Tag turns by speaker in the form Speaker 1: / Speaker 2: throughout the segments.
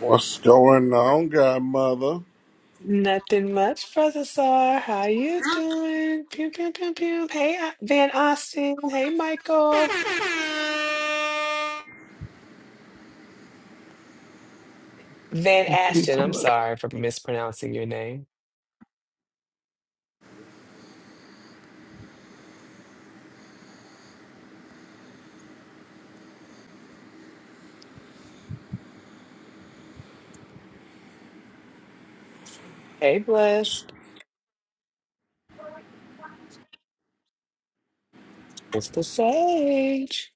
Speaker 1: What's going on, Godmother?
Speaker 2: Nothing much, brother Sar. How you doing? Pew pew pew pew. Hey, uh, Van Austin. Hey, Michael. Van
Speaker 3: and Get
Speaker 2: Ashton.
Speaker 3: some
Speaker 2: I'm
Speaker 3: of us.
Speaker 2: sorry for mispronouncing your name. Hey, blessed. Mister sage.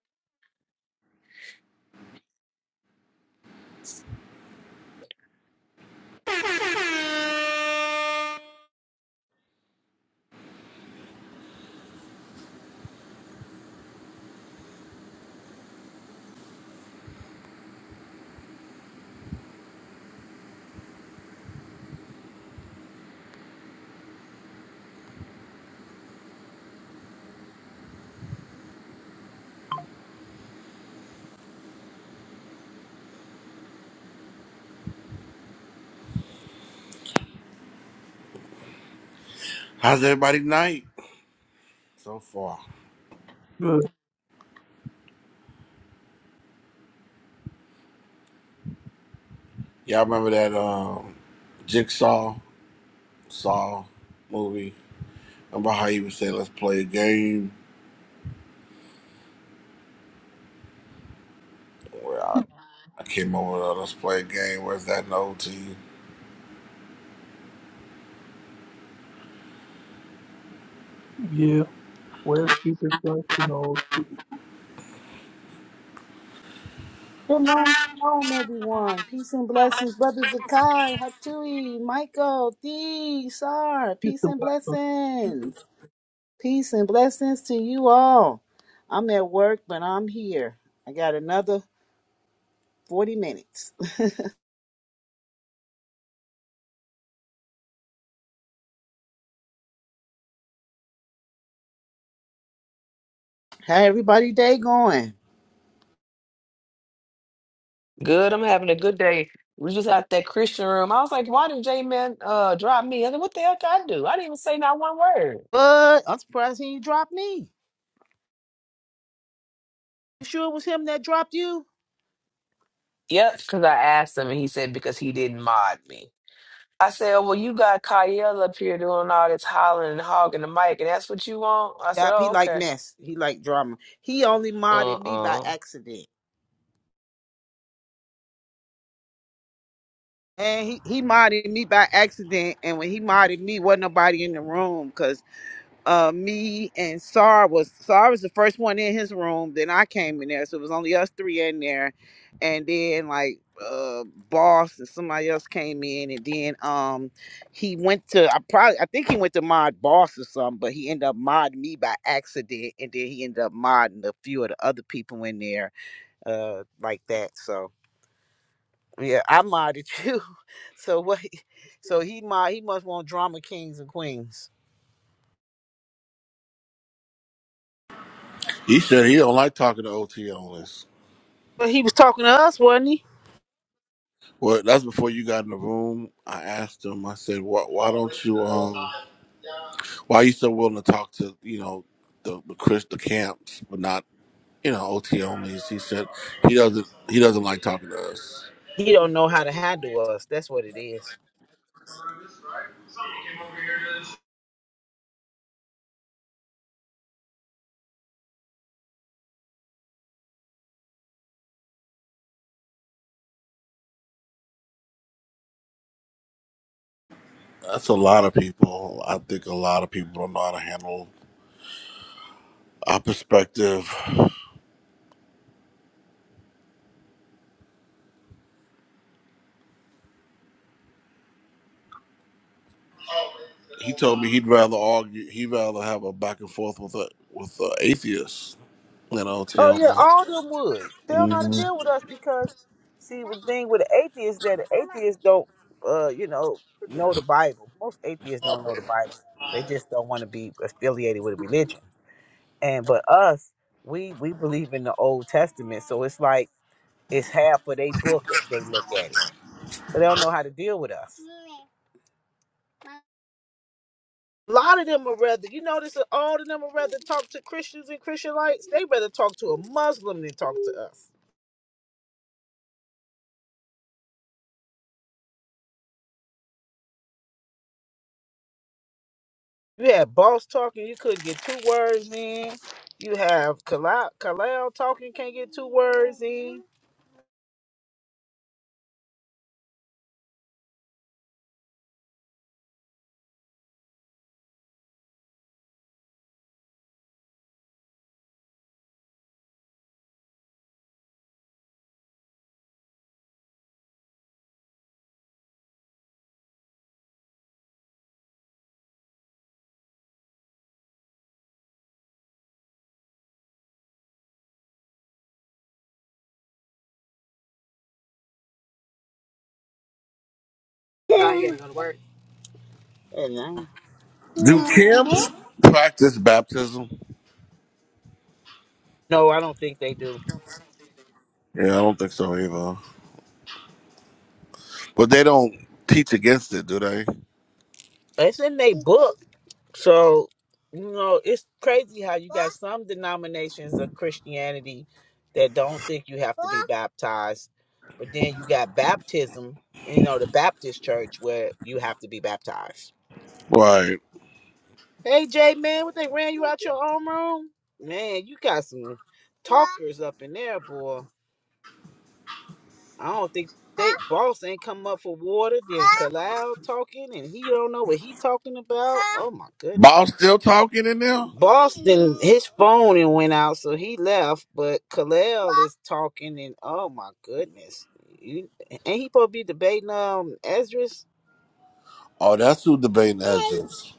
Speaker 1: How's everybody night so far?
Speaker 3: Good.
Speaker 1: Y'all remember that um, Jigsaw Saw movie? Remember how he would say, "Let's play a game." Well, I, I came over with a "Let's play a game." Where's that in OT?
Speaker 3: Yeah. West, keep his life, you know.
Speaker 4: Shalom, shalom, everyone. Peace and blessings, Brother Zakai, Hatui, Michael, Thee, Sar.
Speaker 3: Get
Speaker 4: Peace
Speaker 3: some
Speaker 4: and
Speaker 3: of us.
Speaker 4: blessings. Peace and blessings to you all. I'm at work, but I'm here. I got another 40 minutes. How everybody day going?
Speaker 2: Good. I'm having a good day. We just out that Christian room. I was like, why did J Man uh drop me? I said, what the hell did I do? I didn't even say not one word.
Speaker 4: But I'm surprised he didn't drop me. You sure it was him that dropped you?
Speaker 2: Yep, because I asked him and he said because he didn't mod me. I said, "Oh, well, you got Kyle up here doing all this hollering and hogging the mic, and that's what you want? I said,
Speaker 4: Yep,
Speaker 2: oh,
Speaker 4: he like
Speaker 2: okay.
Speaker 4: mess. He like drama. He only modded me by
Speaker 2: Uh-uh.
Speaker 4: accident. And he, he modded me by accident. And when he modded me, wasn't nobody in the room because uh, me and Sar was Sar was the first one in his room. Then I came in there, so it was only us three in there. And then like uh, Boss and somebody else came in, and then um he went to I probably I think he went to mod Boss or something, but he ended up modding me by accident, and then he ended up modding a few of the other people in there uh like that. So yeah, I modded you. So what? So he might he must want drama kings and queens.
Speaker 1: He said he don't like talking to OT on this.
Speaker 4: But he was talking to us, wasn't he?
Speaker 1: Well, that's before you got in the room. I asked him. I said, "Why, why don't you? Um, why are you so willing to talk to you know the the, Chris, the camps, but not?" you know, OT onlys. He said he doesn't he doesn't like talking to us.
Speaker 4: He don't know how to handle us. That's what it is.
Speaker 1: That's a lot of people. I think a lot of people don't know how to handle our perspective. He told me he'd rather argue. He'd rather have a back and forth with a with a atheist than OT
Speaker 4: Oh yeah,
Speaker 1: only.
Speaker 4: all them would. They don't know how
Speaker 1: hmm
Speaker 4: to deal with us because see the thing with the atheists that the atheists don't uh, you know, know the Bible. Most atheists don't know the Bible. They just don't want to be affiliated with a religion. And but us, we we believe in the old testament, so it's like it's half of they book as they look at it. So they don't know how to deal with us. A lot of them would rather, you notice that all of them would rather talk to Christians and Christianites. They rather talk to a Muslim than talk to us. You had boss talking, you couldn't get two words in. You have Kalal, Kalal talking, can't get two words in. Nah, he ain't gonna-
Speaker 1: Do camps practice baptism?
Speaker 4: No, I don't think they do.
Speaker 1: Yeah, I don't think so either. But they don't teach against it, do they?
Speaker 4: It's in their book. So, you know, it's crazy how you got some denominations of Christianity that don't think you have to be baptized, but then you got baptism, you know, the Baptist church where you have to be baptized.
Speaker 1: Right.
Speaker 4: Hey, Jay, man, what they ran you out your own room? Man, you got some talkers up in there, boy. I don't think they boss ain't come up for water. Then Kalal talking, and he don't know what he talking about. Oh my goodness.
Speaker 1: Bob still talking in there?
Speaker 4: Boston, his phone and went out, so he left. But Kalel is talking, and oh my goodness, you, ain't he supposed to be debating um Esdras?
Speaker 1: Oh, that's who debating edges.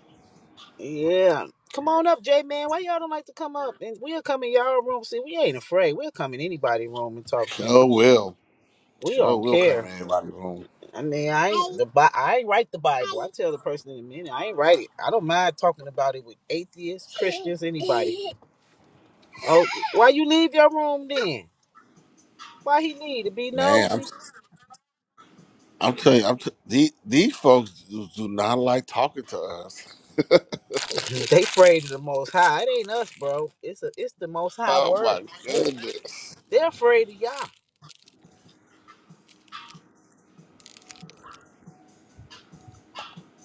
Speaker 4: Yeah, come on up, J man. Why y'all don't like to come up? And we'll come in y'all room. See, we ain't afraid. We'll come in anybody room and talk to
Speaker 1: Sure
Speaker 4: them.
Speaker 1: will.
Speaker 4: We
Speaker 1: Sure,
Speaker 4: don't
Speaker 1: will come
Speaker 4: care.
Speaker 1: in everybody's room.
Speaker 4: I mean, I ain't the Bi- I ain't write the Bible. I tell the person in a minute, I ain't write it. I don't mind talking about it with atheists, Christians, anybody. Oh, why you leave your room then? Why he need to be
Speaker 1: Man, I'm
Speaker 4: nosy?
Speaker 1: I'm telling you, I'm t- these these folks do, do not like talking to us.
Speaker 4: they afraid of the Most High. It ain't us, bro. It's a, it's the Most High
Speaker 1: Oh
Speaker 4: word.
Speaker 1: my
Speaker 4: They-
Speaker 1: goodness!
Speaker 4: They're afraid of y'all.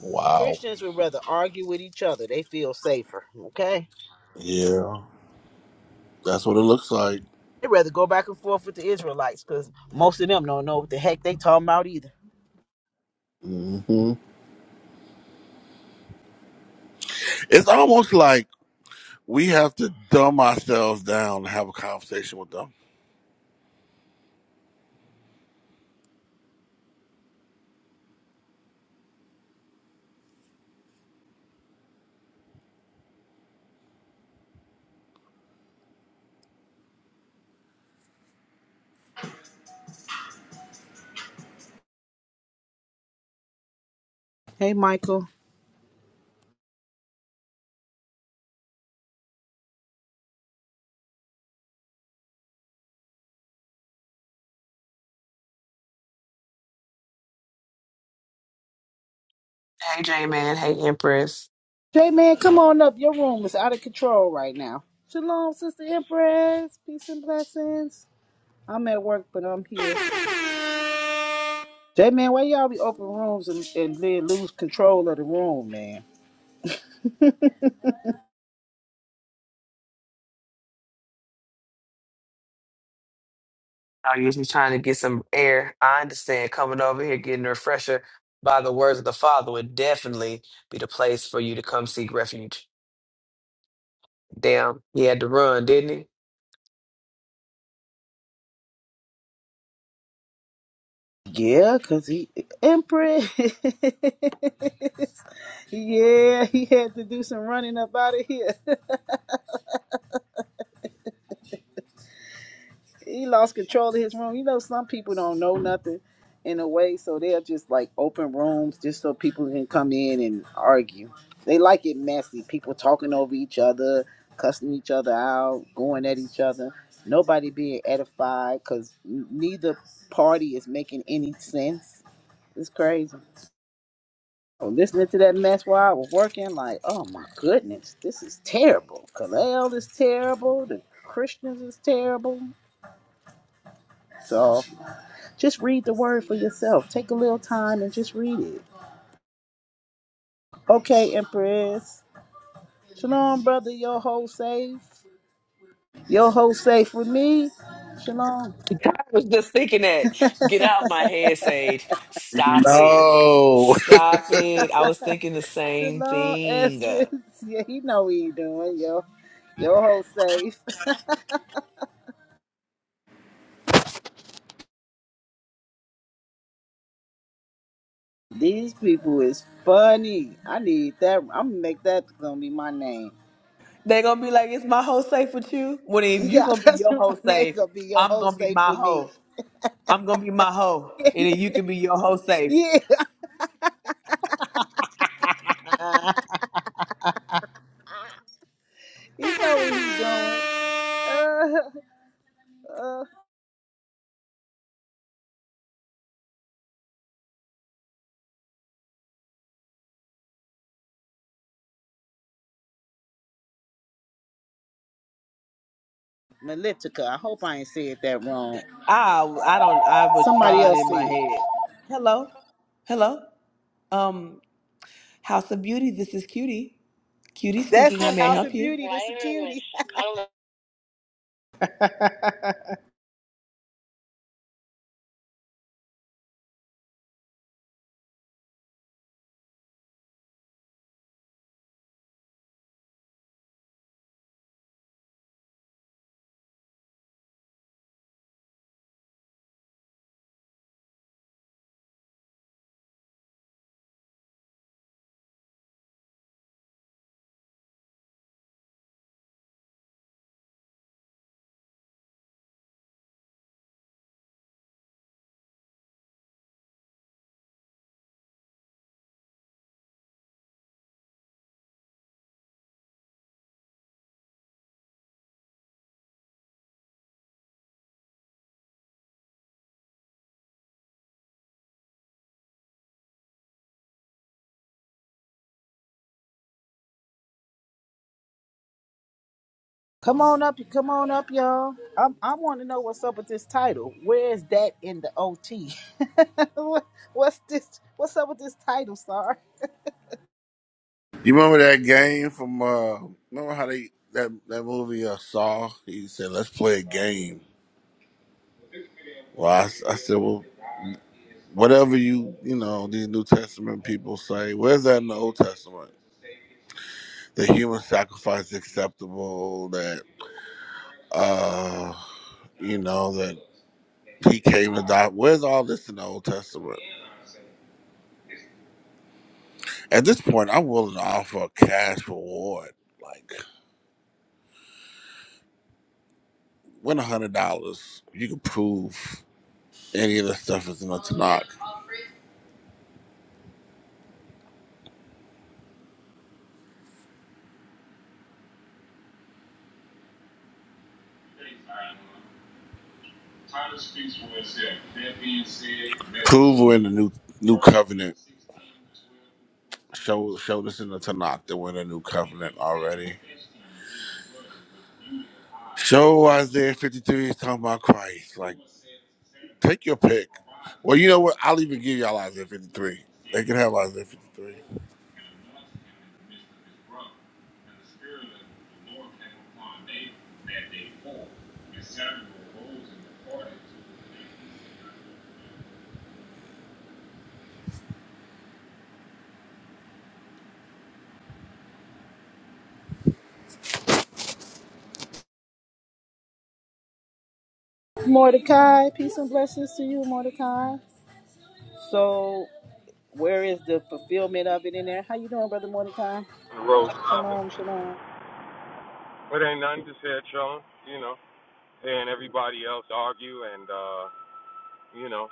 Speaker 1: Wow.
Speaker 4: Christians would rather argue with each other. They feel safer. Okay,
Speaker 1: Yeah, that's what it looks like.
Speaker 4: they rather go back and forth with the Israelites because most of them don't know what the heck they talking about either.
Speaker 1: hmm It's almost like we have to dumb ourselves down to have a conversation with them.
Speaker 4: Hey, Michael.
Speaker 2: Hey, J-Man. Hey, Empress.
Speaker 4: Hey, man, come on up. Your room is out of control right now. Shalom, Sister Empress. Peace and blessings. I'm at work, but I'm here.
Speaker 2: I
Speaker 4: J man, why y'all be open rooms and, and then lose control of the room, man?
Speaker 2: was just trying to get some air. I understand coming over here, getting a refresher by the words of the Father would definitely be the place for you to come seek refuge. Damn, he had to run, didn't he?
Speaker 4: Yeah, cause he Empress. yeah, he had to do some running up out of here. he lost control of his room. You know, some people don't know nothing in a way, so they'll just like open rooms just so people can come in and argue. They like it messy. People talking over each other, cussing each other out, going at each other. Nobody being edified because neither party is making any sense. It's crazy. Oh, listening to that mess while I was working, like, oh my goodness, this is terrible. Kalel is terrible. The Christians is terrible. So just read the word for yourself. Take a little time and just read it. Okay, Empress. Shalom, brother. Your whole safe. Your whole safe with me. Shalom.
Speaker 2: I was just thinking that. Get out of my head, Sage. Stop it.
Speaker 1: No,
Speaker 2: Stop it. I was thinking the same
Speaker 4: Shalom,
Speaker 2: thing.
Speaker 4: Ezra.
Speaker 2: They
Speaker 4: Yeah, he know what he doing, yo. Your whole safe. These people is funny. I need that. I'm gonna make that gonna be my name.
Speaker 2: gonna be like, "Is my hoe safe with you?" When if you
Speaker 4: Yeah,
Speaker 2: gonna be
Speaker 4: that's
Speaker 2: your
Speaker 4: what my
Speaker 2: hoe
Speaker 4: name
Speaker 2: safe,
Speaker 4: gonna be your
Speaker 2: I'm
Speaker 4: whole
Speaker 2: gonna be
Speaker 4: safe
Speaker 2: my
Speaker 4: for me.
Speaker 2: hoe. I'm gonna be my hoe, and then you can be your hoe safe.
Speaker 4: yeah, he know what he doing. Uh, uh. Melitica, I hope I ain't said that wrong.
Speaker 2: I I don't. I was
Speaker 4: Somebody
Speaker 2: trying
Speaker 4: else
Speaker 2: in
Speaker 4: said.
Speaker 2: my
Speaker 4: it.
Speaker 2: head. Hello, hello. Um, House of Beauty. This is Cutie. Cutie
Speaker 4: That's
Speaker 2: speaking. How
Speaker 4: it,
Speaker 2: may I
Speaker 4: House
Speaker 2: help
Speaker 4: of
Speaker 2: you?
Speaker 4: Beauty. This is cutie. Come on up, come on up, y'all. I, I want to know what's up with this title. Where is that in the OT? What- what's this? What's up with this title, Star?
Speaker 1: you remember that game from? uh Remember how they that that movie uh, Saw? He said, "Let's play a game." Well, I I said, "Well." Whatever you you know these New Testament people say, where's that in the Old Testament? The human sacrifice is acceptable. That uh, you know that he came and died. Where's all this in the Old Testament? At this point, I'm willing to offer a cash reward, like win a hundred dollars. You can prove any of the stuff is in the Tanakh. Prove we're in the new new covenant. Show showed us in the Tanakh that we're in a new covenant already. Show Isaiah 53 is talking about Christ. Like, take your pick. Well, you know what? I'll even give y'all Isaiah 53. They can have Isaiah 53.
Speaker 4: Mordecai, peace and blessings to you, Mordecai. So where is the fulfillment of it in there? How you doing, brother Mordecai?
Speaker 5: on the road driving.
Speaker 4: Shalom, shalom.
Speaker 5: But ain't nothing, just head chilling, you know, and everybody else argue and, uh, you know,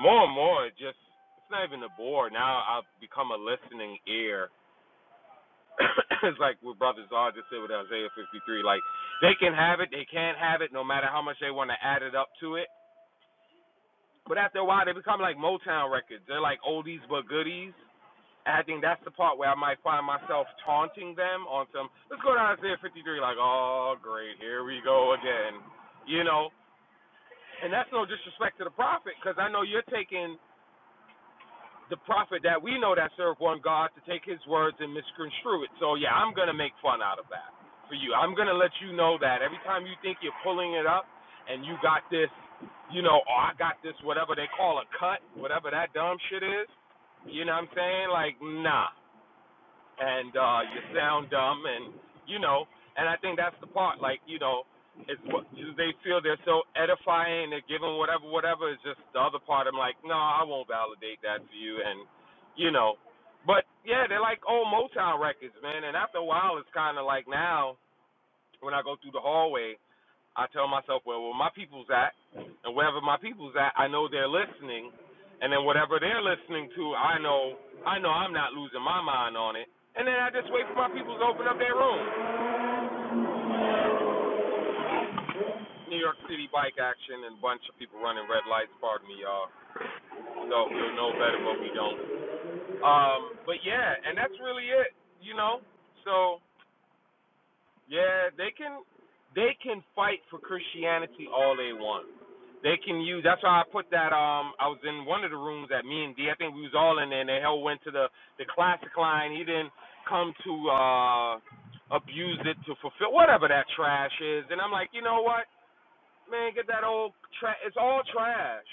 Speaker 5: more and more, it just, it's not even a bore. Now I've become a listening ear. it's like what Brothers are just said with Isaiah 53. Like, they can have it, they can't have it, no matter how much they want to add it up to it. But after a while, they become like Motown records. They're like oldies but goodies. I think that's the part where I might find myself taunting them on some. Let's go to Isaiah 53, like, oh, great, here we go again, you know. And that's no disrespect to the prophet, because I know you're taking the prophet that we know that served one God to take his words and misconstrue it. So yeah, I'm gonna make fun out of that for you. I'm gonna let you know that every time you think you're pulling it up and you got this, you know, oh, I got this, whatever they call a cut, whatever that dumb shit is. You know what I'm saying? Like, nah and uh you sound dumb and you know and i think that's the part like you know it's what they feel they're so edifying they're giving whatever whatever it's just the other part i'm like no i won't validate that for you and you know but yeah they're like old motown records man and after a while it's kind of like now when i go through the hallway I tell myself, well, where my people's at, and wherever my people's at, I know they're listening, and then whatever they're listening to, I know, I know I'm not losing my mind on it. And then I just wait for my people to open up their room. New York City bike action and a bunch of people running red lights. Pardon me, y'all. So we'll know better, but we don't. Um, but yeah, and that's really it, you know. So Yeah, they can they can fight for Christianity all they want. They can use that's why I put that um I was in one of the rooms at me and D, I think we was all in there and the hell went to the the classic line. He didn't come to uh abuse it to fulfill whatever that trash is. And I'm like, you know what? Man, get that old trash it's all trash.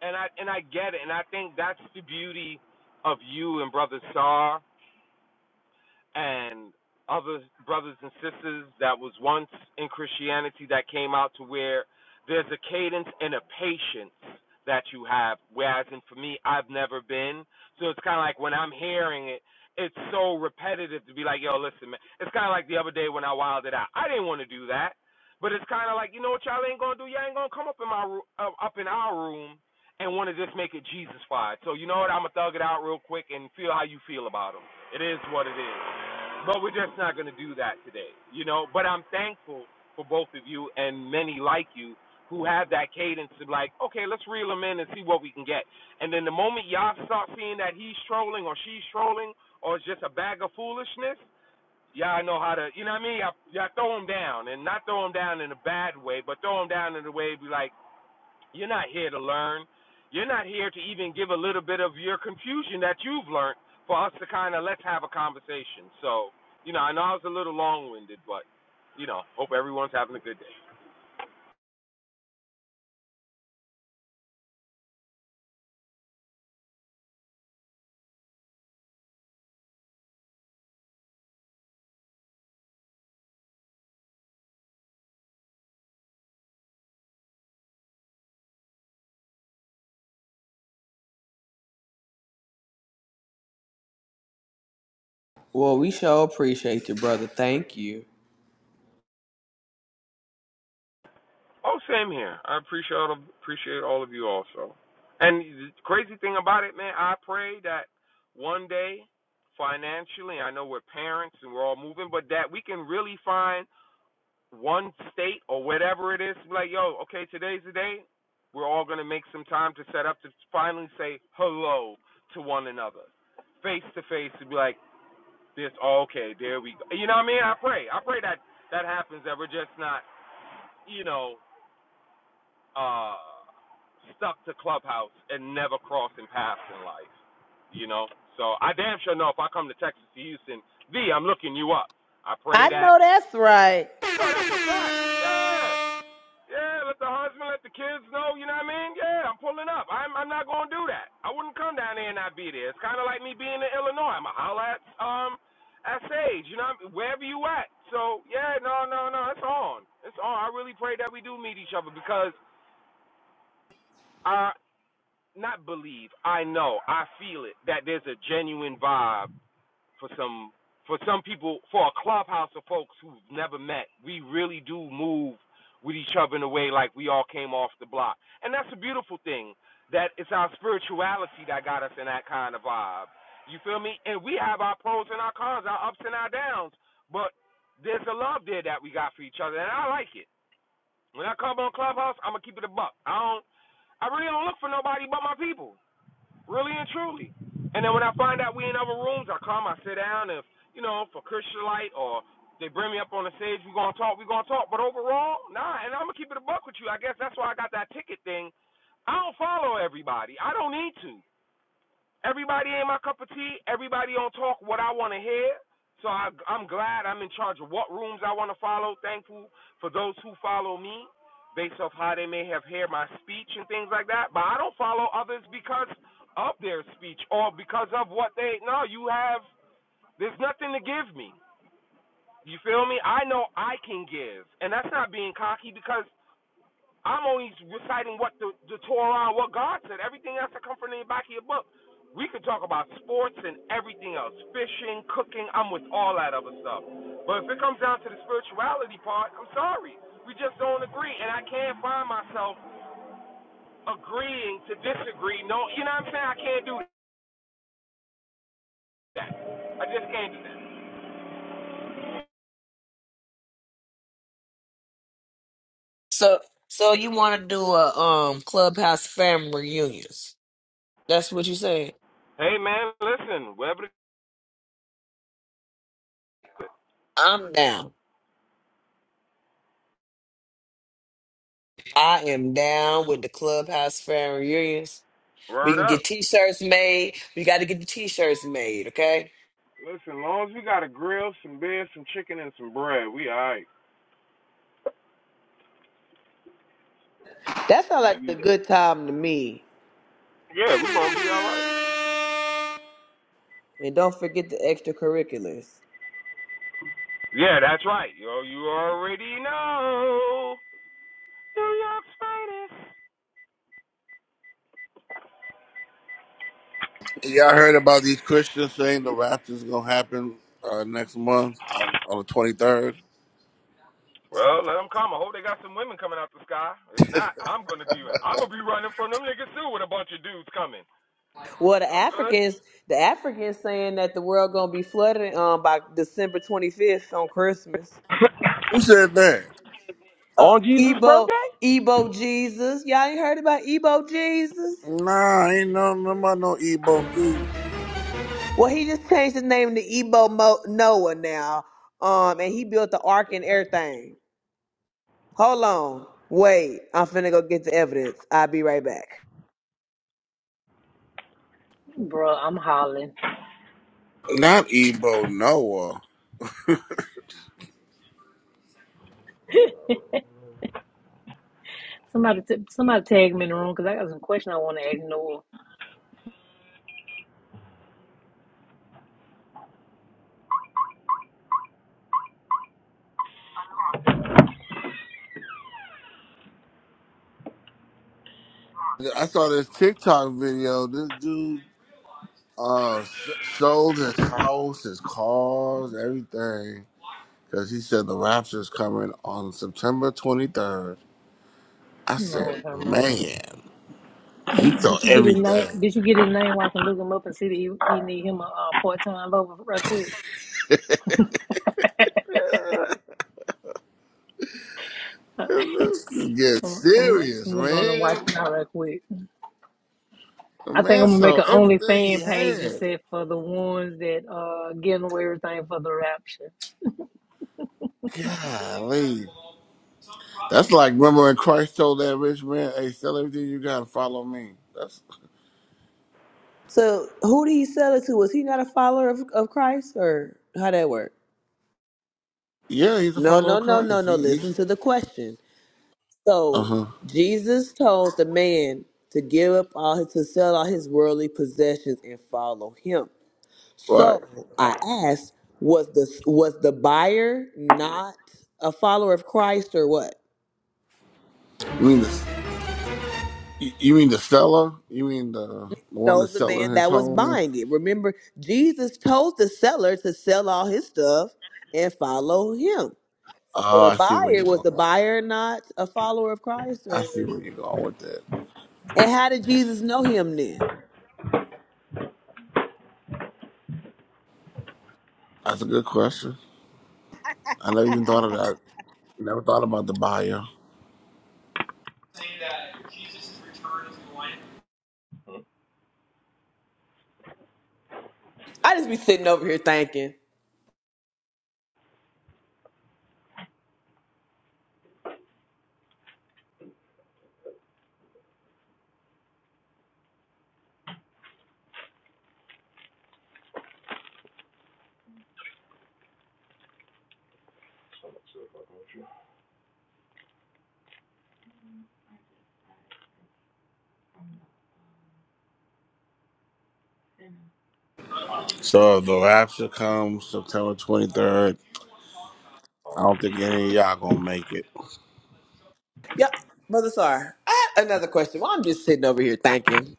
Speaker 5: And I and I get it and I think that's the beauty of you and brother Star and other brothers and sisters that was once in Christianity that came out to where there's a cadence and a patience that you have. Whereas, and for me, I've never been. So it's kind of like when I'm hearing it, it's so repetitive to be like, yo, listen, man. It's kind of like the other day when I wilded out. I didn't want to do that. But it's kind of like, you know what y'all ain't going to do? Y'all ain't going to come up in my ru- uh, up in our room and want to just make it Jesus-fied. So you know what? I'm going to thug it out real quick and feel how you feel about them. It is what it is. But we're just not going to do that today, you know. But I'm thankful for both of you and many like you who have that cadence of like, okay, let's reel them in and see what we can get. And then the moment y'all start seeing that he's trolling or she's trolling or it's just a bag of foolishness, y'all know how to, you know what I mean? Y'all, y'all throw him down and not throw him down in a bad way, but throw him down in a way be like, you're not here to learn. You're not here to even give a little bit of your confusion that you've learned for us to kind of let's have a conversation. So, you know, I know I was a little long winded, but you know, hope everyone's having a good day.
Speaker 2: Well, we sure appreciate you, brother. Thank you.
Speaker 5: Oh, same here. I appreciate appreciate all of you also. And the crazy thing about it, man, I pray that one day financially, I know we're parents and we're all moving, but that we can really find one state or whatever it is, like, yo, okay, today's the day. We're all going to make some time to set up to finally say hello to one another, face to face, to be like, this, oh, okay, there we go. You know what I mean? I pray. I pray that that happens, that we're just not, you know, uh, stuck to Clubhouse and never crossing paths in life, you know? So I damn sure know if I come to Texas to Houston, V, I'm looking you up. I pray
Speaker 2: I
Speaker 5: that.
Speaker 2: know that's right.
Speaker 5: No, that's a fact. Yeah. Yeah, let the husband, let the kids know. You know what I mean? Yeah, I'm pulling up. I'm I'm not gonna do that. I wouldn't come down there and not be there. It's kind of like me being in Illinois. I'm a Holler at um at Sage. You know, wherever you at. So yeah, no, no, no. It's on. It's on. I really pray that we do meet each other because I not believe. I know. I feel it that there's a genuine vibe for some for some people for a clubhouse of folks who've never met we really do move with each other in a way like we all came off the block and that's a beautiful thing that it's our spirituality that got us in that kind of vibe you feel me and we have our pros and our cons our ups and our downs but there's a love there that we got for each other and i like it when i come on clubhouse i'm gonna keep it a buck i don't i really don't look for nobody but my people really and truly. And then when I find out we in other rooms, I come, I sit down. If you know, for Christian light or they bring me up on the stage, we gonna talk, we gonna talk. But overall, nah. And I'm gonna keep it a buck with you. I guess that's why I got that ticket thing. I don't follow everybody. I don't need to. Everybody ain't my cup of tea. Everybody don't talk what I want to hear. So I, I'm glad I'm in charge of what rooms I want to follow. Thankful for those who follow me based off how they may have heard my speech and things like that. But I don't follow others because of their speech or because of what they. No, you have. There's nothing to give me. You feel me? I know I can give, and that's not being cocky because I'm only reciting what the, the Torah, what God said. Everything else that come from the back of your book. We could talk about sports and everything else, fishing, cooking. I'm with all that other stuff. But if it comes down to the spirituality part, I'm sorry, we just don't agree, and I can't find myself agreeing to disagree. No, you know what I'm saying? I can't do that. I just can't do that.
Speaker 2: So so you want to do a um clubhouse family reunions? That's what you saying?
Speaker 5: Hey man, listen, Whatever
Speaker 2: I'm down. I am down with the clubhouse family reunions. We
Speaker 5: word
Speaker 2: can get
Speaker 5: up.
Speaker 2: t-shirts made. We got to get the t-shirts made, okay?
Speaker 5: Listen, as long as we got a grill, some beer, some chicken, and some bread, we all right.
Speaker 2: That sounds like a
Speaker 5: We,
Speaker 2: good time to me.
Speaker 5: yeah, we gonna be all right.
Speaker 2: And don't forget the extracurriculars.
Speaker 5: Yeah, that's right. Yo, you already know. New York's finest.
Speaker 1: Y'all heard about these Christians saying the rapture's gonna happen uh, next month on, on the 23rd?
Speaker 5: Well, let them come. I hope they got some women coming out the sky. If not, I'm gonna be I'm gonna be running from them niggas too with a bunch of dudes coming.
Speaker 2: Well, the
Speaker 5: I'm good.
Speaker 2: Africans, the Africans saying that the world gonna be flooded um by December twenty fifth on Christmas.
Speaker 1: Who said that?
Speaker 2: uh,
Speaker 5: On Jesus'
Speaker 2: Ebo
Speaker 5: birthday?
Speaker 2: Ebo Jesus. Y'all ain't heard about Ebo Jesus?
Speaker 1: Nah, ain't no no, nobody no Ebo.
Speaker 2: Well, he just changed his name to Ebo Mo- Noah now. Um, and he built the ark and everything. Hold on, wait. I'm finna go get the evidence. I'll be right back.
Speaker 6: Bro, I'm hollering.
Speaker 1: Not Ebo Noah.
Speaker 6: Somebody, t- somebody tag me in the room because I got some question I want to ask Noah.
Speaker 1: I saw this TikTok video. This dude Uh, s- sold his house, his cars, everything, because he said the rapture is coming on September 23rd. I
Speaker 6: Lord
Speaker 1: said,
Speaker 6: have mercy.
Speaker 1: man, he
Speaker 6: You,
Speaker 1: sold
Speaker 6: did you get his name?
Speaker 1: everything.
Speaker 6: Did you get his name? Where I can look him up and see that he, he need him a uh, part time lover right quick.
Speaker 1: This is getting
Speaker 6: I'm, I'm,
Speaker 1: serious,
Speaker 6: I'm gonna watch
Speaker 1: man.
Speaker 6: it out right quick.
Speaker 1: The
Speaker 6: I think
Speaker 1: man
Speaker 6: I'm gonna make
Speaker 1: sold
Speaker 6: an
Speaker 1: everything he
Speaker 6: OnlyFans page and
Speaker 1: had.
Speaker 6: set for the ones that uh getting away with everything for the rapture.
Speaker 1: Golly. That's like, remember when Christ told that rich man, hey, sell everything you got and follow me. That's,
Speaker 2: So, who did he sell it to? Was he not a follower of, of Christ, or how that work?
Speaker 1: yeah, he's a
Speaker 2: No,
Speaker 1: follower of
Speaker 2: no, no, no,
Speaker 1: Christ.
Speaker 2: no.
Speaker 1: He, he
Speaker 2: Listen to the question. So,
Speaker 1: uh-huh.
Speaker 2: Jesus told the man to give up all his, to sell all his worldly possessions and follow him.
Speaker 1: Right.
Speaker 2: So I asked, was the was the buyer not a follower of Christ or what?
Speaker 1: You mean the You you mean the seller? You mean the the one
Speaker 2: No,
Speaker 1: that's
Speaker 2: the man
Speaker 1: selling his
Speaker 2: that was
Speaker 1: home?
Speaker 2: buying it. Remember, Jesus told the seller to sell all his stuff and follow him. So
Speaker 1: Oh,
Speaker 2: the
Speaker 1: I see where you're
Speaker 2: buyer was the
Speaker 1: going.
Speaker 2: buyer not a follower of Christ
Speaker 1: I see
Speaker 2: or
Speaker 1: where you're going with that.
Speaker 2: and how did Jesus know him then?
Speaker 1: That's a good question. I never even thought of that. Never thought about the buyer.
Speaker 2: I just be sitting over here thinking.
Speaker 1: So if the rapture comes September 23rd. I don't think any of y'all gonna make it.
Speaker 2: Yep, brother Sar. I have another question. Well, I'm just sitting over here thinking.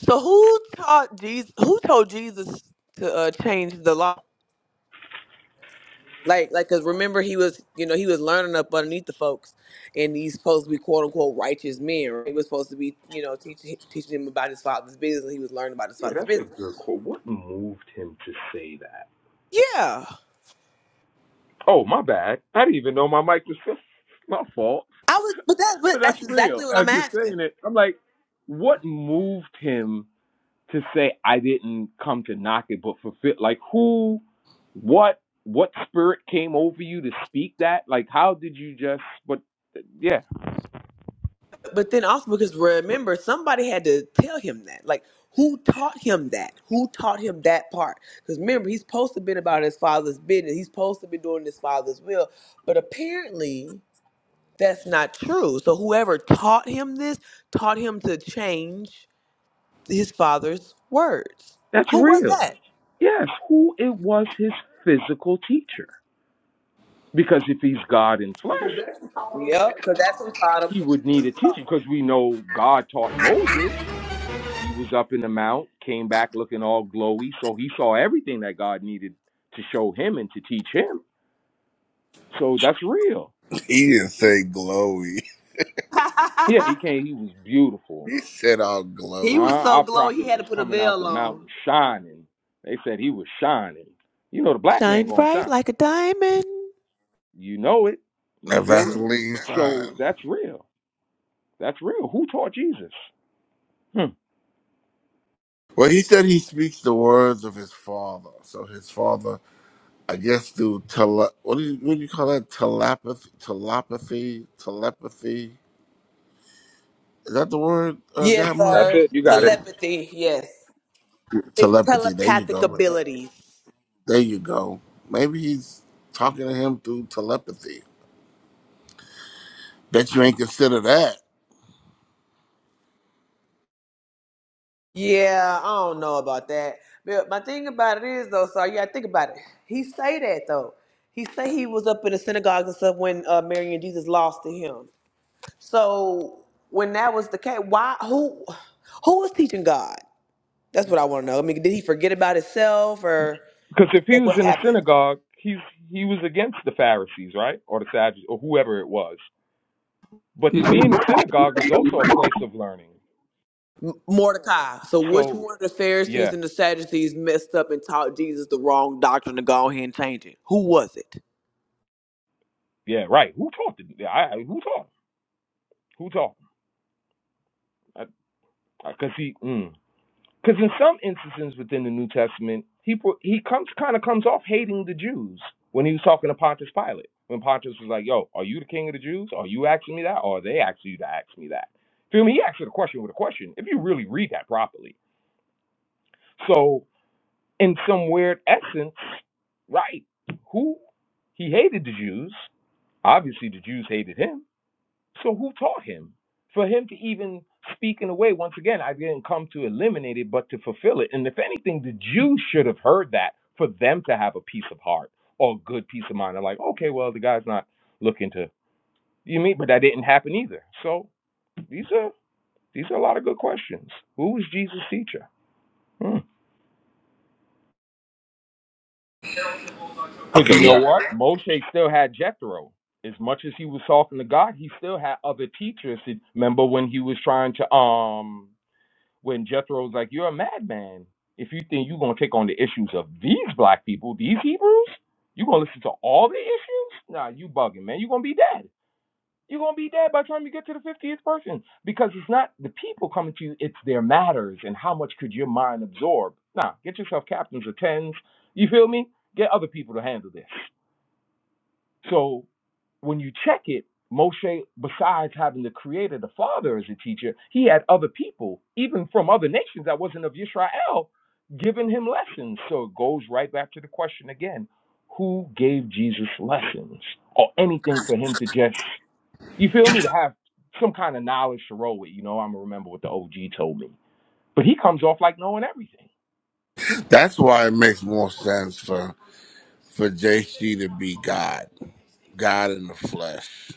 Speaker 2: So who taught Jesus who told Jesus to uh, change the law? Like, like, cause remember he was, you know, he was learning up underneath the folks, and he's supposed to be quote unquote righteous men. Right? He was supposed to be, you know, teaching teaching him about his father's business. he was learning about his
Speaker 5: Yeah,
Speaker 2: father's
Speaker 5: that's a
Speaker 2: business.
Speaker 5: good quote. What moved him to say that?
Speaker 2: Yeah,
Speaker 5: Oh, my bad. I didn't even know my mic was still my fault.
Speaker 2: I was, but that,
Speaker 5: But
Speaker 2: but
Speaker 5: that's
Speaker 2: that's exactly
Speaker 5: real.
Speaker 2: what
Speaker 5: As
Speaker 2: I'm
Speaker 5: you're
Speaker 2: asking.
Speaker 5: saying it, I'm like, what moved him to say I didn't come to knock it but fulfill like who What what spirit came over you to speak that? Like how did you just but yeah,
Speaker 2: But then also because
Speaker 1: But
Speaker 2: remember somebody had to tell him that. Like, who taught him that? Who taught him that part? Because remember he's supposed to been about his father's business. He's supposed to be doing his father's will. But apparently That's not true. So whoever taught him this taught him to change his father's words.
Speaker 5: that's
Speaker 2: Who was
Speaker 5: real.
Speaker 2: that?
Speaker 5: Yes, who it was his physical teacher. Because if he's God in flesh,
Speaker 2: Yep, because that's who taught him
Speaker 5: he
Speaker 2: to
Speaker 5: would
Speaker 2: change
Speaker 5: need a
Speaker 2: the
Speaker 5: teacher because we know God taught Moses. He was up in the mount, came back looking all glowy, so he saw everything that God needed to show him and to teach him. So that's real.
Speaker 1: he didn't say glowy.
Speaker 5: Yeah, he came. He was beautiful.
Speaker 1: He said all
Speaker 5: Uh,
Speaker 1: glowy.
Speaker 5: our prophet was coming out the
Speaker 2: law.
Speaker 5: mountain shining. They said he was shining. You know the black man
Speaker 2: And
Speaker 5: gonna
Speaker 2: bright
Speaker 5: shine.
Speaker 2: like a diamond.
Speaker 5: You know it. You
Speaker 1: That
Speaker 5: feel me?
Speaker 1: Vaseline
Speaker 5: So
Speaker 1: sign.
Speaker 5: that's real. That's real. Who taught Jesus? Hmm.
Speaker 1: Well, he said he speaks the words of his father. So his father I guess through tele what do you what do you call that telepathy telepathy telepathy is that the word uh,
Speaker 2: Yeah,
Speaker 5: That's
Speaker 1: godmother
Speaker 5: it.
Speaker 2: yes.
Speaker 5: You
Speaker 1: you
Speaker 5: got it.
Speaker 1: know telepathy there you go Ma- ma- there you go maybe he's talking to him through telepathy bet you ain't consider that
Speaker 2: Yeah, it is though. So yeah, think about it. He say that though. He say he was up in the synagogue and stuff when uh, Mary and Jesus lost to him. So when that was the case, why? Who? Who was teaching God? That's what I want to know. I mean, did he forget about himself or
Speaker 5: Because if he
Speaker 2: like
Speaker 5: was
Speaker 2: what
Speaker 5: in the
Speaker 2: happened?
Speaker 5: synagogue, he's he was against the Pharisees, right, or the Sadducees, or whoever it was. But to
Speaker 3: Get
Speaker 5: be in the synagogue is also a place of learning.
Speaker 2: Mordecai. So
Speaker 5: So yeah,
Speaker 2: up and taught Jesus the wrong doctrine to go ahead and take. Who was it?
Speaker 5: yeah, right. Who taught? The, I, who taught? Who taught? Because he. Mm. Because in some instances within the New Testament, he he comes kind of comes off hating the Jews when he was talking to Pontius Pilate. When Pontius was like, "Yo, are you the king of the Jews? Are you asking me that? Or are they asking you to ask me that?" Feel me? He asked the question with a question. If you really read that properly, so in some weird essence, right? Who he hated the Jews. Obviously, the Jews hated him so who taught him? For him to even speak in a way, once again, I didn't come to eliminate it, but to fulfill it. And if anything, the Jews should have heard that for them to have a peace of heart or good peace of mind. They're like, okay, well, the guy's not looking to you mean, but either. So yeah, these are a lot of good questions. Who is Jesus? Hmm. Because you say Pharaoh is much talking to God, he still had other teachers trying to um when if you think you go on the issues of these black people, these Hebrews, Okay, issues? Nah, you bugging, man. You're gonna be dead. You're gonna be dead by the time you get to the fiftieth person. Because it's not the people coming to you, it's their matters and how much could your mind absorb. Nah, get yourself captains or tens. You feel me? Get other people to handle this. So when you check it, Moshe, besides having the creator, the father as a teacher, he had other people, even from other nations that wasn't of Israel, giving him lessons. So it goes right back to the question again who gave Jesus lessons or anything for him to just, you feel me, to have some kind of knowledge to roll with? You know, I'm going to remember what the OG told me. But he comes off like knowing everything. Hmm.
Speaker 1: that's why it makes more sense for for JC to be God God in the flesh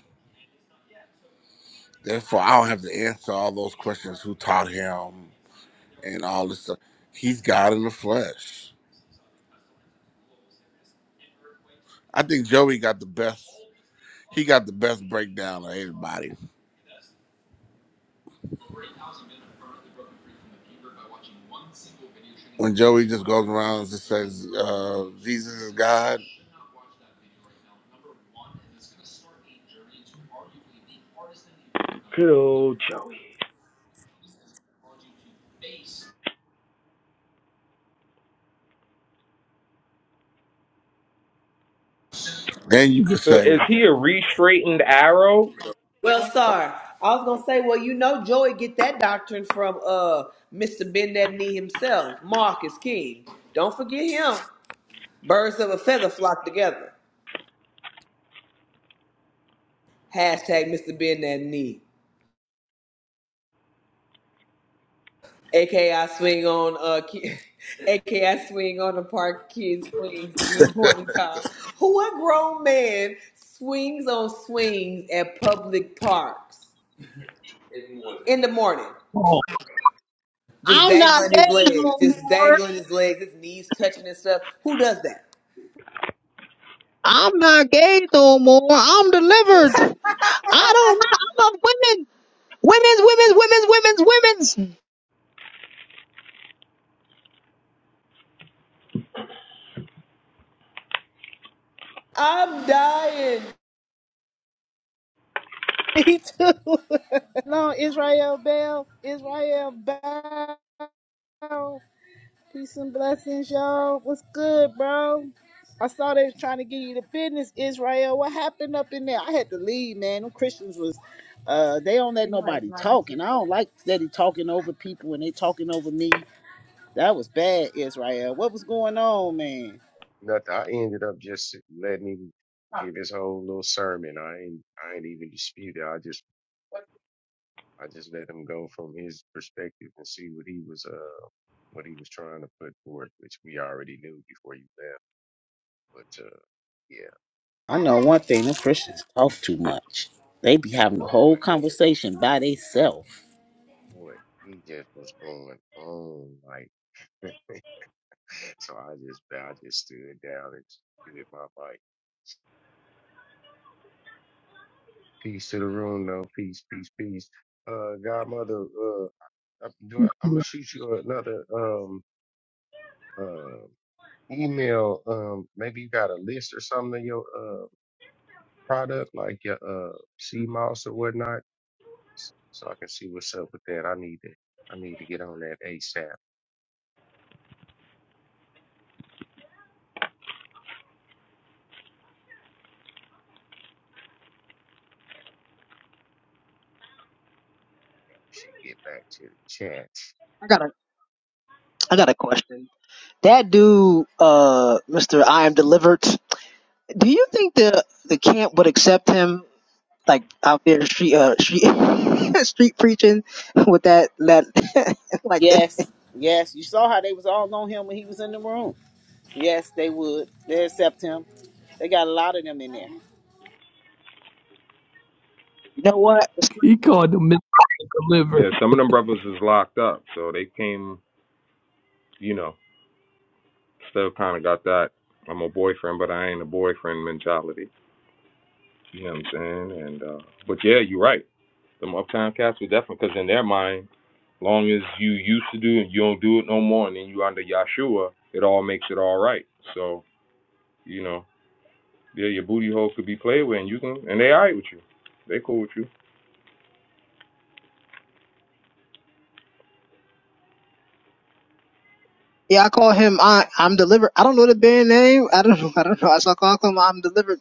Speaker 1: therefore I don't have to answer all those questions who taught him and all this stuff he's God in the flesh I think Joey got the best. He got the best breakdown of anybody. When Joey just goes around and just says, uh, "Jesus is God."
Speaker 5: Good old Joey.
Speaker 1: Then you could
Speaker 5: So
Speaker 1: say,
Speaker 5: is he a re straightened arrow?
Speaker 2: Well, sir, I was gonna say, well, you know, Joey get that doctrine from uh Mr. Bend that knee himself, Marcus King. Don't forget him. Birds of a feather flock together. Hashtag Mr. Bend that knee. AKA swing on uh ki- AKA swing on the park kids swings in the morning time. Who a grown man swings on swings at public parks? in the.
Speaker 3: Oh,
Speaker 7: I'm not
Speaker 2: on
Speaker 7: gay
Speaker 2: his
Speaker 7: no
Speaker 2: leg, just
Speaker 7: more.
Speaker 2: dangling his leg, his knee touching and stuff. Who does that?
Speaker 7: I'm not gay no more. I'm delivered. I don't know. I love women. Women's, women's, women's, women's, women's.
Speaker 4: Me too. no, Israel Bell, Israel Bell. Peace and blessings, y'all. What's good, bro? I saw they was trying to get you the business, Israel. What happened up in there? I had to leave, man. Them Christians was, uh, they don't let
Speaker 8: It was
Speaker 4: nobody talk,
Speaker 8: 96
Speaker 4: and I
Speaker 8: bucks.
Speaker 4: don't like steady talking over people, and they talking over me. That was bad, Israel. What was going on, man?
Speaker 8: Nothing. I ended up just letting him Huh. give his whole little sermon. I ain't I ain't even dispute it. I just What- I just let him go from his perspective and see what he was uh what he was trying to put forth, which we already knew before you left. But uh yeah,
Speaker 4: I know one thing, them Christians talk too much. They be having the whole
Speaker 8: boy,
Speaker 4: conversation by themselves.
Speaker 8: boy, he just was going on like so I just I just stood down and just muted my mic. Peace to the room though, peace, peace, peace. Uh godmother, uh, Uh, Do I, I'm gonna shoot you another um uh email. Um, maybe you got a list or something of your uh product, like your uh sea moss or whatnot, s- so I can see what's up with that. I need to I need to get on that ASAP. She get back to the chat.
Speaker 7: I got a, I got a question. That dude, uh, Mr. I am delivered. Do you think the, the camp would accept him? Like out there street, uh, street, street preaching with that, that, like that.
Speaker 4: Yes, yes. You saw how they was all on him when he was in the room. Yes, they would. They accept him. They got a lot of them in there.
Speaker 7: You know what?
Speaker 3: he called the Mr.
Speaker 5: Yeah,
Speaker 3: Deliver.
Speaker 5: some of them brothers is locked up, so they came, you know, still kind of got that I'm a boyfriend, but I ain't a boyfriend mentality. You know what I'm saying? And uh but yeah, you're right. Them uptown cats were definitely because in their mind, long as you used to do it, you don't do it no more, and then you under Yahshua, it all makes it all right. So you know, yeah, your booty hole could be played with, and you can, and they all right with you. They cool with you.
Speaker 7: Yeah, I call him I, I'm delivered. I don't know the band name. I don't know. I don't know. I saw call him I'm delivered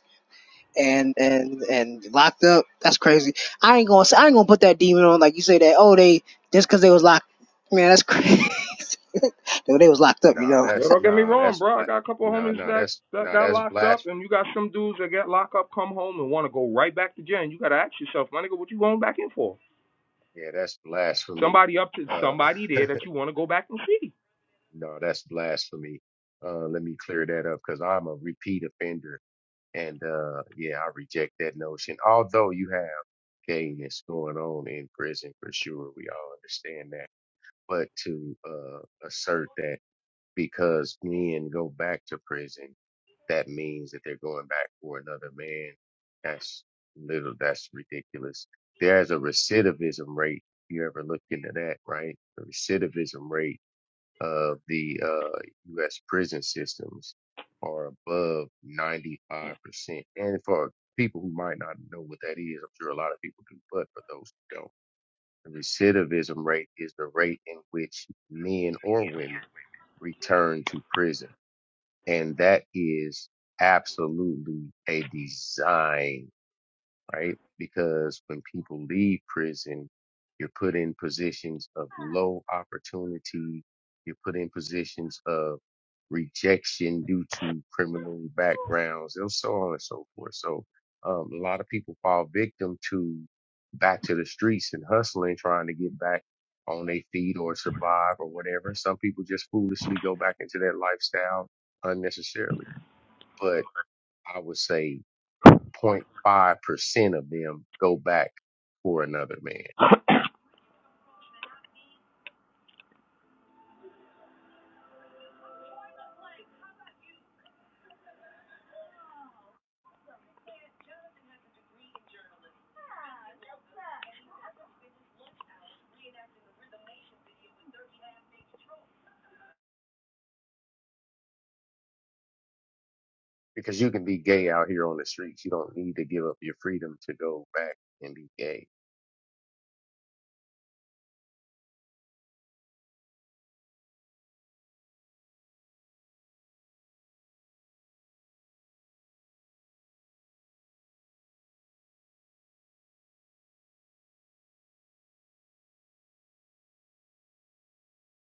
Speaker 7: and and and locked up. That's crazy. I ain't gonna say I ain't gonna put that demon on like you say that. Oh, they just because they was locked. Man, that's crazy. Yo, they was locked up, you
Speaker 8: Nah,
Speaker 7: know.
Speaker 5: Yeah,
Speaker 8: that's
Speaker 5: don't get me
Speaker 8: nah,
Speaker 5: wrong,
Speaker 8: that's
Speaker 5: bro. I
Speaker 8: black.
Speaker 5: got a couple of
Speaker 8: Nah,
Speaker 5: homies
Speaker 8: nah,
Speaker 5: that
Speaker 8: that's
Speaker 5: that
Speaker 8: nah,
Speaker 5: got
Speaker 8: that's
Speaker 5: locked up,
Speaker 8: blas.
Speaker 5: and you got some dudes that get locked up, come home, and want to go right back to jail. And you got to ask yourself, my nigga, what you going back in for?
Speaker 8: Yeah, that's blasphemy.
Speaker 5: Somebody up to
Speaker 8: Uh,
Speaker 5: somebody there that you want to go back and see.
Speaker 8: no, that's blasphemy. Uh, let me clear that up because I'm a repeat offender. And uh, yeah, I reject that notion. Although you have gayness going on in prison for sure, we all understand that. But to uh, assert that because men go back to prison, that means that they're going back for another man. That's little. That's ridiculous. There's a recidivism rate. If you ever look into that, right? The recidivism rate of the uh, U.S. prison systems are above 95%. And for people who might not know what that is, I'm sure a lot of people do, but for those who don't, the recidivism rate is the rate in which men or women return to prison. And that is absolutely a design right? Because when people leave prison, you're put in positions of low opportunity. You're put in positions of rejection due to criminal backgrounds and so on and so forth. So, um, a lot of people fall victim to back to the streets and hustling, trying to get back on their feet or survive or whatever. Some people just foolishly go back into that lifestyle unnecessarily. But I would say 0.5% of them go back for another man. Because you can be gay out here on the streets. You don't need to give up your freedom to go back and be gay.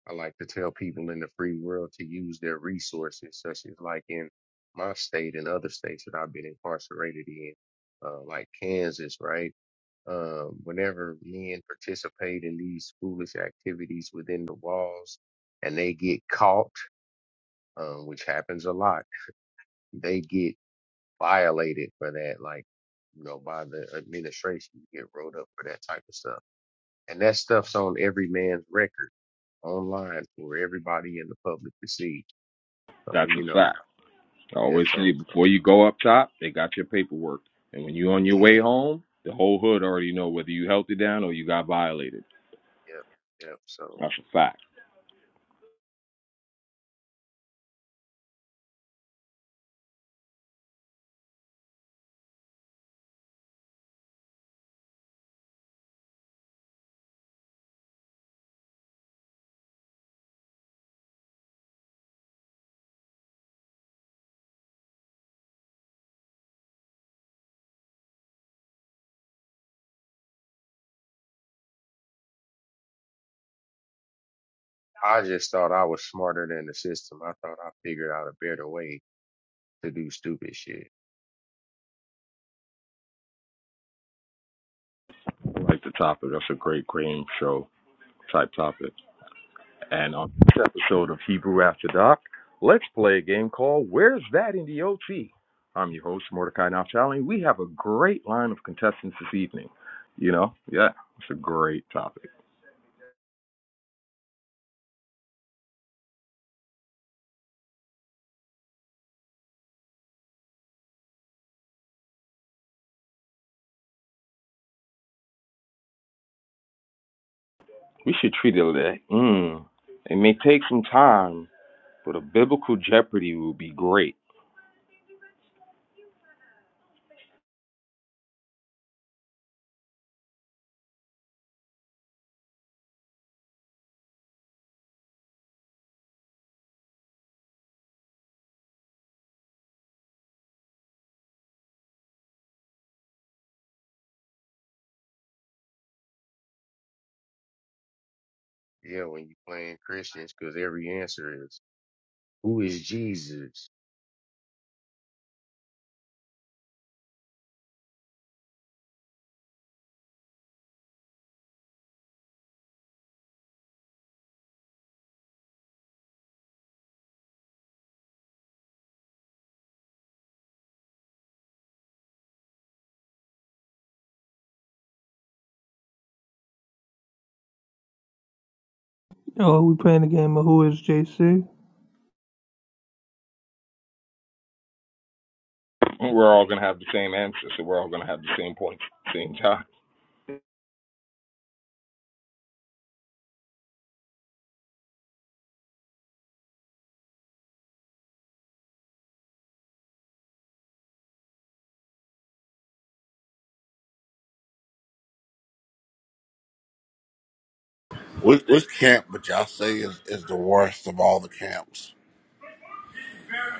Speaker 8: I like to tell people in the free world to use their resources, such as like in my state and other states that I've been incarcerated in, uh, like Kansas, right? Um, whenever men participate in these foolish activities within the walls and they get caught, um, which happens a lot, they get violated for that, like, you know, by the administration. You get rolled up for that type of stuff. And that stuff's on every man's record online for everybody in the public to see. So,
Speaker 5: That's a
Speaker 8: you know,
Speaker 5: fact. I
Speaker 8: yeah,
Speaker 5: always say
Speaker 8: so,
Speaker 5: before
Speaker 8: so,
Speaker 5: you go up top, they got your paperwork. And when you on your
Speaker 8: yeah,
Speaker 5: way
Speaker 8: yep,
Speaker 5: home, the whole hood already know whether you held it down or you got violated.
Speaker 8: yep. So
Speaker 5: That's a fact.
Speaker 8: I just thought I was smarter than the system. I thought I figured out a better way to do stupid shit.
Speaker 5: I like the topic. That's a great cream show type topic. And on this episode of Hebrew After Dark, let's play a game called Where's That in the OT? I'm your host, Mordecai Naftali. We have a great line of contestants this evening. You know, yeah, it's a great topic. We should that. Mm. It may take some time, but a biblical Jeopardy, be great.
Speaker 8: Yeah, when you playing Christians, because every answer is, who is Jesus?
Speaker 3: Oh, we playing the game of Who is JC?
Speaker 5: We're all going to have the same answer, so we're all going to have the same points at the same time.
Speaker 1: "Which, which camp would y'all say is, is the worst of all the camps?"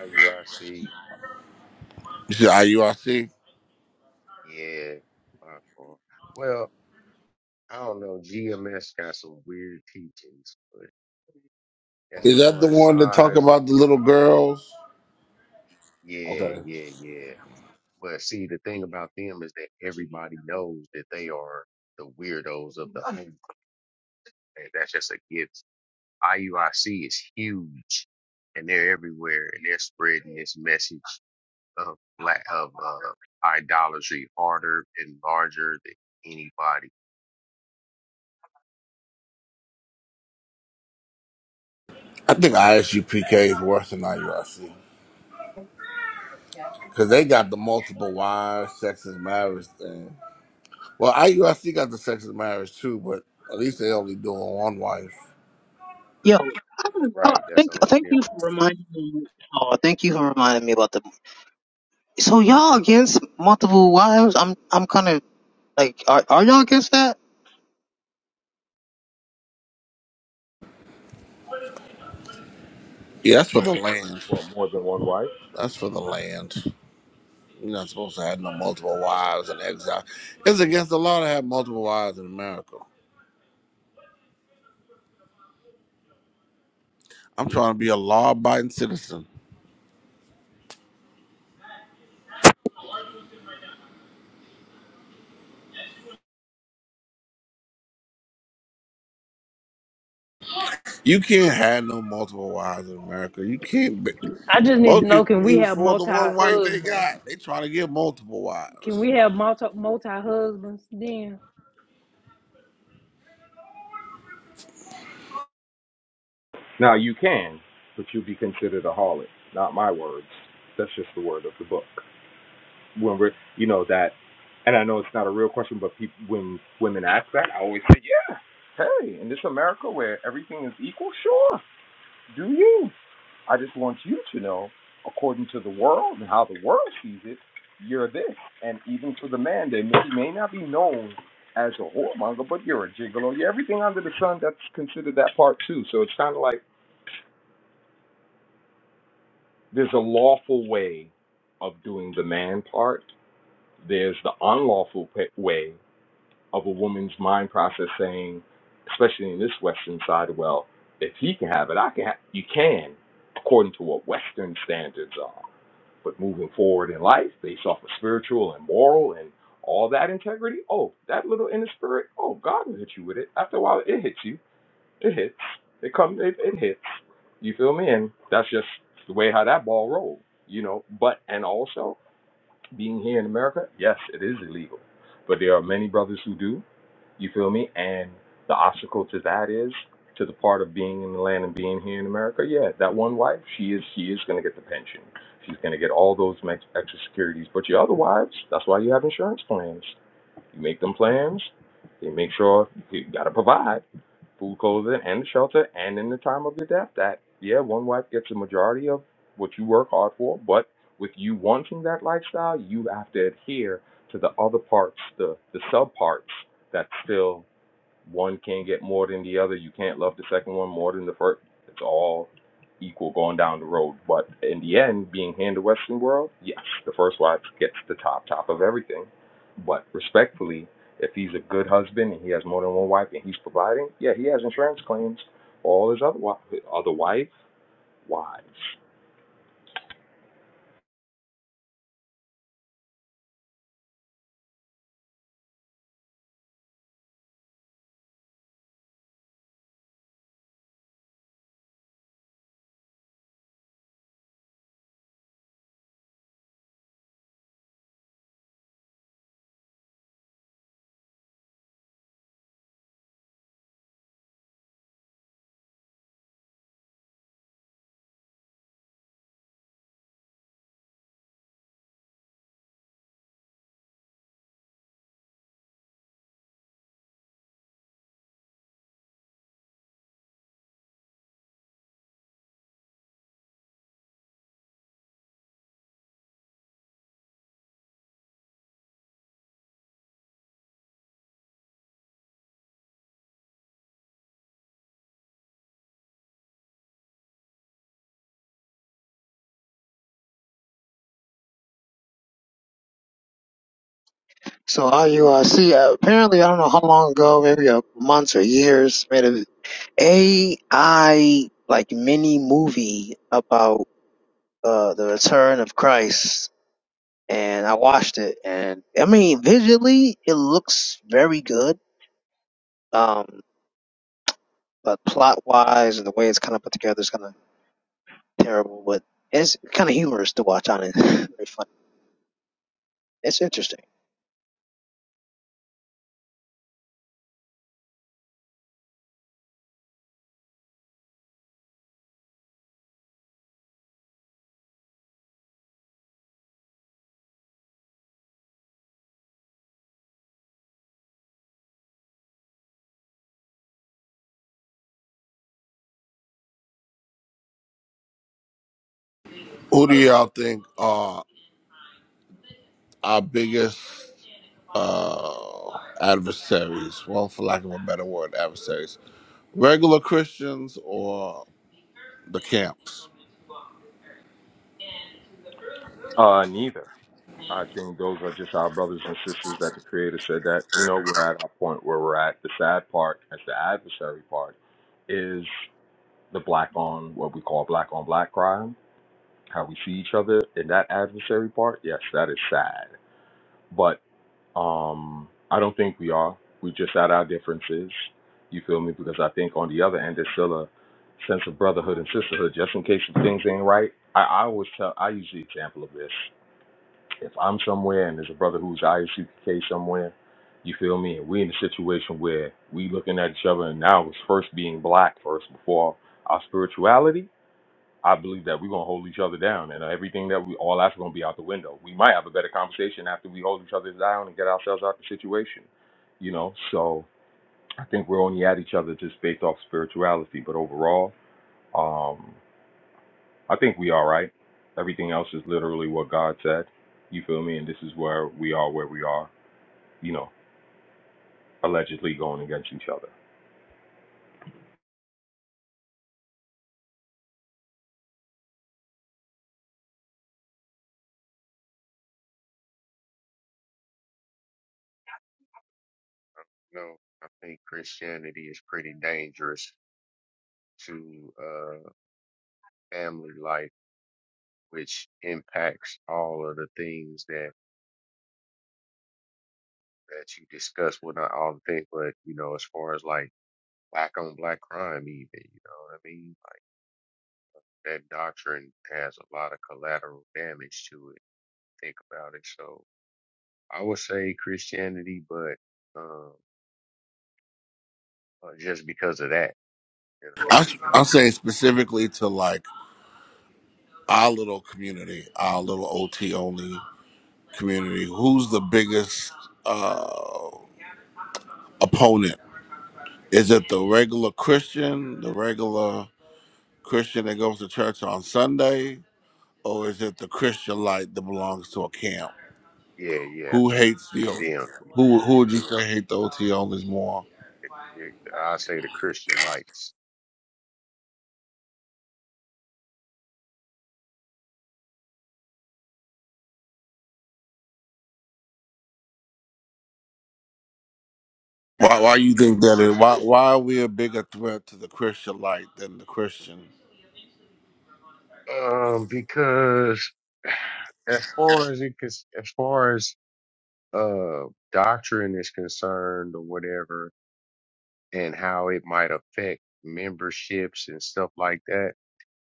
Speaker 8: IUIC,
Speaker 1: You said IURC.
Speaker 8: yeah, my fault. Well, I don't know. GMS got some weird teachings, but as
Speaker 1: Is that the
Speaker 8: far as
Speaker 1: one that talk
Speaker 8: size and
Speaker 1: about the little
Speaker 8: uh,
Speaker 1: girls?
Speaker 8: yeah,
Speaker 1: Okay.
Speaker 8: yeah, yeah. But see, the thing about them is that everybody knows that they are the weirdos of the whole. And that's just a gift. IUIC is huge, and they're everywhere, and they're spreading this message of black of uh, idolatry harder and larger than anybody.
Speaker 1: I think ISUPK is worse than IUIC because they got the multiple wives, sexist marriage thing. Well, IUIC got the sexist marriage too, but at least they only doing one wife.
Speaker 7: Yo, oh,
Speaker 8: Right. That's the
Speaker 7: thank
Speaker 8: only
Speaker 7: thank
Speaker 8: difference.
Speaker 7: you for reminding me. Oh, thank you for reminding me about the. So y'all against multiple wives? I'm I'm kind of like, are are y'all against that?
Speaker 1: Yeah, that's for the land.
Speaker 5: Well, more than one wife?
Speaker 1: That's for the land. You're not supposed to have no multiple wives in exile. It's against the law to have multiple wives in America. I'm trying to be a law-abiding citizen. You can't have no multiple wives in America. You can't. Be,
Speaker 6: I just need
Speaker 1: most
Speaker 6: to know:
Speaker 1: people
Speaker 6: Can
Speaker 1: can't
Speaker 6: we
Speaker 1: even
Speaker 6: have
Speaker 1: afford the
Speaker 6: multi
Speaker 1: one wife they
Speaker 6: husbands?
Speaker 1: got. They trying to get multiple
Speaker 6: Can
Speaker 1: wives.
Speaker 6: we have multi multi husbands? Then.
Speaker 5: Now, you can, but you'll be considered a harlot. Not my words. That's just the word of the book. when we're you know that and I know it's not a real question, but peop when women ask that, I always say, yeah, hey, in this America where everything is equal, sure, do you. I just want you to know, according to the world and how the world sees it, you're this. And even for the man, they may, may not be known as a whoremonger, but you're a gigolo. You're everything under the sun that's considered that part too. So it's kind of like there's a lawful way of doing the man part. There's the unlawful pa- way of a woman's mind process saying, especially in this Western side, well, if he can have it, I can. Have, you can, according to what Western standards are. But moving forward in life, based off of spiritual and moral and all that integrity, oh, that little inner spirit, oh, God will hit you with it. After a while, it hits you. It hits. It comes. It, it hits. You feel me? And that's just the way how that ball rolls, You know. But and also being here in America, yes, it is illegal. But there are many brothers who do, you feel me? And the obstacle to that is to the part of being in the land and being here in America. Yeah, that one wife, she is she is going to get the pension. She's going to get all those mex- extra securities. But your other wives, that's why you have insurance plans. You make them plans. They make sure you got to provide food, clothing, and shelter, and in the time of your death, that yeah, one wife gets a majority of what you work hard for. But with you wanting that lifestyle, you have to adhere to the other parts, the the sub parts that's still one can't get more than the other. You can't love the second one more than the first. It's all equal going down the road. But in the end, being here in the Western world, yes, the first wife gets the top top of everything. But respectfully, if he's a good husband and he has more than one wife and he's providing, yeah, he has insurance claims. All his other other wife wives,
Speaker 7: So are you? Uh, see, uh, apparently I don't know how long ago, maybe a months or years, made an a AI like mini movie about uh the return of christ and i watched it and i mean visually it looks very good um but plot wise and the way it's kind of put together is kind of terrible but it's kind of humorous to watch on it very funny it's interesting
Speaker 1: Who do y'all think are our biggest uh, adversaries? Well, for lack of a better word, adversaries. Regular Christians or the camps?
Speaker 5: uh, neither. I think those are just our brothers and sisters that the Creator said that, you know, we're at our point where we're at. The sad part, as the adversary part, is the black on, what we call black on black crime, how we see each other in that adversary part. Yes, that is sad. But um, I don't think we are. We just at our differences. You feel me? Because I think on the other end, there's still a sense of brotherhood and sisterhood, just in case if things ain't right. I, I always tell, I use the example of this if I'm somewhere and there's a brother who's IUCK somewhere, you feel me? And we in a situation where we looking at each other and now was first being black first before our spirituality, I believe that we're gonna hold each other down and everything that we all that's gonna be out the window. We might have a better conversation after we hold each other down and get ourselves out the situation. You know, so I think we're only at each other just based off spirituality. But overall, um, I think we all right. Everything else is literally what God said. You feel me? And this is where we are, where we are. You know, allegedly going against each other.
Speaker 8: No, I think Christianity is pretty dangerous to uh, family life, which impacts all of the things that that you discuss. Well, not all the things, but you know, as far as like black on black crime, even you know what I mean. Like that doctrine has a lot of collateral damage to it. Think about it. So I would say Christianity, but um, uh, just because of that, you
Speaker 1: I,
Speaker 8: know,
Speaker 1: I'm saying specifically to like our little community, our little OT only community. Who's the biggest uh, opponent? Is it the regular Christian, the regular Christian that goes to church on Sunday? Or is it the Christian light that belongs to a camp?
Speaker 8: you know yeah,
Speaker 1: Who hates the O-
Speaker 8: yeah, them.
Speaker 1: who? Who would you say hate the OT onlys more?
Speaker 8: I say the Christian lights.
Speaker 1: Why? Why
Speaker 8: think
Speaker 1: you
Speaker 8: it's
Speaker 1: think
Speaker 8: the
Speaker 1: that is? Why?
Speaker 8: Christians.
Speaker 1: Why are we a bigger threat to the Christian light than the Christian?
Speaker 8: Um, because as far as it cons- as far as uh doctrine is concerned or whatever, and how it might affect memberships and stuff like that,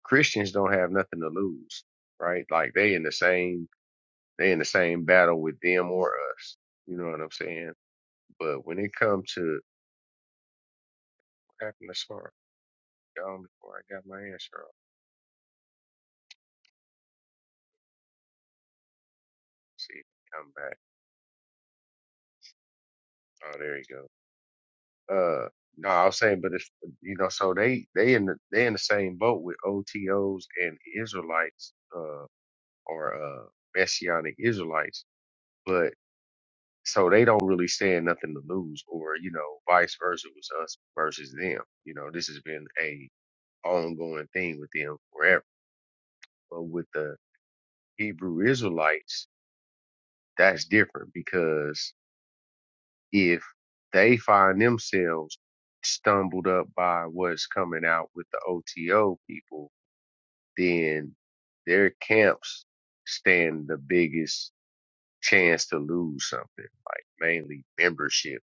Speaker 8: Christians don't have nothing to lose, right? Like they in the same they in the same battle with them or us. You know what I'm saying? But when it comes to what happened to Smart, gone before I got my answer. on. see, come back. Oh, there you go. Uh, no, I was saying, but if you know, so they they in the they in the same boat with OTOs and Israelites, uh, or uh, Messianic Israelites, but so they don't really stand nothing to lose, or you know, vice versa was us versus them. You know, this has been a ongoing thing with them forever. But with the Hebrew Israelites, that's different because if they find themselves stumbled up by what's coming out with the OTO people, then their camps stand the biggest chance to lose something, like mainly membership.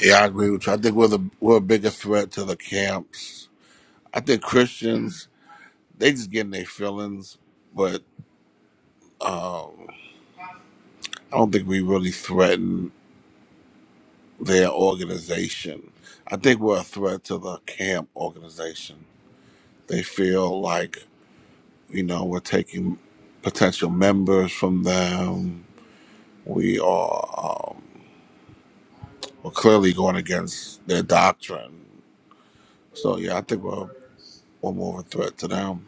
Speaker 1: Yeah, I agree with you. I think we're the we're a bigger threat to the camps. I think Christians they just getting their feelings, but I don't think we really threaten their organization. I think we're a threat to the camp organization. They feel like you know we're taking potential members from them we are um, we're clearly going against their doctrine. So yeah, I think we're we're more of a threat to them.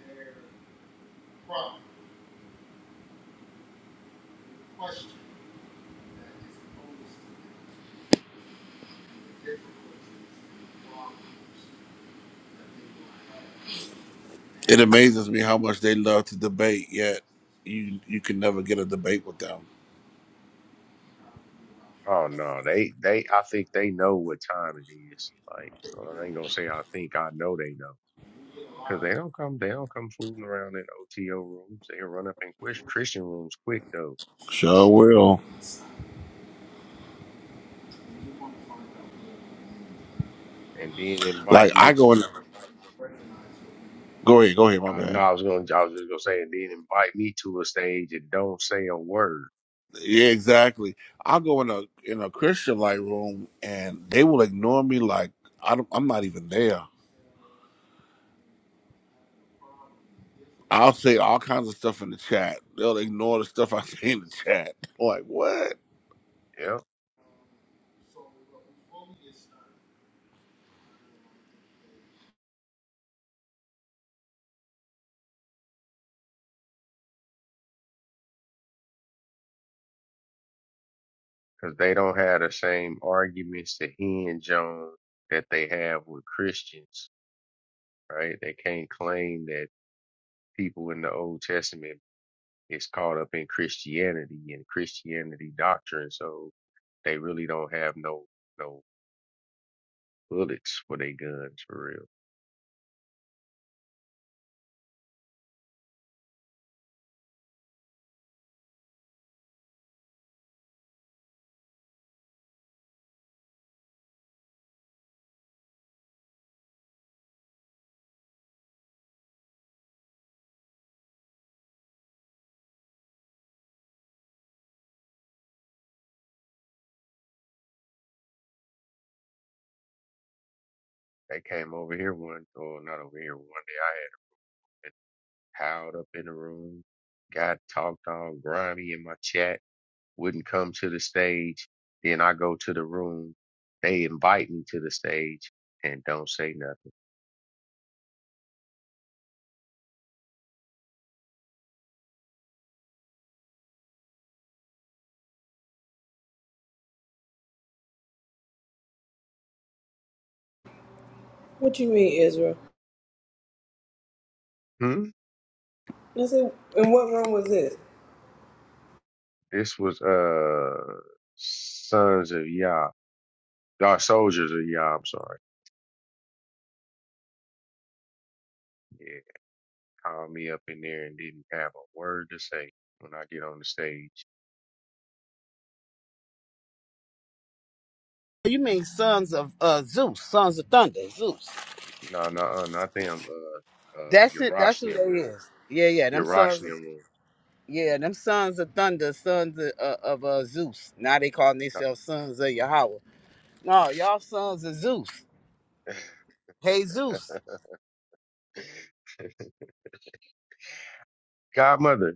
Speaker 1: It amazes me how much they love to debate, yet you you can never get a debate with them.
Speaker 8: Oh no, they they I think they know what time it is. Like well, I ain't gonna say I think I know they know. Cause they don't come, they don't come fooling around in OTO rooms. They run up in Chris- Christian rooms quick though,
Speaker 1: Sure will.
Speaker 8: and then
Speaker 1: Like
Speaker 8: invite
Speaker 1: I
Speaker 8: me,
Speaker 1: go in. Go ahead. Go ahead. My
Speaker 8: I know
Speaker 1: bad.
Speaker 8: I was going. to I was just going to say, and then invite me to a stage and don't say a word.
Speaker 1: Yeah, exactly. I'll go in a in a Christian like room, and they will ignore me like I don't, I'm not even there. I'll say all kinds of stuff in the chat. They'll ignore the stuff I say in the chat. Like what?
Speaker 8: Yep, because they don't have the same arguments to hinge on that they have with Christians, right? They can't claim that people in the Old Testament is caught up in Christianity and Christianity doctrine, so they really don't have no no bullets for their guns for real. They came over here one, or not over here one day. piled up in the room, got talked on grimy in my chat, wouldn't come to the stage. Then I go to the room, they invite me to the stage and don't say nothing.
Speaker 2: What you mean, Israel?
Speaker 8: Hmm?
Speaker 2: I said, and what room was this?
Speaker 8: This was uh Sons of Yah. Y'all soldiers of Yah, I'm sorry. Yeah, called me up in there and didn't have a word to say when I get on the stage.
Speaker 4: You mean sons of uh, Zeus, sons of thunder, Zeus.
Speaker 8: No, no, uh, not them. Uh, uh,
Speaker 4: That's it. That's who they
Speaker 8: Yerashnian room.
Speaker 4: is. Yeah, yeah. Them sons.
Speaker 8: Yerashnian
Speaker 4: Of,
Speaker 8: room.
Speaker 4: yeah, them sons of thunder, sons of, uh, of uh, Zeus. Now they calling
Speaker 8: Uh,
Speaker 4: themselves sons of Yahweh. No, y'all sons of Zeus. Hey Zeus,
Speaker 8: Godmother,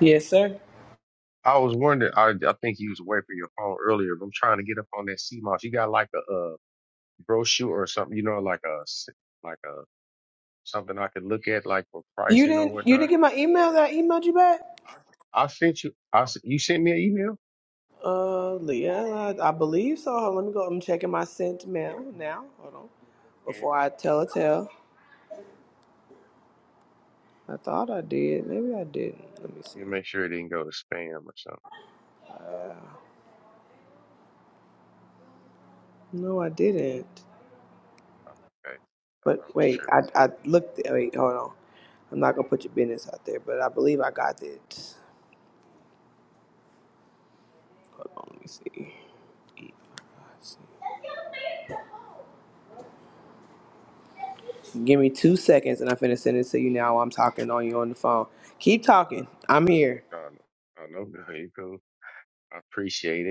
Speaker 2: Yes, sir.
Speaker 8: I was wondering. I I think you was away from your phone earlier. But I'm trying to get up on that sea moss. You got like a uh, brochure or something, you know, like a s- like a something I could look at, like for
Speaker 2: You
Speaker 8: pricing or
Speaker 2: didn't you
Speaker 8: whatnot.
Speaker 2: didn't get my email that I emailed you back?
Speaker 8: I sent you. I s- you sent me an email.
Speaker 2: Uh Leah, I, I believe so. Hold on, let me go. I'm checking my sent mail now. Hold on. Before I tell a tale. I thought I did. Maybe I didn't. Let me see.
Speaker 8: Let me make sure it didn't go to spam or something.
Speaker 2: Uh, no, I didn't.
Speaker 8: Okay, I thought
Speaker 2: But
Speaker 8: I was
Speaker 2: wait, I
Speaker 8: tripping.
Speaker 2: I looked wait, hold on. I'm not gonna put your business out there, but I believe I got it. Hold on, let me see. Give me two seconds and I'm finna send it to you now while I'm talking on you on the phone. Keep talking. I'm here.
Speaker 8: No, no, no, no, good. You cool. I appreciate it.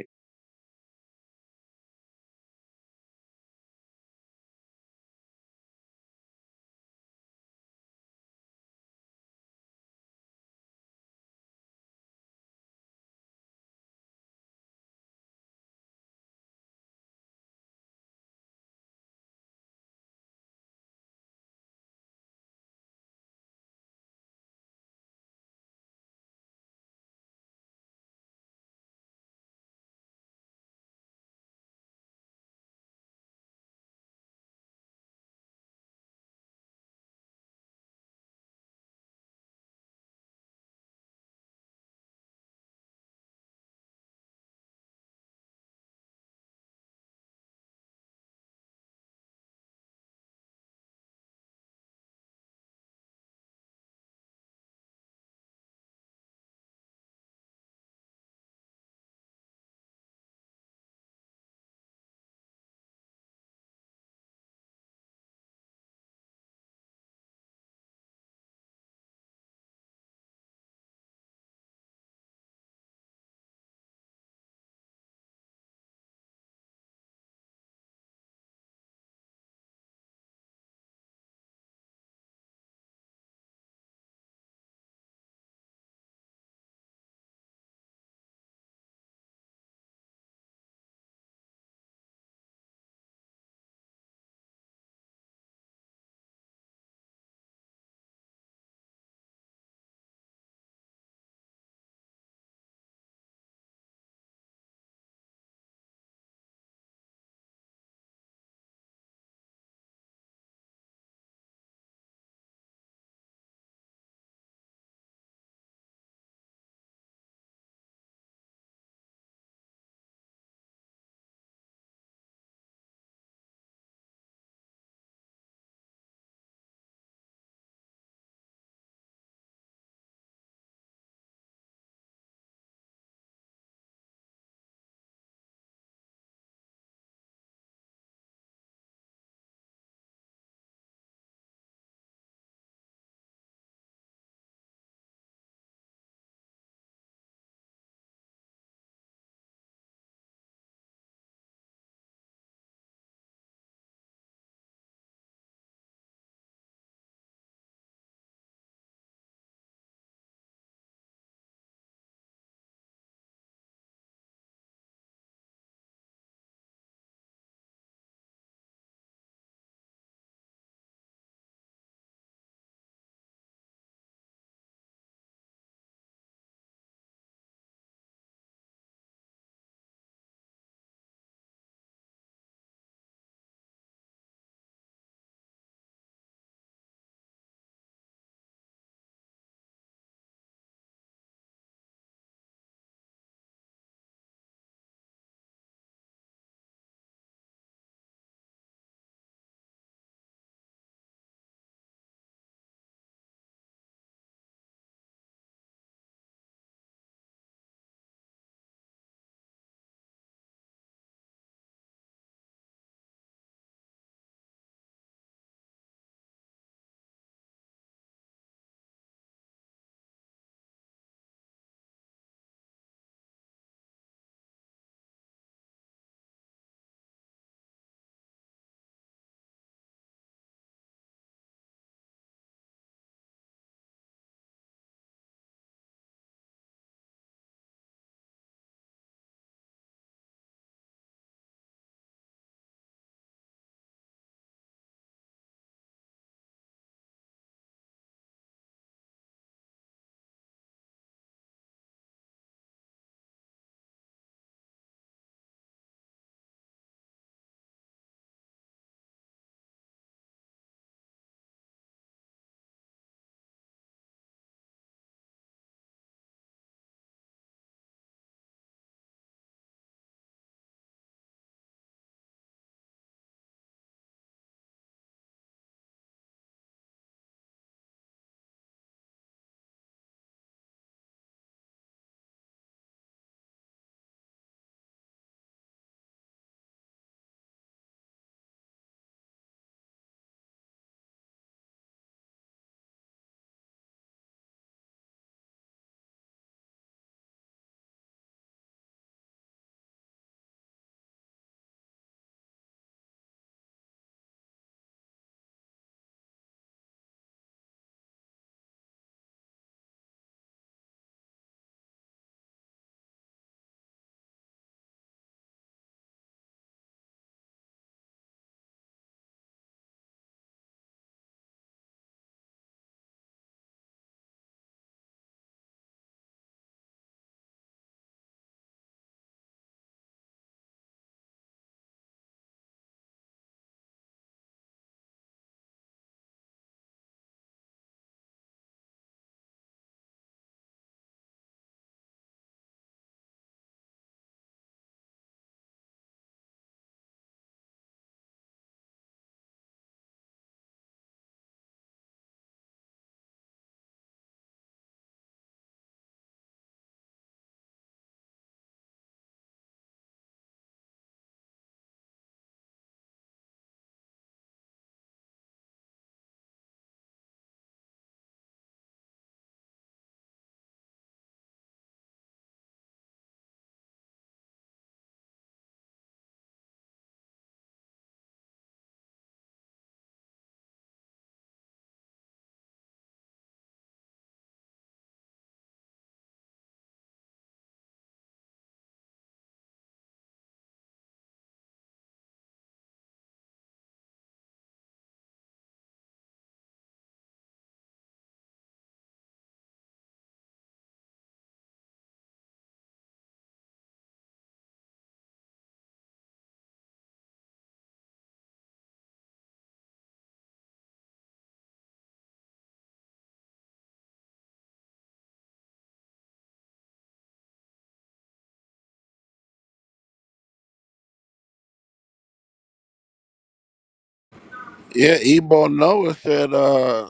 Speaker 1: Yeah, Ebo Noah said, uh,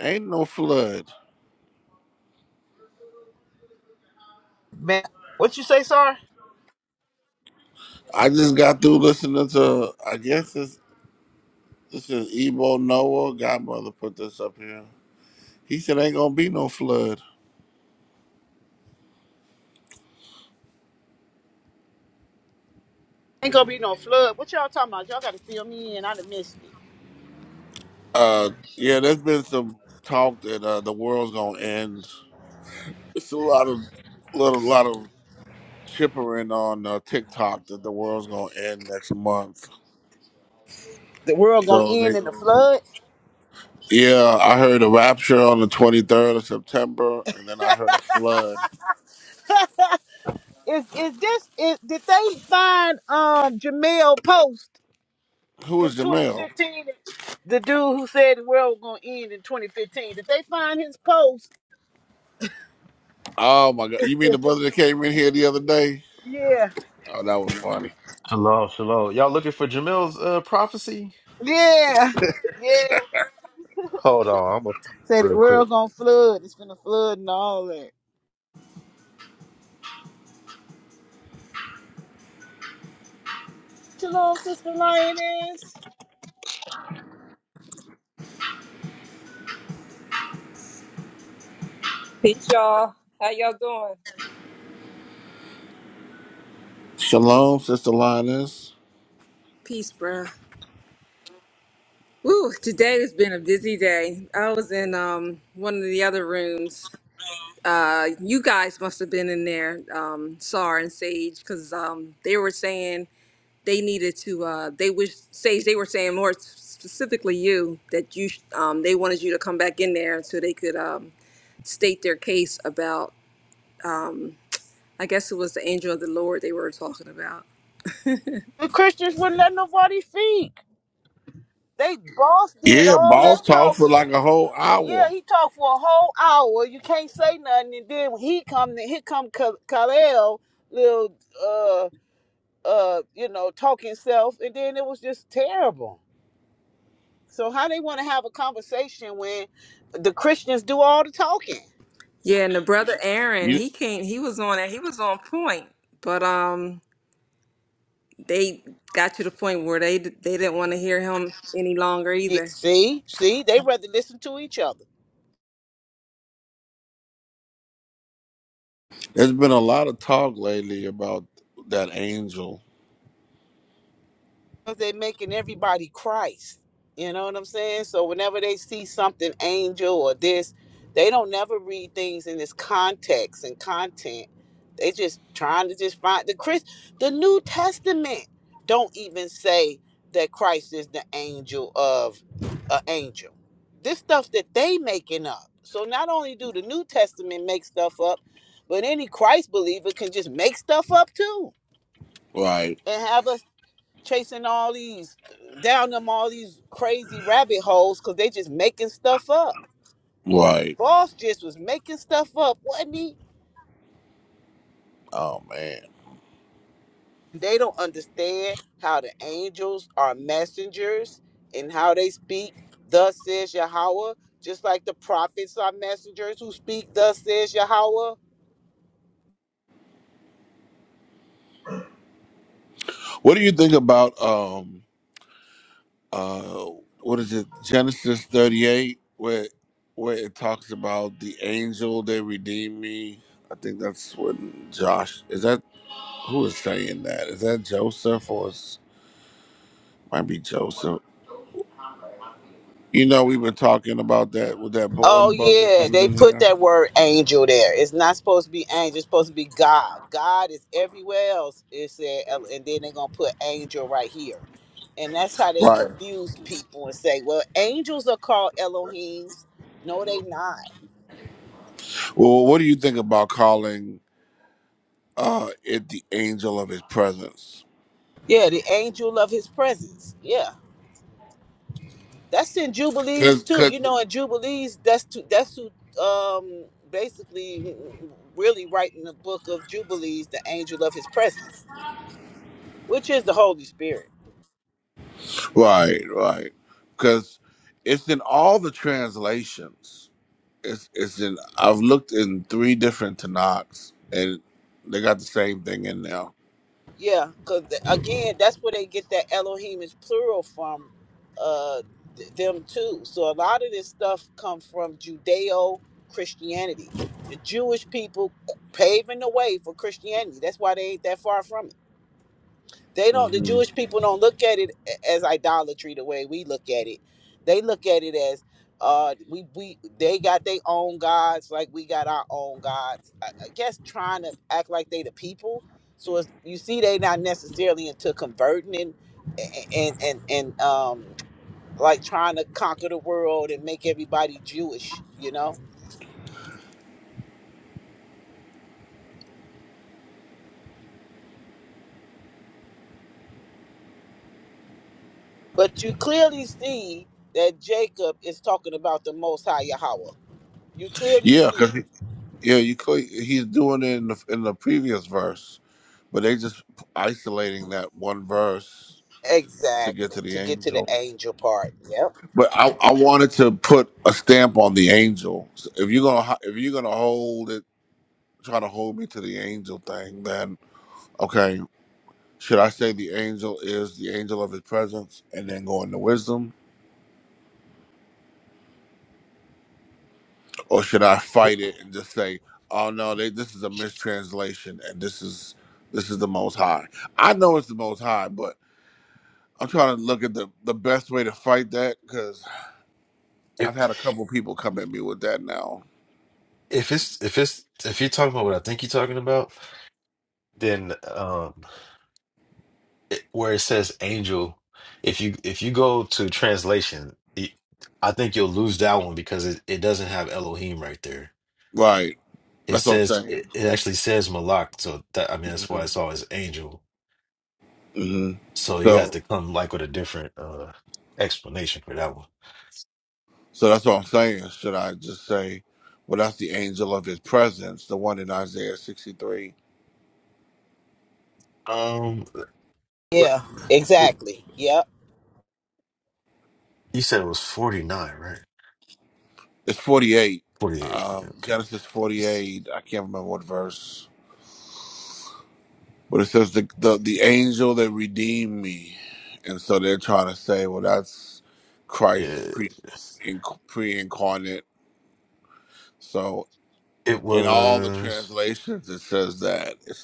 Speaker 1: ain't no flood.
Speaker 4: man. What you say, sir?
Speaker 1: I just got through listening to, I guess this, this is Ebo Noah. Godmother put this up here. He said, ain't gonna be no flood.
Speaker 4: Ain't gonna be no flood. What y'all talking about? Y'all gotta fill me in. I done missed it.
Speaker 1: Uh, yeah, there's been some talk that uh, the world's gonna end. It's a lot of, little, lot of chippering on uh, TikTok that the world's gonna end next month.
Speaker 4: The world gonna
Speaker 1: So
Speaker 4: end
Speaker 1: they,
Speaker 4: in the flood.
Speaker 1: yeah, I heard a rapture on the 23rd of September, and then I heard a flood.
Speaker 4: is is this? Is, did they find um Jamel Post
Speaker 1: Who
Speaker 4: from
Speaker 1: is Jamel?
Speaker 4: 2015? The dude who said the world was gonna end in 2015. Did they find his post?
Speaker 1: Oh my God! You mean the brother that came in here the other day?
Speaker 4: Yeah,
Speaker 1: Oh, that was funny.
Speaker 9: Hello, hello. Y'all looking for Jamil's uh, prophecy?
Speaker 4: yeah, yeah.
Speaker 9: Hold on, I'm gonna find it
Speaker 4: Said the
Speaker 9: real quick.
Speaker 4: world gonna flood. It's gonna flood and all that. Shalom, sister lioness.
Speaker 10: Peace, y'all. How y'all doing?
Speaker 1: Shalom, sister Linus.
Speaker 10: Peace, bruh. Woo, today has been a busy day. I was in um one of the other rooms. Uh, you guys must have been in there, um, Sar and Sage, because um they were saying they needed to. Uh, they wish Sage. They were saying more specifically you that you sh- um they wanted you to come back in there so they could um state their case about. I guess it was the angel of the Lord they were talking about.
Speaker 4: The Christians wouldn't let nobody speak. They boss did
Speaker 1: Yeah,
Speaker 4: all that
Speaker 1: boss talked for
Speaker 4: talking.
Speaker 1: like a whole
Speaker 4: Yeah,
Speaker 1: hour.
Speaker 4: he talked for a whole hour. You can't say nothing, and then when he come, then here come Ka- Kalel, little uh uh, you know, talking himself, and then it was just terrible. So how they want to have a conversation when the Christians do all the talking?
Speaker 10: Yeah, and the brother Aaron,
Speaker 1: You,
Speaker 10: he came. He was on it. He was on point, but um, they got to the point where they they didn't want to hear him any longer
Speaker 4: Yeah,
Speaker 10: either.
Speaker 4: see, see, they rather listen to each other.
Speaker 1: there's been a lot of talk lately about that angel.
Speaker 4: They're making everybody Christ. You know what I'm saying? So whenever they see something angel or this, they don't never read things in its context and content. They just trying to just find the Chris the New Testament don't even say that Christ is the angel of an angel. This stuff that they making up. So not only do the New Testament make stuff up, but any Christ believer can just make stuff up too
Speaker 1: Right,
Speaker 4: and have a chasing all these down them all these crazy rabbit holes because they just making stuff up.
Speaker 1: right.
Speaker 4: Boss just was making stuff up, wasn't he?
Speaker 1: Oh man,
Speaker 4: They don't understand how the angels are messengers and how they speak. Thus says Yahweh, just like the prophets are messengers who speak. Thus says Yahweh.
Speaker 1: what do you think about um uh what is it Genesis 38 where where it talks about the angel that redeemed me? I think that's what Josh is that who is saying that? Is that Joseph or Might be Joseph. You know, we've been talking about that with that bo- one
Speaker 4: Oh
Speaker 1: brother that
Speaker 4: yeah,
Speaker 1: comes
Speaker 4: they
Speaker 1: in
Speaker 4: put
Speaker 1: here.
Speaker 4: that word angel there. It's not supposed to be angel. It's supposed to be God. God is everywhere else. It said, and then they're gonna put angel right here, and that's how they
Speaker 1: Right.
Speaker 4: confuse people and say, well, angels are called Elohims. No, they not.
Speaker 1: Well, what do you think about calling uh it the angel of his presence?
Speaker 4: Yeah, the angel of His presence. Yeah, that's in Jubilees
Speaker 1: Cause,
Speaker 4: too. You
Speaker 1: 'cause-
Speaker 4: know, in Jubilees, that's to, that's who um basically really writing the book of Jubilees, the angel of His presence, which is the Holy Spirit.
Speaker 1: right, right. Because it's in all the translations. It's it's in. I've looked in three different Tanakhs, and they got the same thing in now.
Speaker 4: Yeah, because again, that's where they get that Elohim is plural from, uh, th- them too. So a lot of this stuff come from Judeo Christianity. The Jewish people paving the way for Christianity. That's why they ain't that far from it they don't the
Speaker 1: hmm
Speaker 4: jewish people don't look at it as idolatry the way we look at it they look at it as uh we we they got their own gods like we got our own gods i, I guess trying to act like they the people so it's, you see they not necessarily into converting and and and, and um like trying to conquer the world and make everybody jewish you know but you clearly see that jacob is talking about the most high yahweh you clearly
Speaker 1: Yeah,
Speaker 4: see
Speaker 1: cause yeah, you could- he's doing it in the in the previous verse. But they just isolating that one verse to get
Speaker 4: Exactly.
Speaker 1: to the
Speaker 4: To get to the
Speaker 1: angel.
Speaker 4: angel part. Yep.
Speaker 1: But I, I wanted to put a stamp on the angel. So If you're gonna ho- if you're gonna hold it, try to hold me to the angel thing, then okay. Should I say the angel is the angel of his presence and then go into wisdom, or should I fight it and just say, oh no, they, this is a mistranslation and this is this is the Most High. I know it's the Most High, but I'm trying to look at the the best way to fight that because.
Speaker 9: If
Speaker 1: I've had a couple people come at me with that now.
Speaker 9: if it's if it's if you're talking about what I think you're talking about, then um, it, where it says angel, if you if you go to translation, it, I think you'll lose that one because it, it doesn't have Elohim right there.
Speaker 1: Right.
Speaker 9: It
Speaker 1: That's what I'm
Speaker 9: says
Speaker 1: saying.
Speaker 9: it, it actually says Malak, so that I mean that's why
Speaker 1: hmm
Speaker 9: it's always angel.
Speaker 1: hmm
Speaker 9: So you have
Speaker 1: So
Speaker 9: to come like with a different uh explanation for that
Speaker 1: so that's what I'm saying. Should I just say, well, that's the angel of his presence, the one in Isaiah 63.
Speaker 9: one.
Speaker 4: Yeah.
Speaker 9: Um.
Speaker 4: Exactly. Yep.
Speaker 9: You said it was 49, right?
Speaker 1: It's 48.
Speaker 9: 48.
Speaker 1: Um,
Speaker 9: Okay.
Speaker 1: Genesis 48. I can't remember what verse. But it says the, the the angel that redeemed me, and so they're trying to say, well, that's Christ
Speaker 9: Yeah.
Speaker 1: pre pre incarnate. So
Speaker 9: It
Speaker 1: in all the
Speaker 9: was.
Speaker 1: translations, it says that.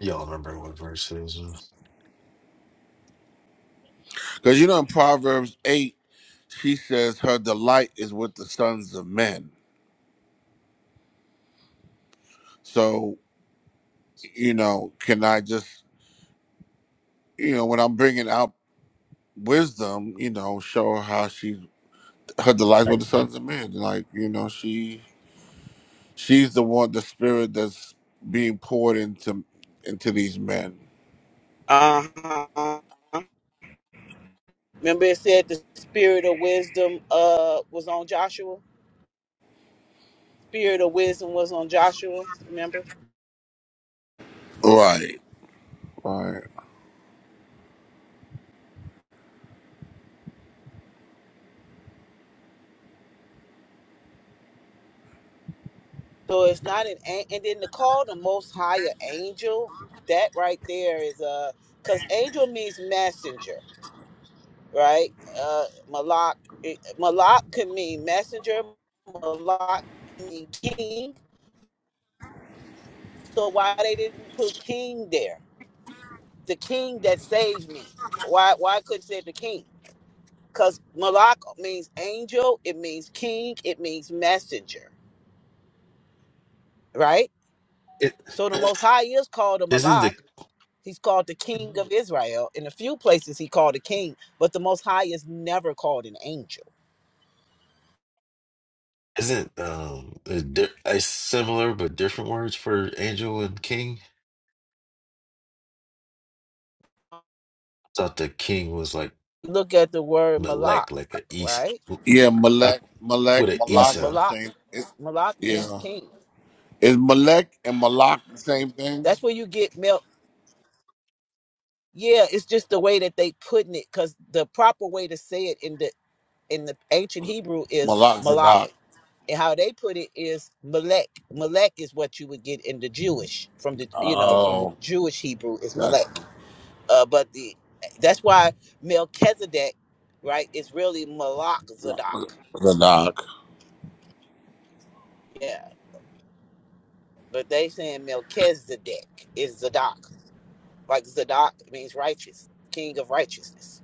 Speaker 9: Y'all remember what verse it is?
Speaker 1: Because you know in Proverbs 8, she says her delight is with the sons of men. So, you know, can I just, you know, when I'm bringing out wisdom, you know, show her how she, her delight with the sons of men. Like, you know, she, she's the one, the spirit that's being poured into, into these men.
Speaker 4: Uh huh. Remember it said the spirit of wisdom uh was on Joshua. Spirit of wisdom was on Joshua. Remember.
Speaker 1: Right. Right.
Speaker 4: So it's not an an- and then to call the Most High an angel. That right there is uh because angel means messenger, right? Uh, malak it, malak could mean messenger. Malak can mean king. So why they didn't put King there? The King that saved me. Why why couldn't say the King? Because Malak means angel, it means king, it means messenger, right?
Speaker 9: It
Speaker 4: So the Most High is called a
Speaker 9: isn't
Speaker 4: Malak.
Speaker 9: the
Speaker 4: He's called the King of Israel. In a few places, he called a king, but the Most High is never called an angel.
Speaker 9: isn't um a, di- a similar but different words for angel and king. thought the king was like
Speaker 4: Look at the word Malak,
Speaker 9: melek, like a east
Speaker 4: right?
Speaker 1: Yeah.
Speaker 9: uh,
Speaker 1: Malek, Malek,
Speaker 9: with an
Speaker 4: Yeah,
Speaker 1: Malak is the
Speaker 9: Esau.
Speaker 4: Malak.
Speaker 1: same. It's,
Speaker 4: Malak means
Speaker 1: yeah.
Speaker 4: king.
Speaker 1: Is Malek and Malak the same thing?
Speaker 4: That's where you get Yeah, it's just the way that they putting it, because the proper way to say it in the in the ancient Hebrew is
Speaker 1: Malak
Speaker 4: malak,
Speaker 1: Zadok.
Speaker 4: and how they put it is melek. Melek is what you would get in the Jewish from the you know from the
Speaker 1: Oh,
Speaker 4: Jewish Hebrew is
Speaker 1: gotcha.
Speaker 4: melek. Uh, but the that's why Melchizedek, right, is really malak zadok.
Speaker 1: The doc.
Speaker 4: Yeah, but they saying Melchizedek is zadok, like zadok means righteous, king of righteousness,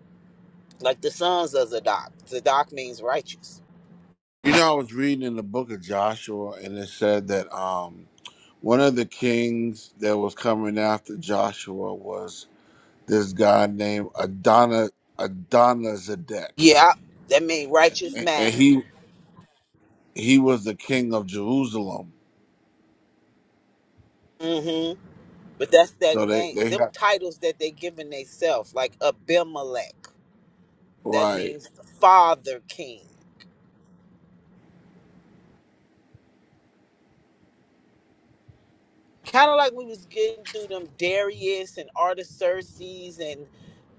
Speaker 4: like the sons of zadok. Zadok means righteous
Speaker 1: You know, I was reading in the book of Joshua, and it said that um, one of the kings that was coming after Joshua was this guy named Adonai Adonizedek,
Speaker 4: Yeah, that mean righteous
Speaker 1: and, and he
Speaker 4: master.
Speaker 1: he was the king of Jerusalem.
Speaker 4: hmm But that's that
Speaker 1: So they
Speaker 4: name.
Speaker 1: they
Speaker 4: Them
Speaker 1: had
Speaker 4: titles that they giving theyself, like Abimelech. That
Speaker 1: right,
Speaker 4: means the father king. Kind of like we was getting through them Darius and Artaxerxes and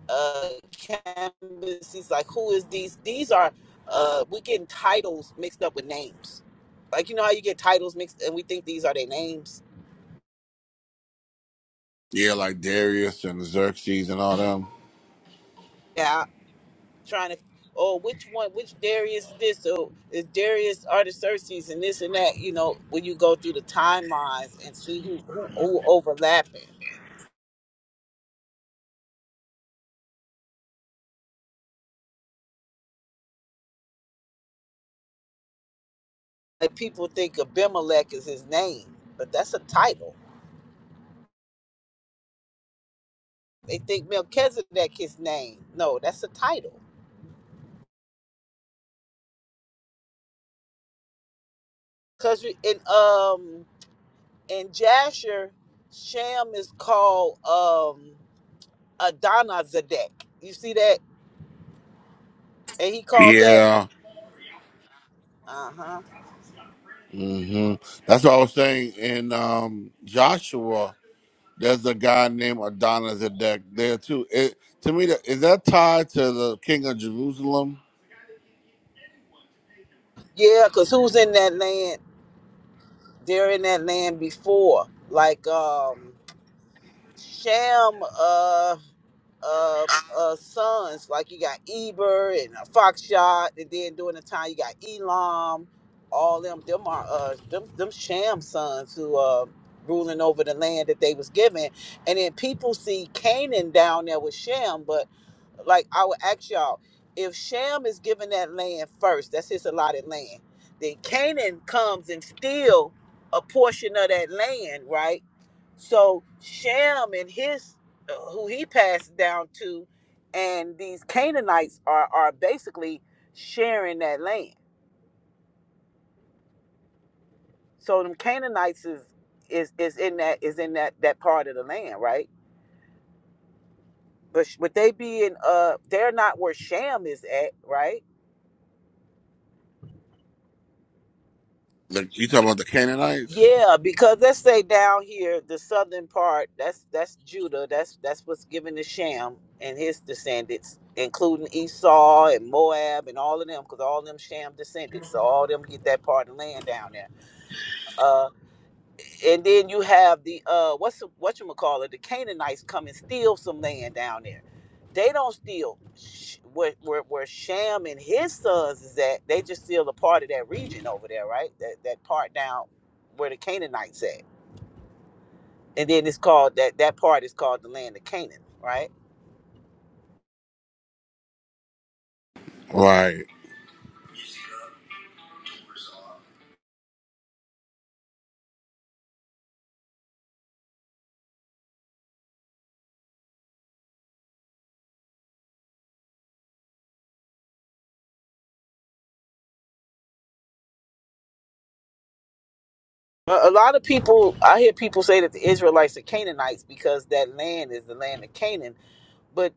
Speaker 4: uh Cambyses. Like who is these? These are uh we getting titles mixed up with names. Like you know how you get titles mixed and we think these are their names.
Speaker 1: yeah, like Darius and Xerxes and all them.
Speaker 4: Yeah. trying to oh which one which Darius this or is Darius Artaxerxes and this and that you know when you go through the timelines and see who who, who overlapping like people think Abimelech is his name but that's a title they think Melchizedek his name no that's a title because in um in Jasher Shem is called um Adonazedek you see that and he called that
Speaker 1: Yeah,
Speaker 4: uh huh
Speaker 1: hmm that's what I was saying in um, Joshua. There's a guy named Adonis there too. It, to me, that- is that tied to the king of Jerusalem?
Speaker 4: yeah because who's in that land they're in that land before. Like um Sham uh uh, uh, sons. Like you got Eber and uh, Foxshot, and then during the time you got Elam. All them, them are uh, them, them sham sons who uh, ruling over the land that they was given. And then people see Canaan down there with Shem, but like I would ask y'all, if Shem is given that land first, that's his allotted land, then Canaan comes and steal a portion of that land, right? So Shem and his who he passed down to, and these Canaanites are are basically sharing that land. So them Canaanites is is is in that is in that that part of the land, right? But sh- would they be in uh they're not where Sham is at, right?
Speaker 1: The, you talking about the Canaanites?
Speaker 4: Yeah, because let's say down here, the southern part, that's that's Judah, that's that's what's given to Sham and his descendants, including Esau and Moab and all of them, because all them Sham descendants, so all them get that part of land down there Uh, and then you have the uh, what's what you call it? The Canaanites come and steal some land down there. They don't steal sh- where, where where Sham and his sons is at. They just steal a part of that region over there, right? That that part down where the Canaanites at. And then it's called that that part is called the land of Canaan, right?
Speaker 1: Right.
Speaker 4: A a lot of people, I hear people say that the Israelites are Canaanites because that land is the land of Canaan but.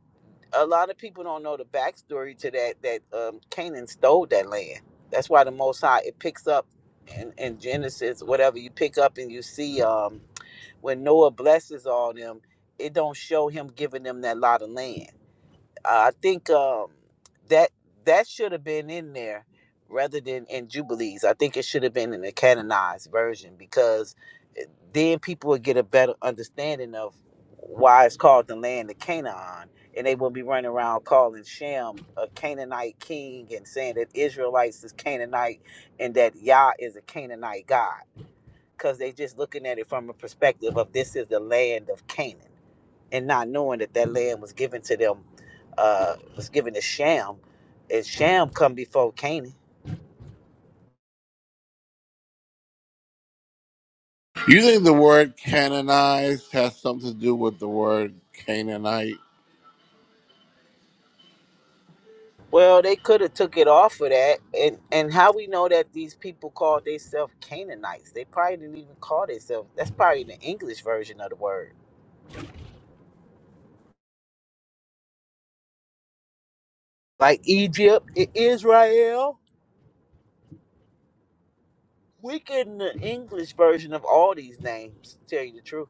Speaker 4: a lot of people don't know the backstory to that that um Canaan stole that land. That's why the Most High it picks up in, in Genesis, whatever you pick up and you see um when Noah blesses all them, it don't show him giving them that lot of land. Uh, I think um, that that should have been in there rather than in Jubilees. I think it should have been in the canonized version because eh, then people would get a better understanding of why it's called the land of Canaan, and they wouldn't be running around calling Shem a Canaanite king and saying that Israelites is Canaanite and that Yah is a Canaanite god because they just looking at it from a perspective of this is the land of Canaan and not knowing that that land was given to them, uh, was given to Sham, and Sham come before Canaan.
Speaker 1: You think the word canonized has something to do with the word Canaanite?
Speaker 4: Well, they could have took it off of that, and and how we know that these people called themselves Canaanites? They probably didn't even call themselves. That's probably the English version of the word, like Egypt, I- Israel. We getting the English version of all these names. to Tell you the truth,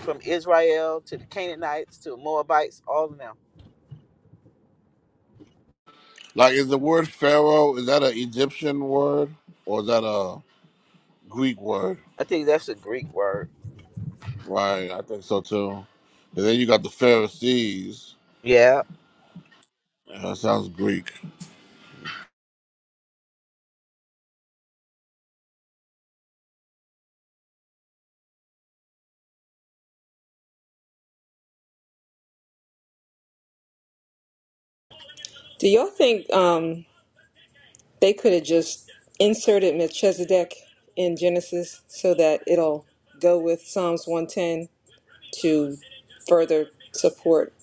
Speaker 4: from Israel to the Canaanites to the Moabites, all of them.
Speaker 1: Like, is the word Pharaoh, is that an Egyptian word or is that a Greek word?
Speaker 4: I think that's a Greek word.
Speaker 1: Right, I think so too. And then you got the Pharisees.
Speaker 4: Yeah.
Speaker 1: Yeah, that sounds Greek.
Speaker 10: Do y'all think um they could have just inserted Melchizedek in Genesis so that it'll go with Psalms one ten to further support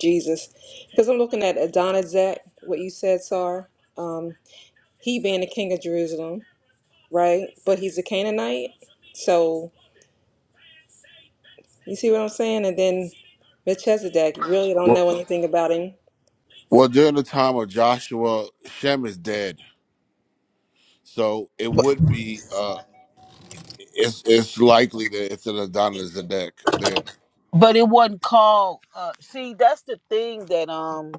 Speaker 10: Jesus? Because I'm looking at Adonizek, what you said, Sar. He being the king of Jerusalem, right? But he's a Canaanite, so. You see what I'm saying? And then Melchizedek, you really don't
Speaker 1: Well,
Speaker 10: know anything about him.
Speaker 1: well, during the time of Joshua, Shem is dead. So it would be uh it's it's likely that it's an Adonai Zedek there.
Speaker 4: But it wasn't called. Uh, see, that's the thing that um,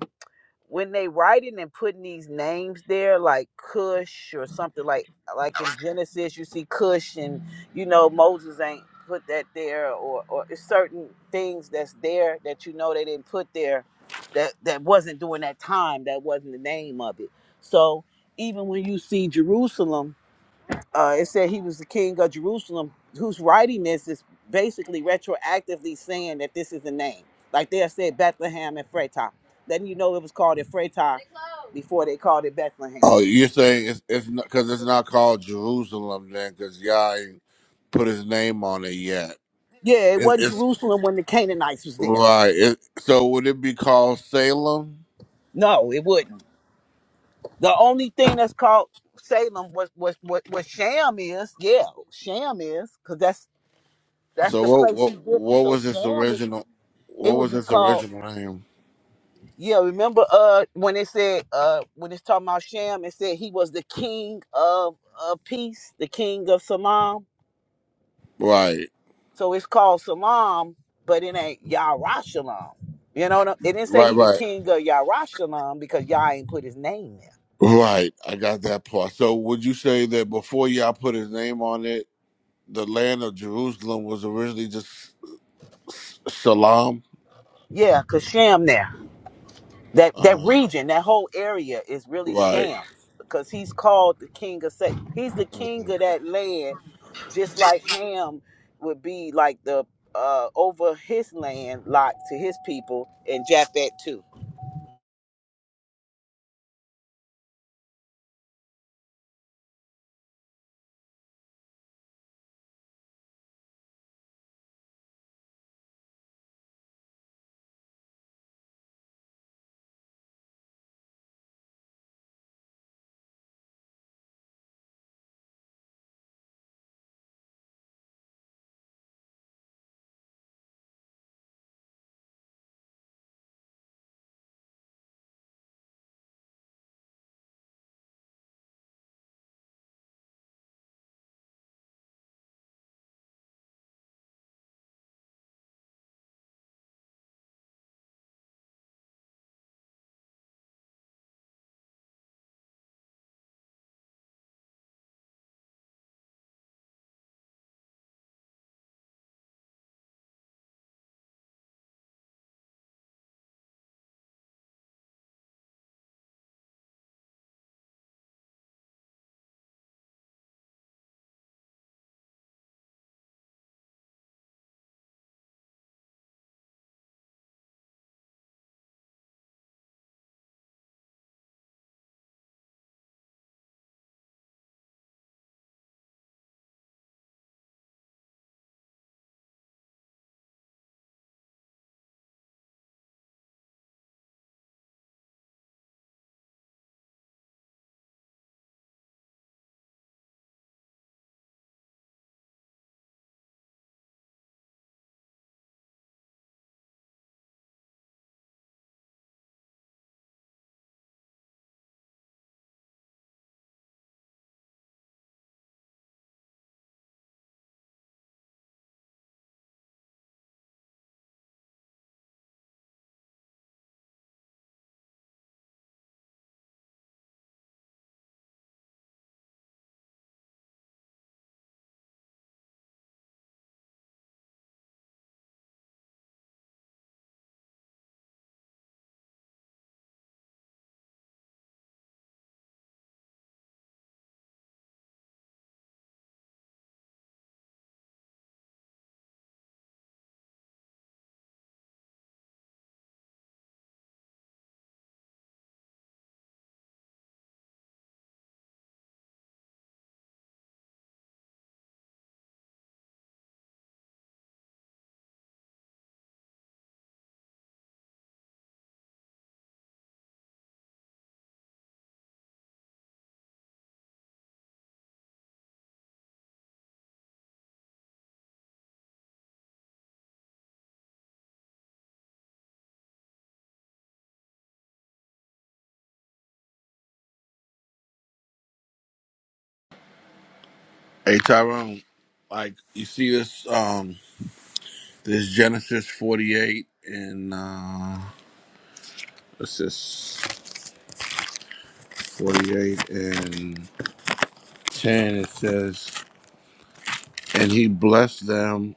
Speaker 4: when they writing and putting these names there, like Cush or something like like in Genesis, you see Cush, and you know Moses ain't put that there, or or it's certain things that's there that you know they didn't put there, that that wasn't during that time. That wasn't the name of it. So even when you see Jerusalem uh, it said he was the king of Jerusalem, who's writing this is basically retroactively saying that this is the name. Like they said Bethlehem and Freitag, letting you know it was called it before they called it Bethlehem.
Speaker 1: Oh, you're saying it's it's not because it's not called Jerusalem then because Yah ain't put his name on it yet.
Speaker 4: Yeah, it
Speaker 1: It,
Speaker 4: wasn't
Speaker 1: it's
Speaker 4: Jerusalem when the Canaanites was there.
Speaker 1: right. It, so would it be called Salem?
Speaker 4: No, it wouldn't. The only thing that's called Salem was was what what Sham is. Yeah, Sham is because that's that's
Speaker 1: So
Speaker 4: the
Speaker 1: what
Speaker 4: place he's
Speaker 1: what
Speaker 4: given.
Speaker 1: what
Speaker 4: So
Speaker 1: was its
Speaker 4: Sham would
Speaker 1: original? What
Speaker 4: it would
Speaker 1: was
Speaker 4: be
Speaker 1: its
Speaker 4: called.
Speaker 1: original name?
Speaker 4: Yeah, remember uh when it said uh when it's talking about Shem, it said he was the king of uh peace, the king of Salam.
Speaker 1: Right,
Speaker 4: So it's called Salam, but it ain't Yarashalam. You know what I It didn't say
Speaker 1: right,
Speaker 4: he the
Speaker 1: right,
Speaker 4: king of Yarashalam because Yah ain't put his name there.
Speaker 1: right. I got that part. So would you say that before Yah put his name on it, the land of Jerusalem was originally just Salam.
Speaker 4: Yeah, cause Shem there. that
Speaker 1: Uh
Speaker 4: that
Speaker 1: huh.
Speaker 4: region, that whole area is really
Speaker 1: Right.
Speaker 4: shams because he's called the king of sex. He's the king
Speaker 1: Mhm.
Speaker 4: of that land, just like Ham would be like the uh over his land lot to his people and Japhet too.
Speaker 1: Hey Tyrone, like you see this um this Genesis forty eight and uh what's this forty eight and ten it says and he blessed them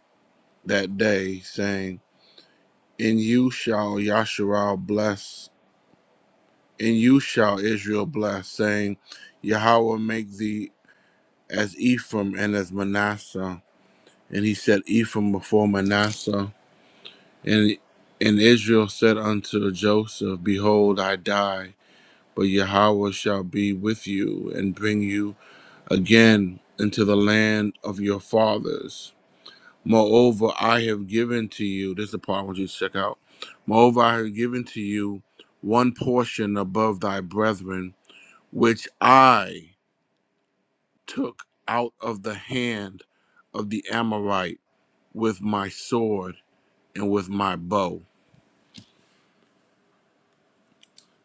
Speaker 1: that day, saying, In you shall Yasharal bless, in you shall Israel bless, saying, Yahweh make thee as Ephraim and as Manasseh. And he set Ephraim before Manasseh And and Israel said unto Joseph, Behold, I die, but Yahweh shall be with you and bring you again into the land of your fathers. Moreover, I have given to you, this is the part I want you to check out. Moreover, I have given to you one portion above thy brethren, which I took out of the hand of the Amorite with my sword and with my bow.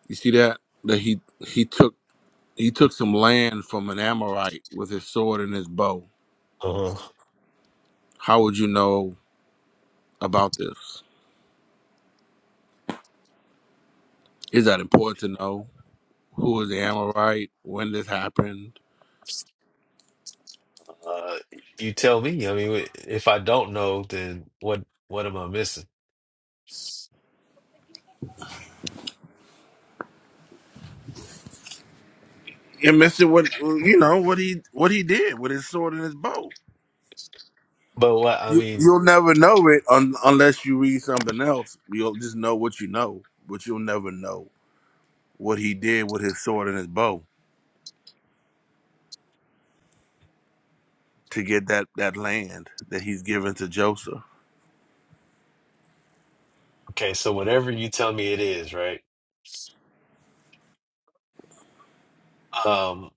Speaker 1: You see that? That he he took He took some land from an Amorite with his sword and his bow.
Speaker 9: Uh,
Speaker 1: How would you know about this? Is that important to know? Who was the Amorite? When this happened?
Speaker 9: uh, you tell me. I mean, if I don't know, then what what am I missing?
Speaker 1: You And Mister, what you know what he what he did with his sword and his bow.
Speaker 9: But what I
Speaker 1: You,
Speaker 9: mean,
Speaker 1: you'll never know it un, unless you read something else. You'll just know what you know, but you'll never know what he did with his sword and his bow to get that that land that he's given to Joseph.
Speaker 9: okay, so whatever you tell me it is, right? Um,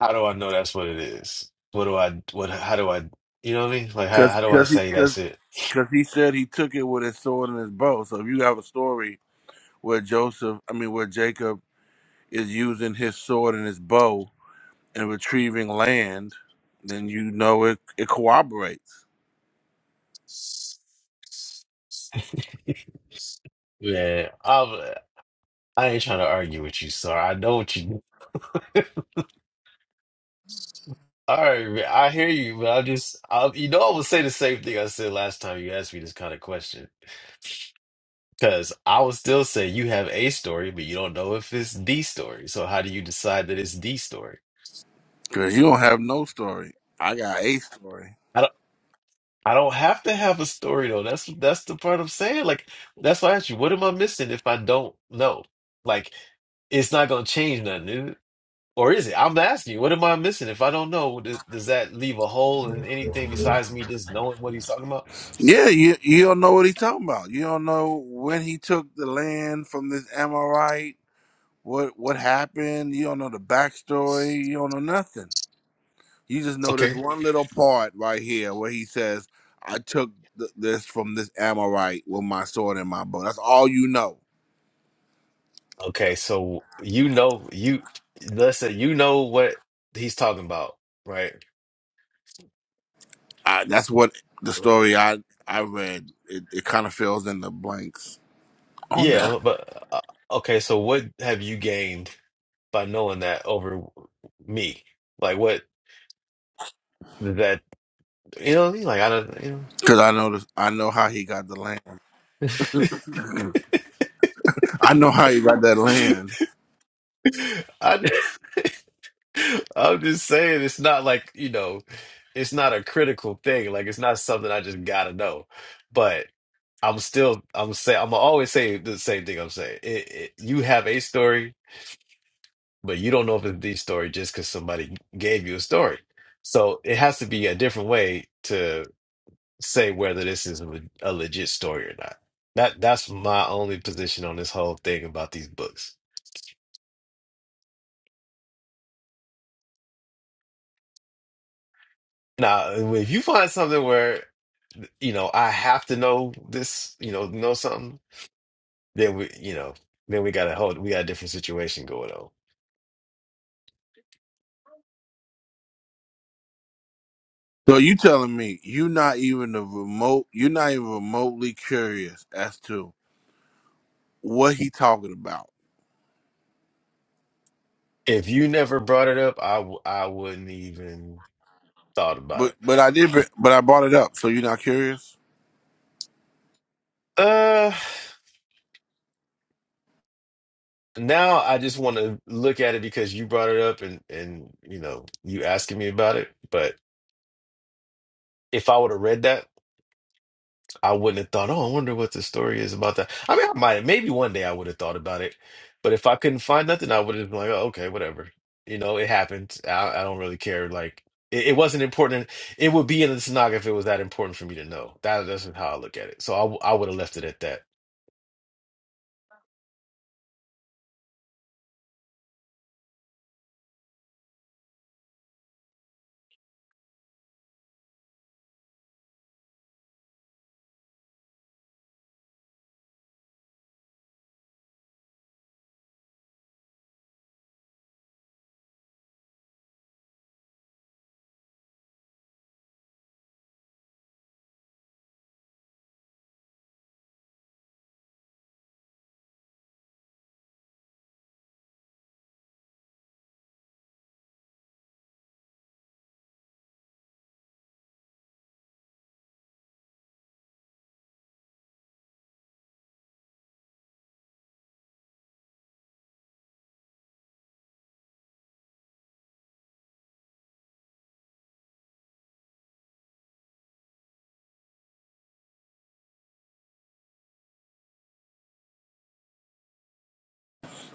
Speaker 9: how do I know that's what it is? What do I what how do I you know what I mean? Like how how do I say
Speaker 1: Because
Speaker 9: that's it?
Speaker 1: because he said he took it with his sword and his bow. So if you have a story where Joseph, I mean, where Jacob is using his sword and his bow and retrieving land, then you know it it corroborates
Speaker 9: Yeah, I'm I ain't trying to argue with you, sir. I know what you All right, man, I hear you, but I just I, you know I would say the same thing I said last time you asked me this kind of question. Because I would still say you have a story, but you don't know if it's the story. So how do you decide that it's the story?
Speaker 1: because you don't have no story. I got a story.
Speaker 9: I don't have to have a story though. That's that's the part I'm saying. Like that's why I asked you, what am I missing if I don't know? Like it's not gonna change nothing, is it? Or is it? I'm asking you, what am I missing if I don't know? Does, does that leave a hole in anything besides me just knowing what he's talking about?
Speaker 1: Yeah, you you don't know what he's talking about. You don't know when he took the land from this Amorite. What what happened? You don't know the backstory. You don't know nothing. You just know this
Speaker 9: Okay.
Speaker 1: one little part right here where he says, "I took th- this from this Amorite with my sword and my bow." That's all you know.
Speaker 9: Okay, so you know you let's say you know what he's talking about, right?
Speaker 1: I, that's what the story I I read. It, it kind of fills in the blanks on
Speaker 9: Yeah,
Speaker 1: that
Speaker 9: well, but uh, uh, okay, so what have you gained by knowing that over me? Like what that? You know what I mean? Like I don't, you know,
Speaker 1: because I know this, I know how he got the land. I know how he got that land.
Speaker 9: I I'm just saying it's not like, you know, it's not a critical thing. Like it's not something I just gotta know. But I'm still I'm saying I'm always saying the same thing I'm saying. It, it, you have a story, but you don't know if it's the story just because somebody gave you a story. So it has to be a different way to say whether this is a a legit story or not. That that's my only position on this whole thing about these books. Now, if you find something where you know I have to know this, you know, know something, then we, you know, then we got a whole, we got a different situation going on.
Speaker 1: So you telling me you are not even a remote? You're not even remotely curious as to what he talking about.
Speaker 9: If you never brought it up, I w I wouldn't even thought about
Speaker 1: But
Speaker 9: it.
Speaker 1: but I did. br- But I brought it up. So you're not curious?
Speaker 9: Uh, now I just want to look at it because you brought it up and and you know you asking me about it. But if I would have read that, I wouldn't have thought, oh, I wonder what the story is about that. I mean, I might have, maybe one day I would have thought about it. But if I couldn't find nothing, I would have been like, oh, okay, whatever. You know, it happened. I, I don't really care. Like it, it wasn't important. It would be in the Tanakh if it was that important for me to know. That that's how I look at it. So I w- I would have left it at that.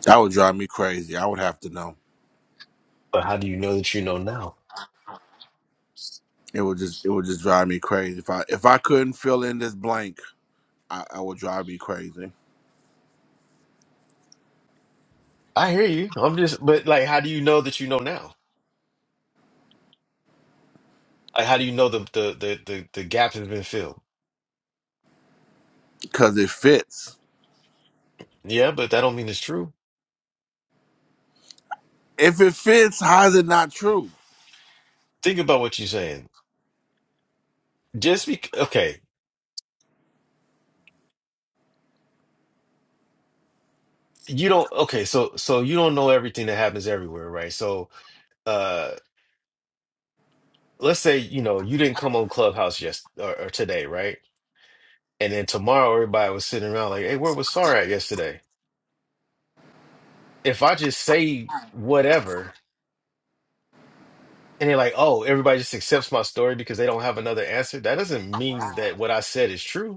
Speaker 1: That would drive me crazy. I would have to know.
Speaker 9: But how do you know that you know now?
Speaker 1: It would just it would just drive me crazy. If I if I couldn't fill in this blank, I, I would drive me crazy.
Speaker 9: I hear you. I'm just, but like, how do you know that you know now? Uh, How do you know the the the the, the gap has been filled?
Speaker 1: Cause it fits.
Speaker 9: Yeah, but that don't mean it's true.
Speaker 1: If it fits, how is it not true?
Speaker 9: Think about what you're saying. Just be okay. You don't okay. So so you don't know everything that happens everywhere, right? So uh, let's say you know you didn't come on Clubhouse yes or, or today, right? And then tomorrow everybody was sitting around like, hey, where was Sarah at yesterday? If I just say whatever. And they're like, oh, everybody just accepts my story because they don't have another answer. That doesn't mean that what I said is true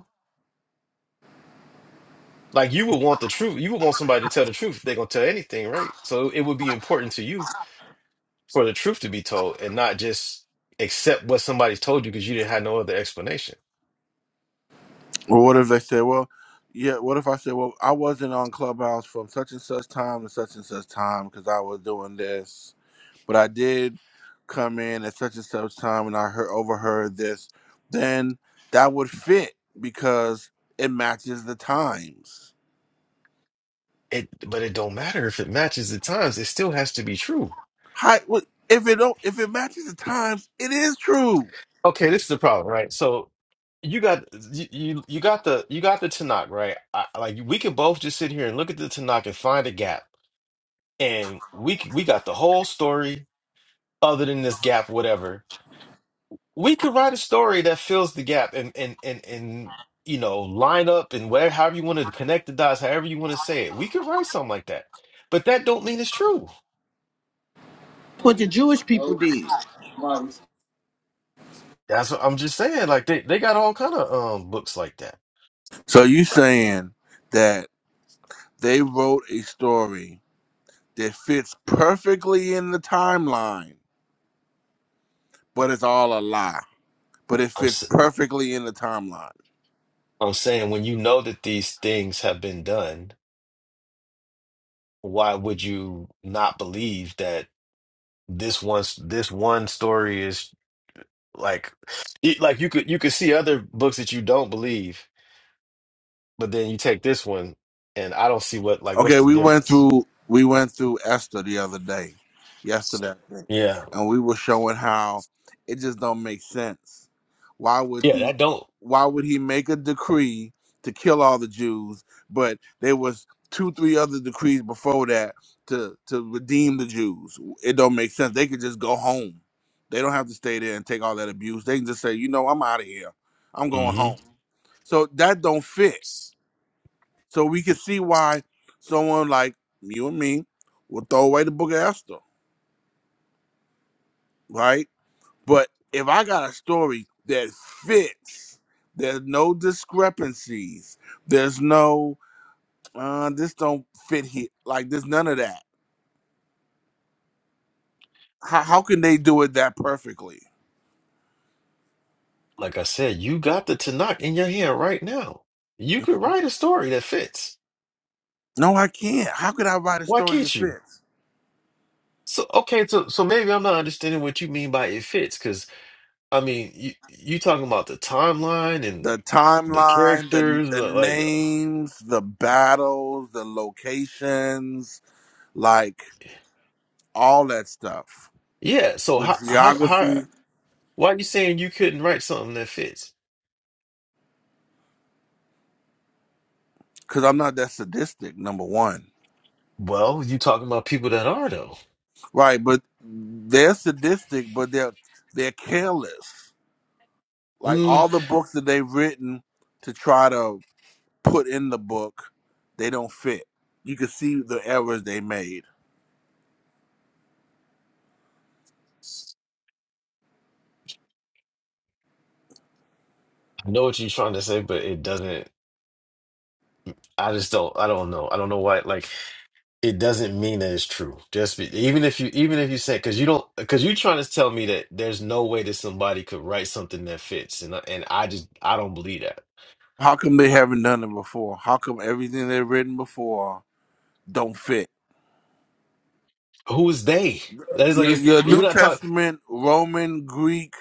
Speaker 9: Like you would want the truth. You would want somebody to tell the truth. They're gonna tell anything, right? So it would be important to you for the truth to be told and not just accept what somebody told you because you didn't have no other explanation.
Speaker 1: Or what if they said, Well, yeah, what if I said, Well, I wasn't on Clubhouse from such and such time to such and such time because I was doing this. But I did come in at such and such time and I heard overheard this, then that would fit because it matches the times
Speaker 9: It, but it don't matter if it matches the times. It still has to be true.
Speaker 1: How, what- if it don't, if it matches the times, it is true.
Speaker 9: Okay, this is the problem, right? So you got you you you got the you got the Tanakh, right? I, like we could both just sit here and look at the Tanakh and find a gap, and we c- we got the whole story other than this gap, whatever. we could write a story that fills the gap and and and and you know line up and where however you want to connect the dots however you want to say it we could write something like that but that don't mean it's true
Speaker 4: What the Jewish people did.
Speaker 9: that's what i'm just saying like they, they got all kind of um books like that
Speaker 1: So you saying that they wrote a story that fits perfectly in the timeline, but it's all a lie. But it
Speaker 9: i'm
Speaker 1: fits
Speaker 9: s-
Speaker 1: perfectly in the timeline.
Speaker 9: i'm saying when you know that these things have been done why would you not believe that this one this one story is like it- like you could you could see other books that you don't believe But then you take this one, and I don't see what like what's
Speaker 1: Okay,
Speaker 9: the
Speaker 1: we went
Speaker 9: difference.
Speaker 1: through we went through Esther the other day, yesterday, I think,
Speaker 9: Yeah,
Speaker 1: and we were showing how it just don't make sense. Why would
Speaker 9: yeah, that don't.
Speaker 1: why would he make a decree to kill all the Jews? But there was two, three other decrees before that to to redeem the Jews. It don't make sense. They could just go home. They don't have to stay there and take all that abuse. They can just say, you know, I'm out of here. I'm going
Speaker 9: hmm
Speaker 1: home. So that don't fit. So we can see why someone like you and me will throw away the book of Esther, right? But if I got a story that fits, there's no discrepancies. There's no uh, this don't fit here. Like, there's none of that. How, how can they do it that perfectly?
Speaker 9: Like I said, you got the Tanakh in your hand right now. You could write a story that fits.
Speaker 1: No, I can't. How could I write a
Speaker 9: Why
Speaker 1: story that
Speaker 9: can't you?
Speaker 1: fits?
Speaker 9: So okay, so so maybe I'm not understanding what you mean by it fits, because I mean you you talking about the timeline and
Speaker 1: The
Speaker 9: the
Speaker 1: timeline, the
Speaker 9: characters,
Speaker 1: the
Speaker 9: uh, like
Speaker 1: names, the battles, the locations, like all that stuff.
Speaker 9: yeah. So
Speaker 1: The
Speaker 9: how how how
Speaker 1: geography,
Speaker 9: why are you saying you couldn't write something that fits?
Speaker 1: because I'm not that sadistic. Number one,
Speaker 9: Well, you talking about people that are though.
Speaker 1: right? But they're sadistic, but they're they're careless. Like all the books that they've written to try to put in the book, they don't fit. You can see the errors they made.
Speaker 9: I know what you're trying to say, but it doesn't. I just don't. I don't know. I don't know why. Like, it doesn't mean that it's true. Just be, even if you, even if you say, because you don't, because you're trying to tell me that there's no way that somebody could write something that fits, and I- and I just, I don't believe that.
Speaker 1: How come they haven't done it before? How come everything they've written before don't fit?
Speaker 9: Who is they? That is like,
Speaker 1: Your,
Speaker 9: it's
Speaker 1: your
Speaker 9: we're
Speaker 1: New
Speaker 9: not talking.
Speaker 1: Testament Roman Greek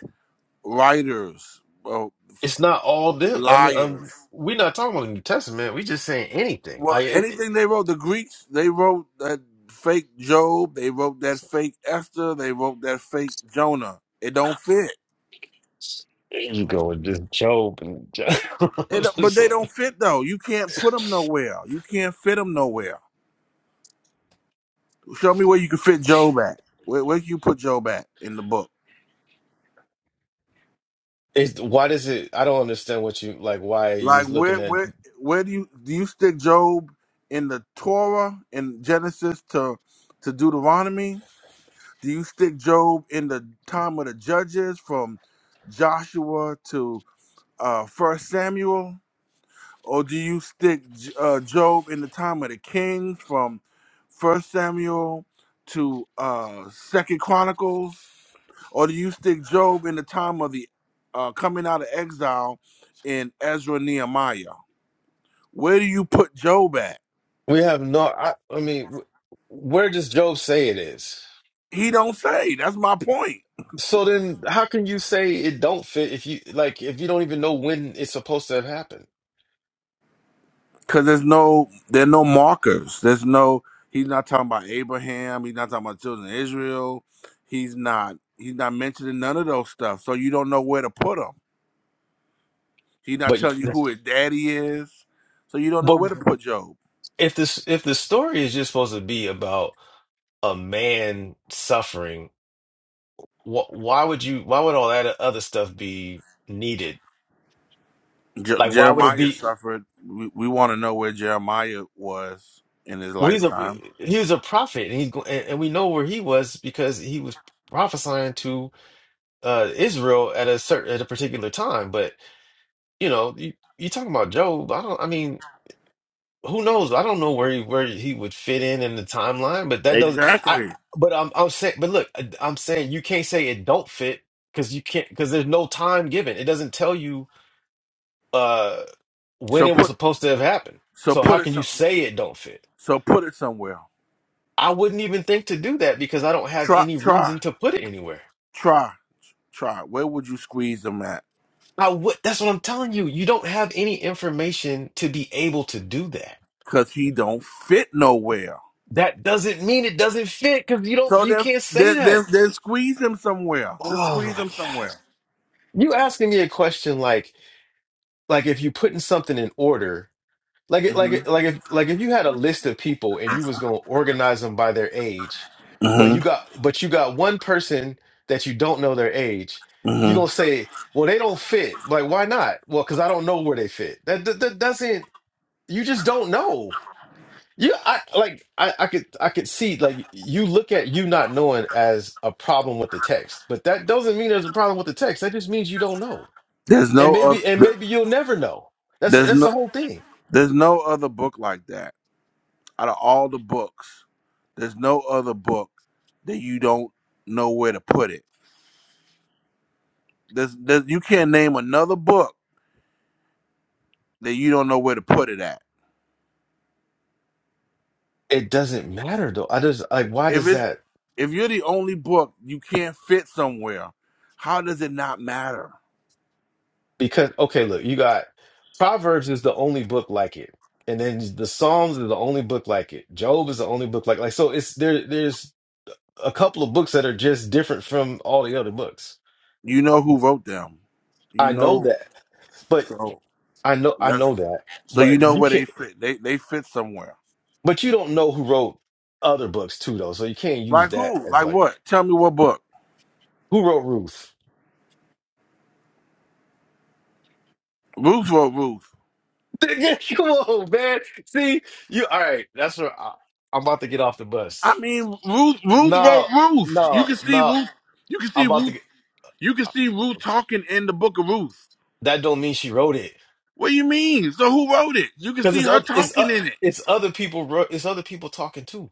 Speaker 1: writers, well,
Speaker 9: It's not all them. I mean,
Speaker 1: liars.
Speaker 9: um, we're not talking about the New Testament. We just saying anything.
Speaker 1: Well,
Speaker 9: Like, it, it-
Speaker 1: anything they wrote, the Greeks they wrote that fake Job, they wrote that fake Esther, they wrote that fake Jonah. It don't fit.
Speaker 9: you go with this Job and Job.
Speaker 1: It, don't- but
Speaker 9: Just
Speaker 1: they don't
Speaker 9: like-
Speaker 1: fit though. You can't put them nowhere. You can't fit them nowhere. Show me where you can fit Job at. Where where can you put Job at in the book?
Speaker 9: it's why does it? I don't understand what you like. Why are you
Speaker 1: Like where
Speaker 9: looking at?
Speaker 1: where where do you do you stick Job in the Torah in Genesis to to Deuteronomy? Do you stick Job in the time of the judges from Joshua to uh First Samuel? Or do you stick J- uh, Job in the time of the kings from First Samuel to uh Second Chronicles? Or do you stick Job in the time of the uh, coming out of exile in Ezra and Nehemiah? Where do you put Job at?
Speaker 9: We have no. I, I mean, wh- where does Job say it is?
Speaker 1: He don't say. That's my point.
Speaker 9: So then, how can you say it don't fit if you like if you don't even know when it's supposed to have happened?
Speaker 1: Cause there's no there are no markers. There's no he's not talking about Abraham, he's not talking about children of Israel, he's not he's not mentioning none of those stuff. So you don't know where to put him. He's not
Speaker 9: But you-
Speaker 1: telling you who his daddy is. So you don't know
Speaker 9: but
Speaker 1: where to put Job.
Speaker 9: if this if the story is just supposed to be about a man suffering, wh why would you? Why would all that other stuff be needed?
Speaker 1: Je-
Speaker 9: Like, why would it
Speaker 1: Jeremiah
Speaker 9: be?
Speaker 1: suffered. We, we want to know where Jeremiah was in his
Speaker 9: Well, he's a
Speaker 1: lifetime.
Speaker 9: he's a prophet, and he's go- and, and we know where he was because he was prophesying to uh Israel at a certain at a particular time. But you know, you, you talking about Job. I don't. I mean, who knows? I don't know where he, where he would fit in in the timeline, but that does. I.
Speaker 1: Exactly.
Speaker 9: But I'm I'm saying. But look, I- I'm saying you can't say it don't fit because you can't because there's no time given. It doesn't tell you uh when
Speaker 1: So
Speaker 9: it was
Speaker 1: put
Speaker 9: supposed to have happened.
Speaker 1: so
Speaker 9: So how
Speaker 1: put it
Speaker 9: can you
Speaker 1: some,
Speaker 9: say it don't fit?
Speaker 1: so put it somewhere.
Speaker 9: I wouldn't even think to do that because I don't have
Speaker 1: Try
Speaker 9: any
Speaker 1: try
Speaker 9: reason to put it anywhere.
Speaker 1: try try. Where would you squeeze him at?
Speaker 9: I would. That's what I'm telling you. You don't have any information to be able to do that.
Speaker 1: Cause he don't fit nowhere.
Speaker 9: That doesn't mean it doesn't fit because you don't
Speaker 1: So
Speaker 9: you
Speaker 1: then
Speaker 9: can't say
Speaker 1: then then,
Speaker 9: that.
Speaker 1: then squeeze him somewhere. Just
Speaker 9: Oh
Speaker 1: squeeze
Speaker 9: my
Speaker 1: him
Speaker 9: gosh.
Speaker 1: somewhere.
Speaker 9: You asking me a question like like if you putting something in order, like it like
Speaker 1: hmm
Speaker 9: it like if like if you had a list of people and you was gonna organize them by their age, but
Speaker 1: hmm
Speaker 9: you got but you got one person that you don't know their age, you
Speaker 1: hmm
Speaker 9: gonna say, well, they don't fit. Like, why not? Well, because I don't know where they fit. That, that that doesn't you just don't know. You, I like, I, I could, I could see, like, you look at you not knowing as a problem with the text, but that doesn't mean there's a problem with the text. That just means you don't know,
Speaker 1: There's no
Speaker 9: and maybe, and
Speaker 1: other.
Speaker 9: maybe you'll never know. That's
Speaker 1: There's
Speaker 9: that's
Speaker 1: no.
Speaker 9: the whole thing.
Speaker 1: There's no other book like that. out of all the books, there's no other book that you don't know where to put it. There's, there's you can't name another book that you don't know where to put it at.
Speaker 9: It doesn't matter though. I just like, why
Speaker 1: If
Speaker 9: does
Speaker 1: it's
Speaker 9: that?
Speaker 1: if you're the only book you can't fit somewhere, how does it not matter?
Speaker 9: Because okay, look, you got Proverbs is the only book like it, and then the Psalms is the only book like it. Job is the only book like like so. It's there. There's a couple of books that are just different from all the other books.
Speaker 1: You know who wrote them. You
Speaker 9: I know
Speaker 1: know
Speaker 9: that. but.
Speaker 1: so
Speaker 9: I know I
Speaker 1: that's
Speaker 9: know that,
Speaker 1: so you
Speaker 9: but
Speaker 1: know
Speaker 9: you
Speaker 1: where they
Speaker 9: can't.
Speaker 1: fit. They they fit somewhere.
Speaker 9: But you don't know who wrote other books too, though. So you can't use
Speaker 1: Like
Speaker 9: that
Speaker 1: who?
Speaker 9: as
Speaker 1: Like
Speaker 9: like
Speaker 1: what? Tell me what book.
Speaker 9: who wrote Ruth.
Speaker 1: Ruth wrote Ruth.
Speaker 9: Come on, man. See you. All right, that's what I, I'm about to get off the
Speaker 1: I
Speaker 9: bus.
Speaker 1: mean Ruth Ruth wrote
Speaker 9: No,
Speaker 1: Ruth. You
Speaker 9: no,
Speaker 1: can see
Speaker 9: no.
Speaker 1: Ruth you can
Speaker 9: I'm
Speaker 1: see
Speaker 9: about to.
Speaker 1: Ruth
Speaker 9: Get,
Speaker 1: You can
Speaker 9: uh,
Speaker 1: see Ruth talking in the book of Ruth.
Speaker 9: that don't mean she wrote it
Speaker 1: What do you mean? So who wrote it? You can
Speaker 9: because
Speaker 1: see
Speaker 9: it's
Speaker 1: her
Speaker 9: other. It's uh,
Speaker 1: talking in it.
Speaker 9: It's other people. wrote It's other people talking too.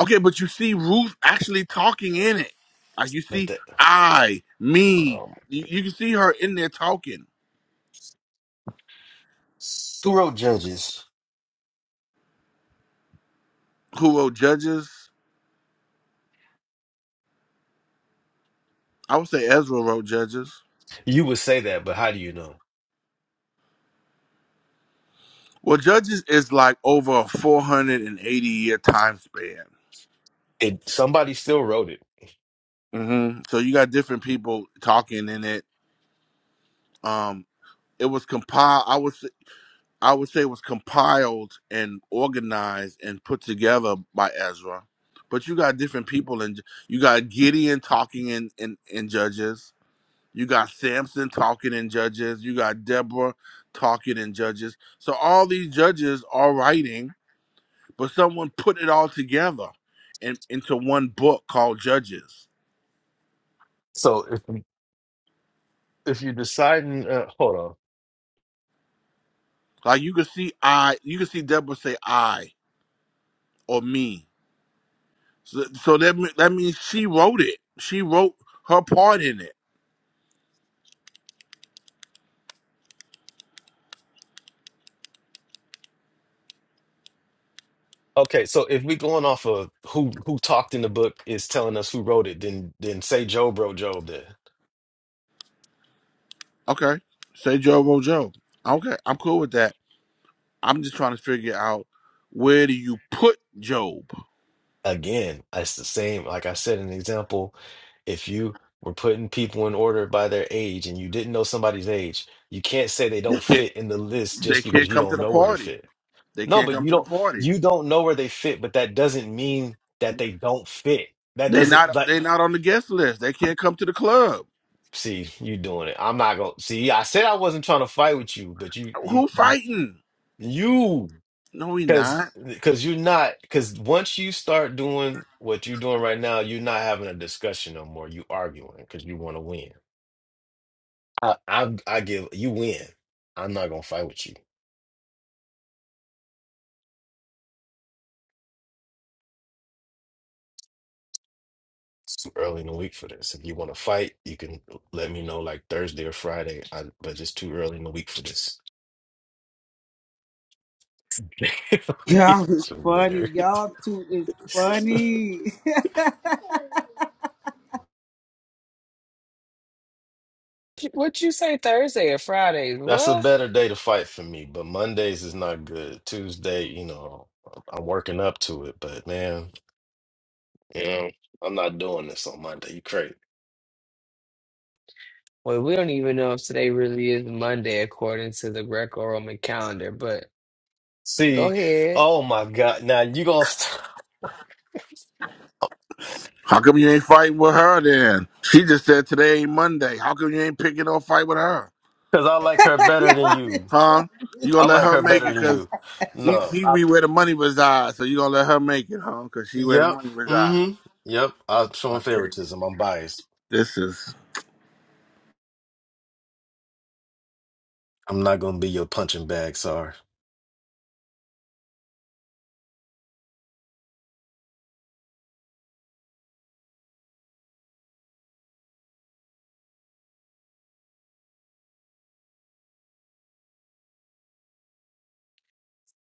Speaker 1: Okay, but you see Ruth actually talking in it. Like you
Speaker 9: But
Speaker 1: see
Speaker 9: that
Speaker 1: I, me.
Speaker 9: um,
Speaker 1: You, you can see her in there talking.
Speaker 9: who wrote Judges?
Speaker 1: Who wrote Judges? I would say Ezra wrote Judges.
Speaker 9: You would say that, but how do you know?
Speaker 1: Well, Judges is like over a 480 year time span.
Speaker 9: It somebody still wrote it.
Speaker 1: hmm So you got different people talking in it. Um, it was compiled. I would. I would say was compiled and organized and put together by Ezra. But you got different people, and you got Gideon talking in, in, in Judges. You got Samson talking in Judges. You got Deborah talking in Judges. So all these judges are writing, but someone put it all together and into one book called Judges.
Speaker 9: So if. if you're deciding, uh, hold on.
Speaker 1: Like you could see I, you could see Deborah say I or me. So, so that me- that means she wrote it. She wrote her part in it
Speaker 9: Okay, so if we're going off of who who talked in the book is telling us who wrote it, then then say Job wrote Job. Then
Speaker 1: Okay. Say Joe Rojo. Okay, I'm cool with that. I'm just trying to figure out where do you put Job?
Speaker 9: again, it's the same. Like I said, an example. If you were putting people in order by their age and you didn't know somebody's age, you can't say they
Speaker 1: They
Speaker 9: don't
Speaker 1: can't
Speaker 9: fit in the list
Speaker 1: they
Speaker 9: just because
Speaker 1: can't
Speaker 9: you
Speaker 1: come to
Speaker 9: don't
Speaker 1: the
Speaker 9: know where they
Speaker 1: party.
Speaker 9: fit.
Speaker 1: They
Speaker 9: No,
Speaker 1: can't
Speaker 9: but
Speaker 1: come
Speaker 9: you
Speaker 1: to the
Speaker 9: don't
Speaker 1: party.
Speaker 9: you don't know where they fit, but that doesn't mean that they don't fit. That
Speaker 1: They
Speaker 9: doesn't
Speaker 1: not
Speaker 9: like
Speaker 1: they not on the guest list. They can't come to the club.
Speaker 9: See, you doing it. I'm not gonna see. I said I wasn't trying to fight with you, but you, you,
Speaker 1: Who
Speaker 9: you,
Speaker 1: fighting?
Speaker 9: you,
Speaker 1: No, he
Speaker 9: because
Speaker 1: not.
Speaker 9: because you're not. Because once you start doing what you're doing right now, you're not having a discussion no more. You arguing because you want to win. I, I, I give you win. I'm not gonna fight with you. It's too early in the week for this. If you want to fight, you can let me know like Thursday or Friday. I, but it's too early in the week for this.
Speaker 4: Y'all
Speaker 9: It's
Speaker 4: is
Speaker 9: a
Speaker 4: funny.
Speaker 9: winner.
Speaker 4: Y'all too is funny.
Speaker 2: What you say Thursday or Friday?
Speaker 9: That's a
Speaker 2: What?
Speaker 9: better day to fight for me, but Mondays is not good. Tuesday, you know, I'm working up to it, but man, you know, I'm not doing this on Monday. You crazy.
Speaker 2: Well, we don't even know if today really is Monday according to the Greco-Roman calendar, but go
Speaker 9: See,
Speaker 2: ahead.
Speaker 9: oh my God. Now you gonna stop
Speaker 1: How come you ain't fighting with her then? She just said today ain't Monday. How come you ain't picking no fight with her?
Speaker 9: because I like her better than you.
Speaker 1: Huh? You
Speaker 9: I
Speaker 1: gonna let
Speaker 9: like
Speaker 1: her
Speaker 9: her
Speaker 1: make
Speaker 9: better
Speaker 1: it
Speaker 9: than
Speaker 1: cause
Speaker 9: you.
Speaker 1: she
Speaker 9: No.
Speaker 1: she
Speaker 9: I,
Speaker 1: be where the money resides, so you gonna let her make it, huh? Cause she where the
Speaker 9: yep.
Speaker 1: money resides.
Speaker 9: Mm-hmm. Yep. I'm showing
Speaker 1: Okay.
Speaker 9: favoritism. I'm biased.
Speaker 1: This is
Speaker 9: I'm not gonna be your punching bag, sorry.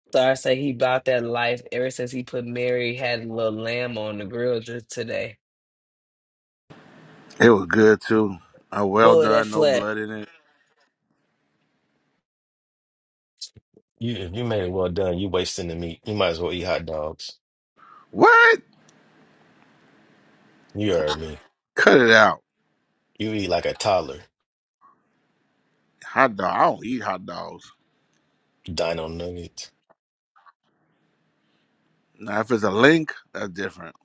Speaker 2: Star say he bought that life ever since he put Mary had a little lamb on the grill just today.
Speaker 1: it was good too. Uh, well
Speaker 2: Well, that
Speaker 1: done, no
Speaker 2: flesh.
Speaker 1: blood in it.
Speaker 9: You if you made it well done, you wasting the meat. You might as well eat hot dogs.
Speaker 1: What?
Speaker 9: You heard me.
Speaker 1: Cut it out.
Speaker 9: You eat like a toddler.
Speaker 1: Hot dog. I don't eat hot dogs.
Speaker 9: Dino Nuggets.
Speaker 1: Now if it's a link, that's different.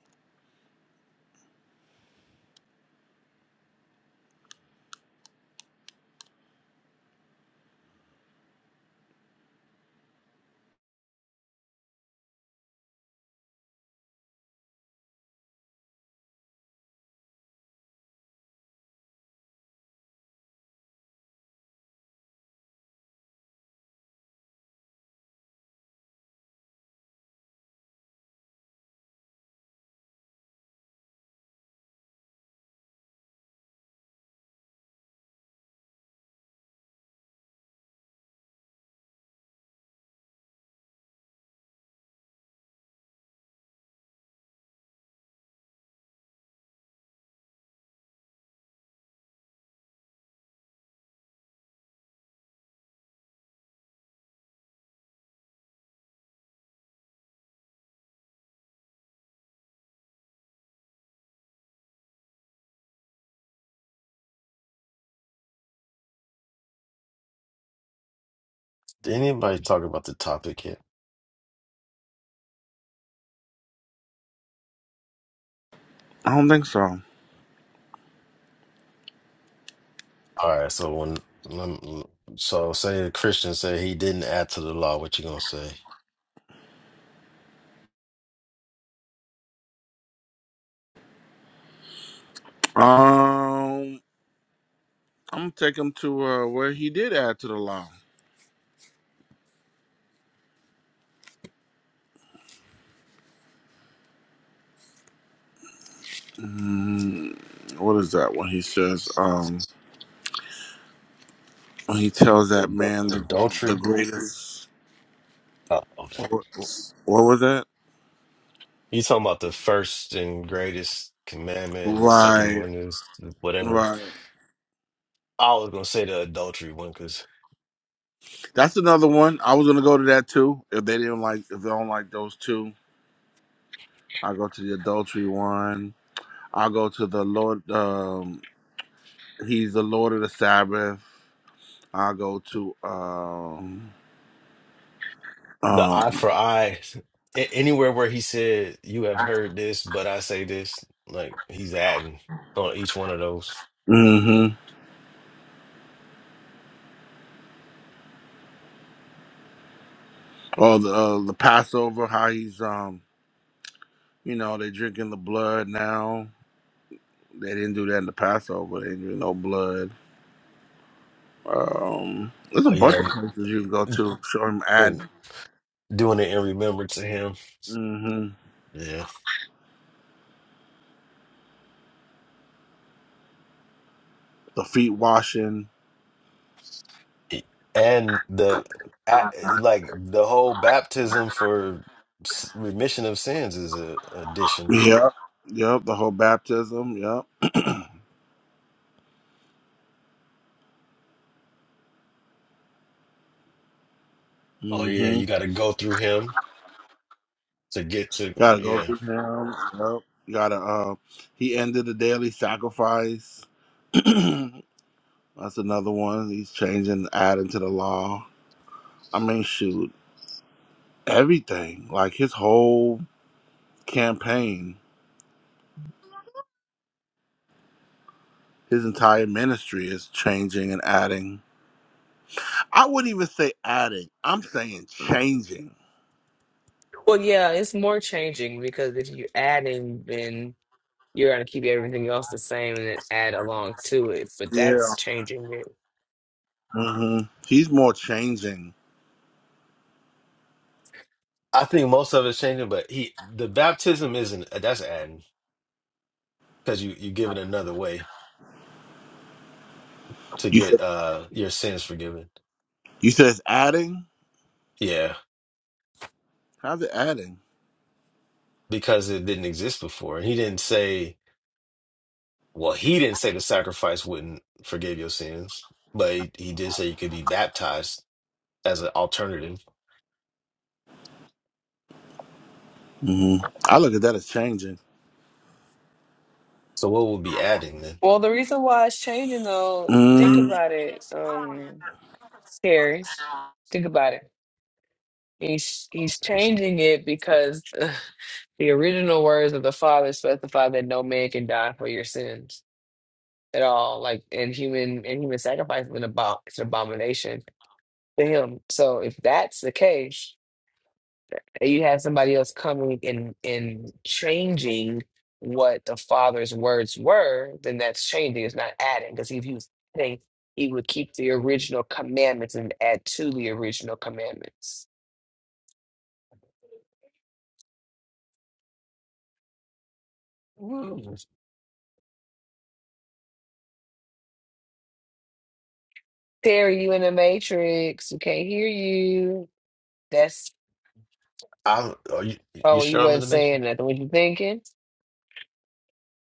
Speaker 9: Did anybody talk about the topic yet?
Speaker 1: I don't think so.
Speaker 9: All right, so when lem- so say a Christian said he didn't add to the law, what you gonna say?
Speaker 1: Um I'm gonna take him to uh, where he did add to the law. Mm, what is that when he says um when he tells that man
Speaker 9: Adul-
Speaker 1: the the
Speaker 9: Adultery?
Speaker 1: greatest
Speaker 9: Oh, okay.
Speaker 1: what, what was that?
Speaker 9: You talking about the first and greatest commandment, and the second
Speaker 1: Right,
Speaker 9: one is whatever.
Speaker 1: right.
Speaker 9: I was gonna say the adultery one because
Speaker 1: That's another one. I was gonna go to that too. If they didn't like, if they don't like those two, I'll go to the adultery one. I'll go to the Lord. Um, he's the Lord of the Sabbath. I'll go to um,
Speaker 9: the eye
Speaker 1: um,
Speaker 9: for eye, a- anywhere where he said you have heard this, but I say this, like he's adding on each one of those.
Speaker 1: mm-hmm. oh the uh, the Passover. How he's um, you know, they drinking the blood now. They didn't do that in the Passover. They didn't drink no blood. Um, there's a
Speaker 9: Oh
Speaker 1: bunch of
Speaker 9: yeah,
Speaker 1: places you can go to. Show him
Speaker 9: and,
Speaker 1: ad.
Speaker 9: doing it in remembrance of him.
Speaker 1: Mm-hmm.
Speaker 9: Yeah.
Speaker 1: The feet washing.
Speaker 9: And the I- like the whole baptism for s- remission of sins is a addition.
Speaker 1: Yep. Yep. The whole baptism.
Speaker 9: Oh
Speaker 1: Yep.
Speaker 9: yeah, you got to go through him to get to
Speaker 1: Gotta go
Speaker 9: yeah.
Speaker 1: through him. Yep. gotta. Uh, he ended the daily sacrifice. That's another one. He's changing, adding to the law. I mean, shoot, everything. Like his whole campaign, his entire ministry is changing and adding. I wouldn't even say adding. I'm saying changing.
Speaker 2: Well, yeah, it's more changing because if you add in, then you're gonna keep everything else the same and then add along to it. But that's
Speaker 1: Yeah.
Speaker 2: changing it.
Speaker 1: hmm He's more changing.
Speaker 9: I think most of it's changing, but he the baptism isn't uh, that's adding because you you give it another way to
Speaker 1: You
Speaker 9: get
Speaker 1: said
Speaker 9: uh your sins forgiven.
Speaker 1: you said it's adding.
Speaker 9: Yeah,
Speaker 1: How's it adding?
Speaker 9: because it didn't exist before, and he didn't say Well, he didn't say the sacrifice wouldn't forgive your sins, but he, he did say you could be baptized as an alternative.
Speaker 1: hmm I look at that as changing.
Speaker 9: So what would be adding then?
Speaker 2: Well, the reason why it's changing though, think
Speaker 1: Mm.
Speaker 2: about it, um, Terry. Think about it. He's he's changing it because ugh, the original words of the Father specify that no man can die for your sins at all. Like and human and human sacrifice is an, abom- it's an abomination to him. So if that's the case, and you have somebody else coming and and changing what the father's words were, then that's changing. It's not adding. Because if he was adding, he would keep the original commandments and add to the original commandments. Terry, you in the matrix. We can't hear you. That's
Speaker 9: I are you you
Speaker 2: oh, you
Speaker 9: sure I'm in
Speaker 2: wasn't
Speaker 9: the
Speaker 2: saying
Speaker 9: matrix?
Speaker 2: nothing. What you thinking?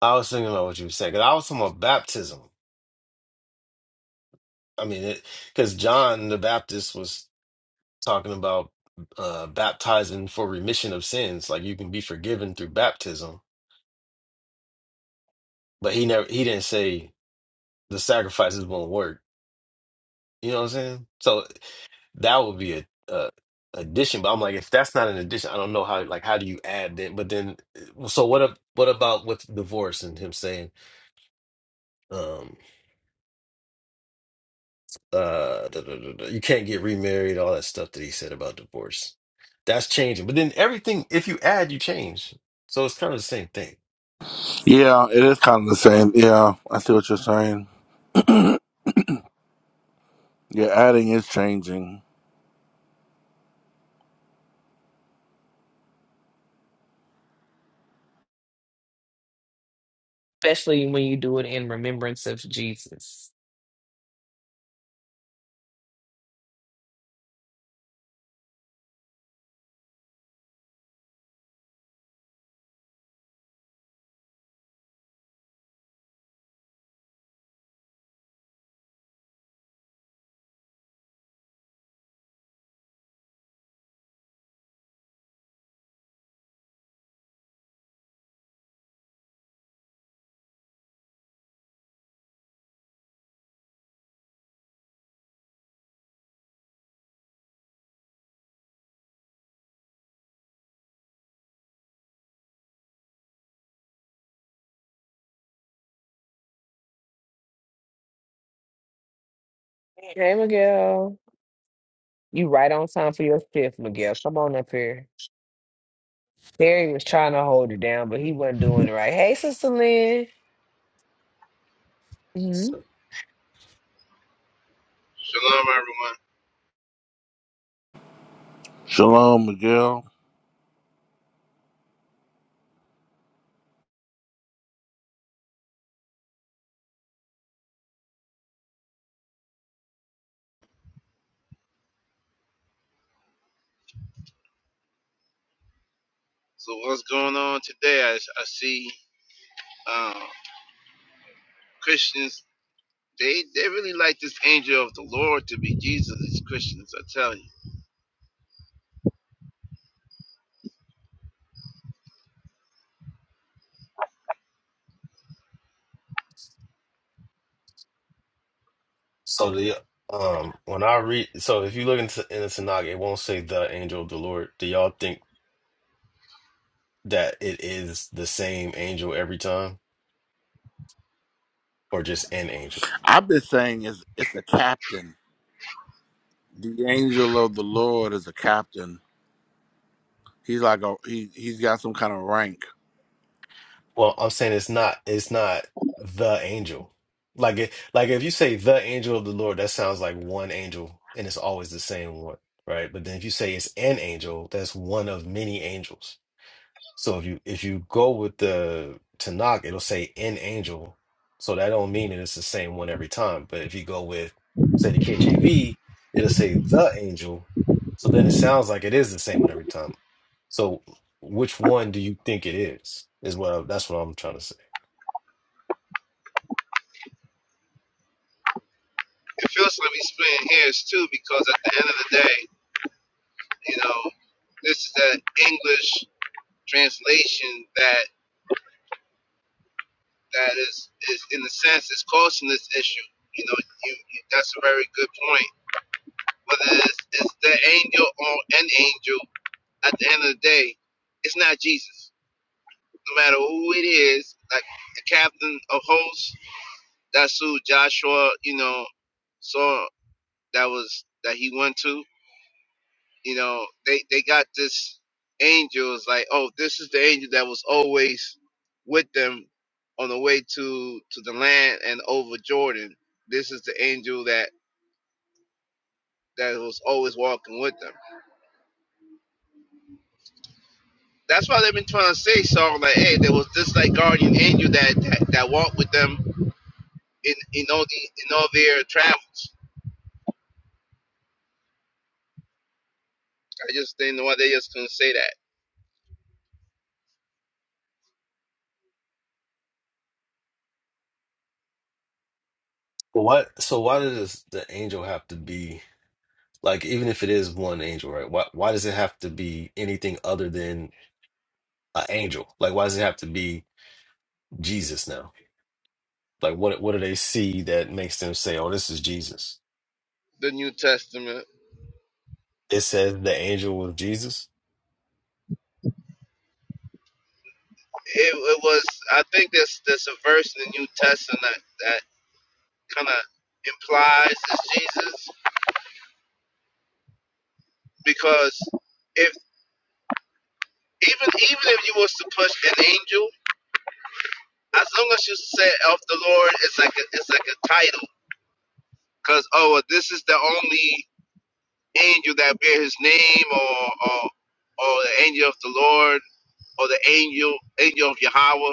Speaker 9: I was thinking about what you were saying. 'cause I was talking about baptism. I mean, because John the Baptist was talking about uh, baptizing for remission of sins, like you can be forgiven through baptism. But he never he didn't say the sacrifices won't work. You know what I'm saying? So. That would be a, a addition. But I'm like, if that's not an addition, I don't know how. Like, how do you add that? But then, uh, so what? ab- What about with divorce and him saying, um, uh, da, da, da, da, you can't get remarried, all that stuff that he said about divorce. That's changing. But then everything, if you add, you change. So it's kind of the same thing.
Speaker 1: Yeah, it is kind of the same. Yeah, I see what you're saying. Your adding is changing.
Speaker 2: especially when you do it in remembrance of Jesus. Hey, Miguel. You right on time for your fifth, Miguel. Come on up here. Terry was trying to hold it down, but he wasn't doing it right. Hey, Sister Lynn. hmm
Speaker 9: So,
Speaker 11: Shalom, everyone.
Speaker 1: Shalom, Miguel.
Speaker 11: So, what's going on today? I, I see um, Christians. They they really like this angel of the Lord to be Jesus. These Christians, I tell you,
Speaker 9: so the um, when I read, so if you look into in the Tanakh, it won't say the angel of the Lord. Do y'all think that it is the same angel every time, or just an angel?
Speaker 1: I've been saying it's it's a captain. The angel of the Lord is a captain. He's like a he. He's got some kind of rank.
Speaker 9: Well, I'm saying it's not it's not the angel. Like it like if you say the angel of the Lord, that sounds like one angel and it's always the same one, right? But then if you say it's an angel, that's one of many angels. So if you if you go with the Tanakh, it'll say "an angel. So that don't mean that it's the same one every time. But if you go with say the KJV, it'll say the angel. So then it sounds like it is the same one every time. So which one do you think it is? Is what I, that's what I'm trying to say.
Speaker 11: it feels like we splitting hairs too, because at the end of the day, you know, this is that English translation that that is is in a sense is causing this issue. You know, you, you that's a very good point. Whether it's, it's the angel or an angel, at the end of the day, it's not Jesus no matter who it is, like the captain of hosts, that's who Joshua, you know, saw that was that he went to. You know, they they got this angel is like, oh, this is the angel that was always with them on the way to to the land and over Jordan. This is the angel that that was always walking with them. That's why they've been trying to say so like, hey, there was this like guardian angel that that, that walked with them in in all the in all their travels I just didn't know why they just couldn't say that.
Speaker 9: But why? So why does the angel have to be like even if it is one angel, right? Why why does it have to be anything other than an angel? Like why does it have to be Jesus now? Like what what do they see that makes them say, "Oh, this is Jesus"?
Speaker 11: The New Testament.
Speaker 9: It says the angel was Jesus,
Speaker 11: It, it was. I think there's there's a verse in the New Testament that, that kind of implies it's Jesus because if even even if you was to push an angel, as long as you say of the Lord, it's like a, it's like a title. Cause oh, well, this is the only angel that bear His name, or or or the angel of the Lord, or the angel angel of Yahweh.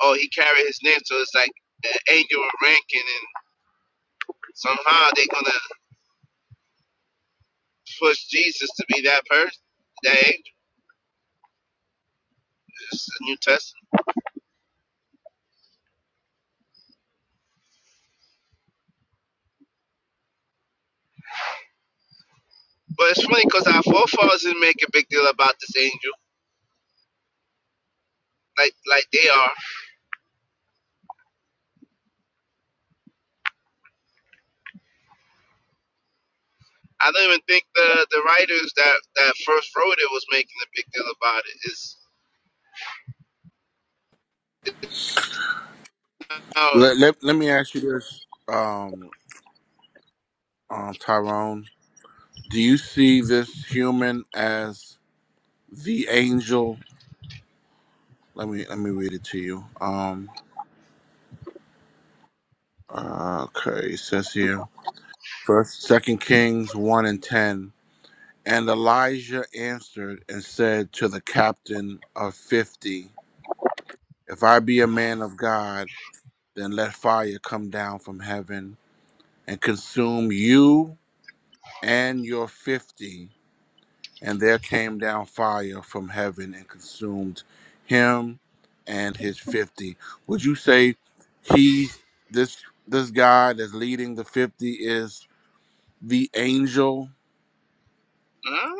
Speaker 11: oh, he carried his name, so it's like an angel of ranking, and somehow they're gonna push Jesus to be that person, that angel. It's the New Testament, but it's funny because our forefathers didn't make a big deal about this angel, like like they are. I don't even think the the writers that that first wrote it was making a big deal about it. It's uh,
Speaker 1: Let let, let me ask you this, um, um, Tyrone. Do you see this human as the angel? Let me let me read it to you. Um, uh, okay, it says here, first, Second Kings one and ten. And Elijah answered and said to the captain of fifty, If I be a man of God, then let fire come down from heaven and consume you and your fifty. And there came down fire from heaven and consumed him and his fifty. Would you say he this this guy that's leading the fifty is the angel?
Speaker 11: uh,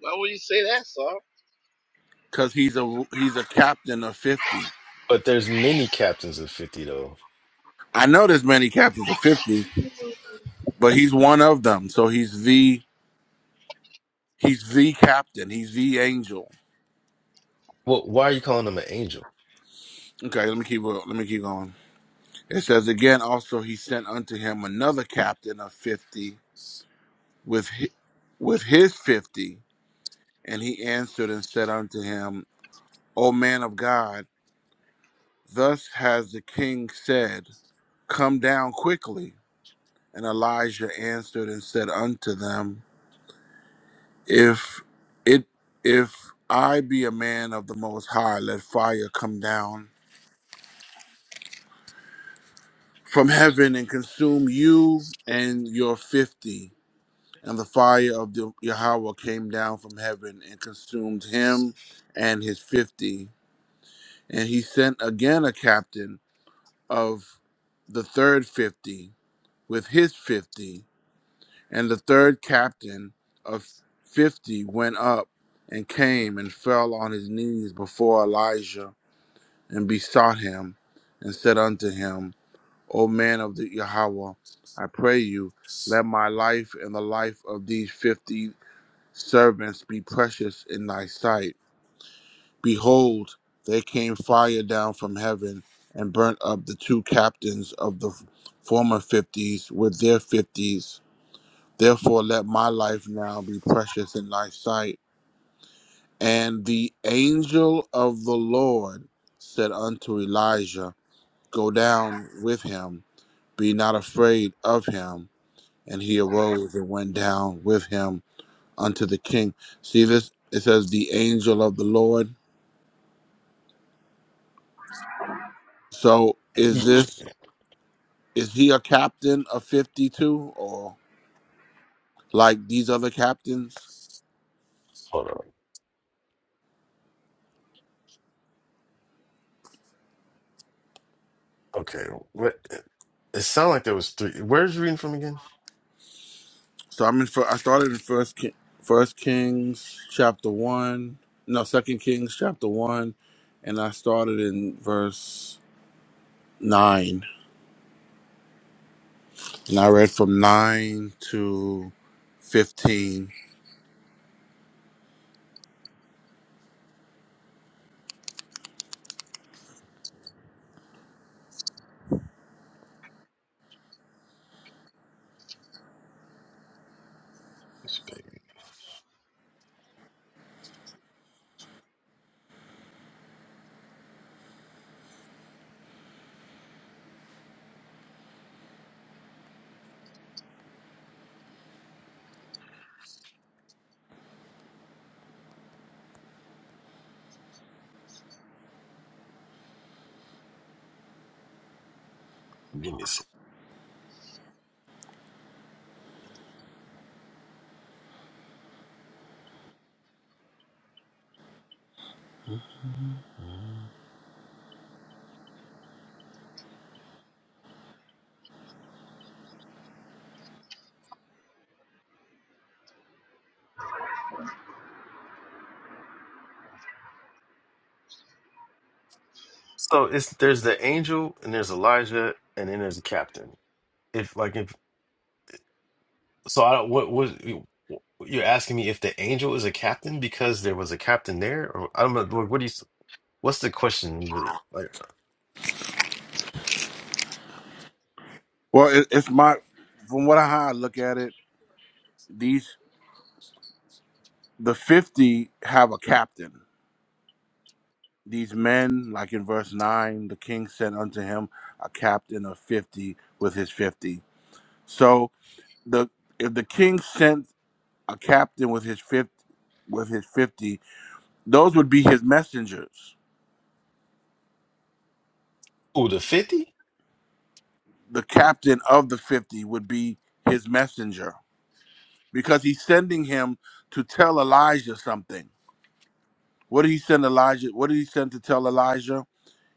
Speaker 11: why would you say that, Saul?
Speaker 1: Because he's a he's a captain of fifty.
Speaker 9: but there's many captains of fifty though.
Speaker 1: I know there's many captains of fifty, but he's one of them. So he's the he's the captain. He's the angel.
Speaker 9: Well, why are you calling them an angel?
Speaker 1: Okay, let me keep let me keep going. It says again. Also, he sent unto him another captain of fifty with hi- with his fifty, and he answered and said unto him, O man of God, thus has the king said, Come down quickly. And Elijah answered and said unto them. If it if I be a man of the most high, let fire come down from heaven and consume you and your fifty. And the fire of the Yahweh came down from heaven and consumed him and his fifty. And he sent again a captain of the third fifty with his fifty. And the third captain of fifty went up and came and fell on his knees before Elijah and besought him, and said unto him, O man of the Yahweh, I pray you, let my life and the life of these fifty servants be precious in thy sight. Behold, there came fire down from heaven and burnt up the two captains of the former fifties with their fifties. Therefore, let my life now be precious in thy sight. And the angel of the Lord said unto Elijah, Go down with him, be not afraid of him. And he arose and went down with him unto the king. See this? It says the angel of the Lord. So
Speaker 9: You-
Speaker 1: is this is he a captain of fifty two or like these other captains?
Speaker 9: hold on. Okay, what? It sounded like there was three. Where's you reading from again?
Speaker 1: So I'm in. fir- I started in first King, first Kings chapter one. No, second Kings chapter one, and I started in verse nine, and I read from nine to fifteen
Speaker 9: It's big. Give me a sec. So it's there's the angel and there's Elijah and then there's the captain. If like if so, I don't. What was you're asking me if the angel is a captain because there was a captain there, or I don't know. What do you? What's the question really? Like
Speaker 1: Well, it, it's my from what I how I look at it. These the fifty have a captain. These men, like in verse nine, the king sent unto him a captain of fifty with his fifty. So the if the king sent a captain with his fifty, with his fifty, those would be his messengers.
Speaker 9: Oh, the 50?
Speaker 1: The captain of the fifty would be his messenger because he's sending him to tell Elijah something. What did he send Elijah? What did he send to tell Elijah?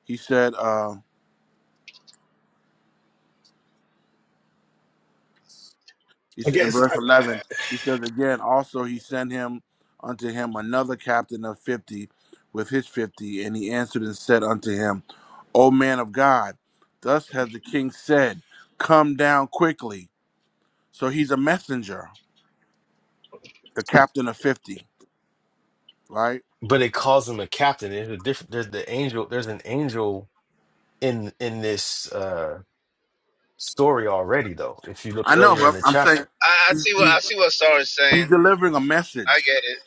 Speaker 1: He said, uh, he
Speaker 9: I
Speaker 1: said in
Speaker 9: guess
Speaker 1: verse
Speaker 9: I,
Speaker 1: 11, he says again, also he sent him unto him another captain of 50 with his 50. And he answered and said unto him, O man of God, thus hath the king said, Come down quickly. So he's a messenger, the captain of 50, right?
Speaker 9: But it calls him a captain. There's a different there's the angel there's an angel in in this uh story already though, if you look
Speaker 1: I know,
Speaker 9: earlier in
Speaker 1: but
Speaker 9: the
Speaker 1: I'm saying
Speaker 9: chapter.
Speaker 11: I, I see what
Speaker 1: he's,
Speaker 11: I see what Saul is
Speaker 1: he's
Speaker 11: saying.
Speaker 1: delivering a
Speaker 11: I
Speaker 1: message.
Speaker 11: get it.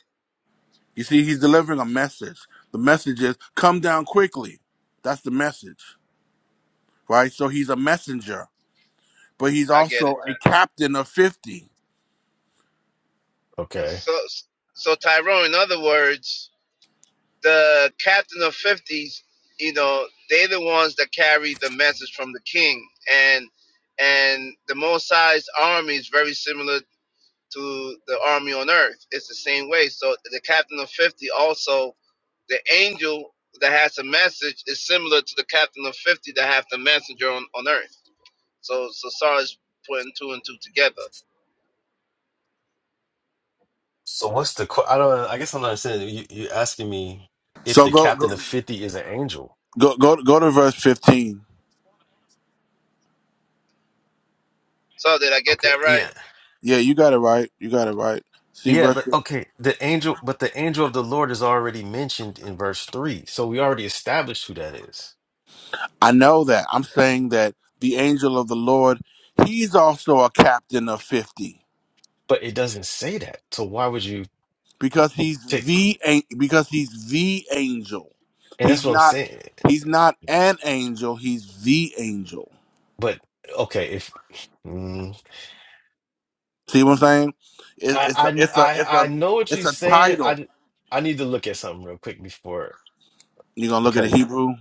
Speaker 1: You see, he's delivering a message. The message is, Come down quickly. That's the message, right? So he's a messenger but he's
Speaker 11: I get it.
Speaker 1: also a captain of 50.
Speaker 9: Okay.
Speaker 11: So so Tyrone, in other words. the captain of 50s you know they're the ones that carry the message from the king and and the Mosai's army is very similar to the army on earth it's the same way so the captain of 50 also the angel that has a message is similar to the captain of 50 that have the messenger on, on earth so so Sarah's putting two and two together
Speaker 9: So what's the que- I don't I guess I'm not understanding. You you're asking me if
Speaker 1: So
Speaker 9: the
Speaker 1: go go
Speaker 9: captain of 50 is an angel.
Speaker 1: go go, go to verse 15.
Speaker 11: so did i get
Speaker 9: Okay,
Speaker 11: that
Speaker 9: yeah.
Speaker 11: right
Speaker 1: Yeah, you got it right. You got it right. See
Speaker 9: Yeah,
Speaker 1: verse
Speaker 9: but okay, the angel but the angel of the Lord is already mentioned in verse 3. So we already established who that is.
Speaker 1: I know that. I'm saying that the angel of the Lord, he's also a captain of 50
Speaker 9: But it doesn't say that. So why would you
Speaker 1: because he's
Speaker 9: take?
Speaker 1: the an- because he's the angel.
Speaker 9: And that's
Speaker 1: He's
Speaker 9: what I'm
Speaker 1: not
Speaker 9: saying.
Speaker 1: he's not an angel, he's the angel.
Speaker 9: But okay, if mm,
Speaker 1: See what I'm saying? It,
Speaker 9: I,
Speaker 1: it's a,
Speaker 9: I
Speaker 1: it's a
Speaker 9: I
Speaker 1: it's
Speaker 9: I
Speaker 1: a
Speaker 9: know what
Speaker 1: it's
Speaker 9: you're
Speaker 1: a
Speaker 9: saying.
Speaker 1: title.
Speaker 9: I I need to look at something real quick before
Speaker 1: you going to look at the
Speaker 9: because
Speaker 1: Hebrew?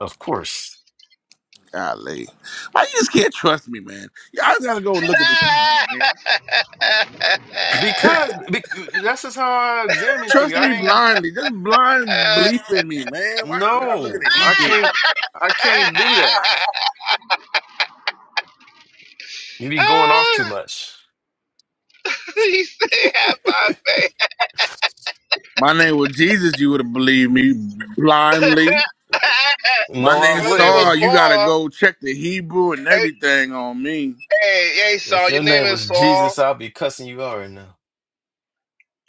Speaker 9: of course
Speaker 1: Golly. Why you just can't trust me, man? Y'all gotta go and look at the Hebrew, man.
Speaker 9: because, because that's just how I
Speaker 1: Just
Speaker 9: examine things.
Speaker 1: trust me
Speaker 9: I ain't
Speaker 1: blindly. Just blind belief in me, man. Why y'all gotta look at
Speaker 9: no.
Speaker 1: the
Speaker 9: I
Speaker 1: Hebrew?
Speaker 9: can't. I can't do that. You be going off too much.
Speaker 11: he said, "Have my faith."
Speaker 1: My name was Jesus, you would have believed me blindly. My
Speaker 9: No, I
Speaker 1: name
Speaker 11: Your name
Speaker 9: wouldn't
Speaker 11: was
Speaker 1: Saul,
Speaker 9: have.
Speaker 1: you gotta
Speaker 11: Paul.
Speaker 1: go check the Hebrew and
Speaker 11: Hey,
Speaker 1: everything on me.
Speaker 11: hey, hey,
Speaker 9: If
Speaker 11: Saul.
Speaker 9: your
Speaker 11: Your name
Speaker 9: name
Speaker 11: is
Speaker 9: was
Speaker 11: Saul.
Speaker 9: Jesus, I'd be cussing you out right now.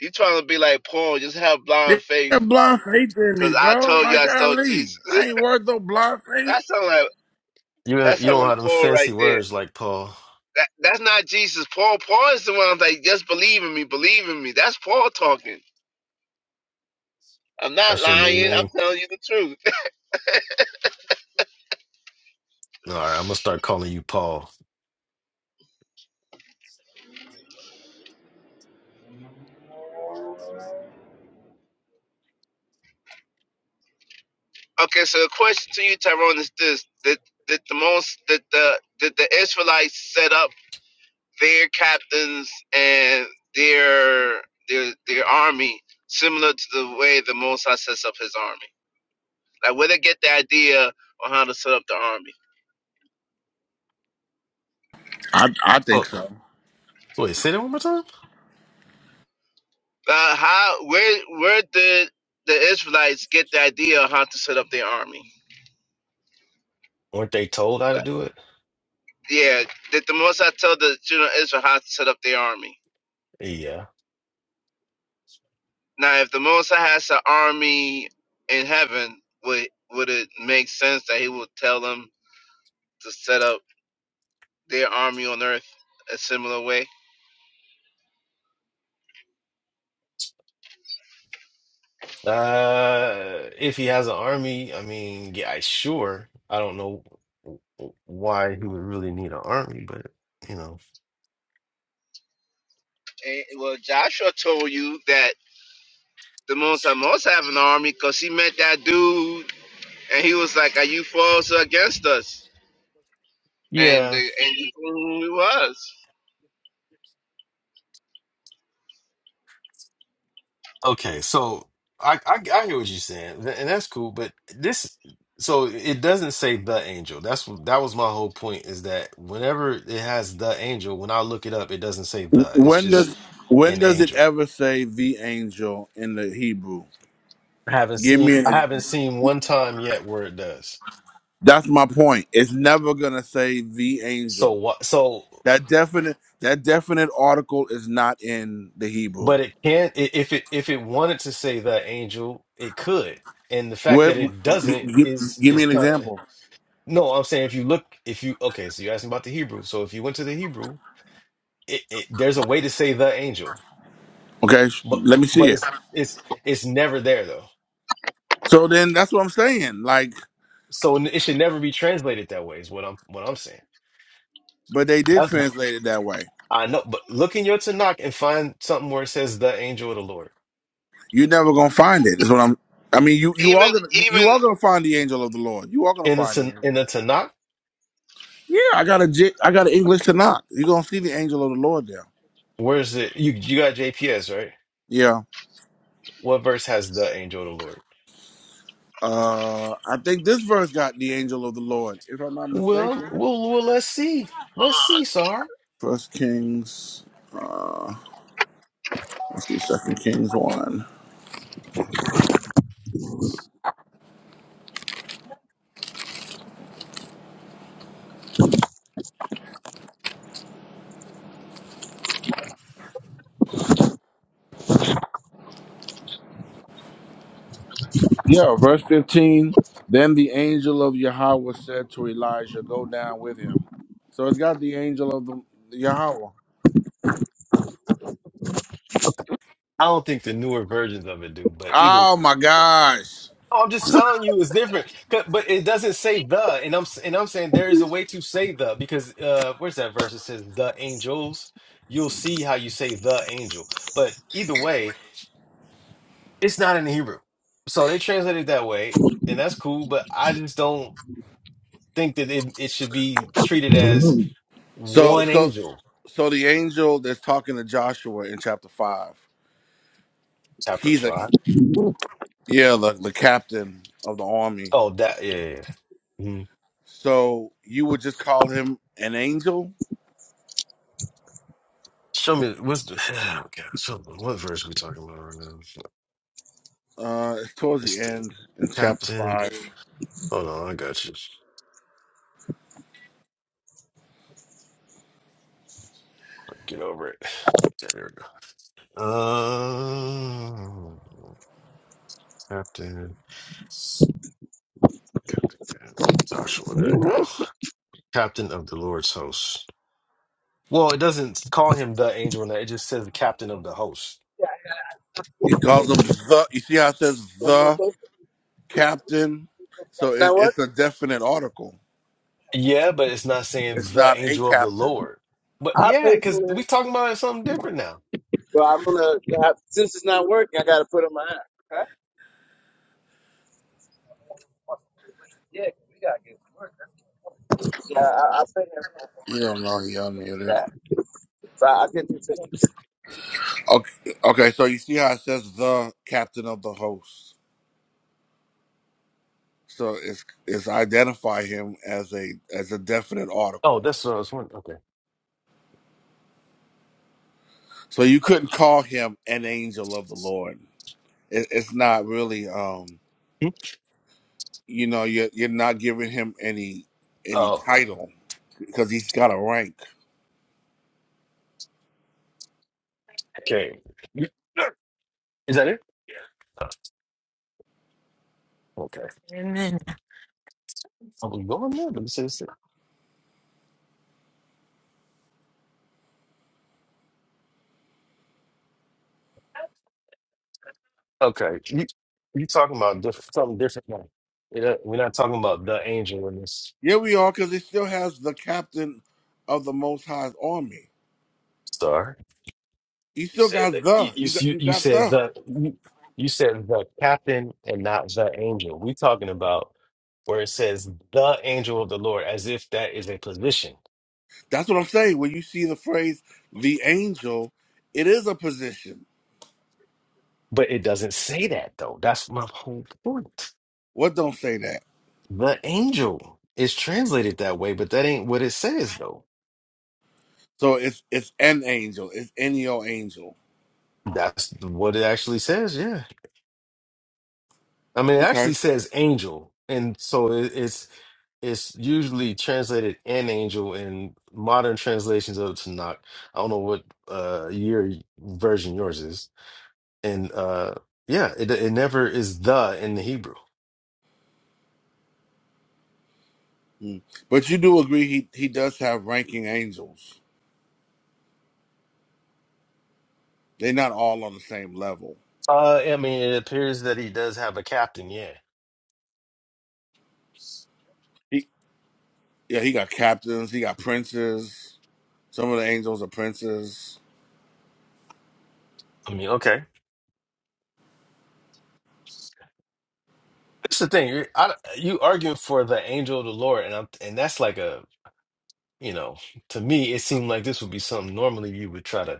Speaker 11: You trying to be like Paul? Just have
Speaker 1: They
Speaker 11: blind faith,
Speaker 1: got blind faith in me,
Speaker 11: cause I
Speaker 1: bro.
Speaker 11: told you
Speaker 1: Like
Speaker 11: I stole
Speaker 1: golly.
Speaker 11: Jesus.
Speaker 1: I ain't worth no blind faith.
Speaker 11: That sound like
Speaker 9: You
Speaker 11: that
Speaker 9: don't- you
Speaker 11: sound
Speaker 9: don't
Speaker 11: like
Speaker 9: have them
Speaker 11: Paul right
Speaker 9: fancy
Speaker 11: there.
Speaker 9: words like Paul.
Speaker 11: That that's not Jesus. Paul. Paul is the one that's like, just believe in me, believe in me. That's Paul talking. I'm not
Speaker 9: That's your new
Speaker 11: lying. I'm
Speaker 9: name,
Speaker 11: telling you the truth.
Speaker 9: All right, I'm gonna start calling you Paul.
Speaker 11: Okay, so the question to you, Tyrone, is this: Did, did the most did the did the Israelites set up their captains and their their their army similar to the way the Mosai sets up his army? Like, where they get the idea on how to set up the army?
Speaker 1: I I
Speaker 9: Oh,
Speaker 1: think so.
Speaker 9: wait, say that one more time.
Speaker 11: Uh, how where where did the Israelites get the idea on how to set up their army?
Speaker 9: Weren't they told how to do it?
Speaker 11: Yeah, did the Mosai tell the children of Israel how to set up their army?
Speaker 9: Yeah.
Speaker 11: Now, if the Most High has an army in heaven, would would it make sense that He would tell them to set up their army on earth a similar way?
Speaker 9: Uh, if he has an army, I mean, yeah, I- sure. I don't know w- w- why he would really need an army, but you know,
Speaker 11: And, well, Joshua told you that the Most High must have an army because he met that dude and he was like, "Are you for us or against us?" And the,
Speaker 9: yeah,
Speaker 11: and he told him who he was.
Speaker 9: Okay, so I, I I hear what you're saying, th- and that's cool. But this, so it doesn't say the angel. That's wh- that was my whole point. Is that whenever it has the angel, when I look it up, it doesn't say the. It's
Speaker 1: When
Speaker 9: just
Speaker 1: does when
Speaker 9: an
Speaker 1: does it
Speaker 9: angel.
Speaker 1: ever say the angel in the Hebrew?
Speaker 9: I haven't
Speaker 1: Give
Speaker 9: seen
Speaker 1: me an
Speaker 9: I haven't seen one time yet where it does.
Speaker 1: That's my point. It's never gonna say the
Speaker 9: So
Speaker 1: angel.
Speaker 9: what? So,
Speaker 1: That definite that definite article is not in the Hebrew.
Speaker 9: but it can i- if it if it wanted to say the angel, it could. And the fact
Speaker 1: What?
Speaker 9: that it doesn't
Speaker 1: Give,
Speaker 9: is
Speaker 1: give me
Speaker 9: is
Speaker 1: an
Speaker 9: kind of
Speaker 1: example.
Speaker 9: no. I'm saying if you look if you okay, so you're asking about the Hebrew. So if you went to the Hebrew. it, it, there's a way to say the angel,
Speaker 1: Okay, sh-
Speaker 9: but
Speaker 1: let me see
Speaker 9: but
Speaker 1: it.
Speaker 9: it's it's it's never there though.
Speaker 1: So then that's what I'm saying. Like,
Speaker 9: So it should never be translated that way. Is what I'm what I'm saying.
Speaker 1: but they did
Speaker 9: That's
Speaker 1: translate it that way.
Speaker 9: I know, but look in your Tanakh and find something where it says the angel of the Lord
Speaker 1: You're never gonna find it. Is what I'm. I mean, you you
Speaker 11: Even
Speaker 1: are gonna you
Speaker 11: even
Speaker 1: you are gonna find the angel of the Lord. You are gonna
Speaker 9: in the
Speaker 1: find the
Speaker 9: Tan-
Speaker 1: angel.
Speaker 9: in the Tanakh.
Speaker 1: Yeah, I got a J- I got an English to knock. You're gonna see the angel of the Lord there.
Speaker 9: Where's it? You you got JPS right?
Speaker 1: Yeah.
Speaker 9: What verse has the angel of the Lord?
Speaker 1: Uh, I think this verse got the angel of the Lord, if I'm not
Speaker 9: Well,
Speaker 1: mistaken.
Speaker 9: well, well. Let's see. Let's see, Sar.
Speaker 1: First Kings, uh, let's see, Second Kings one. Yeah, verse fifteen. Then the angel of Yahweh said to Elijah, "Go down with him." So it's got the angel of the Yahweh.
Speaker 9: I don't think the newer versions of it do, but either oh,
Speaker 1: Oh my gosh!
Speaker 9: I'm just telling you, it's different. 'Cause- But it doesn't say the, and I'm s- and I'm saying there is a way to say the because uh, where's that verse that says the angels? You'll see how you say the angel, but either way, it's not in the Hebrew, so they translate it that way, and that's cool. But I just don't think that it, it should be treated as
Speaker 1: So
Speaker 9: one
Speaker 1: so
Speaker 9: angel.
Speaker 1: so the angel that's talking to Joshua in chapter five.
Speaker 9: Chapter
Speaker 1: He's a
Speaker 9: five.
Speaker 1: yeah, the the captain of the army
Speaker 9: Oh, that yeah. yeah, yeah. Mhm.
Speaker 1: So you would just call him an angel?
Speaker 9: Show me what's the, oh God, so what verse we talking about right now?
Speaker 1: Uh, it's towards
Speaker 9: This
Speaker 1: the
Speaker 9: thing,
Speaker 1: end in chapter
Speaker 9: captain.
Speaker 1: five.
Speaker 9: Hold on, I got you. Get over it. Yeah, There we go. Um, Captain, Captain yeah, Joshua. There you go. Captain of the Lord's host. Well, it doesn't call him the angel. in It just says the captain of the host.
Speaker 1: It calls him the. You see how it says the captain? So it,
Speaker 11: Now what?
Speaker 1: it's a definite article.
Speaker 9: Yeah, but it's not saying
Speaker 1: It's
Speaker 9: the
Speaker 1: not a
Speaker 9: angel of the
Speaker 1: captain.
Speaker 9: Lord. But
Speaker 11: I
Speaker 9: yeah,
Speaker 11: paid
Speaker 9: because
Speaker 11: for it.
Speaker 9: we talking about something different now.
Speaker 11: Well, I'm gonna have, since it's not working, I gotta put on my app. Okay. Yeah, 'cause we gotta get to work. Yeah, I, I put headphones on my
Speaker 1: You
Speaker 11: app.
Speaker 1: don't know he
Speaker 11: I use
Speaker 1: unmuted.
Speaker 11: that, so I, I can do this.
Speaker 1: Okay, okay. So you see how it says the captain of the host. So it's it's identify him as a as a definite
Speaker 9: Oh,
Speaker 1: article.
Speaker 9: that's what I was wondering. Okay.
Speaker 1: So you couldn't call him an angel of the Lord. It, it's not really. um
Speaker 9: Hmm?
Speaker 1: You know, you're you're not giving him any any
Speaker 9: Oh,
Speaker 1: title because he's got a rank.
Speaker 9: okay. Is that it? Okay. i we going there? Let me see. this. Okay, you you talking about diff- something different? Now. We're not we're not talking about the angel in this
Speaker 1: Yeah, we are because he still has the captain of the Most High's army.
Speaker 9: star.
Speaker 1: He
Speaker 9: You
Speaker 1: still
Speaker 9: said
Speaker 1: got
Speaker 9: that you
Speaker 1: the.
Speaker 9: you
Speaker 1: You got
Speaker 9: you
Speaker 1: you
Speaker 9: you
Speaker 1: got
Speaker 9: said
Speaker 1: the.
Speaker 9: the you, you said the captain and not the angel. We talking about where it says the angel of the Lord, as if that is a position,
Speaker 1: That's what I'm saying. When you see the phrase the angel, it is a position.
Speaker 9: but it doesn't say that though. That's my whole point.
Speaker 1: What don't say that?
Speaker 9: The angel is translated that way, but that ain't what it says though.
Speaker 1: So it's it's an angel. It's any old angel.
Speaker 9: That's what it actually says. Yeah. I mean, it
Speaker 1: Okay.
Speaker 9: actually says angel, and so it, it's it's usually translated an angel in modern translations of Tanakh. I don't know what uh your version yours is, and uh yeah, it it never is the in the Hebrew.
Speaker 1: Hmm. But you do agree he he does have ranking angels. They're not all on the same level.
Speaker 9: Uh, I mean, it appears that he does have a captain. Yeah,
Speaker 1: He yeah he got captains. He got princes. Some of the angels are princes.
Speaker 9: I mean, okay. That's the thing. you're- I, you argue for the angel of the Lord, and I'm, and that's like a you know, to me, it seemed like this would be something normally you would try to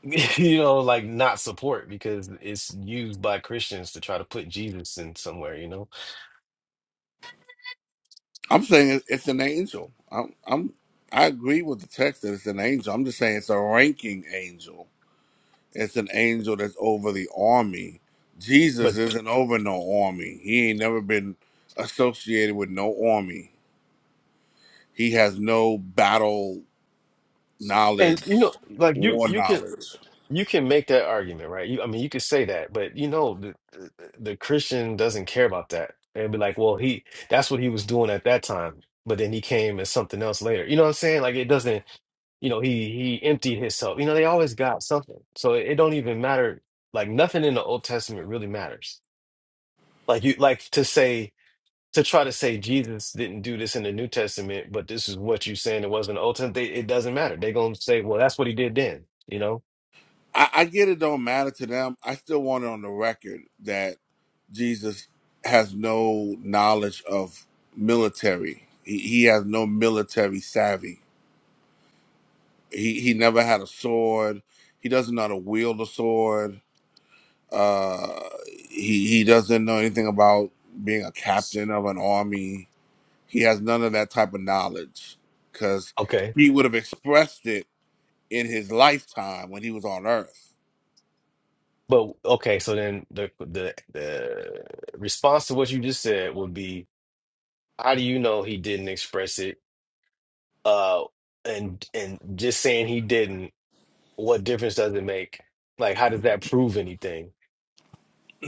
Speaker 9: you know, like not support because it's used by Christians to try to put Jesus in somewhere, you know.
Speaker 1: I'm saying it- it's an angel. I'm, I'm, I agree with the text that it's an angel. I'm just saying it's a ranking angel. It's an angel that's over the army. Jesus
Speaker 9: But
Speaker 1: isn't over no army. He ain't never been associated with no army. He has no battle
Speaker 9: and
Speaker 1: knowledge,
Speaker 9: you know, like you
Speaker 1: war
Speaker 9: you can
Speaker 1: knowledge.
Speaker 9: you can make that argument, right? You, I mean, you could say that, but you know, the the the Christian doesn't care about that. They'd be like, well, he that's what he was doing at that time, but then he came as something else later. You know what I'm saying? Like it doesn't, you know, he he emptied himself. You know, they always got something, so it, it don't even matter. Like nothing in the Old Testament really matters. Like you like to say. to try to say Jesus didn't do this in the New Testament, but this is what you're saying it wasn't the Old Testament, they, it doesn't matter. They're going to say, well, that's what he did then, you know?
Speaker 1: I, I get it don't matter to them. I still want it on the record that Jesus has no knowledge of military. He, he has no military savvy. He he never had a sword. He doesn't know how to wield a sword. Uh, he he doesn't know anything about being a captain of an army. He has none of that type of knowledge because
Speaker 9: Okay.
Speaker 1: he would have expressed it in his lifetime when he was on Earth
Speaker 9: But okay, so then the the the response to what you just said would be, how do you know he didn't express it? Uh, and and just saying he didn't, what difference does it make? Like, how does that prove anything?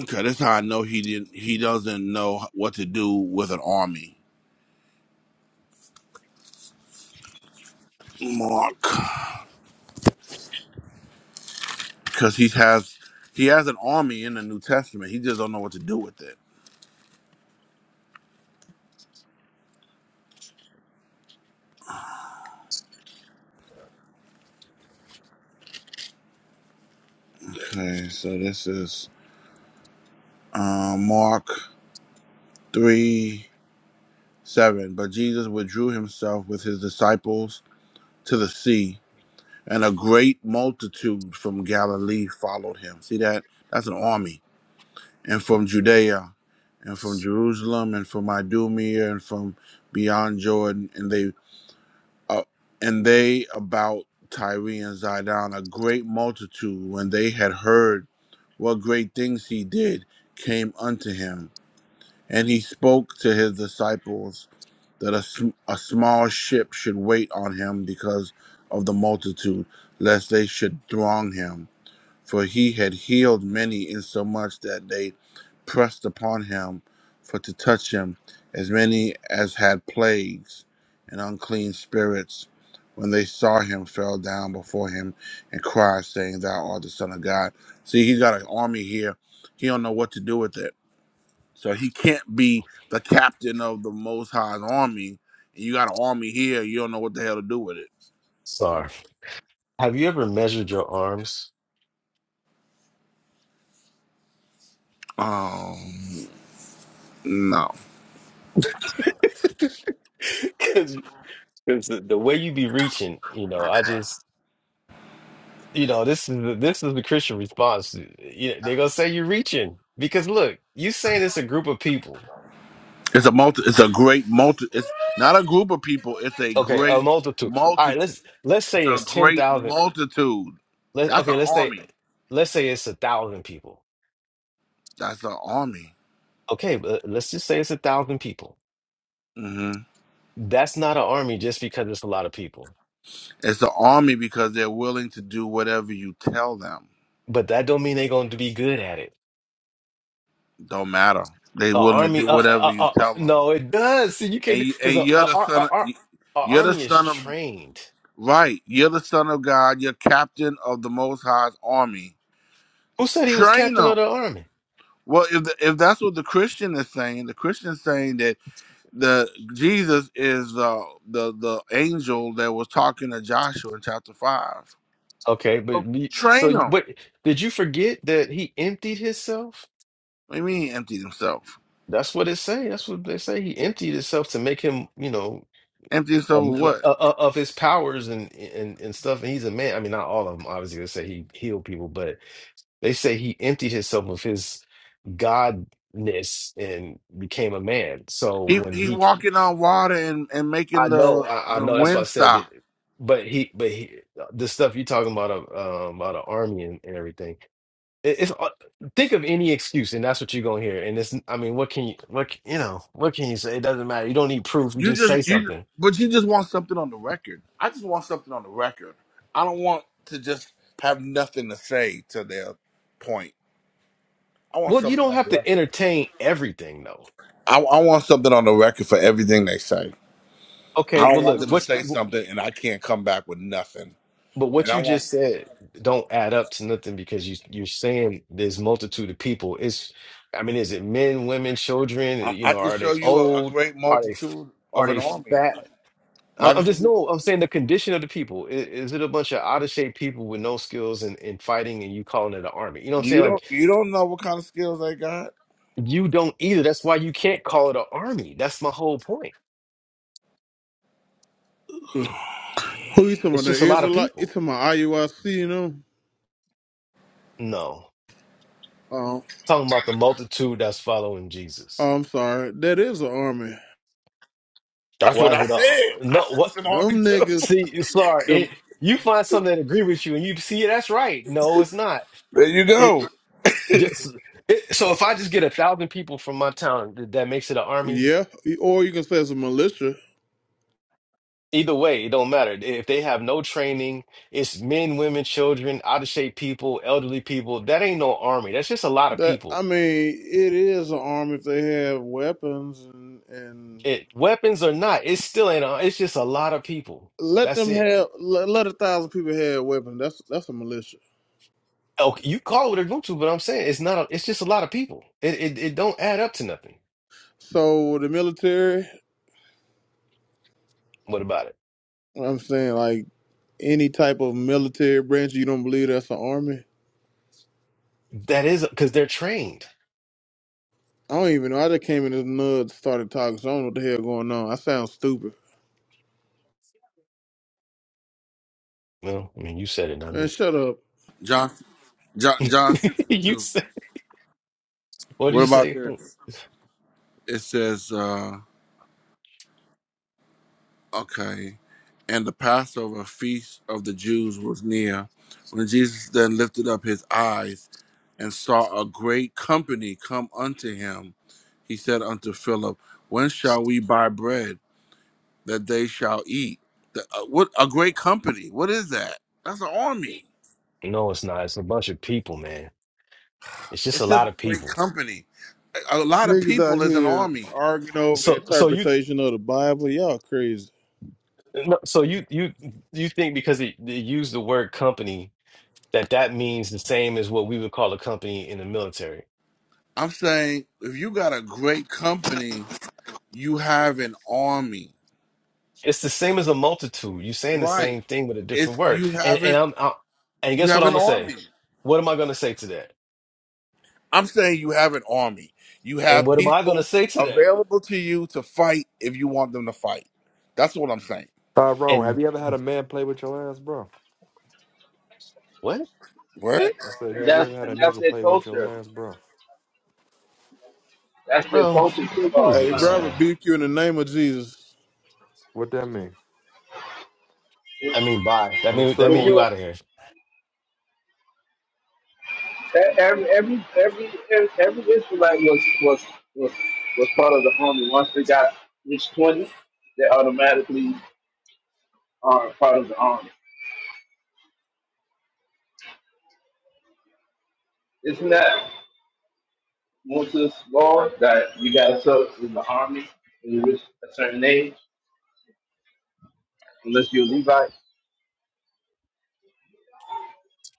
Speaker 1: Okay, that's how I know he didn't. He doesn't know what to do with an army, Mark, because he has he has an army in the New Testament. He just don't know what to do with it. Okay, so this is uh, Mark three seven. But Jesus withdrew himself with his disciples to the sea, and a great multitude from Galilee followed him. See that? That's an army, and from Judea, and from Jerusalem, and from Idumea, and from beyond Jordan, and they uh, and they about Tyree and Zidon, a great multitude, when they had heard what great things he did, came unto him. And he spoke to his disciples that a, sm- a small ship should wait on him because of the multitude, lest they should throng him for he had healed many insomuch that they pressed upon him for to touch him, as many as had plagues and unclean spirits, when they saw him, fell down before him and cried, saying, Thou art the Son of God. See, he has got an army here. He don't know what to do with it. So he can't be the captain of the Most High's army. And you got an army here, you don't know what the hell to do with it.
Speaker 9: Sorry. Have you ever measured your arms?
Speaker 1: Um, no.
Speaker 9: 'Cause Because the, the way you be reaching, you know, I just, you know, this is the, this is the Christian response. You they're gonna say you're reaching because look, you saying it's a group of people.
Speaker 1: It's a multi. It's a great multi. It's not a group of people. It's a
Speaker 9: Okay, a
Speaker 1: great
Speaker 9: multitude. All
Speaker 1: multi.
Speaker 9: right, let's let's
Speaker 1: It's
Speaker 9: say
Speaker 1: a
Speaker 9: it's ten
Speaker 1: great
Speaker 9: thousand.
Speaker 1: multitude.
Speaker 9: Let
Speaker 1: That's an
Speaker 9: okay, let's say
Speaker 1: army.
Speaker 9: let's say it's a thousand people.
Speaker 1: That's an army.
Speaker 9: Okay, but let's just say it's a thousand people.
Speaker 1: hmm
Speaker 9: That's not an army just because it's a lot of people.
Speaker 1: It's an army because they're willing to do whatever you tell them.
Speaker 9: But that don't mean they're going to be good at it.
Speaker 1: Don't matter. They're
Speaker 9: A
Speaker 1: willing to
Speaker 9: army,
Speaker 1: do
Speaker 9: uh,
Speaker 1: whatever
Speaker 9: uh,
Speaker 1: you
Speaker 9: uh, uh,
Speaker 1: tell them.
Speaker 9: no, it does. See, you
Speaker 1: And
Speaker 9: can't
Speaker 1: you, and
Speaker 9: because a, a,
Speaker 1: you're the
Speaker 9: a,
Speaker 1: son. Of,
Speaker 9: a, a
Speaker 1: you're the
Speaker 9: army is
Speaker 1: son of
Speaker 9: trained.
Speaker 1: right. You're the son of God. You're captain of the Most High's army.
Speaker 9: Who said he was
Speaker 1: Train
Speaker 9: captain of
Speaker 1: them.
Speaker 9: the army?
Speaker 1: Well, if the, if that's what the Christian is saying, the Christian is saying that the Jesus is uh, the the angel that was talking to Joshua in chapter five.
Speaker 9: Okay,
Speaker 1: So
Speaker 9: but me- so
Speaker 1: train
Speaker 9: you,
Speaker 1: him.
Speaker 9: but did you forget that he emptied himself?
Speaker 1: What do you mean he emptied himself?
Speaker 9: That's what it say. That's what they say. He emptied himself to make him, you know,
Speaker 1: Empty
Speaker 9: um,
Speaker 1: himself of
Speaker 9: l-
Speaker 1: what?
Speaker 9: uh, uh, of his powers and and and stuff. And he's a man. I mean, not all of them. Obviously, they say he healed people, but they say he emptied himself of his godness and became a man. So
Speaker 1: He
Speaker 9: when
Speaker 1: he
Speaker 9: he
Speaker 1: walking on water and, and
Speaker 9: I
Speaker 1: making
Speaker 9: know,
Speaker 1: the
Speaker 9: I, I
Speaker 1: the
Speaker 9: know. That's what
Speaker 1: wind
Speaker 9: I said. But
Speaker 1: stop.
Speaker 9: but he, but he, the stuff you're talking about, uh, um, about the army and, and everything. It, it's uh, think of any excuse, and that's what you're gonna hear. And it's, I mean, what can you, what c- you know, what can you say? It doesn't matter. You don't need proof. You
Speaker 1: You
Speaker 9: just say
Speaker 1: just you
Speaker 9: something.
Speaker 1: but you just want something on the record. I just want something on the record. I don't want to just have nothing to say to their point. I want
Speaker 9: Well, you
Speaker 1: something
Speaker 9: don't
Speaker 1: on
Speaker 9: have
Speaker 1: the
Speaker 9: to
Speaker 1: record.
Speaker 9: entertain everything, though.
Speaker 1: I, I want something on the record for everything they say.
Speaker 9: Okay.
Speaker 1: I
Speaker 9: Well,
Speaker 1: don't want
Speaker 9: look,
Speaker 1: them to say
Speaker 9: what?
Speaker 1: something and I can't come back with nothing.
Speaker 9: But
Speaker 1: And
Speaker 9: what you
Speaker 1: I want
Speaker 9: just said don't add up to nothing because you you're saying there's multitude of people. It's, I mean, is it men, women, children?
Speaker 1: I,
Speaker 9: You
Speaker 1: I
Speaker 9: know,
Speaker 1: can
Speaker 9: are
Speaker 1: show
Speaker 9: they
Speaker 1: you a, a
Speaker 9: old?
Speaker 1: great
Speaker 9: Are they f-
Speaker 1: multitude of
Speaker 9: are
Speaker 1: an
Speaker 9: they
Speaker 1: army.
Speaker 9: fat?
Speaker 1: I
Speaker 9: I-
Speaker 1: can
Speaker 9: I'm
Speaker 1: show
Speaker 9: just
Speaker 1: you
Speaker 9: no. I'm saying the condition of the people. Is, is it a bunch of out of shape people with no skills and in, in fighting, and you calling it an army? You know what I'm
Speaker 1: you
Speaker 9: saying?
Speaker 1: don't
Speaker 9: Like
Speaker 1: you don't know what kind of skills they got.
Speaker 9: you don't either. That's why you can't call it an army. That's my whole point.
Speaker 12: Who you talking about?
Speaker 9: It's
Speaker 12: The
Speaker 9: just a lot of
Speaker 12: Israelite? You
Speaker 9: people.
Speaker 12: talking about IUIC? You know?
Speaker 9: No,
Speaker 12: Um, oh,
Speaker 9: talking about the multitude that's following Jesus.
Speaker 12: I'm sorry. That is an army.
Speaker 1: That's
Speaker 9: Why
Speaker 1: what
Speaker 9: is
Speaker 1: I
Speaker 9: it a
Speaker 1: said. I
Speaker 9: no?
Speaker 1: said it's an
Speaker 9: What?
Speaker 1: army
Speaker 12: Them
Speaker 1: too.
Speaker 12: niggas.
Speaker 9: See, sorry,
Speaker 12: Them,
Speaker 9: it, you find something that agree with you, and you see that's right. No, it's not.
Speaker 1: There you
Speaker 9: It
Speaker 1: go.
Speaker 9: just it, so if I just get a thousand people from my town, th- that makes it an army.
Speaker 12: yeah. Or you can say it's a militia.
Speaker 9: Either way, it don't matter if they have no training. It's men, women, children, out of shape people, elderly people. That ain't no army. That's just a lot of
Speaker 12: That I
Speaker 9: people.
Speaker 12: mean, it is an army if they have weapons and and
Speaker 9: It weapons or not, it's still ain't. a- It's just a lot of people.
Speaker 12: let
Speaker 9: That's
Speaker 12: them
Speaker 9: it.
Speaker 12: have let, let a thousand people have weapons. That's that's a militia.
Speaker 9: Okay, you call it what you want to, but I'm saying it's not. A, it's just a lot of people. It, it it don't add up to nothing.
Speaker 12: So the military.
Speaker 9: What about it?
Speaker 12: I'm saying like any type of military branch. You don't believe that's an army?
Speaker 9: That is because they're trained.
Speaker 12: I don't even know. I just came in this nerd started talking, so I don't know what the hell going on. I sound stupid.
Speaker 9: No, I mean you said it, not
Speaker 12: Man,
Speaker 9: me.
Speaker 12: shut up.
Speaker 1: John John John six and
Speaker 9: You
Speaker 1: two.
Speaker 9: said what did
Speaker 1: What
Speaker 9: you
Speaker 1: about
Speaker 9: say?
Speaker 1: this? It says uh Okay. And the Passover feast of the Jews was near. When Jesus then lifted up his eyes and saw a great company come unto him, he said unto Philip, When shall we buy bread that they shall eat? The- uh, what a great company! What is that? That's an army.
Speaker 9: No, it's not. It's a bunch of people, man. It's just
Speaker 1: It
Speaker 9: a
Speaker 1: says a
Speaker 9: lot of
Speaker 1: great
Speaker 9: people.
Speaker 1: company. A a lot of
Speaker 12: Niggas
Speaker 1: people
Speaker 12: out
Speaker 1: is an
Speaker 12: here
Speaker 1: army.
Speaker 12: arguing over the
Speaker 9: So, so you,
Speaker 12: interpretation of the Bible. Y'all crazy.
Speaker 9: no, so you, you, you think because they, they use the word company that that means the same as what we would call a company in the military.
Speaker 1: I'm saying if you got a great company, you have an army.
Speaker 9: It's the same as a multitude. You're saying the
Speaker 1: Right.
Speaker 9: same thing with a
Speaker 1: It's
Speaker 9: different word.
Speaker 1: you
Speaker 9: And
Speaker 1: have an
Speaker 9: and I'm, I'm and
Speaker 1: You
Speaker 9: guess what
Speaker 1: have
Speaker 9: I'm
Speaker 1: an
Speaker 9: gonna say?
Speaker 1: army.
Speaker 9: What am I gonna say to that?
Speaker 1: I'm saying you have an army. You
Speaker 9: And
Speaker 1: have
Speaker 9: what am I gonna
Speaker 1: people
Speaker 9: say to that?
Speaker 1: available to you to fight if you want them to fight. That's what I'm saying.
Speaker 13: Tyrone, have
Speaker 9: And
Speaker 13: you ever had a man play with your ass, bro?
Speaker 9: what,
Speaker 1: What?
Speaker 13: I said,
Speaker 11: That's
Speaker 13: have you
Speaker 11: that's
Speaker 13: ever had a
Speaker 11: and that's
Speaker 13: nigga
Speaker 11: their
Speaker 13: play with your
Speaker 11: culture.
Speaker 13: ass, bro?
Speaker 11: That's their
Speaker 9: bro?
Speaker 11: culture too.
Speaker 9: What
Speaker 11: Uh,
Speaker 9: is
Speaker 12: Hey,
Speaker 9: this,
Speaker 12: bro, I
Speaker 11: uh,
Speaker 9: man?
Speaker 12: rebuke you in the name of Jesus.
Speaker 13: What that mean?
Speaker 9: I mean, bye. That
Speaker 13: I'm
Speaker 9: mean
Speaker 13: still
Speaker 9: that
Speaker 11: when
Speaker 13: gonna
Speaker 9: mean you
Speaker 11: you
Speaker 9: out of here.
Speaker 11: every every every every Israelite was was was was part of the army. Once they got reached twenty, they automatically are part of the army. Isn't that? Moses' law that you got to serve in the army when you reach a certain age, unless you're a Levite.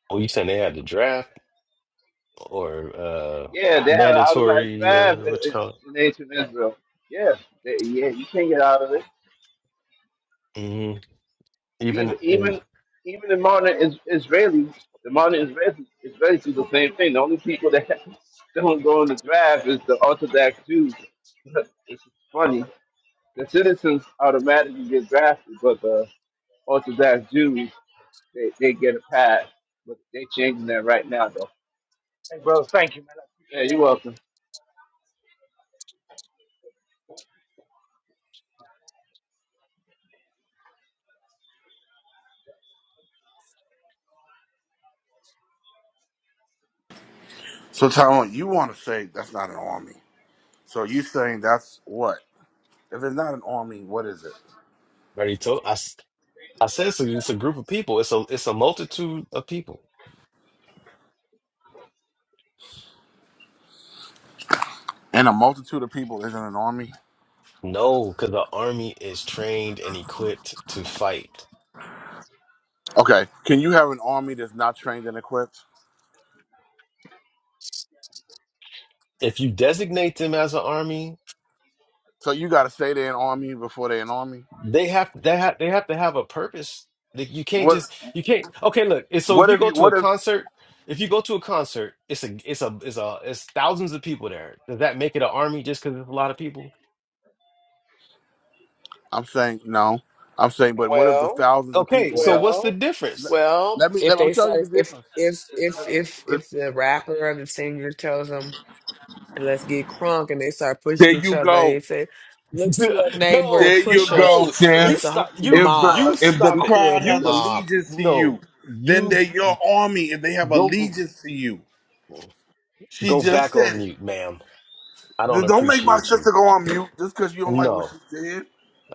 Speaker 9: Oh, you saying they had the draft or uh
Speaker 11: Yeah, they have an automatic
Speaker 9: mandatory
Speaker 11: draft
Speaker 9: uh
Speaker 11: in
Speaker 9: what you
Speaker 11: in-
Speaker 9: call it?
Speaker 11: in ancient Israel. Yeah, they, yeah, you can't get out of it.
Speaker 9: hmm
Speaker 11: Even
Speaker 9: Even in
Speaker 11: even even the modern is, Israelis, the modern Israelis, Israelis do the same thing. The only people that don't go in the draft is the Orthodox Jews. it's funny. The citizens automatically get drafted, but the Orthodox Jews They they get a pass, but they changing that right now though. Yeah, you're welcome.
Speaker 1: So Tyrone, you want to say that's not an army. So you saying that's what? If it's not an army, what is it?
Speaker 9: I already told I, s- I said so it's a group of people. It's a it's a multitude of people.
Speaker 1: And a multitude of people isn't an army.
Speaker 9: No, because the army is trained and equipped to fight.
Speaker 1: Okay. Can you have an army that's not trained and equipped?
Speaker 9: If you designate them as an army,
Speaker 1: So you got to say they're an army before they're an army.
Speaker 9: they have they have they have to have a purpose. Like you can't
Speaker 1: What?
Speaker 9: just you can't okay look and so
Speaker 1: What
Speaker 9: if you
Speaker 1: if
Speaker 9: go
Speaker 1: you?
Speaker 9: to a
Speaker 1: What if?
Speaker 9: concert if you go to a concert it's a it's a it's a it's thousands of people there does that make it an army just because it's a lot of people
Speaker 1: I'm saying no. I'm saying, but what if the
Speaker 2: Well,
Speaker 1: thousands of
Speaker 9: okay
Speaker 1: people
Speaker 9: so
Speaker 1: have?
Speaker 9: what's the
Speaker 2: well,
Speaker 1: Let,
Speaker 9: difference
Speaker 2: well.
Speaker 1: let me.
Speaker 2: If
Speaker 1: Let, I'm
Speaker 2: they
Speaker 1: showing you the
Speaker 2: start, if
Speaker 1: difference.
Speaker 2: If if if if the rapper or the singer tells them, "Let's get crunk," and they start
Speaker 1: There
Speaker 2: pushing each
Speaker 1: you
Speaker 2: other, and
Speaker 1: go.
Speaker 2: they say, "Look to your neighbor
Speaker 9: no
Speaker 2: and
Speaker 1: There you
Speaker 2: push him,"
Speaker 1: go,
Speaker 9: no
Speaker 2: and
Speaker 1: sis.
Speaker 9: you
Speaker 2: that's a
Speaker 9: stop
Speaker 2: whole
Speaker 9: you
Speaker 1: If
Speaker 9: you
Speaker 1: the
Speaker 2: mob.
Speaker 1: if the
Speaker 9: stop
Speaker 2: We
Speaker 9: it
Speaker 1: crowd
Speaker 2: created a
Speaker 1: has
Speaker 9: you s-
Speaker 2: mob.
Speaker 1: allegiance to you,
Speaker 9: no
Speaker 1: then
Speaker 9: you
Speaker 1: they're your army and they have
Speaker 9: go
Speaker 1: allegiance to you. She
Speaker 9: go
Speaker 1: just
Speaker 9: back
Speaker 1: said
Speaker 9: on
Speaker 1: it.
Speaker 9: mute ma'am I don't
Speaker 1: Th- Don't make my
Speaker 9: appreciate you
Speaker 1: sister go on mute just because you don't like what she
Speaker 9: no
Speaker 1: said.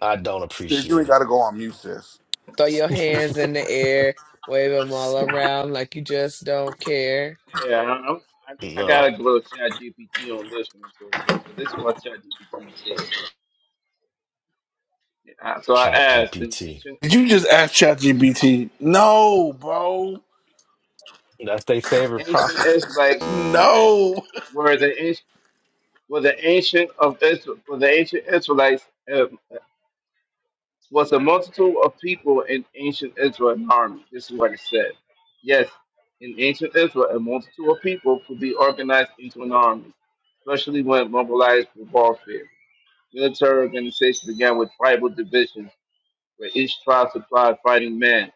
Speaker 9: I don't
Speaker 1: Sis, you ain't
Speaker 9: appreciate
Speaker 1: gotta go on mute, sis.
Speaker 2: Throw your hands
Speaker 9: it
Speaker 2: in the air, wave them all around like you just don't care.
Speaker 11: Yeah, I- I'm, I, I
Speaker 9: no
Speaker 11: gotta go to Chat GPT on this one. So so this is what Chat GPT said. Uh, So I
Speaker 9: Chat
Speaker 11: asked the
Speaker 9: GPT.
Speaker 11: ancient
Speaker 1: Did you just ask ChatGPT? No, bro.
Speaker 9: That's their favorite
Speaker 11: ancient
Speaker 9: prophet.
Speaker 11: Israelites
Speaker 1: No.
Speaker 11: were the anci- were the ancient of Israel were the ancient Israelites uh, was a multitude of people in ancient Israel an army. This is what it said. Yes, in ancient Israel, a multitude of people could be organized into an army, especially when mobilized for warfare. Military organization began with tribal divisions, where each tribe supplied fighting men.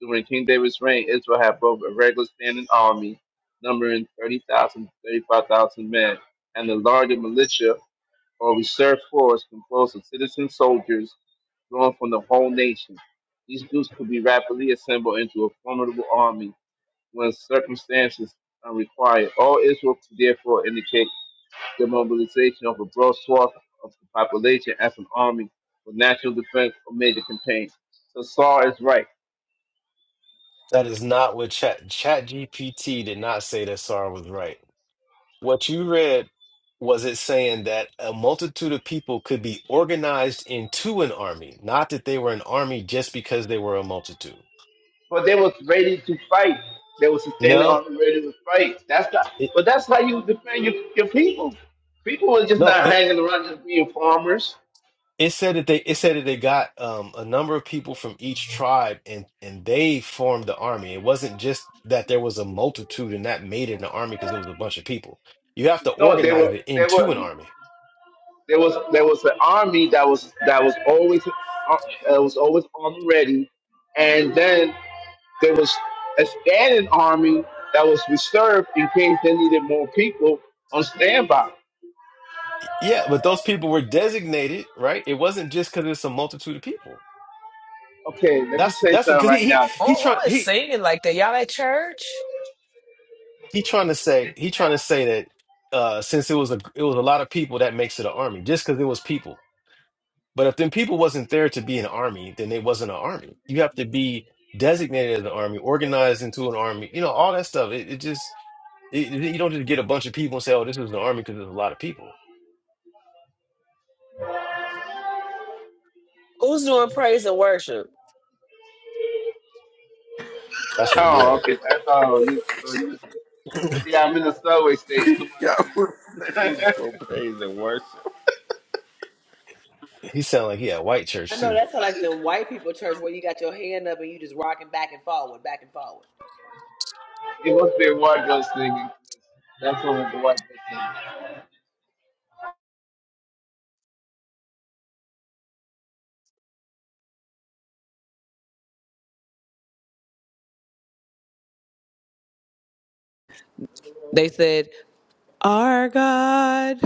Speaker 11: During King David's reign, Israel had both a regular standing army, numbering 30,000 to 35,000 men, and a larger militia or reserve force composed of citizen soldiers drawn from the whole nation. These groups could be rapidly assembled into a formidable army when circumstances are required. All Israel could therefore indicate the mobilization of a broad swath of the population as an army for national defense or major campaign. So Saul is right.
Speaker 9: That is not what Chat Chat GPT did not say that Sarah was right. What you read was it saying that a multitude of people could be organized into an army, not that they were an army just because they were a multitude.
Speaker 11: But they was ready to fight. They was standing
Speaker 9: No,
Speaker 11: on ready to fight. That's not,
Speaker 9: it,
Speaker 11: but that's how you defend your, your people. People were just
Speaker 9: no.
Speaker 11: not hanging around just being farmers.
Speaker 9: It said that they it said that they got um, a number of people from each tribe and and they formed the army. It wasn't just that there was a multitude and that made it an army because it was a bunch of people. You have to
Speaker 11: No, they
Speaker 9: organize
Speaker 11: were
Speaker 9: it
Speaker 11: they
Speaker 9: into an
Speaker 11: were
Speaker 9: army.
Speaker 11: there was there was an army that was that was always uh, that was always on ready, and then There was a standing army that was reserved in case they needed more people on standby.
Speaker 9: Yeah, but those people were designated, right? It wasn't just because it's a multitude of people.
Speaker 11: Okay, let me
Speaker 9: That's
Speaker 11: say
Speaker 9: that's what
Speaker 11: something
Speaker 9: because he
Speaker 11: right
Speaker 9: he
Speaker 11: now,
Speaker 9: he
Speaker 2: Oh,
Speaker 11: Tyrone.
Speaker 9: trying
Speaker 2: who is
Speaker 9: he
Speaker 2: singing like that? Y'all at church?
Speaker 9: he trying to say he trying to say that uh since it was a it was a lot of people that makes it an army just because it was people. But if them people wasn't there to be an army, then they wasn't an army. You have to be designated as an army, organized into an army, you know, all that stuff. It, it just, it, it- you don't just get a bunch of people and say, oh, this is an army because there's a lot of people.
Speaker 2: Who's doing praise and worship?
Speaker 9: That's
Speaker 11: Oh,
Speaker 9: Miguel.
Speaker 11: okay. Ty- Oh, you, oh, you listen. Yeah, I'm in the subway station.
Speaker 1: God, we're
Speaker 11: Someone singing.
Speaker 1: so praise and worship.
Speaker 9: He sound like he had white
Speaker 2: I
Speaker 9: church
Speaker 2: know
Speaker 9: too.
Speaker 2: that's how, like the white people church where you got your hand up and you just rock.
Speaker 11: it must be a white girl singing. That's what the white girl
Speaker 2: it. They said, "Our God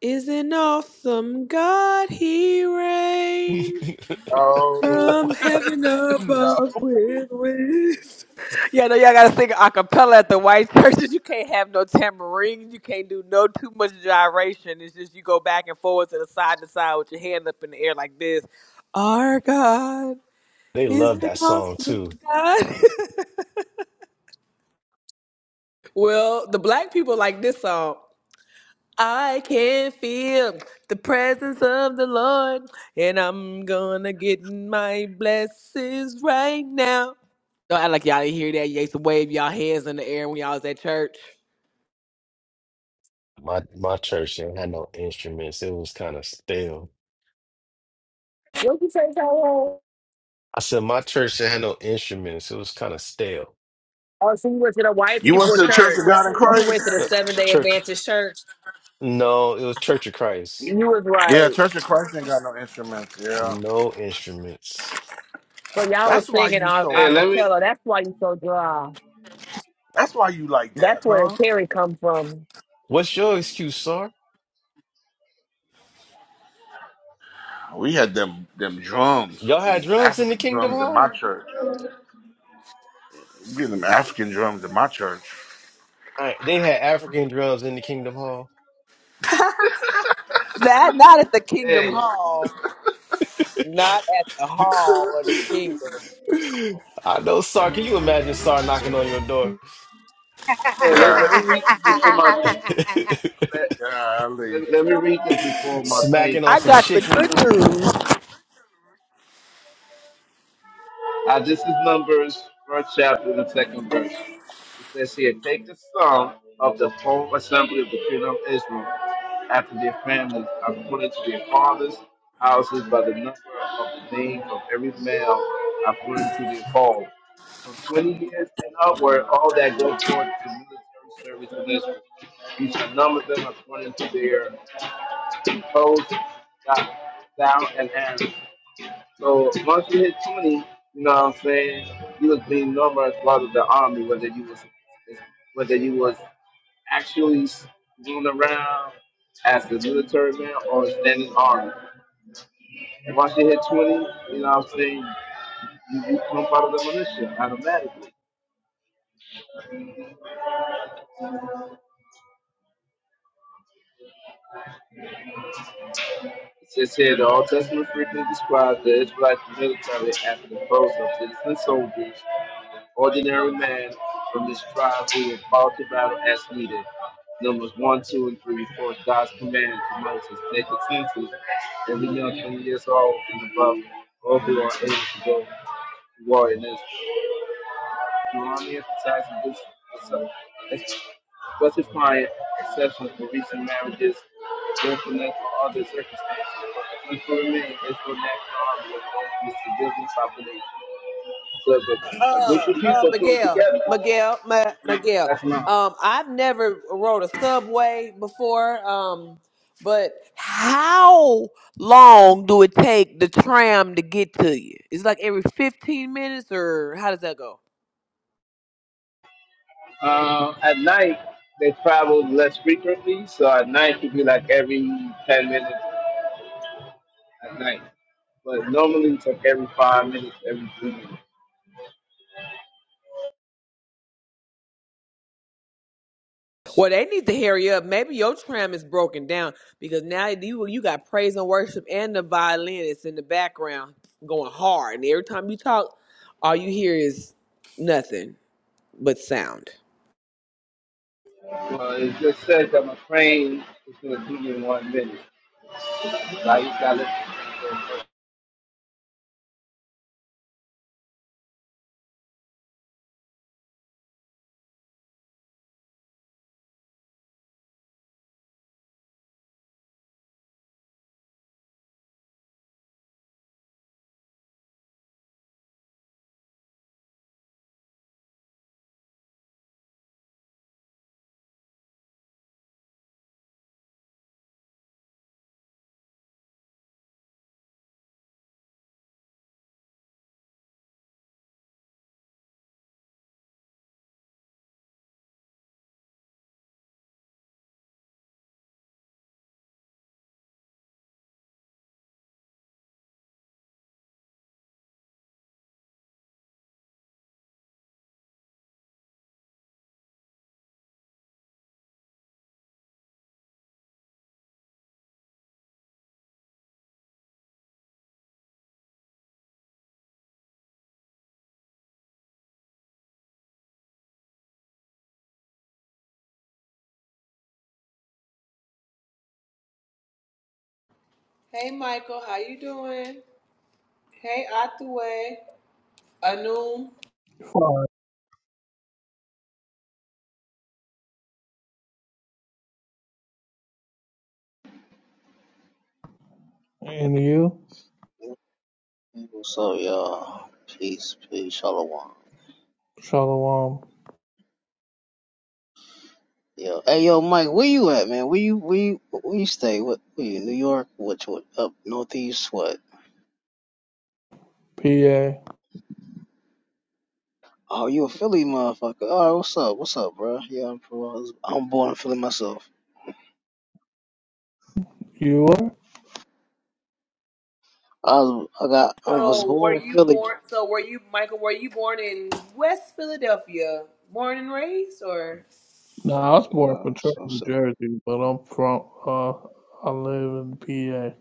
Speaker 2: is an awesome God. He reigns."
Speaker 1: No.
Speaker 2: From heaven
Speaker 1: No.
Speaker 2: above with wisdom. Yeah, no, y'all gotta sing a cappella at the white churches. You can't have no tambourines. You can't do no too much gyration. It's just you go back and forth to the side to side with your hand up in the air like this. Our God
Speaker 9: They
Speaker 2: is
Speaker 9: love
Speaker 2: an
Speaker 9: that song
Speaker 2: awesome
Speaker 9: too.
Speaker 2: God. well, the black people like this song. I can feel the presence of the Lord, and I'm gonna get my blessings right now. Don't act like y'all didn't hear that. You used to wave y'all hands in the air when y'all was at church.
Speaker 9: My my church didn't have no instruments. It was kind of stale.
Speaker 2: What you say, Tyrone?
Speaker 9: I said my church didn't have no instruments. It was kind of stale.
Speaker 2: Oh, so you went to the white
Speaker 1: You went
Speaker 2: people
Speaker 1: to the Church of
Speaker 2: church.
Speaker 1: God in
Speaker 2: You
Speaker 1: Christ?
Speaker 2: went to the
Speaker 9: But
Speaker 2: Seven Day
Speaker 9: church,
Speaker 2: Adventist church.
Speaker 9: no, it was Church of Christ.
Speaker 2: You was
Speaker 1: Yeah,
Speaker 2: right.
Speaker 1: Church of Christ ain't got no instruments. Yeah,
Speaker 9: No instruments.
Speaker 2: So y'all
Speaker 1: that's
Speaker 2: was
Speaker 1: why
Speaker 2: singing
Speaker 1: you
Speaker 2: a
Speaker 11: singing.
Speaker 1: so.
Speaker 11: Hey,
Speaker 2: a
Speaker 11: let me.
Speaker 2: cappella. That's why you so dry.
Speaker 1: That's why you like
Speaker 2: That's
Speaker 1: that,
Speaker 2: where the
Speaker 1: huh?
Speaker 2: Terry come from.
Speaker 9: What's your excuse, sir?
Speaker 1: We had them them drums,
Speaker 9: Y'all
Speaker 1: them
Speaker 9: had drums in the
Speaker 1: African
Speaker 9: Kingdom
Speaker 1: drums in my
Speaker 9: Hall?
Speaker 1: church. We had them African drums in my church.
Speaker 9: I, they had African drums in the Kingdom Hall.
Speaker 2: That not them
Speaker 11: Hey,
Speaker 2: hall, not at the hall of the kingdom.
Speaker 9: I know, Sar. Can you imagine Sar knocking on your door?
Speaker 11: hey, let, let me
Speaker 1: Golly,
Speaker 11: read this before my. Let,
Speaker 1: golly.
Speaker 11: let, let me read this before my plane
Speaker 9: Smacking on
Speaker 2: I
Speaker 11: comes.
Speaker 9: some
Speaker 2: got the
Speaker 9: chicken.
Speaker 2: good news.
Speaker 11: Uh, this is Numbers, first chapter, the second verse. It says here, take the sum of the whole assembly of the children of Israel after their families, according to their fathers' houses, by the number of the names of every male, according to their fall. From twenty years and upward, all that go forth to military service in Israel, you shall number them according to their codes, thou thou and Aaron. So once you hit twenty, you know what I'm saying, you was being numbered as part of the army, whether you was whether you was actually doing around as a military man or standing army. And once you hit 20, you know what I'm saying, you become part of the militia automatically. It says here, the Old Testament frequently describes the Israelite military as the foes of citizen soldiers, ordinary men from this tribe who were called to battle as needed. Numbers 1, 2, and 3 record God's command to Moses, take the census, every young 20 years old and above, all who are able to go to war in Israel. Deuteronomy emphasizes this as- specifying exceptions for recent marriages, willfulness, or other circumstances. And for me, it's for national army of the civilian population. So if a, a group
Speaker 2: Uh,
Speaker 11: of
Speaker 2: uh,
Speaker 11: people come
Speaker 2: Miguel,
Speaker 11: together,
Speaker 2: Miguel, Ma- Miguel.
Speaker 11: that's not.
Speaker 2: Um, I've never rode a subway before. Um, but how long do it take the tram to get to you? It's like every fifteen minutes, or how does that go?
Speaker 11: Uh, at night, they travel less frequently, so at night it could be like every 10 minutes at night. But normally it's like every five minutes, every three minutes.
Speaker 2: Well, they need to hurry up. Maybe your tram is broken down because now you you got praise and worship and the violinist in the background going hard, and every time you talk, all you hear is nothing. but sound.
Speaker 11: Well, it just says that my train is going to be in one minute. Right. Yeah.
Speaker 2: Hey Michael, how you doing? Hey Athuwe, Anum,
Speaker 3: Fine. And you?
Speaker 7: What's up, y'all, peace, peace, shalom.
Speaker 3: Shalom.
Speaker 7: Yo, hey yo, Mike, where you at, man? Where you, where you, where you stay? What, where you, New York? Which, what, up northeast? What?
Speaker 3: PA.
Speaker 7: Oh, you a Philly motherfucker. All right, what's up? What's up, bro? Yeah, I'm from, I was, I'm born in Philly myself.
Speaker 3: You are?
Speaker 7: I was, I got, I was born in Philly.
Speaker 2: West Philadelphia, or
Speaker 3: Nah, I was born
Speaker 7: Yeah,
Speaker 3: from Trenton,
Speaker 7: so,
Speaker 3: New
Speaker 7: so,
Speaker 3: Jersey, but I'm from, uh, I live in PA.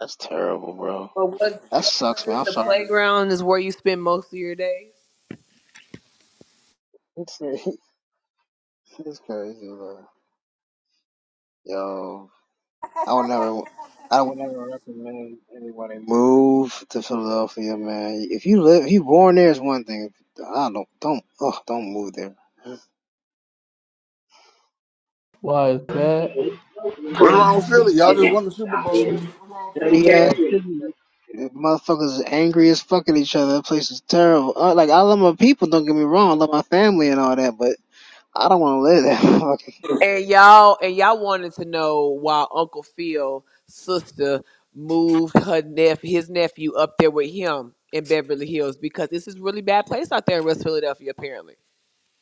Speaker 7: that's terrible, bro.
Speaker 2: or was,
Speaker 7: That sucks, man.
Speaker 2: it
Speaker 7: I'm
Speaker 2: the
Speaker 7: sorry.
Speaker 2: playground is where you spend most of your days?
Speaker 7: It's, it's crazy, bro. Yo, I would never, I would never recommend anybody move to Philadelphia, man. If you live, if you born there is one thing. I don't, don't, oh, don't move there.
Speaker 3: Why is bad?
Speaker 1: What's
Speaker 11: Or,
Speaker 1: wrong with Philly? Y'all just won the Super Bowl. What's wrong with
Speaker 7: dirty
Speaker 1: Philly?
Speaker 7: ass
Speaker 11: Exactly.
Speaker 7: city. Motherfuckers is angry as fuck at each other. That place is terrible. Uh, like I love my people, don't get me wrong. I love my family and all that, but I don't want to live there. Fucking,
Speaker 2: So Moved her nep- his nephew up there with him in Beverly Hills because this is really bad place out there in West Philadelphia apparently.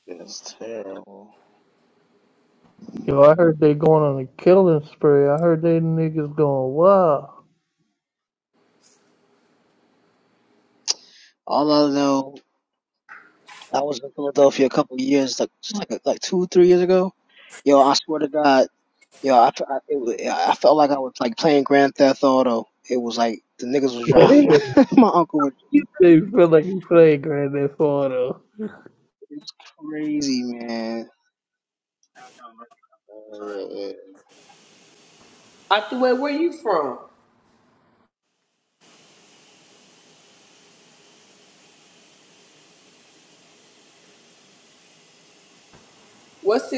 Speaker 7: it's terrible.
Speaker 3: Yo, I heard they going on a killing spree. I heard they niggas going wild.
Speaker 7: All I know, I was in Philadelphia a couple years, like just like like two, three years ago. Yo, I swear to God, yo, I tr- I, it, was- I felt like I was like playing Grand Theft Auto. It was like the niggas was driving. my uncle was,
Speaker 3: They feel like a playground in Florida.
Speaker 7: it was crazy, man.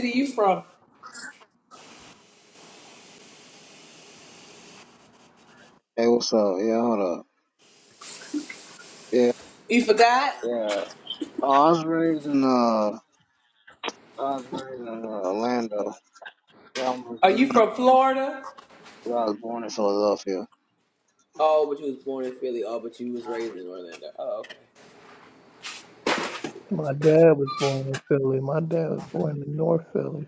Speaker 2: Where you from?
Speaker 7: Hey, what's up? Yeah, hold up. Yeah,
Speaker 2: You forgot?
Speaker 7: yeah. Oh, I was raised in uh, I was raised in uh, Orlando. Well, I was
Speaker 2: Are you
Speaker 7: born,
Speaker 2: from Florida?
Speaker 7: well, I was born in Philadelphia.
Speaker 2: Oh, but you was born in Philly. Oh, but you was raised in Orlando. Oh, okay.
Speaker 3: My
Speaker 2: Gotcha,
Speaker 3: dad
Speaker 2: gotcha.
Speaker 3: was born in Philly. My dad was born in North Philly.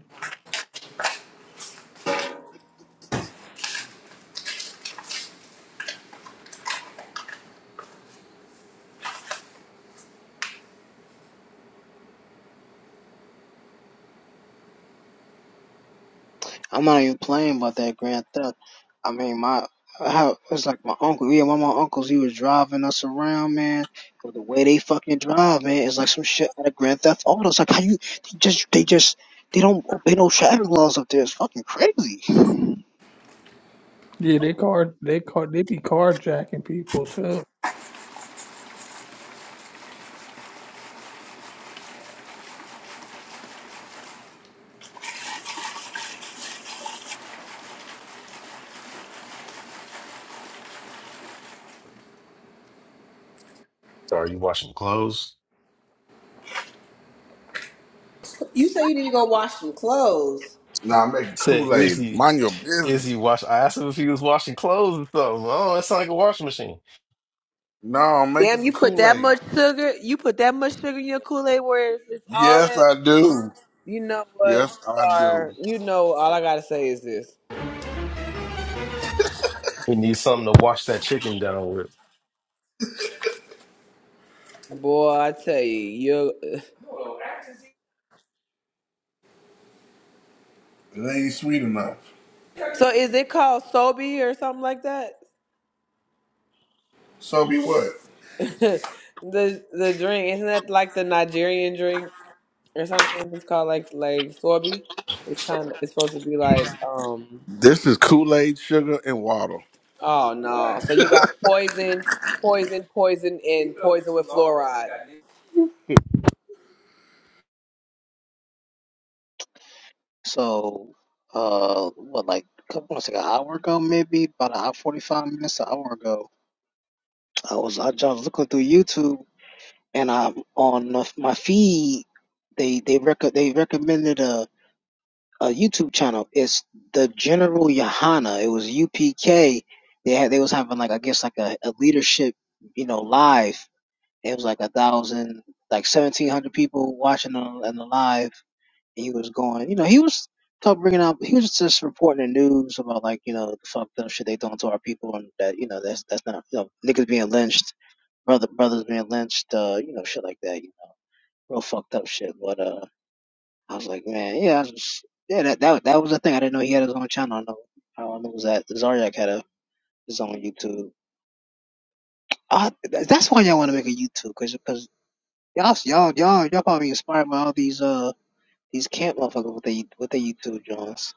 Speaker 7: I'm not even playing about that Grand Theft. I mean, my I have, it's like my uncle. Yeah, one of my uncles, he was driving us around, man. But the way they fucking drive, man, it's like some shit out of Grand Theft Auto. It's like how you they just they just they don't obey no traffic laws up there. It's fucking crazy.
Speaker 3: Yeah, they car they car they be carjacking people too.
Speaker 9: Sorry, you washing clothes?
Speaker 2: You say you need to go wash some clothes.
Speaker 1: Nah, I'm making
Speaker 9: Said,
Speaker 1: Kool
Speaker 9: is
Speaker 1: Aid.
Speaker 9: he,
Speaker 1: Mind your
Speaker 9: is
Speaker 1: business.
Speaker 9: he wash? I asked him if he was washing clothes or something. Oh, that sounds like a washing machine.
Speaker 1: No, I'm making
Speaker 2: Damn,
Speaker 1: some
Speaker 2: you put
Speaker 1: Kool
Speaker 2: that
Speaker 1: Aid.
Speaker 2: much sugar. You put that much sugar in your Kool Aid, where it's, it's all
Speaker 1: Yes,
Speaker 2: that.
Speaker 1: I do.
Speaker 2: You know what,
Speaker 1: Yes, I do.
Speaker 2: sir? You know all I gotta say is this,
Speaker 9: He needs something to wash that chicken down with.
Speaker 2: boy. I tell you, you.
Speaker 1: It ain't sweet enough.
Speaker 2: So is it called Sobe or something like that?
Speaker 1: So be what?
Speaker 2: the the drink isn't that like the Nigerian drink or something? It's called like like Sobe. It's kind of it's supposed to be like um.
Speaker 1: This is Kool Aid, sugar, and water.
Speaker 2: Oh no! So you got poison, poison, poison, and poison with fluoride.
Speaker 7: So, uh, what, like a couple, it's like an hour ago, maybe about an hour forty-five minutes, an hour ago. I was I was looking through YouTube, and I'm on the- my feed. They they rec- they recommended a, a YouTube channel. It's the General Yohana. It was UPK. They had they was having like I guess like a, a leadership, you know, live. It was like a thousand, like seventeen hundred people watching on on the live he was going, you know, he was kept bringing up, he was just reporting the news about like, you know, the fucked up shit they doing to our people, and that, you know, that's that's not, you know, niggas being lynched, brother brothers being lynched, uh, you know, shit like that, you know, real fucked up shit. But uh, I was like, man, yeah, I was just, yeah, that that that was the thing. I didn't know he had his own channel. I know, I don't know was that Zaryak had a his own YouTube. Uh, that's why y'all want to make a YouTube, cause, cause y'all y'all y'all y'all probably inspired by all these uh these camp motherfuckers with they with their YouTube joints.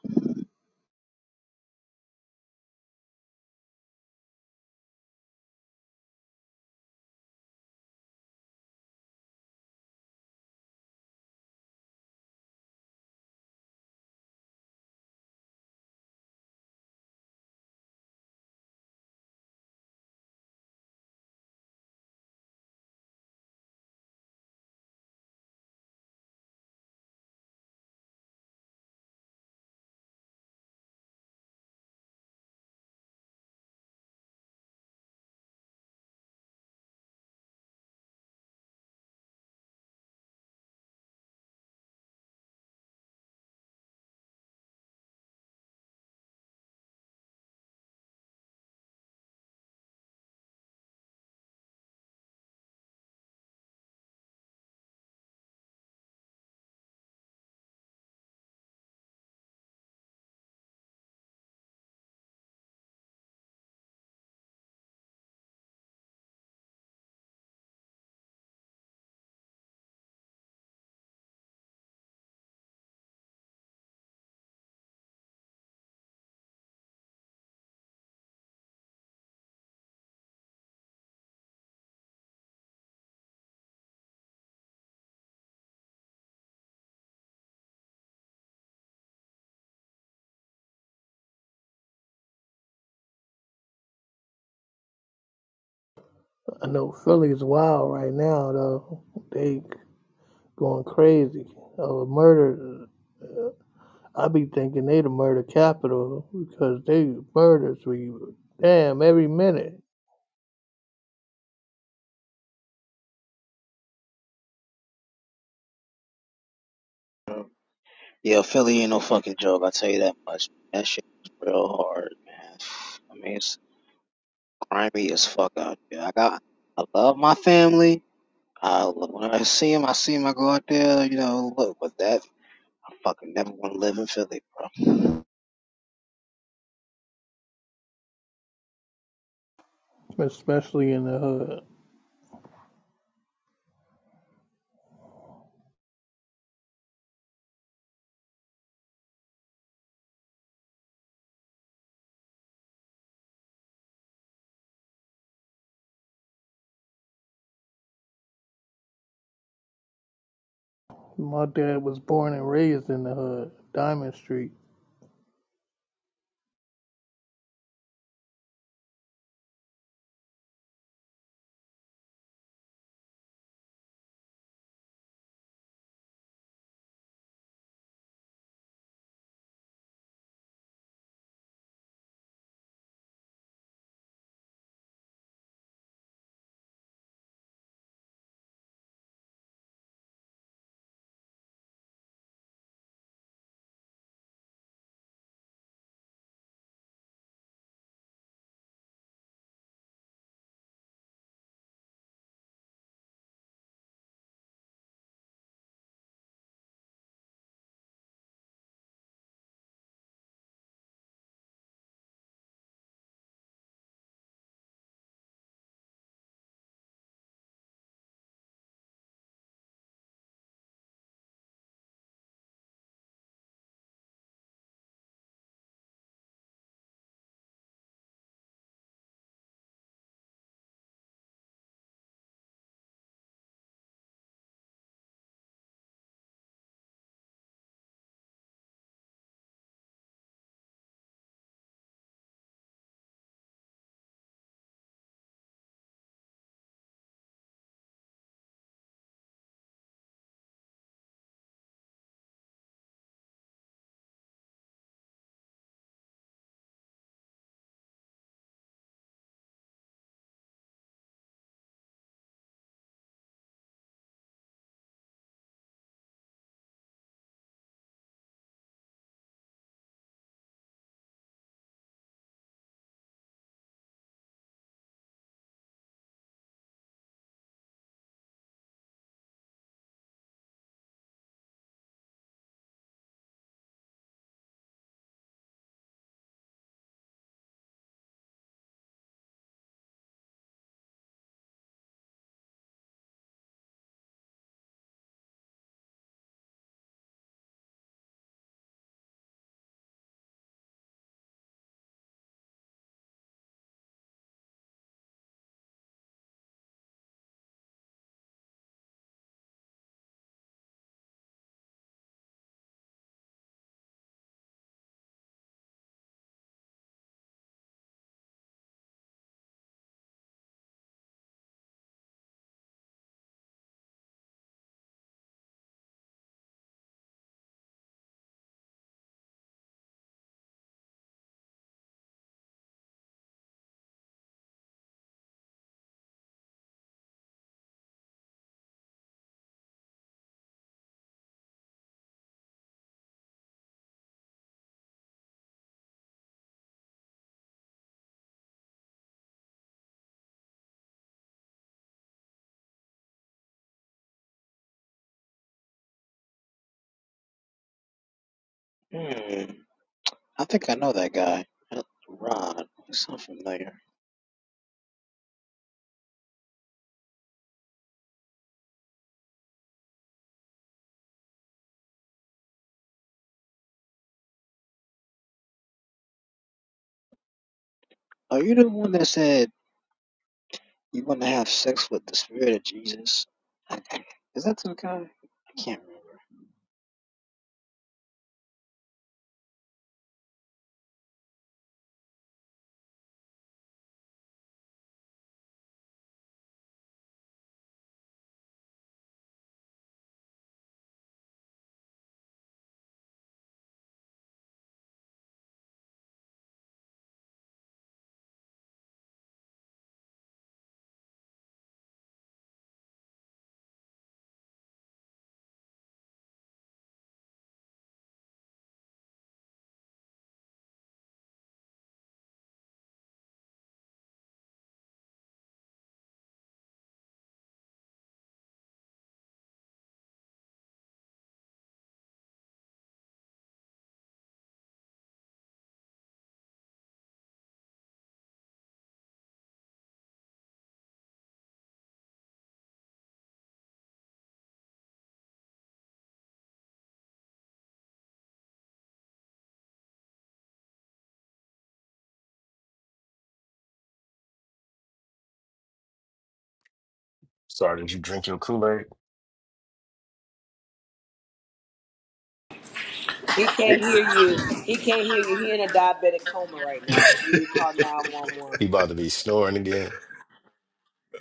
Speaker 3: I know Philly's wild right now though. They going crazy. Uh, murder. I be thinking they the murder capital because they murders we damn every minute,
Speaker 7: Yeah, Philly ain't no fucking joke. I tell you that much. That shit is real hard, man. I mean, it's grimy as fuck out there. I got, I love my family. I lo- when I see him, I see him. I go out there, you know. Look, but that I fucking never want to live in Philly, bro.
Speaker 3: especially in the hood. My dad was born and raised in the hood, Diamond Street.
Speaker 7: Hmm. I think I know that guy. Ron. He sounds familiar. Are you the one that said you want to have sex with the spirit of Jesus? Is that the guy? I can't.
Speaker 9: Sorry, did you drink your Kool-Aid?
Speaker 2: He can't hear you. He can't hear you. He in a diabetic coma right now. You need to call 911.
Speaker 9: He about to be snoring again.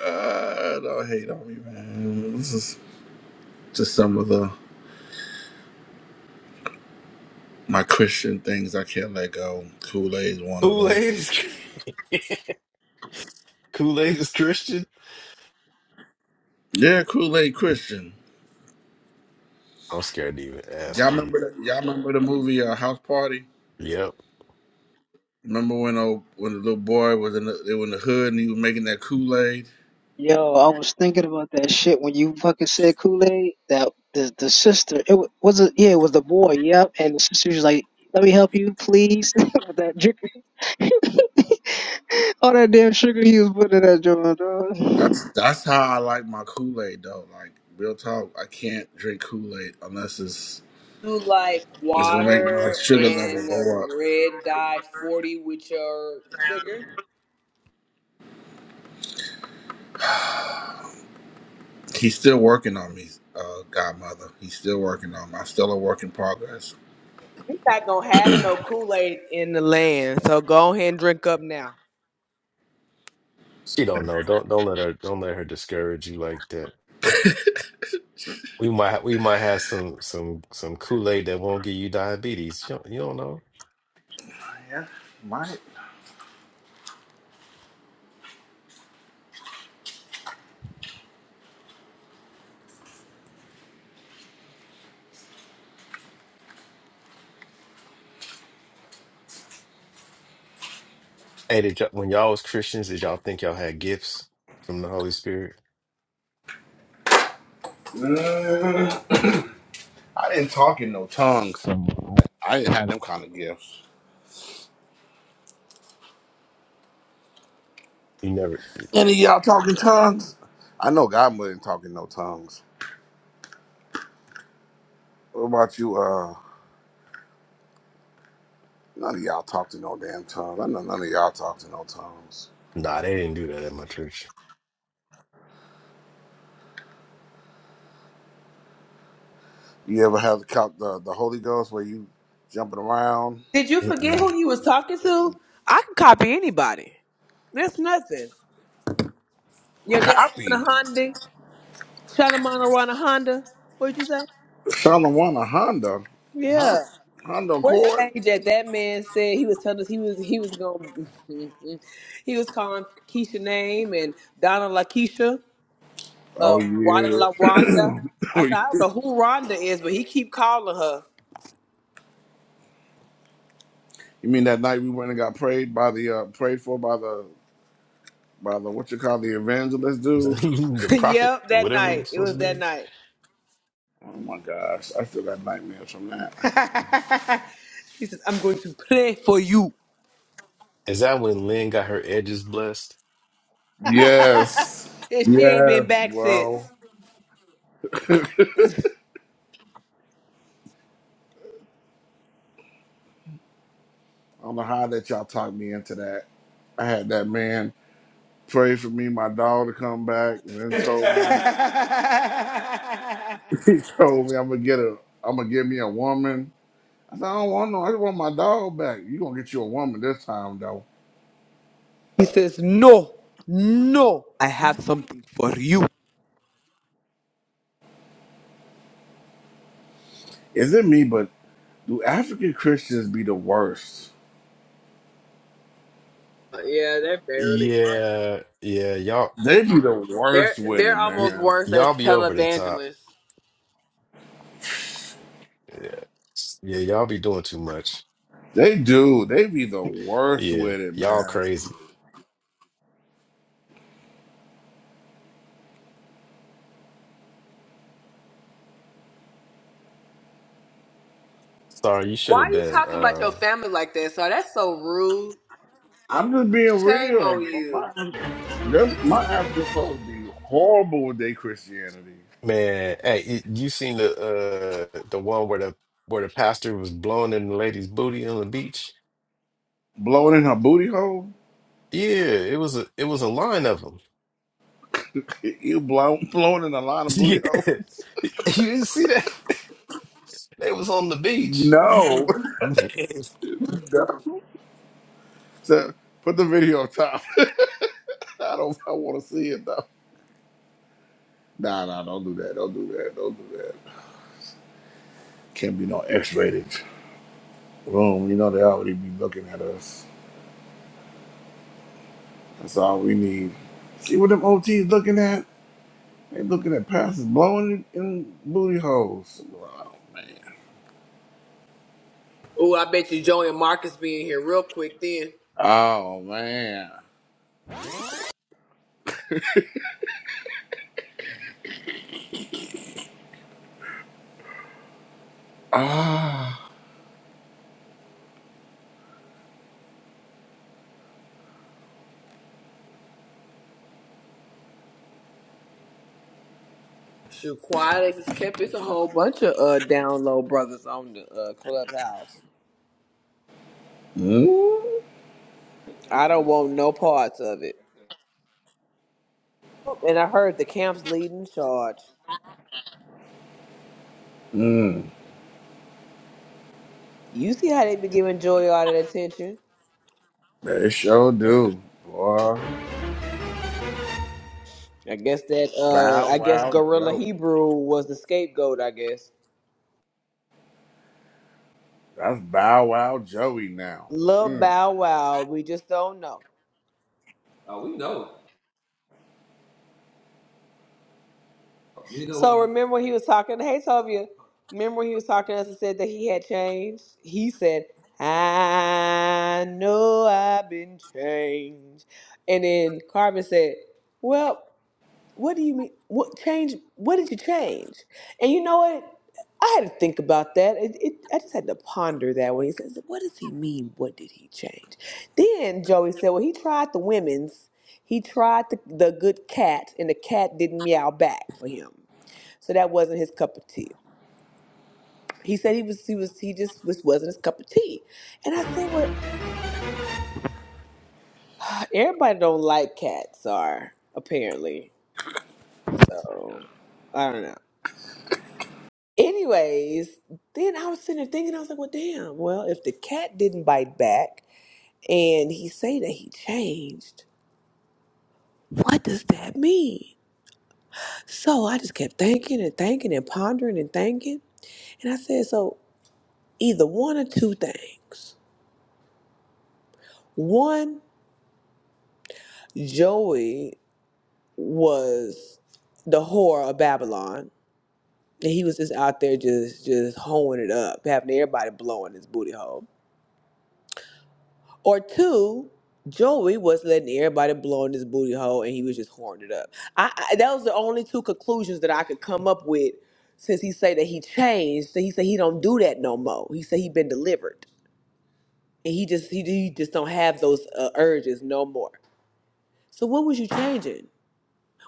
Speaker 1: Uh, don't hate on me, man. This is just some of the my Christian things I can't let go. Kool Aid's one of them.
Speaker 9: Kool-Aid is Kool-Aid is Christian.
Speaker 1: Yeah, Kool Aid Christian.
Speaker 9: I'm scared to even ask
Speaker 1: Y'all
Speaker 9: how you.
Speaker 1: remember that? Y'all remember the movie uh, House Party?
Speaker 9: Yep.
Speaker 1: Remember when old, when the little boy was in the, they were in the hood and he was making that Kool Aid?
Speaker 7: Yo, I was thinking about that shit when you fucking said Kool Aid. That the the sister, it wa- was it. Yeah, it was the boy. Yep, and the sister was like, "Let me help you, please." with that drink, all that damn sugar he was putting in that joint.
Speaker 1: That's
Speaker 7: dog.
Speaker 1: that's how I like my Kool Aid though. Like real talk, I can't drink Kool Aid unless it's it's gonna make my
Speaker 2: Water
Speaker 1: sugar level
Speaker 2: and a
Speaker 1: go up.
Speaker 2: red dye 40 with your... We
Speaker 1: He's still working on me, uh, Godmother. He's still working on me. I'm still a work in progress.
Speaker 2: not going to have no Kool-Aid in the land, so go ahead and drink up now.
Speaker 9: She don't know. Don't don't let her don't let her discourage you like that. We might we might have some some some Kool-Aid that won't give you diabetes. You don't, you don't know.
Speaker 1: My,
Speaker 9: Hey, did y'all, when y'all was Christians, did y'all think y'all had gifts from the Holy Spirit?
Speaker 1: Mm, I didn't talk in no tongues. I didn't have them kind of gifts.
Speaker 9: You never.
Speaker 1: Any of y'all talking tongues? I know Godmother didn't talk in no tongues. What about you? Uh, none of y'all talked in no damn tongues. I know none of y'all talked in no tongues.
Speaker 9: Nah, they didn't do that at my church.
Speaker 1: You ever have the cop- the, the Holy Ghost where you jumping around?
Speaker 2: Did you forget
Speaker 9: Mm-mm.
Speaker 2: who you was talking to? I can copy anybody. That's nothing. Your daddy on
Speaker 1: Copy.
Speaker 2: a Honda? Shot him on around a Honda? What'd you say?
Speaker 1: Solomon a Honda. Honda
Speaker 2: Yeah.
Speaker 1: Honda
Speaker 2: What
Speaker 1: Accord.
Speaker 2: stage that that man said he was telling us he was he was going he was calling Keisha name and Donna La Keisha, uh
Speaker 1: Oh
Speaker 2: Rhonda
Speaker 1: yeah.
Speaker 2: La Rhonda. I
Speaker 1: Oh,
Speaker 2: said,
Speaker 1: you
Speaker 2: I don't know who Rhonda is, but he keep calling her.
Speaker 1: you mean that night we went and got prayed by the uh, prayed for by the by the what you call the evangelist dude?
Speaker 9: The, the prophet,
Speaker 2: yep, that
Speaker 9: whatever it
Speaker 2: night.
Speaker 9: was
Speaker 2: It was
Speaker 9: supposed to
Speaker 2: that
Speaker 9: be.
Speaker 2: night.
Speaker 1: Oh my gosh, I still got nightmares from that.
Speaker 2: he says, I'm going to pray for you.
Speaker 9: Is that when Lynn got her edges blessed?
Speaker 2: and
Speaker 1: Yes,
Speaker 2: she ain't
Speaker 1: yes,
Speaker 2: been back since.
Speaker 1: bro. I don't know how that y'all talked me into that. I had that man pray for me, my dog to come back, and then told me he told me I'm gonna get a I'm gonna get me a woman. I said I don't want no, I just want my dog back. You gonna get you a woman this time though?
Speaker 2: he says, No, no, I have something for you.
Speaker 1: Is it me? But do African Christians be the worst?
Speaker 2: Yeah, they're barely bad.
Speaker 9: Yeah, yeah, y'all,
Speaker 1: They be the
Speaker 2: They're
Speaker 1: worst with
Speaker 2: they're
Speaker 1: it,
Speaker 9: y
Speaker 2: almost
Speaker 1: man.
Speaker 2: worse as
Speaker 9: y'all be over the
Speaker 2: Taliban's
Speaker 9: top. Yeah, S- yeah, y'all be doing too much.
Speaker 1: They do. They be the worst
Speaker 9: Yeah,
Speaker 1: with it,
Speaker 9: y'all
Speaker 1: man.
Speaker 9: crazy. Sorry, you should have been. Um,
Speaker 1: I'm just being real. But my them, my African folks be horrible with their Christianity.
Speaker 9: man, hey, y- you seen the uh the one where the where the pastor was blowing in the lady's booty on the beach?
Speaker 1: Blowing in her booty hole?
Speaker 9: Yeah, it was a it was a line of them.
Speaker 1: You blow, blowing in a lot of
Speaker 9: Yeah,
Speaker 1: booty hole?
Speaker 9: you didn't see that? They was on the beach.
Speaker 1: No.
Speaker 9: Man,
Speaker 1: no. So put the video up top. I don't I wanna see it though. Nah nah, don't do that. Don't do that. Don't do that. Can't be no X rated room. You know they already be looking at us. That's all we need. See what them OTs looking at? They looking at passes blowing in, in booty holes. Oh man.
Speaker 2: being here real quick then.
Speaker 1: Oh man. Ah.
Speaker 2: Shoot, quiet as kept. It's a whole bunch of uh download brothers on the uh, clubhouse.
Speaker 1: Mmm.
Speaker 2: I don't want no parts of it. Oh, And I heard the camp's leading charge.
Speaker 1: Mmm.
Speaker 2: You see how they be giving Joy all that attention?
Speaker 1: They sure do. Boy.
Speaker 2: I guess that uh
Speaker 1: Bow
Speaker 2: I guess
Speaker 1: Wow
Speaker 2: Gorilla
Speaker 1: Joey.
Speaker 2: Hebrew was the scapegoat. I guess
Speaker 1: That's Bow Wow Joey now.
Speaker 2: Lil
Speaker 1: Mm.
Speaker 2: Bow Wow. We just don't know. So remember when he was talking, hey Tovia, remember when he was talking to us and said that he had changed? He said, I know I've been changed. And then Carmen said, Well, what do you mean? What change? What did you change? And you know what? I had to think about that. It, it, I just had to ponder that when he says, What does he mean? What did he change? Then Joey said, Well, he tried the women's. He tried the, the good cat, and the cat didn't meow back for him. So that wasn't his cup of tea. He said he was he was he just was wasn't his cup of tea. And I said, Well everybody don't like cats are apparently. So I don't know. Anyways, then I was sitting there thinking, I was like, Well damn, well if the cat didn't bite back and he say that he changed, what does that mean? So I just kept thinking and thinking and pondering and thinking. And I said, So either one or two things. One, Joey was the whore of Babylon. And he was just out there just just hoeing it up, having everybody blowing his booty hole. Or two, Joey was letting everybody blow in his booty hole and he was just whoring it up. I, I that was the only two conclusions that I could come up with since he said that he changed. So he said he don't do that no more. He said he been delivered. And he just he, he just don't have those uh, urges no more. So what was you changing?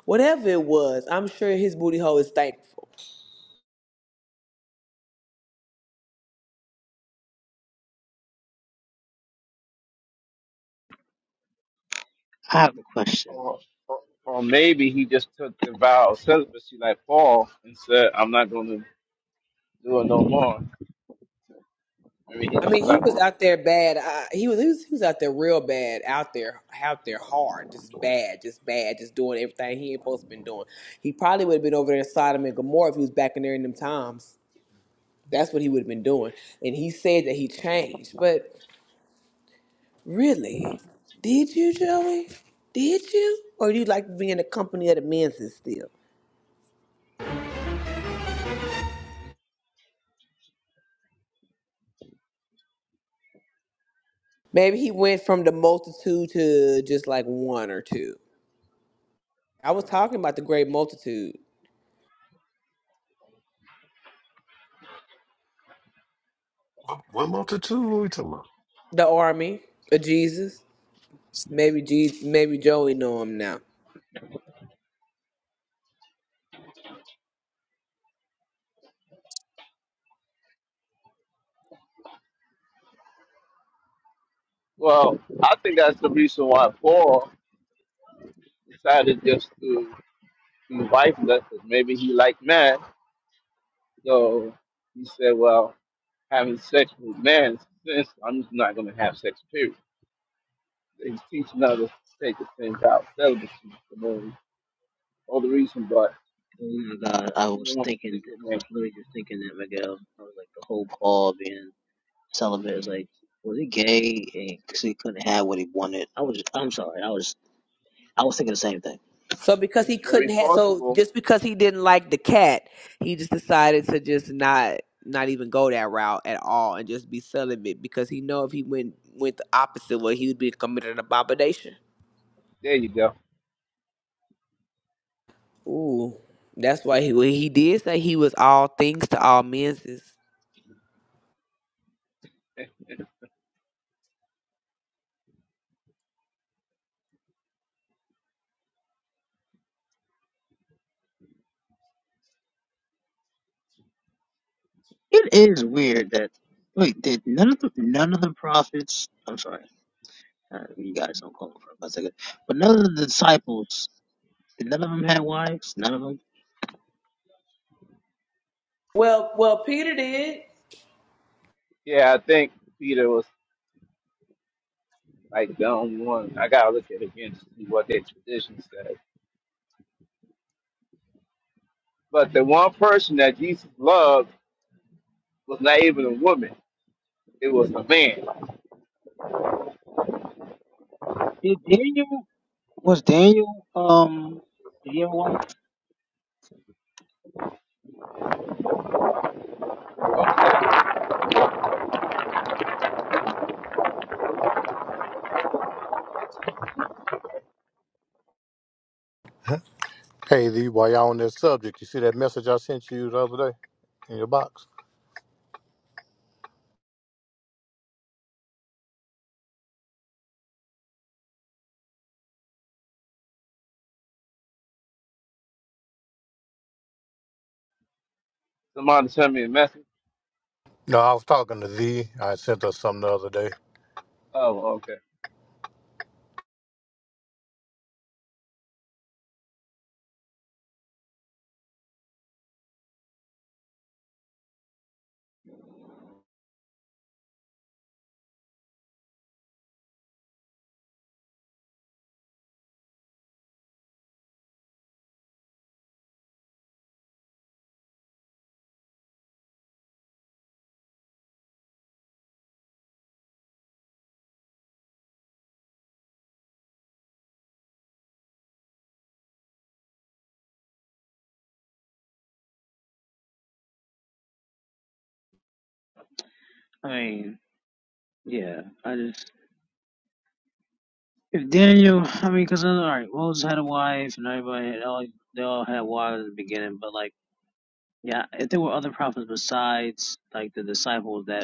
Speaker 2: Whatever it was, I'm sure his booty hole is thankful.
Speaker 7: I have a question.
Speaker 11: or, or or maybe he just took the vow of celibacy like Paul and said, I'm not going to do it no more. Maybe he
Speaker 2: I
Speaker 11: just
Speaker 2: mean, he
Speaker 11: left
Speaker 2: was out there
Speaker 11: together.
Speaker 2: bad. Uh, he was he was he was out there real bad, out there out there hard, just bad, just bad, just doing everything he ain't supposed to been doing. He probably would have been over there in Sodom and Gomorrah if he was back in there in them times. That's what he would have been doing. And he said that he changed, but really, did you, Joey? Did you, or do you like to be in the company of the men's still? Maybe he went from the multitude to just like one or two. I was talking about the great multitude,
Speaker 9: what what multitude are we talking about?
Speaker 2: the army of Jesus. Maybe G, maybe Joey know him now.
Speaker 11: Well, I think that's the reason why Paul decided just to be wifeless, because maybe he liked men. So he said, Well, having sex with men is sin, so I'm just not going to have sex, period. He's teaching others to take the things out, celibacy. is The only, reason, but.
Speaker 7: Oh my god,
Speaker 11: if
Speaker 7: I
Speaker 11: You
Speaker 7: was
Speaker 11: want to
Speaker 7: thinking,
Speaker 11: sleep
Speaker 7: I
Speaker 11: with me?
Speaker 7: was literally just thinking that Miguel. I was like, the whole Paul being celibate is like, was he gay? Because he couldn't have what he wanted. I was, I'm sorry, I was, I was thinking the same thing.
Speaker 2: So because
Speaker 11: It's
Speaker 2: he
Speaker 11: very
Speaker 2: couldn't have, so
Speaker 11: possible.
Speaker 2: just because he didn't like the cat, he just decided to just not not even go that route at all and just be celibate because he know if he went went the opposite way, he would be committed an abomination.
Speaker 11: There you go.
Speaker 2: Ooh, that's why he well, he did say he was all things to all men's. is-
Speaker 7: It is weird that wait, did none of the none of the prophets? I'm sorry, uh, you guys don't call them for a second, but none of the disciples did none of them had wives? None of them
Speaker 2: Well, well, Pete.
Speaker 11: Yeah, I think Peter was like the only one. I gotta look at it again to see what their tradition says. But the one person that Jesus loved was not even a woman; it was a man.
Speaker 7: did. Daniel was Daniel um did he have a wife?
Speaker 14: Hey, Lee, while y'all on that subject, you see that message I sent you the other day in your box?
Speaker 11: Somebody sent me a message.
Speaker 14: No, I was talking to Z. I sent her something the other day.
Speaker 11: Oh, okay.
Speaker 7: I mean, yeah, I just if Daniel, I mean, because all right, Moses had a wife and everybody had all they all had wives at the beginning, but like yeah, if there were other prophets besides like the disciples that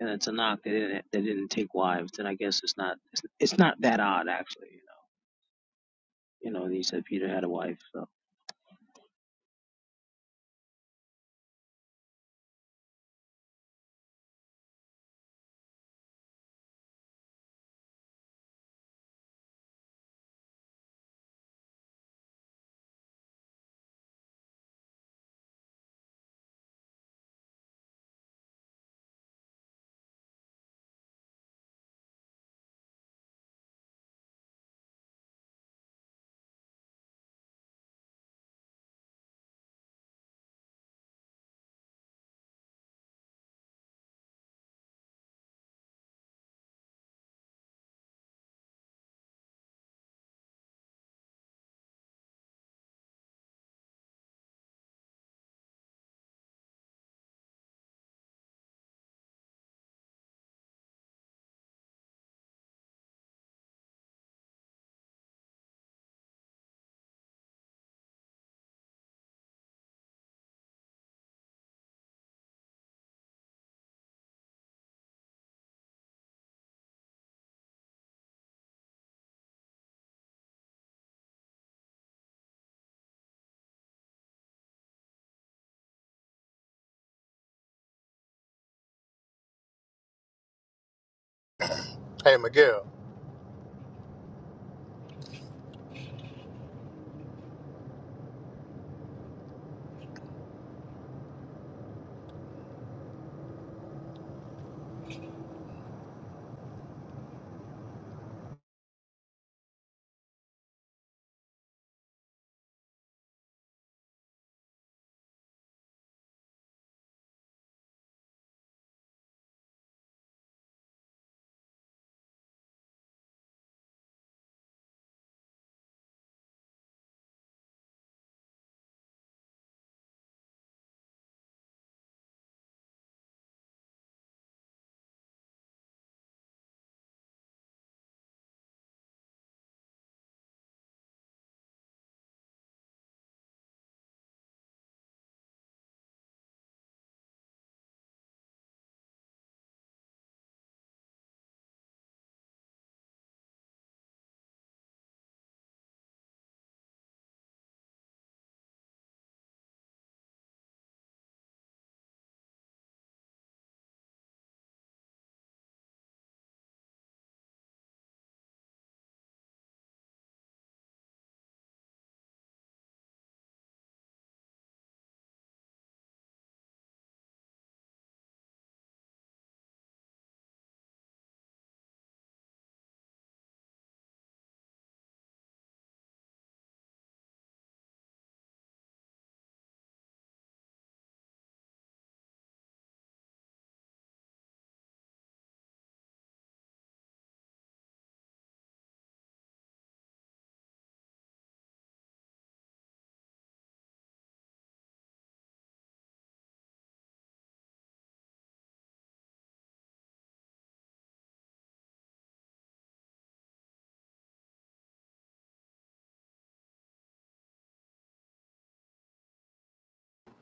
Speaker 7: and it's a knock. They didn't they didn't take wives, then I guess it's not it's, it's not that odd actually. You know, you know, and he said Peter had a wife. So.
Speaker 14: Hey, Miguel.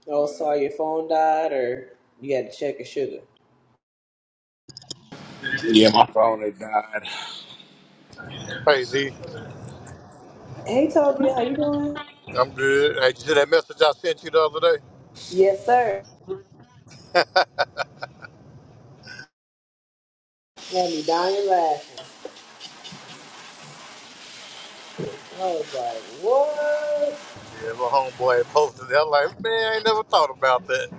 Speaker 2: Oh, sorry, your phone died, or you had to check your sugar.
Speaker 1: Yeah, my phone had died.
Speaker 14: Hey, Z.
Speaker 2: Hey, Toby, how you doing?
Speaker 14: I'm good. Hey, you see that message I sent you the other day?
Speaker 2: Yes, sir. Had me dying laughing.
Speaker 14: Yeah, my homeboy had posted that. I'm like, man, I ain't never thought about that.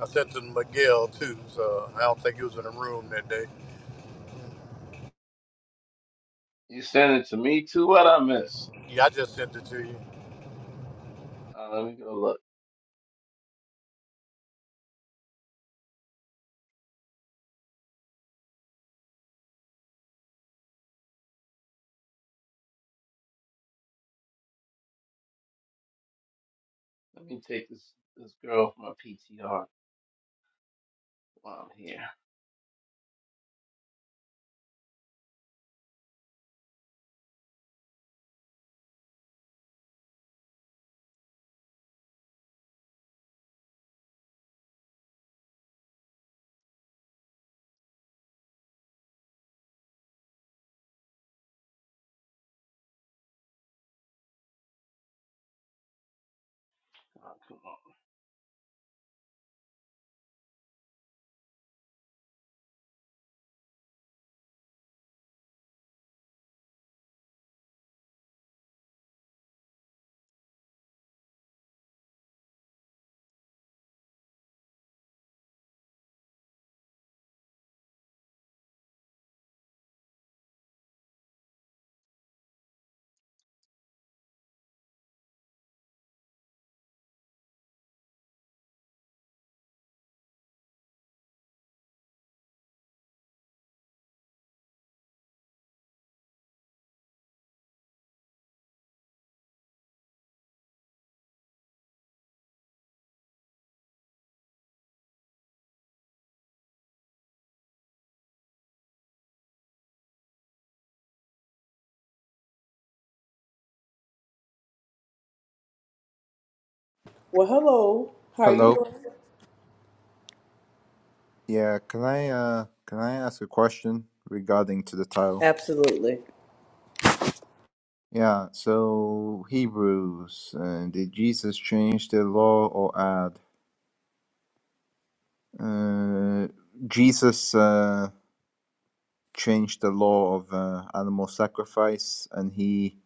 Speaker 14: I sent it to Miguel, too, so I don't think he was in the room that day.
Speaker 11: You sent it to me too? What I miss?
Speaker 14: Yeah, I just sent it to you.
Speaker 11: Uh, let me go look. Let me take this this girl from my PTR while I'm here.
Speaker 15: Hello. Yeah, can I uh can I ask a question regarding to the title?
Speaker 2: Absolutely.
Speaker 15: Yeah, so Hebrews, uh, did Jesus change the law or add? Uh, Jesus uh, changed the law of uh, animal sacrifice, and he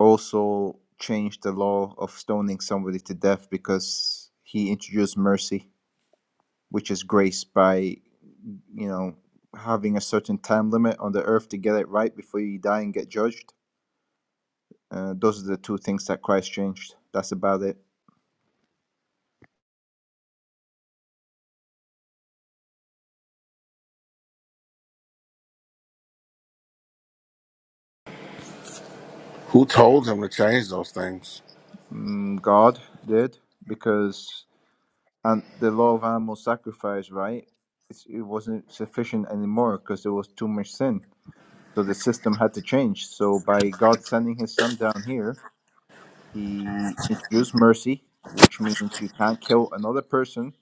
Speaker 15: also changed the law of stoning somebody to death because he introduced mercy, which is grace by you know having a certain time limit on the earth to get it right before you die and get judged Uh, those are the two things that Christ changed. That's about it.
Speaker 1: Who told him to change those things?
Speaker 15: Mm, God did because and the law of animal sacrifice, right? It's, it wasn't sufficient anymore because there was too much sin. So the system had to change. So by God sending His Son down here, He introduced mercy, which means you can't kill another person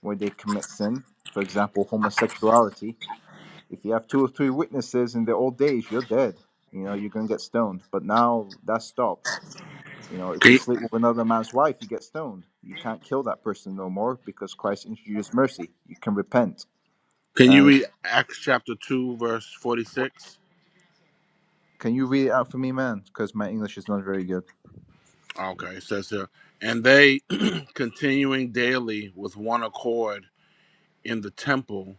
Speaker 15: where they commit sin. For example, homosexuality. If you have two or three witnesses in the old days, you're dead. You know, you're gonna get stoned. But now that's stopped You know, if
Speaker 1: Can
Speaker 15: you
Speaker 1: you,
Speaker 15: sleep with another man's wife, you get stoned. You can't kill that person no more because Christ introduced mercy. You can repent.
Speaker 1: can you
Speaker 15: And
Speaker 1: read Acts chapter 2, verse 46?
Speaker 15: can you read it out for me, man? Because my English is not very good.
Speaker 1: Okay, it says here, and they continuing daily with one accord in the temple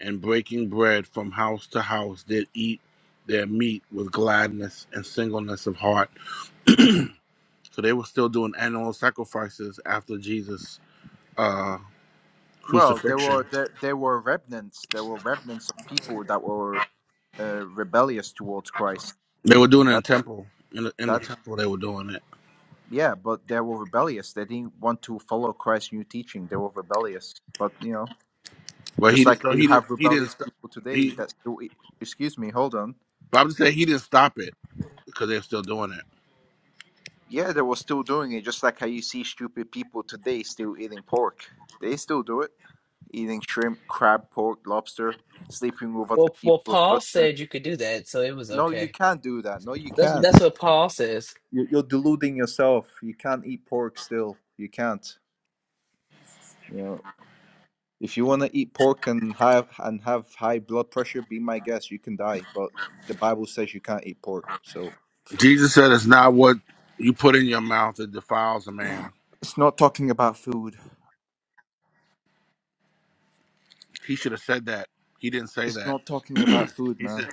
Speaker 1: and breaking bread from house to house did eat their meat with gladness and singleness of heart. So they were still doing animal sacrifices after Jesus' uh,
Speaker 15: Well, there
Speaker 1: crucifixion.
Speaker 15: were there there were remnants. There were remnants of people that were uh, rebellious towards Christ.
Speaker 1: They were doing it in
Speaker 15: That
Speaker 1: temple. In the, in the
Speaker 15: that
Speaker 1: temple, they were doing it,
Speaker 15: yeah, but they were rebellious. They didn't want to follow Christ's new teaching. They were rebellious. But you know,
Speaker 1: but he
Speaker 15: just
Speaker 1: did,
Speaker 15: like
Speaker 1: so
Speaker 15: you
Speaker 1: he did
Speaker 15: have
Speaker 1: he didn't
Speaker 15: rebellious
Speaker 1: stop.
Speaker 15: people today
Speaker 1: He,
Speaker 15: that still, excuse me, hold on.
Speaker 1: but I'm just saying he didn't stop it because they're still doing it.
Speaker 15: Yeah, they were still doing it, just like how you see stupid people today still eating pork. They still do it, eating shrimp, crab, pork, lobster, sleeping with other
Speaker 2: Well, well,
Speaker 15: people's
Speaker 2: Paul
Speaker 15: husbands.
Speaker 2: said you could do that, so it was
Speaker 15: No, you
Speaker 2: okay.
Speaker 15: can't do that. No, you
Speaker 2: That's
Speaker 15: can't.
Speaker 2: that's what Paul says.
Speaker 15: You- You're deluding yourself. You can't eat pork still. You can't. You know, if you want to eat pork and have and have high blood pressure, be my guest. You can die, but the Bible says you can't eat pork. So
Speaker 1: Jesus said it's not what you put in your mouth that defiles a man.
Speaker 15: it's not talking about food.
Speaker 1: He should have said that. He didn't say
Speaker 15: It's
Speaker 1: that.
Speaker 15: not talking about food,
Speaker 1: he
Speaker 15: man.
Speaker 1: said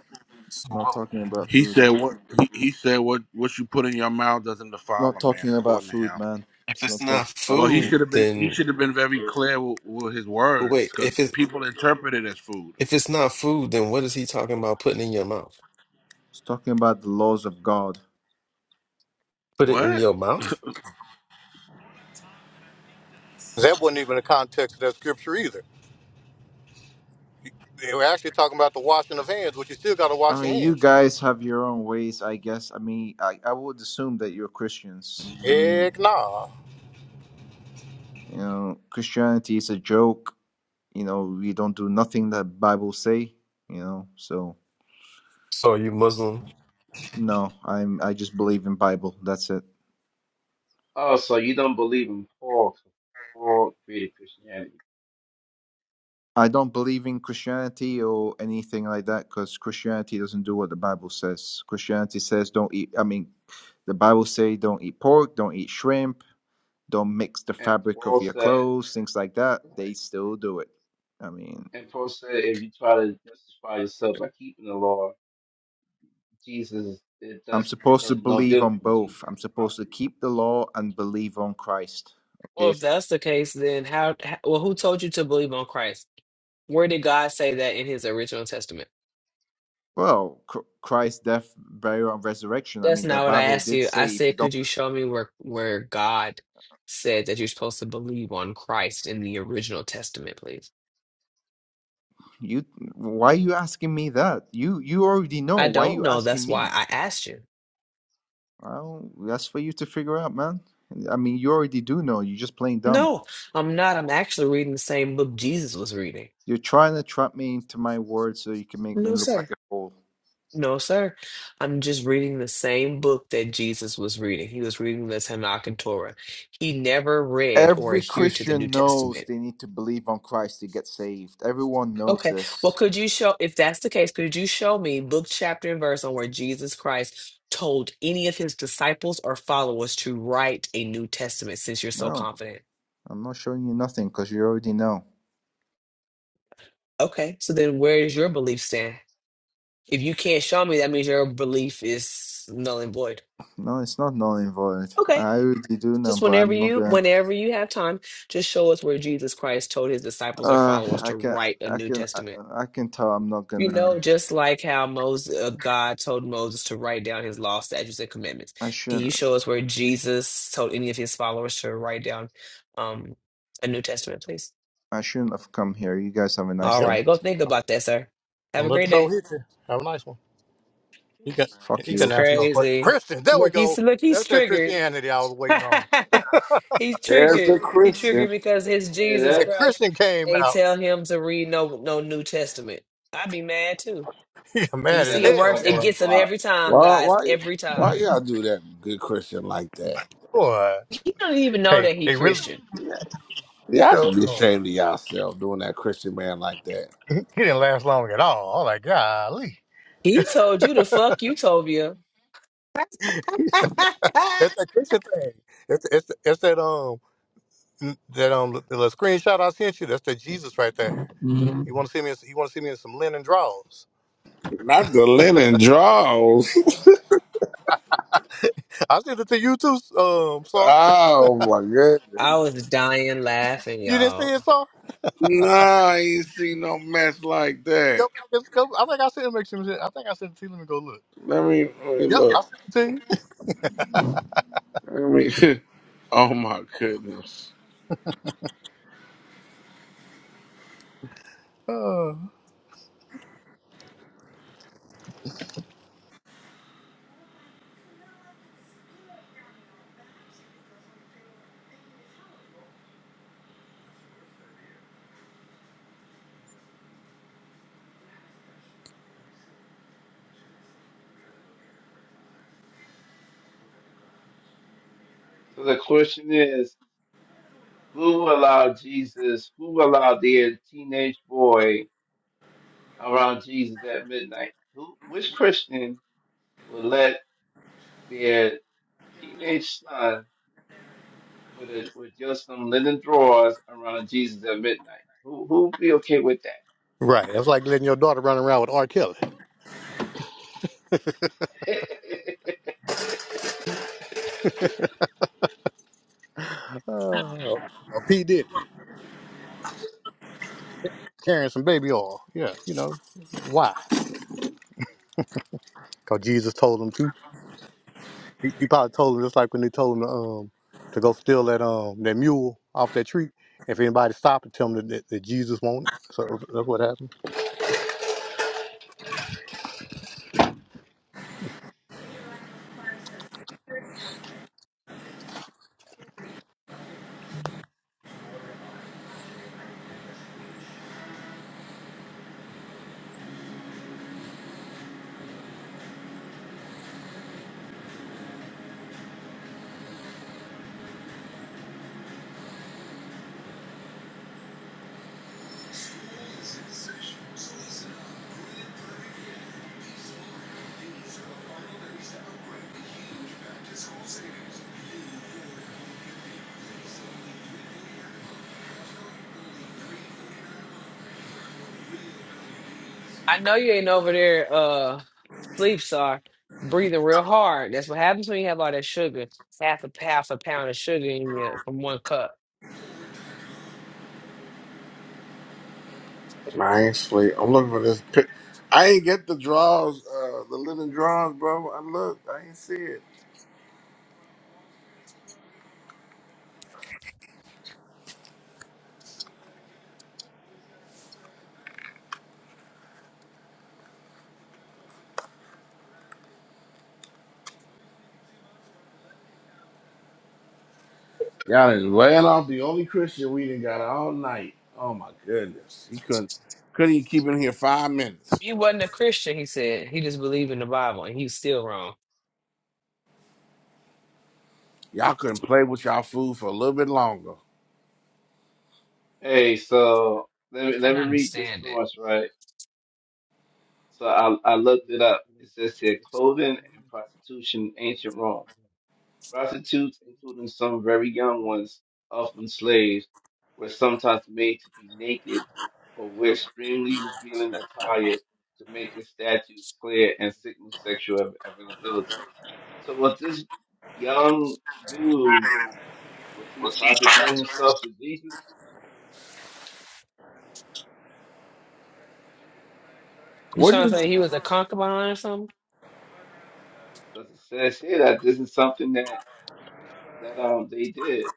Speaker 9: So,
Speaker 15: Not
Speaker 9: well,
Speaker 15: talking about
Speaker 1: he
Speaker 15: food.
Speaker 1: said what he, he said what what you put in your mouth doesn't defile
Speaker 15: not
Speaker 1: a man
Speaker 15: talking about
Speaker 1: according to
Speaker 15: food,
Speaker 1: him.
Speaker 15: man.
Speaker 9: if
Speaker 15: It's
Speaker 9: it's
Speaker 15: not talking
Speaker 9: not
Speaker 15: about
Speaker 1: Well, he
Speaker 9: food,
Speaker 15: food.
Speaker 1: should have been he
Speaker 9: then.
Speaker 1: should have been very clear with, with his
Speaker 9: But
Speaker 1: words
Speaker 9: wait,
Speaker 1: because
Speaker 9: if it's
Speaker 1: people interpret it as food.
Speaker 9: if it's not food, then what is he talking about putting in your mouth?
Speaker 15: It's talking about the laws of God.
Speaker 9: Put it in
Speaker 1: What?
Speaker 9: your mouth?
Speaker 14: That wasn't even the context of that scripture either. They were actually talking about the washing of hands, but you still got to
Speaker 15: I
Speaker 14: wash your
Speaker 15: mean, you
Speaker 14: hands.
Speaker 15: guys have your own ways, I guess. I mean, I, I would assume that you're Christians. I mean,
Speaker 14: Heck nah.
Speaker 15: you know, Christianity is a joke. You know, we don't do nothing that Bible say. You know, so
Speaker 9: So are you Muslim?
Speaker 15: no, I'm I just believe in Bible. That's it.
Speaker 11: Oh, so you don't believe in Paul? Paul created Christianity,
Speaker 15: I don't believe in Christianity or anything like that because Christianity doesn't do what the Bible says. Christianity says don't eat. I mean, the Bible say don't eat pork, don't eat shrimp, don't mix the
Speaker 11: and
Speaker 15: fabric
Speaker 11: Paul
Speaker 15: of your
Speaker 11: said.
Speaker 15: clothes, things like that. They
Speaker 11: Right.
Speaker 15: still do it. I mean,
Speaker 11: And Paul said, if you try to justify yourself by keeping the law, Jesus, it
Speaker 15: I'm
Speaker 11: does
Speaker 15: supposed to
Speaker 11: does no
Speaker 15: believe
Speaker 11: good for
Speaker 15: on
Speaker 11: you. Jesus
Speaker 15: both. I'm
Speaker 11: doesn't profit
Speaker 15: supposed to
Speaker 11: you.
Speaker 15: keep the law and believe on Christ.
Speaker 2: Well,
Speaker 15: Okay.
Speaker 2: if that's the case, then how, how? Well, who told you to believe on Christ? Where did God say that in His original testament?
Speaker 15: Well, Chr- Christ's death, burial, and resurrection. I
Speaker 2: That's
Speaker 15: mean, the
Speaker 2: not what I
Speaker 15: Bible
Speaker 2: asked
Speaker 15: did
Speaker 2: you. I
Speaker 15: say if you
Speaker 2: said,
Speaker 15: don't
Speaker 2: could you show me where where God said that you're supposed to believe on Christ in the original testament, please?
Speaker 15: You, why you asking me that? You you already know.
Speaker 2: I
Speaker 15: Why
Speaker 2: don't
Speaker 15: you
Speaker 2: know.
Speaker 15: asking
Speaker 2: That's why
Speaker 15: me?
Speaker 2: I asked you.
Speaker 15: Well, that's for you to figure out, man. I mean, you already do know. You're just playing dumb.
Speaker 2: No, I'm not. I'm actually reading the same book Jesus was reading.
Speaker 15: You're trying to trap me into my words so you can make me
Speaker 2: No,
Speaker 15: look like
Speaker 2: sir.
Speaker 15: a fool.
Speaker 2: No, sir. I'm just reading the same book that Jesus was reading. He was reading the Tanakh and Torah. He never read or
Speaker 15: Every
Speaker 2: adhered to the New
Speaker 15: Christian knows
Speaker 2: Testament.
Speaker 15: they need to believe on Christ to get saved. Everyone knows
Speaker 2: Okay. Well,
Speaker 15: this.
Speaker 2: could you show, if that's the case, could you show me book, chapter, and verse on where Jesus Christ told any of his disciples or followers to write a New Testament since you're so
Speaker 15: No,
Speaker 2: confident?
Speaker 15: I'm not showing you nothing because you already know.
Speaker 2: Okay. So then where is your belief stand? If you can't show me, that means your belief is null and void.
Speaker 15: No, it's not null and void.
Speaker 2: Okay.
Speaker 15: I already do know,
Speaker 2: Just
Speaker 15: but
Speaker 2: whenever
Speaker 15: I'm not
Speaker 2: you
Speaker 15: gonna.
Speaker 2: whenever you have time, just show us where Jesus Christ told his disciples or
Speaker 15: Uh,
Speaker 2: followers
Speaker 15: I
Speaker 2: to
Speaker 15: can,
Speaker 2: write a
Speaker 15: I
Speaker 2: New
Speaker 15: can, I,
Speaker 2: Testament.
Speaker 15: I can tell I'm not
Speaker 2: You
Speaker 15: gonna.
Speaker 2: know, just like how Moses, uh, God told Moses to write down his law, statutes, and commandments.
Speaker 15: I
Speaker 2: Can
Speaker 15: should.
Speaker 2: you show us where Jesus told any of his followers to write down um, a New Testament, please?
Speaker 15: I shouldn't have come here. You guys have a nice
Speaker 2: All
Speaker 15: day.
Speaker 2: right, go think about that, sir.
Speaker 14: Don't
Speaker 2: Have a
Speaker 14: let the
Speaker 2: great
Speaker 14: door
Speaker 2: day.
Speaker 14: hit you. Have a nice one. You can
Speaker 15: Fuck
Speaker 14: you
Speaker 2: It's
Speaker 14: can
Speaker 15: you.
Speaker 14: answer no question.
Speaker 2: crazy.
Speaker 14: Christian, there we
Speaker 2: Look, he's
Speaker 14: go.
Speaker 2: look, he's
Speaker 14: That's that
Speaker 2: triggered.
Speaker 14: Christianity I was waiting on.
Speaker 2: He's
Speaker 1: There's a
Speaker 2: triggered. He
Speaker 1: Christian.
Speaker 2: triggered because his
Speaker 11: Yeah,
Speaker 2: Jesus
Speaker 14: And
Speaker 11: that
Speaker 2: Christ
Speaker 14: Christian came
Speaker 2: ain't
Speaker 14: out.
Speaker 2: tell him to read no no New Testament. I'd be mad too.
Speaker 14: He
Speaker 2: You
Speaker 14: mad
Speaker 11: yeah,
Speaker 14: as
Speaker 2: see, it
Speaker 11: that's why
Speaker 14: hell,
Speaker 2: works.
Speaker 11: I
Speaker 2: It
Speaker 11: got
Speaker 14: boy.
Speaker 11: him
Speaker 2: gets him
Speaker 11: blocked.
Speaker 2: every time,
Speaker 1: Why
Speaker 2: guys.
Speaker 1: why
Speaker 2: Every time.
Speaker 1: why y'all do that good Christian like that?
Speaker 14: Boy,
Speaker 2: He don't even know
Speaker 14: hey,
Speaker 2: that he
Speaker 14: they really
Speaker 2: Christian.
Speaker 1: Yeah,
Speaker 14: he
Speaker 1: Y'all should
Speaker 14: showed-
Speaker 1: be
Speaker 14: oh,
Speaker 1: ashamed of yourself doing that Christian man like that.
Speaker 14: he didn't last long at all. I'm like, golly,
Speaker 2: He told you to fuck Utopia. I
Speaker 14: that's that Christian thing. It's it's, it's that um that um the little screenshot I sent you. That's that Jesus right there. You want to see me? in- You want to see me in some linen drawers?
Speaker 1: Not the linen drawers.
Speaker 14: I sent it to you too, um, Sar.
Speaker 1: Oh my goodness.
Speaker 2: was dying laughing,
Speaker 14: You didn't see
Speaker 2: y'all.
Speaker 14: it, Sar?
Speaker 1: Nah, I ain't seen no mess like
Speaker 14: Go
Speaker 1: that.
Speaker 14: back and go. I think I sent him some shit. I think I sent it to you. Let me go look.
Speaker 1: Let me, let me
Speaker 14: Yep, I
Speaker 1: look.
Speaker 14: sent it to
Speaker 1: Let me. Oh my goodness.
Speaker 14: you.
Speaker 11: So the question is, who allowed Jesus? Who allowed the teenage boy around Jesus at midnight? Who? Which Christian would let their teenage son with a, with just some linen drawers around Jesus at midnight? Who who would be okay with that?
Speaker 14: Uh, right. That's like letting your daughter run around with R. Kelly uh, or or P. Diddy carrying some baby oil. Yeah, you know why? Because Jesus told him to. He, he probably told him just like when they told him to, um to go steal that um that mule off that tree. If anybody stopped and tell him that, that, that Jesus wanted, so that's what happened.
Speaker 2: I know you ain't over there uh sleep star breathing real hard. That's what happens when you have all that sugar. Half a half a pound of sugar in you from one cup.
Speaker 1: I ain't sleep. I'm looking for this pic. I ain't get the drawers, uh, the linen drawers, bro. I looked. I ain't see it. Y'all is laying off the only Christian we done got all night. Oh my goodness. He couldn't couldn't even keep in here five minutes.
Speaker 2: He wasn't a Christian, he said. He just believed in the Bible, and he was still wrong.
Speaker 1: Y'all couldn't play with y'all food for a little bit longer.
Speaker 11: Hey, so let
Speaker 2: He
Speaker 11: me, let
Speaker 2: couldn't
Speaker 11: me read this
Speaker 2: understand it.
Speaker 11: source, right? So I, I looked it up. It says here clothing and prostitution in ancient Rome. Prostitutes, including some very young ones, often slaves, were sometimes made to be naked or wear extremely revealing attire to make the statues clear and signal sexual av- availability. So was this young dude, was he prostituting himself to Jesus?
Speaker 2: You
Speaker 1: What?
Speaker 2: trying to
Speaker 1: you
Speaker 2: say he was a concubine or something?
Speaker 11: Because it says here that this is something that that um they did.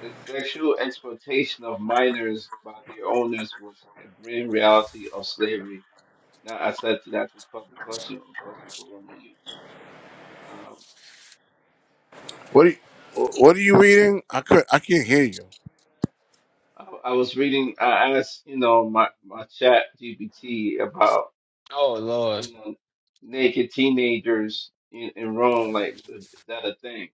Speaker 11: The sexual exploitation of minors by their owners was a grim reality of slavery. Now I said to that to public question or question for Roman youth. Um,
Speaker 1: What are you, what are you reading? I could I can't hear you.
Speaker 11: I, I was reading. I asked you know my my chat GPT about
Speaker 2: Oh Lord.
Speaker 11: you know naked teenagers in, in Rome. Like is that a thing?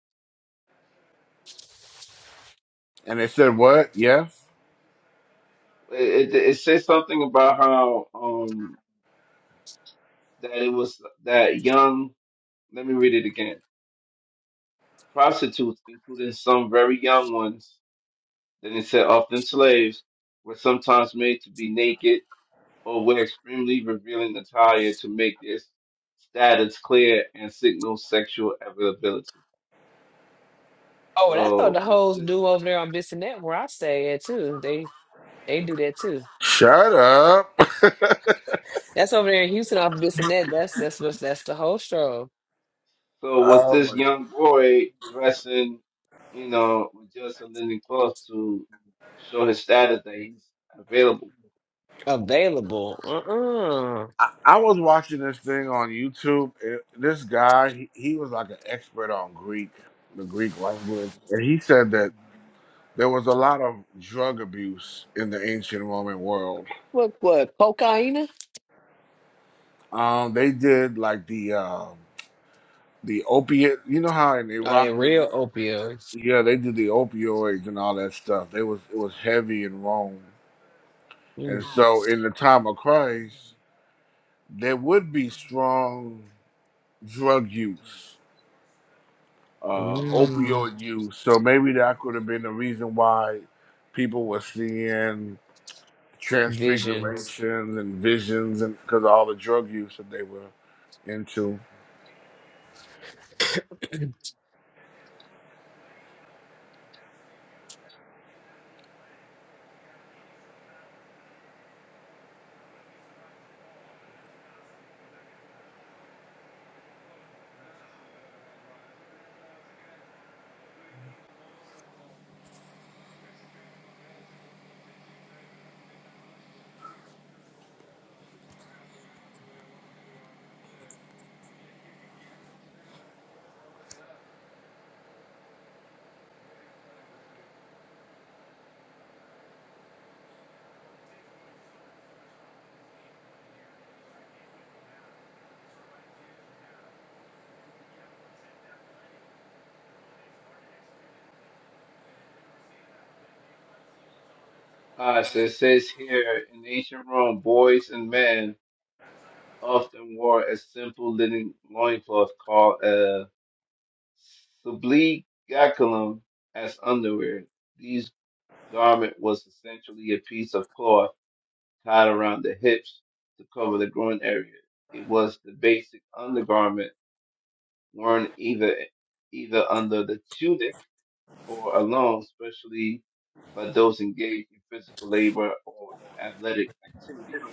Speaker 1: And it said what? Yes.
Speaker 11: It, it, it says something about how um that it was that young. Let me read it again Prostitutes, including some very young ones, then it said often slaves, were sometimes made to be naked or wear extremely revealing attire to make their status clear and signal sexual availability.
Speaker 2: Oh, that's what
Speaker 11: So
Speaker 2: the
Speaker 11: was
Speaker 2: hoes
Speaker 11: this
Speaker 2: do over there on Bissonnette where I stay at too. They they do that too.
Speaker 1: Shut up.
Speaker 2: That's over there in Houston off Bissonnette. That's that's what's that's the whole show.
Speaker 11: so was
Speaker 1: Oh
Speaker 11: this
Speaker 1: my-
Speaker 11: young boy dressing, you know, with just a linen cloth to show his status that he's available?
Speaker 2: Available. Uh-uh.
Speaker 1: I, I was watching this thing on YouTube. and this guy, he, he was like an expert on Greek, the Greek language, and he said that there was a lot of drug abuse in the ancient Roman world.
Speaker 2: What what? Cocaine?
Speaker 1: Um, they did like the um the opiate. You know how in
Speaker 2: Oh, they
Speaker 1: Iraq,
Speaker 2: real opioids.
Speaker 1: yeah, they did the opioids and all that stuff. They was it was heavy in Rome. And
Speaker 2: Mm.
Speaker 1: so in the time of Christ, there would be strong drug use, uh,
Speaker 2: Mm.
Speaker 1: opioid use. So maybe that could have been the reason why people were seeing
Speaker 2: Visions.
Speaker 1: transfigurations and visions and because of all the drug use that they were into.
Speaker 11: Uh, so it says here in ancient Rome, boys and men often wore a simple linen loincloth called a subligaculum as underwear. These garment was essentially a piece of cloth tied around the hips to cover the groin area. It was the basic undergarment worn either either under the tunic or alone, especially by those engaged in physical labor or athletic activities.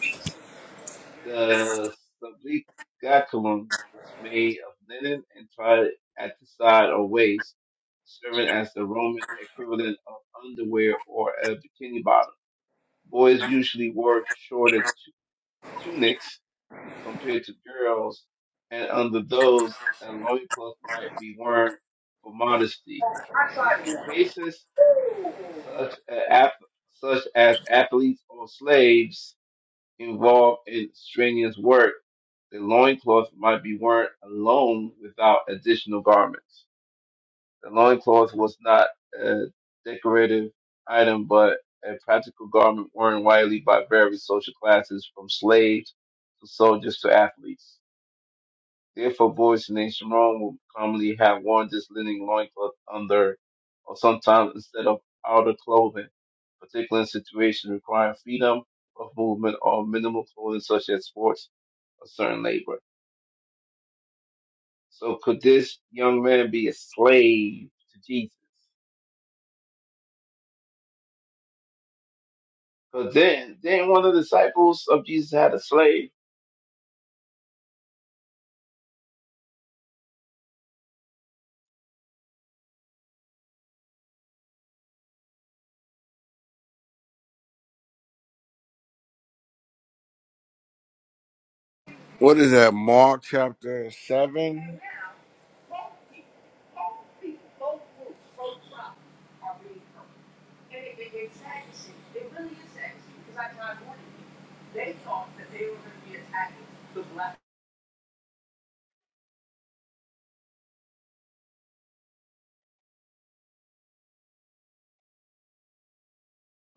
Speaker 11: The sabbatikatum was made of linen and tied at the side or waist, serving as the Roman equivalent of underwear or a bikini bottom. Boys usually wore shorter tu- tunics compared to girls, and under those, a loincloth might be worn for modesty. In some cases, such, a, ath- such as athletes or slaves, involved in strenuous work, the loincloth might be worn alone without additional garments. The loincloth was not a decorative item, but a practical garment worn widely by various social classes, from slaves to soldiers to athletes. Therefore, boys in ancient Rome would commonly have worn this linen loincloth under, or sometimes instead of outer clothing, particularly in situations requiring freedom of movement or minimal clothing such as sports a certain labor. So could this young man be a slave to Jesus? Because then, then one of the disciples of Jesus had a slave.
Speaker 1: What is that? Mark chapter seven?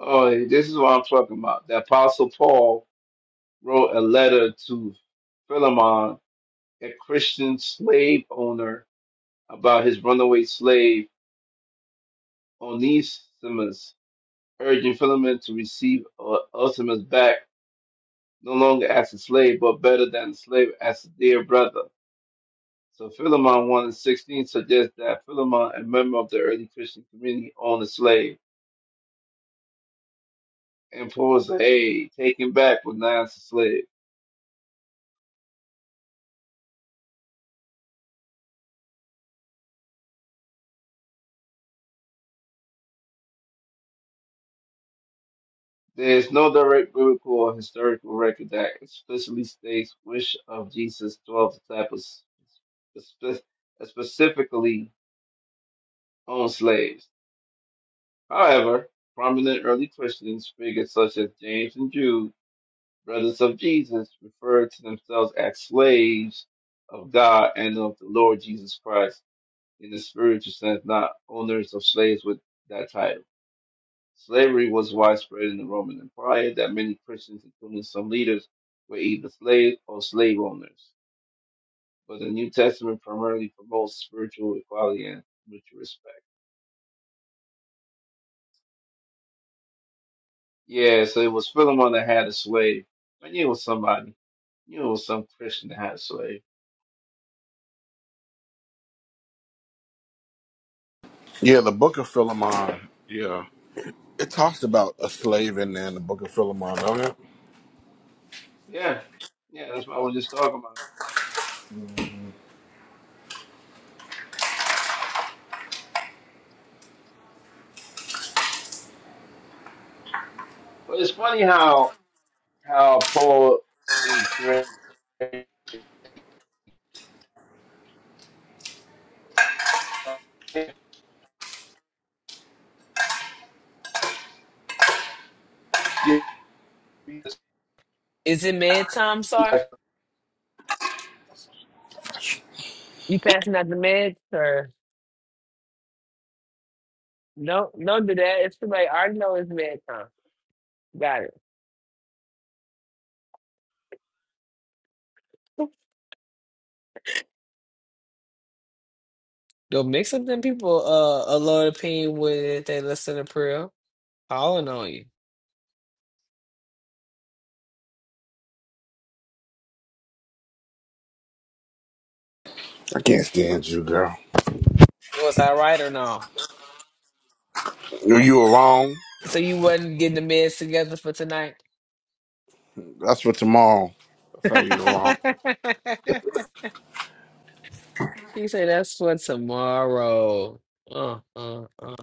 Speaker 11: Oh, this is what I'm talking about. The apostle Paul wrote a letter to Philemon, a Christian slave owner, about his runaway slave Onesimus, urging Philemon to receive uh, Onesimus back, no longer as a slave, but better than a slave, as a dear brother So Philemon 1 and 16 suggests that Philemon, a member of the early Christian community, owned a slave. Imposed aid, taken back with the slave. There is no direct biblical or historical record that explicitly states which of Jesus' 12 disciples spe- specifically owned slaves. However, prominent early Christians, figures such as James and Jude, brothers of Jesus, referred to themselves as slaves of God and of the Lord Jesus Christ. in the spiritual sense, not owners of slaves with that title. Slavery was widespread in the Roman Empire that many Christians, including some leaders, were either slaves or slave owners. But the New Testament primarily promotes spiritual equality and mutual respect. Yeah, so it was Philemon that had a slave. I knew it was somebody. knew it was some Christian that had a slave.
Speaker 1: Yeah, the book of Philemon. Yeah. It talks about a slave in there in the book of Philemon, don't it?
Speaker 11: Yeah, yeah, that's what I was just talking about. But it's funny how how Paul he created
Speaker 2: Is it med time, sir? You passing out the meds, or no? Don't do that. It's too late. I already know it's med time. Got it. Don't mix up them people. Uh, a low opinion with they listen to prayer. Calling on you.
Speaker 1: I can't stand you, girl.
Speaker 2: It was all right or no?
Speaker 1: You you were wrong.
Speaker 2: So you wasn't getting the meds together for tonight.
Speaker 1: That's for tomorrow. That's how you go on.
Speaker 2: You say that's for tomorrow. Uh, uh, uh.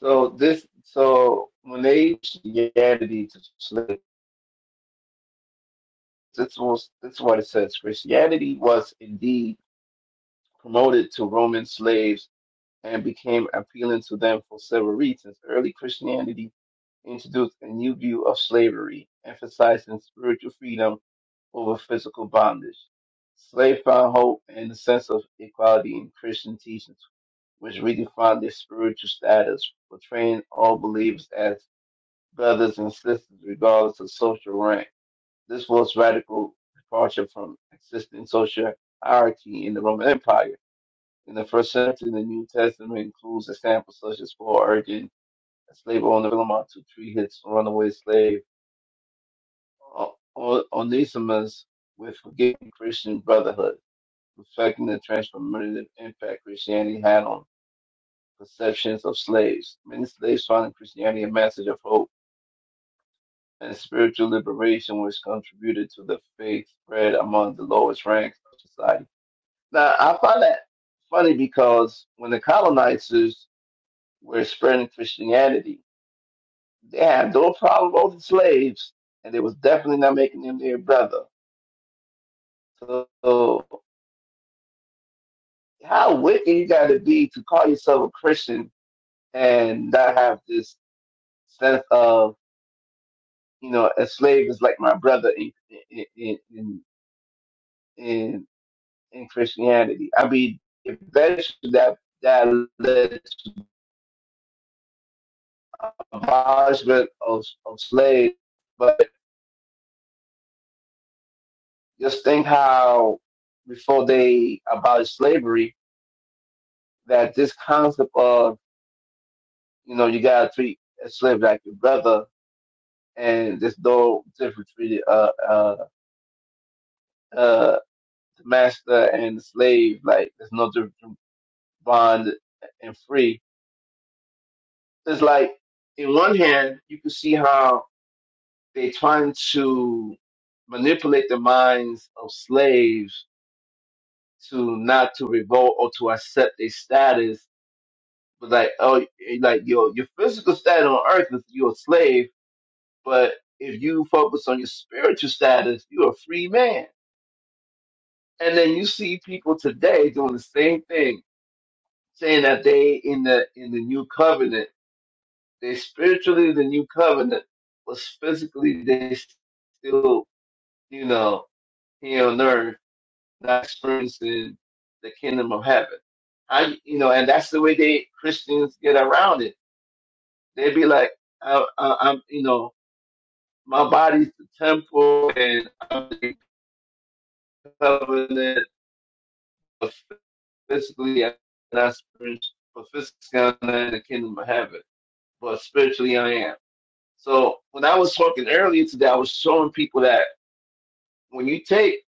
Speaker 11: So this, so when they Christianity to slaves, this was this is what it says. Christianity was indeed promoted to Roman slaves and became appealing to them for several reasons. Early Christianity introduced a new view of slavery, emphasizing spiritual freedom over physical bondage. Slaves found hope and a sense of equality in Christian teachings, which redefined their spiritual status, portraying all believers as brothers and sisters, regardless of social rank. This was radical departure from existing social hierarchy in the Roman Empire. In the first century, the New Testament includes examples such as Paul urging a slave owner Philemon to treat his runaway slave Onesimus with forgiving Christian brotherhood, reflecting the transformative impact Christianity had on perceptions of slaves. Many slaves found in Christianity a message of hope and spiritual liberation, which contributed to the faith spread among the lowest ranks of society. Now, I find that funny because when the colonizers were spreading Christianity, they had no problem with the slaves, and they was definitely not making them their brother. So, so how wicked you got to be to call yourself a Christian and not have this sense of, you know, a slave is like my brother in, in, in, in, in in Christianity. I mean, eventually that that led to abolishment of, of slaves. But just think how before they abolished slavery, that this concept of you know you gotta treat a slave like your brother, and there's no difference between uh, uh, uh, the master and the slave. Like there's no difference between bond and free. It's like in one hand you can see how they're trying to manipulate the minds of slaves to not to revolt or to accept a status, but like oh, like your your physical status on earth is you're a slave, but if you focus on your spiritual status, you're a free man. And then you see people today doing the same thing, saying that they in the in the new covenant, they spiritually the new covenant, but physically they still you know here on earth not experiencing the kingdom of heaven. I, you know, and that's the way they Christians get around it. They be like, I, I, I'm, you know, my body's the temple, and I'm the covenant of physically and I spiritually, but physically I'm not in the kingdom of heaven, but spiritually I am. So when I was talking earlier today, I was showing people that when you take,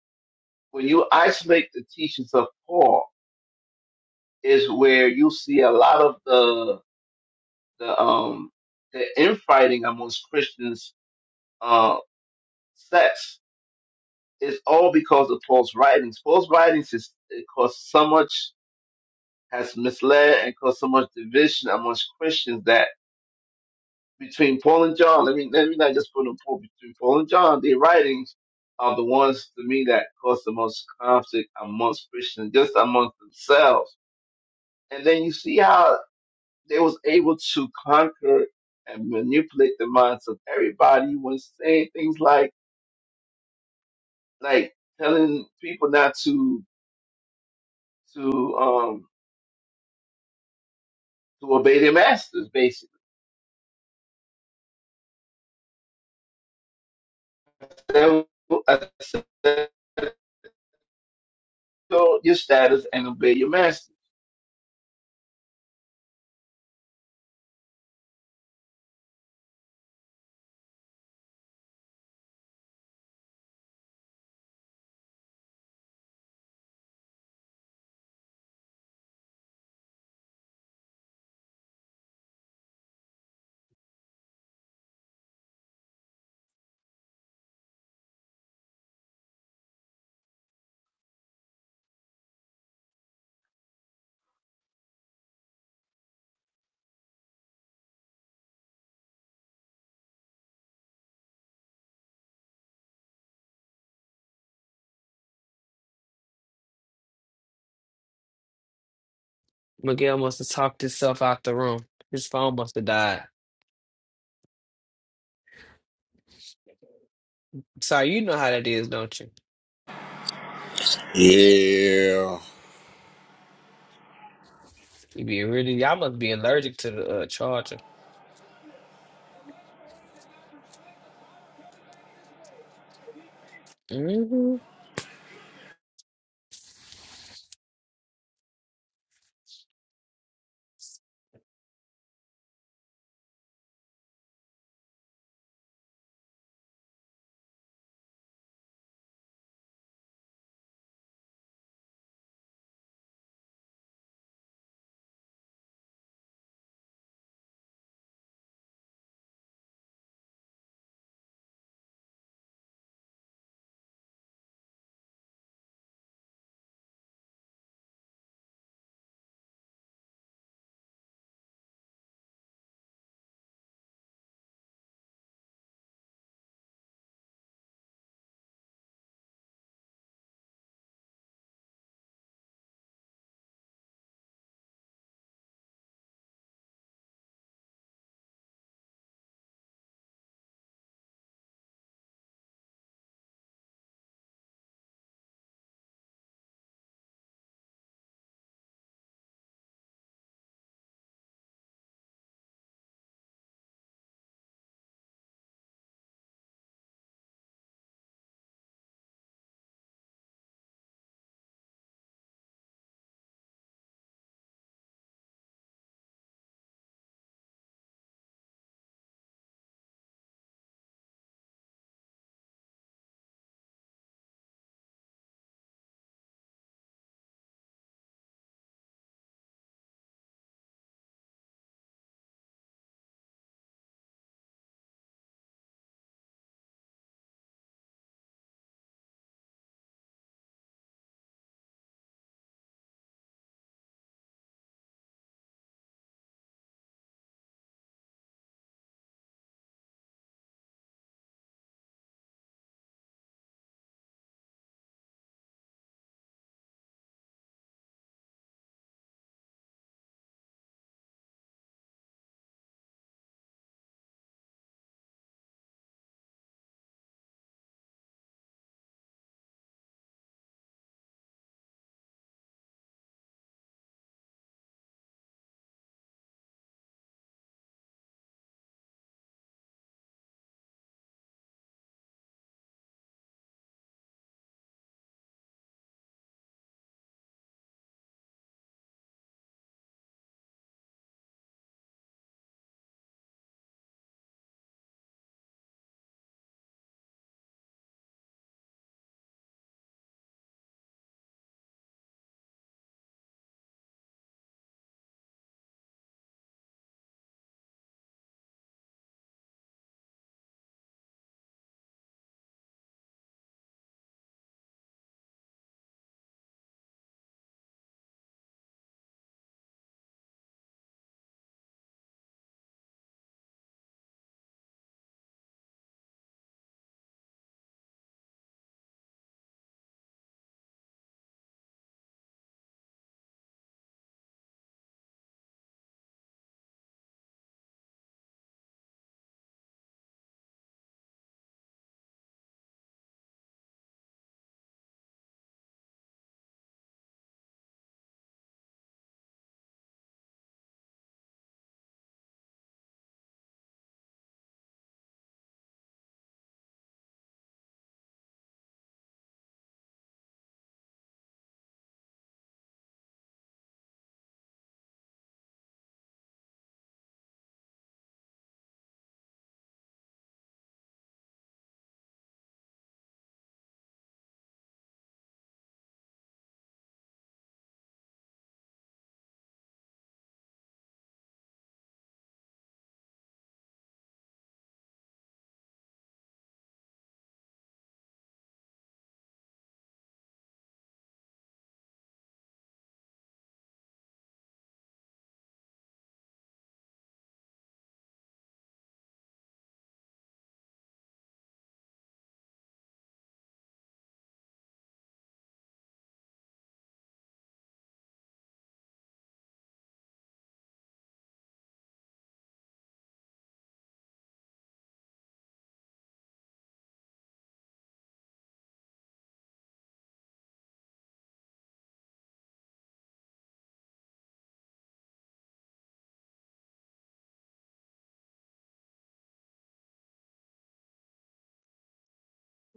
Speaker 11: when you isolate the teachings of Paul, is where you see a lot of the the um the infighting amongst Christians uh sects is all because of Paul's writings. Paul's writings is it caused so much has misled and caused so much division amongst Christians that between Paul and John, let me let me not just put them Paul between Paul and John, their writings are the ones to me that cause the most conflict amongst Christians, just amongst themselves. And then you see how they was able to conquer and manipulate the minds of everybody when saying things like like telling people not to to um to obey their masters basically. That was- I said, "Go your status and obey your master
Speaker 2: Miguel must have talked himself out the room. His phone must have died. Sorry, you know how that is, don't you?
Speaker 1: Yeah.
Speaker 2: You be really, y'all must be allergic to the uh, charger. hmm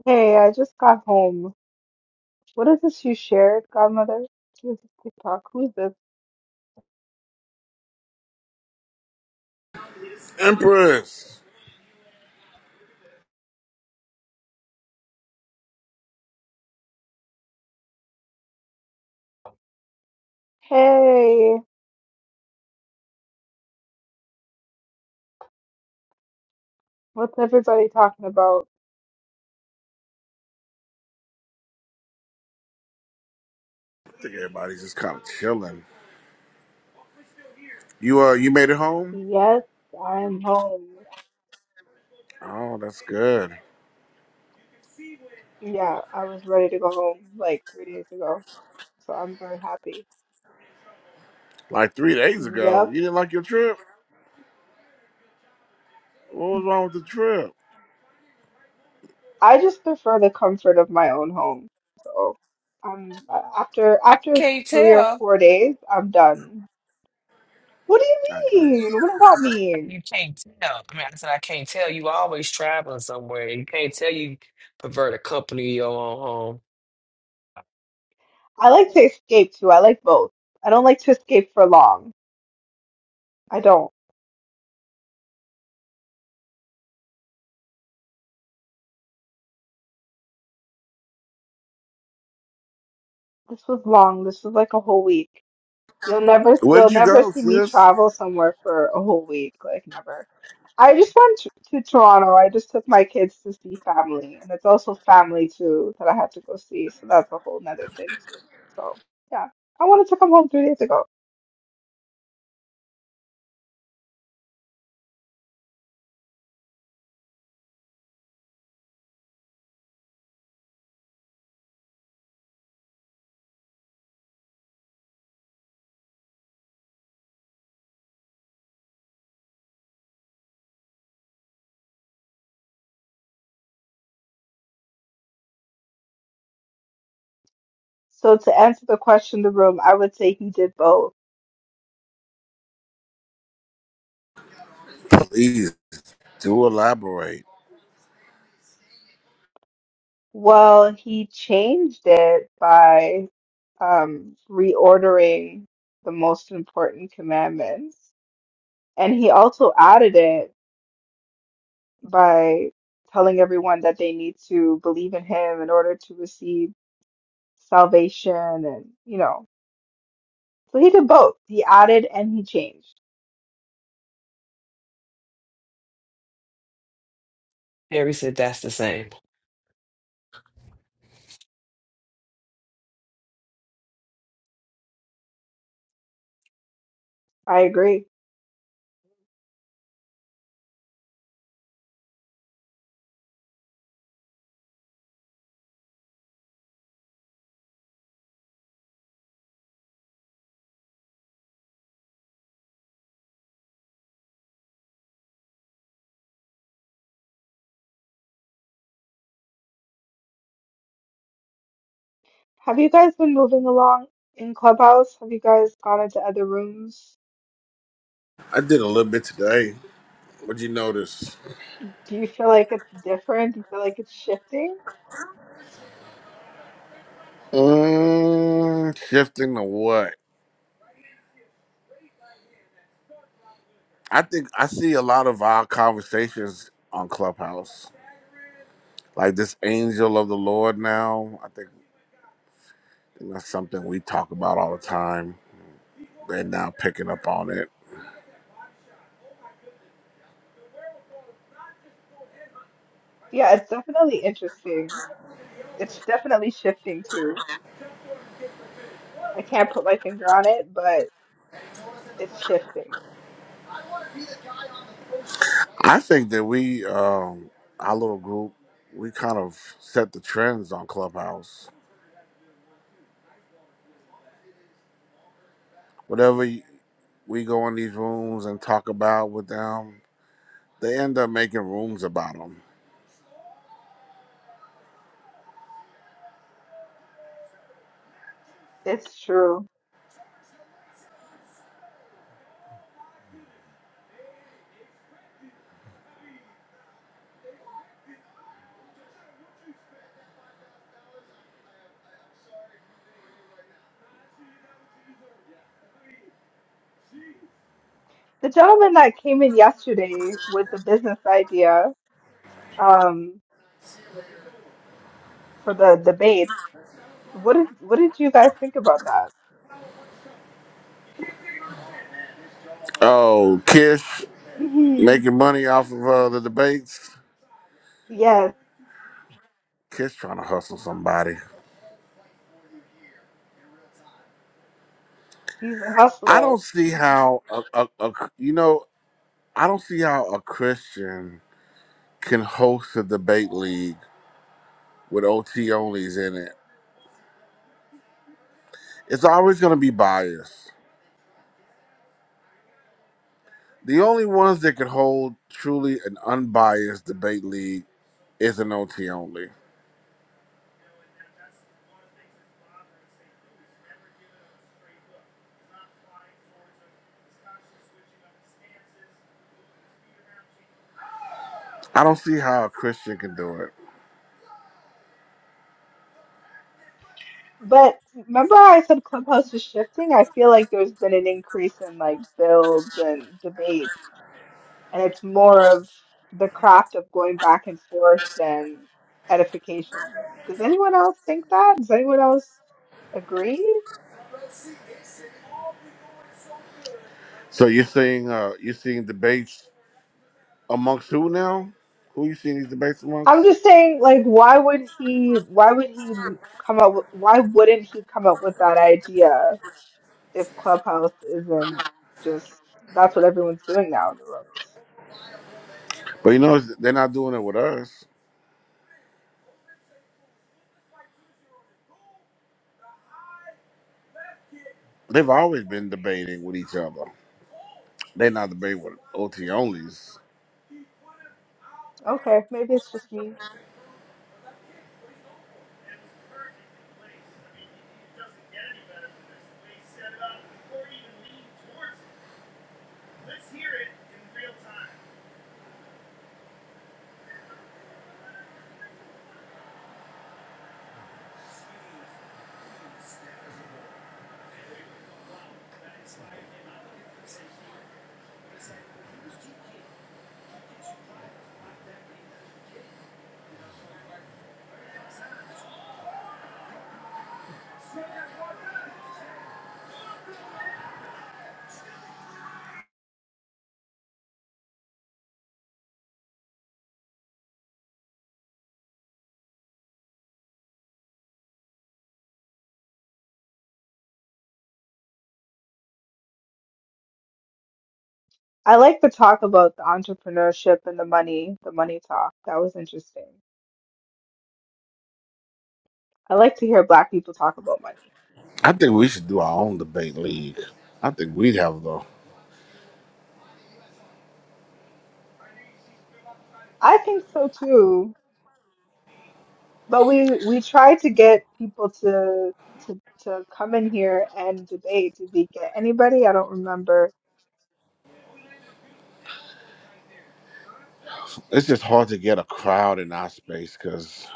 Speaker 16: Hey, I just got home. What is this you shared, Godmother? This is TikTok. Who's this?
Speaker 1: Empress.
Speaker 16: Hey, what's everybody talking about?
Speaker 1: I think everybody's just kind of chilling. You uh you made it home?
Speaker 16: Yes, I'm home.
Speaker 1: Oh, that's good.
Speaker 16: Yeah, I was ready to go home like three days ago, so I'm very happy.
Speaker 1: Like three days ago. You
Speaker 16: Yep.
Speaker 1: didn't like your trip? What was wrong with the trip?
Speaker 16: I just prefer the comfort of my own home. So, I'm after
Speaker 2: I
Speaker 16: after
Speaker 2: can't
Speaker 16: three or
Speaker 2: tell.
Speaker 16: four days, I'm done. What do
Speaker 1: I got
Speaker 16: you
Speaker 1: you.
Speaker 16: mean? What does that mean?
Speaker 2: You can't tell. I mean, I said I can't tell. You always traveling somewhere. You can't tell you pervert a company of your own home.
Speaker 16: I like to escape too. I like both. I don't like to escape for long. I don't. This was long. This was like a whole week. You'll never,
Speaker 1: Where
Speaker 16: you'll
Speaker 1: did you
Speaker 16: never
Speaker 1: go,
Speaker 16: see me
Speaker 1: sis?
Speaker 16: travel somewhere for a whole week. Like never. I just went to, to Toronto. I just took my kids to see family, and it's also family too that I had to go see. So that's a whole nother thing too. So yeah, I wanted to come home three days ago. So to answer the question, the room, I would say he did both.
Speaker 1: Please do elaborate.
Speaker 16: Well, he changed it by um reordering the most important commandments. And he also added it by telling everyone that they need to believe in him in order to receive salvation and, you know. So he did both. He added and he changed.
Speaker 2: Harry said that's the same.
Speaker 16: I agree. Have you guys been moving along in Clubhouse? Have you guys gone into other rooms?
Speaker 1: I did a little bit today. What'd you notice?
Speaker 16: Do you feel like it's different? Do you feel like it's shifting?
Speaker 1: Mm, shifting to what? I think I see a lot of our conversations on Clubhouse. Like this angel of the Lord now, I think that's something we talk about all the time. They're now picking up on it.
Speaker 16: Yeah, it's definitely interesting. It's definitely shifting too. I can't put my finger on it, but it's shifting.
Speaker 1: I think that we, um, our little group, we kind of set the trends on Clubhouse. Whatever y- we go in these rooms and talk about with them, they end up making rooms about them.
Speaker 16: It's true. The gentleman that came in yesterday with the business idea um, for the debate, what did what did you guys think about that?
Speaker 1: Oh, Kish
Speaker 16: hmm
Speaker 1: making money off of uh, the debates.
Speaker 16: Yes,
Speaker 1: Kish trying to hustle somebody.
Speaker 16: he's a
Speaker 1: I
Speaker 16: hustler.
Speaker 1: don't see how a, a, a- you know. I don't see how a Christian can host a debate league with OT onlys in it. It's always going to be biased. The only ones that can hold truly an unbiased debate league is an OT only. I don't see how a Christian can do it.
Speaker 16: But remember I said Clubhouse is shifting? I feel like there's been an increase in like builds and debates, and it's more of the craft of going back and forth than edification. Does anyone else think that? Does anyone else agree?
Speaker 1: So you're seeing uh you're seeing debates amongst who now? Who you seeing these debates
Speaker 16: I'm
Speaker 1: amongst?
Speaker 16: just saying, like, why would he? Why would he come up? With, why wouldn't he come up with that idea if Clubhouse isn't just that's what everyone's doing now in the rooms?
Speaker 1: But you know they're not doing it with us. They've always been debating with each other. They're not debating with OT onlys.
Speaker 16: Okay, maybe it's just me. I like the talk about the entrepreneurship and the money, the money talk. That was interesting. I like to hear Black people talk about money.
Speaker 1: I think we should do our own debate league. I think we'd have though.
Speaker 16: I think so too, but we we try to get people to to to come in here and debate. Did we get anybody? I don't remember.
Speaker 1: It's just hard to get a crowd in our space because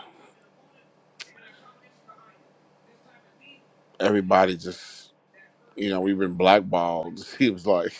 Speaker 1: everybody just, you know, we've been blackballed. He was like.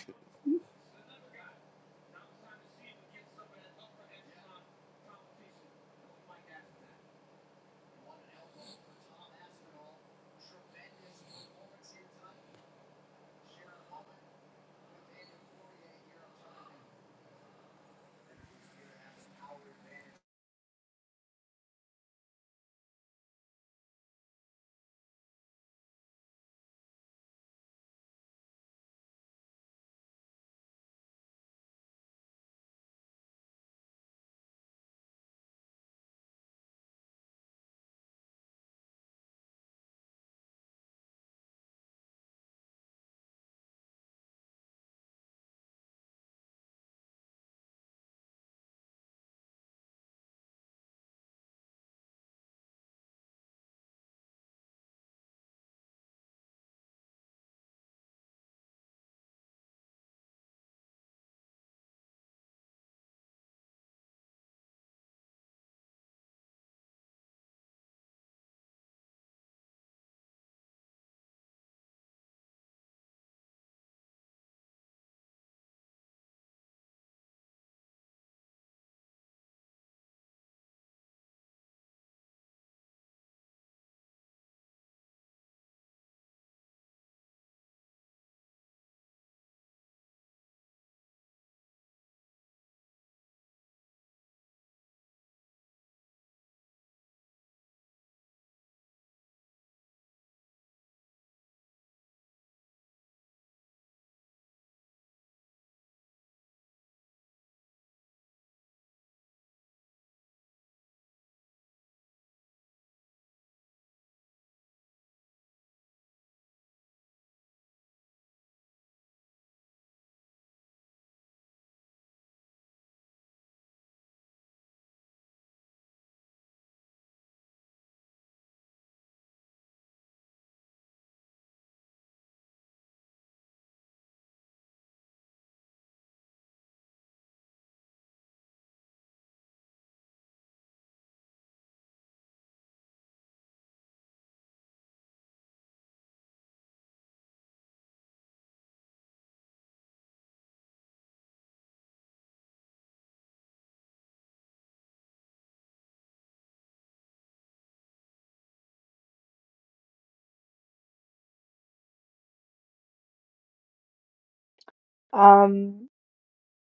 Speaker 16: Um,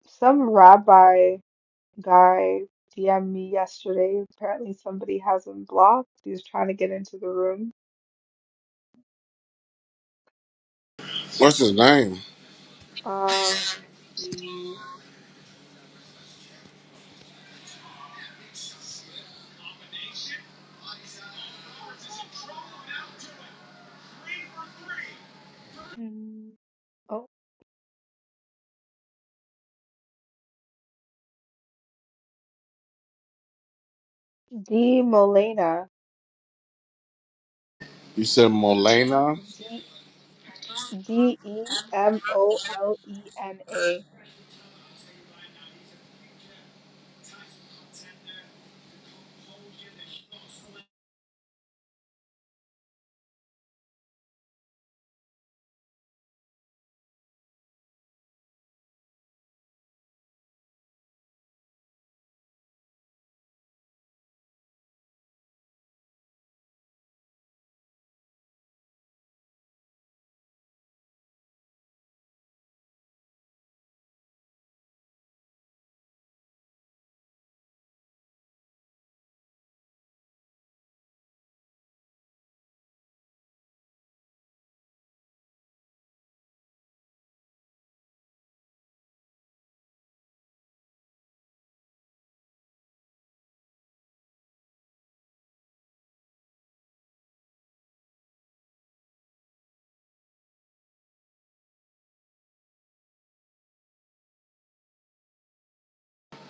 Speaker 16: some rabbi guy DM'd me yesterday. Apparently, somebody has him blocked. He's trying to get into the room.
Speaker 1: What's his name?
Speaker 16: Um, let me see. Mm, Oh, D Molina.
Speaker 1: You said Molina?
Speaker 16: D D E M O L E N A.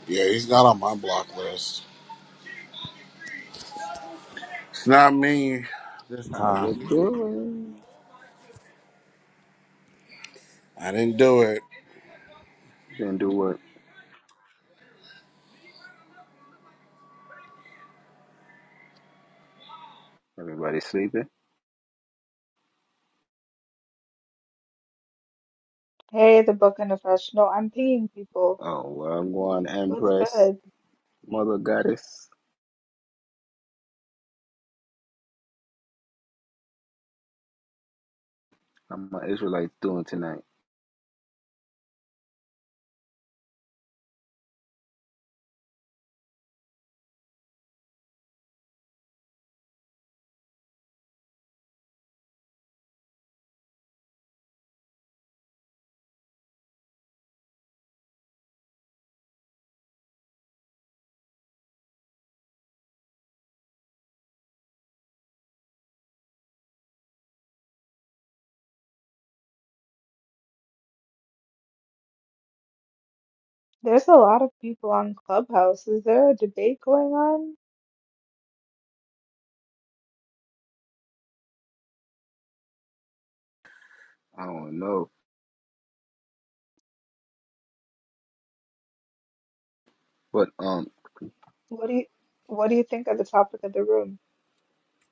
Speaker 1: Yeah, he's not on my block list. It's not me this
Speaker 17: How
Speaker 1: time.
Speaker 17: you doing?
Speaker 1: I didn't do it.
Speaker 17: Then do what? Everybody sleeping?
Speaker 16: Hey, the book and the fresh. No, I'm pinging people.
Speaker 17: Oh, well, I'm going
Speaker 16: What's
Speaker 17: Empress,
Speaker 16: good?
Speaker 17: Mother Goddess. How my Israelites doing tonight?
Speaker 16: There's a lot of people on Clubhouse. Is there a debate going on?
Speaker 17: I don't know. But, um,
Speaker 16: What do you What do you think of the topic of the room?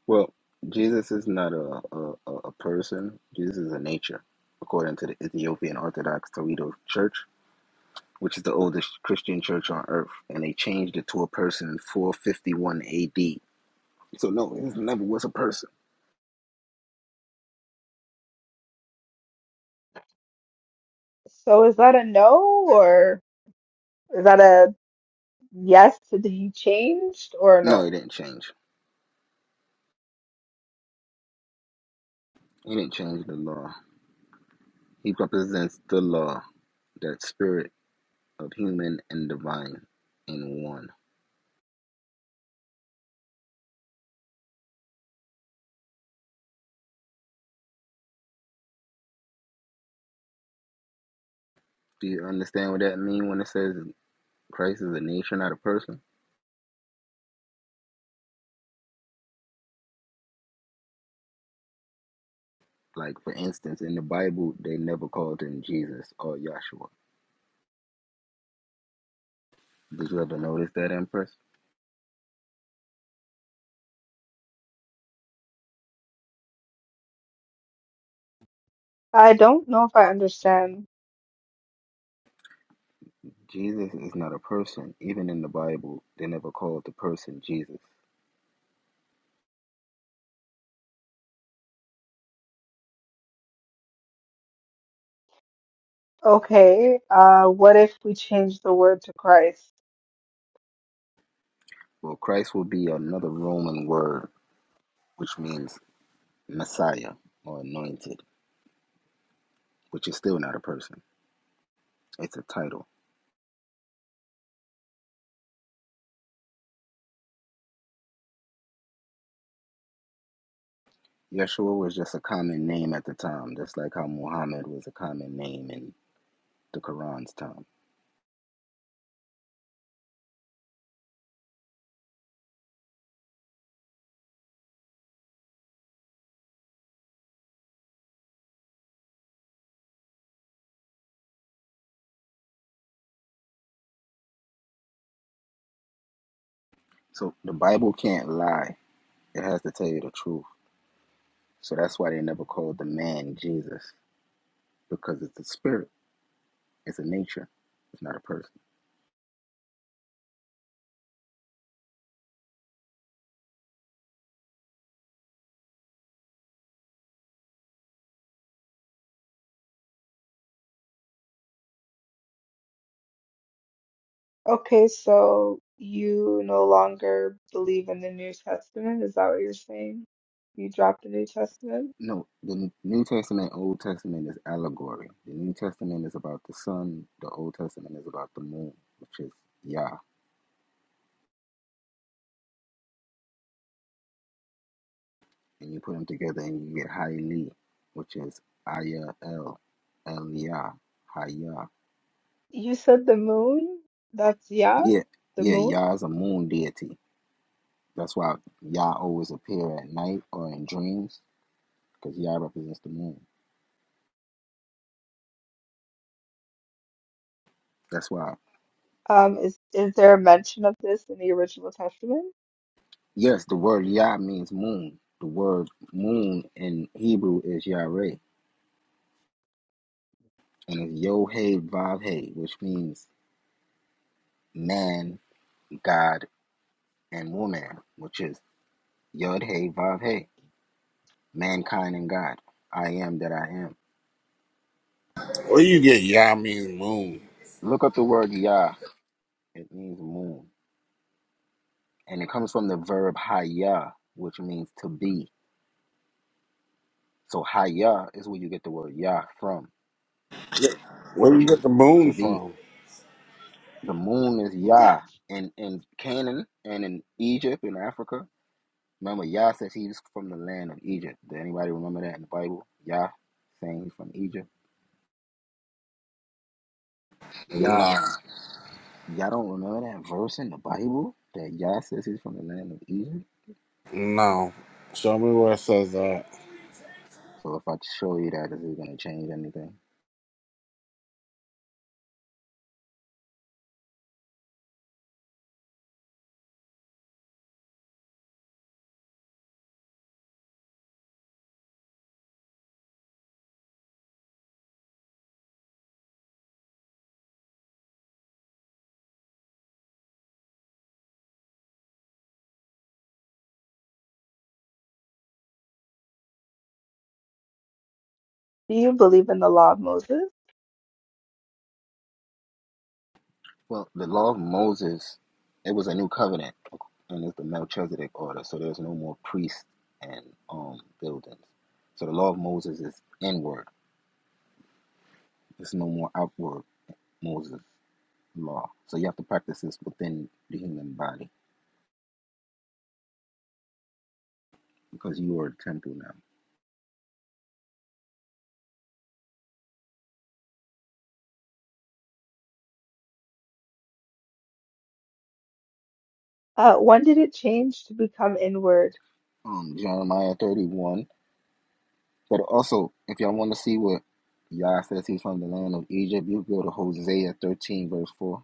Speaker 17: well, Jesus is not a, a, a a person. Jesus is a nature, according to the Ethiopian Orthodox Toledo Church, which is the oldest Christian church on earth. And they changed it to a person in 451 AD. So, no, it never was a person.
Speaker 16: So is that a no or? Is that a Yes, did he changed or
Speaker 17: No, he
Speaker 16: no?
Speaker 17: didn't change. He didn't change the law. He represents the law. That spirit of human and divine in one. Do you understand what that mean when it says Christ is a nation, not a person? Like for instance, in the Bible, they never called him Jesus or Yahshua. Did you ever notice that, Empress?
Speaker 16: I don't know if I understand.
Speaker 17: Jesus is not a person. Even in the Bible, they never called the person Jesus.
Speaker 16: Okay, uh, what if we change the word to Christ?
Speaker 17: Well, Christ will be another Roman word, which means Messiah or anointed, which is still not a person. It's a title. Yeshua was just a common name at the time, just like how Muhammad was a common name in the Quran's time. So the Bible can't lie, it has to tell you the truth. So that's why they never called the man Jesus, because it's a spirit, it's a nature, it's not a person.
Speaker 16: Okay, so you no longer believe in the New Testament? Is that what you're saying? You dropped the New Testament?
Speaker 17: No, the New Testament, Old Testament is allegory. The New Testament is about the sun, the Old Testament is about the moon, which is Yah. And you put them together and you get Haile, which is Ayah El, El Yah, Hayah.
Speaker 16: You said the moon? That's yeah,
Speaker 17: Yeah,
Speaker 16: the
Speaker 17: yeah,
Speaker 16: moon.
Speaker 17: Yah is a moon deity. That's why Yah always appear at night or in dreams, because Yah represents the moon. That's why.
Speaker 16: Um, is is there a mention of this in the original Testament?
Speaker 17: Yes, the word Yah means moon. The word moon in Hebrew is Yareh, and it's Yod-Heh Vav-Heh, which means man, God, and woman, which is Yod-Heh Vav-Heh, mankind and God. I am that I am.
Speaker 1: Where you get Yami moon?
Speaker 17: Look up the word Yah. It means moon, and it comes from the verb Hayah, which means to be So Haya is where you get the word Yah from,
Speaker 1: Where you
Speaker 17: which
Speaker 1: get
Speaker 17: is
Speaker 1: the moon
Speaker 17: to be.
Speaker 1: from?
Speaker 17: The moon is Yah. And in in Canaan and in Egypt in Africa, remember Yah says he's from the land of Egypt. Did anybody remember that in the Bible? Yah saying he's from Egypt. Yah
Speaker 1: No,
Speaker 17: y'all don't remember that verse in the Bible that Yah says he's from the land of Egypt?
Speaker 1: no. Show me where it says that.
Speaker 17: So if I show you that, is it gonna change anything?
Speaker 16: Do you believe in the law of Moses?
Speaker 17: Well, the law of Moses, it was a new covenant, and it's the Melchizedek order. So there's no more priests and um buildings. So the law of Moses is inward. It's no more outward Moses law. So you have to practice this within the human body because you are the temple now.
Speaker 16: Uh, when did it change to become inward?
Speaker 17: Um, Jeremiah 31. But also, if y'all want to see what Yah says he's from the land of Egypt, you go to Hosea 13, verse 4.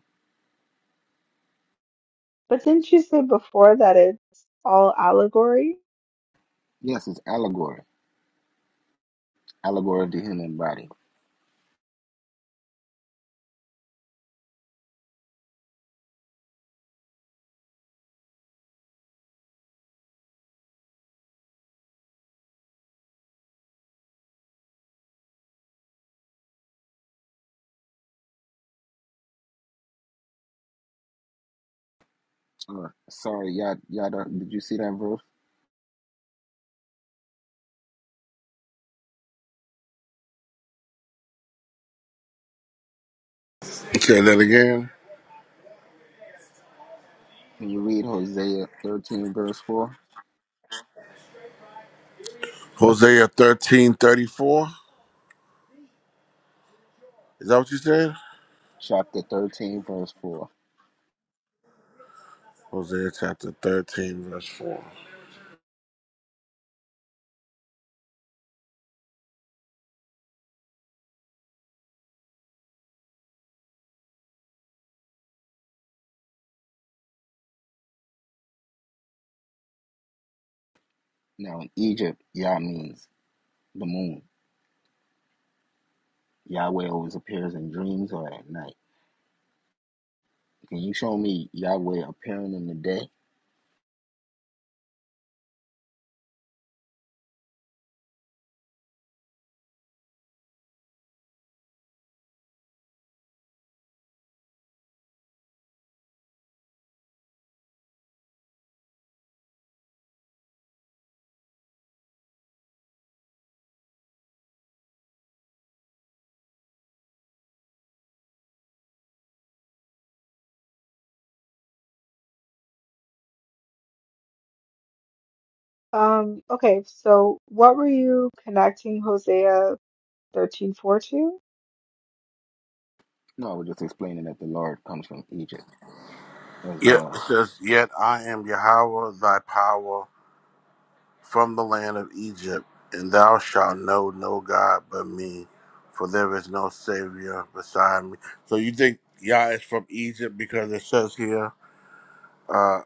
Speaker 16: But didn't you say before that it's all allegory?
Speaker 17: Yes, it's allegory, allegory of the human body. Uh, sorry, y'all, y'all don't, did you see that verse?
Speaker 1: Say that again.
Speaker 17: Can you read Hosea 13, verse 4?
Speaker 1: Hosea thirteen thirty four. Is that what you said?
Speaker 17: Chapter 13, verse 4.
Speaker 1: Hosea chapter 13, verse 4.
Speaker 17: Now, in Egypt, Yah means the moon. Yahweh always appears in dreams or at night. Can you show me Yahweh appearing in the day?
Speaker 16: Um, okay, so what were you connecting Hosea 13:4 to?
Speaker 17: No, I was just explaining that the Lord comes from Egypt as
Speaker 1: Yet it
Speaker 17: well.
Speaker 1: says, Yet I am Yahweh thy power from the land of Egypt, and thou shalt know no God but me, for there is no Savior beside me. So you think Yah is from Egypt because it says here, uh,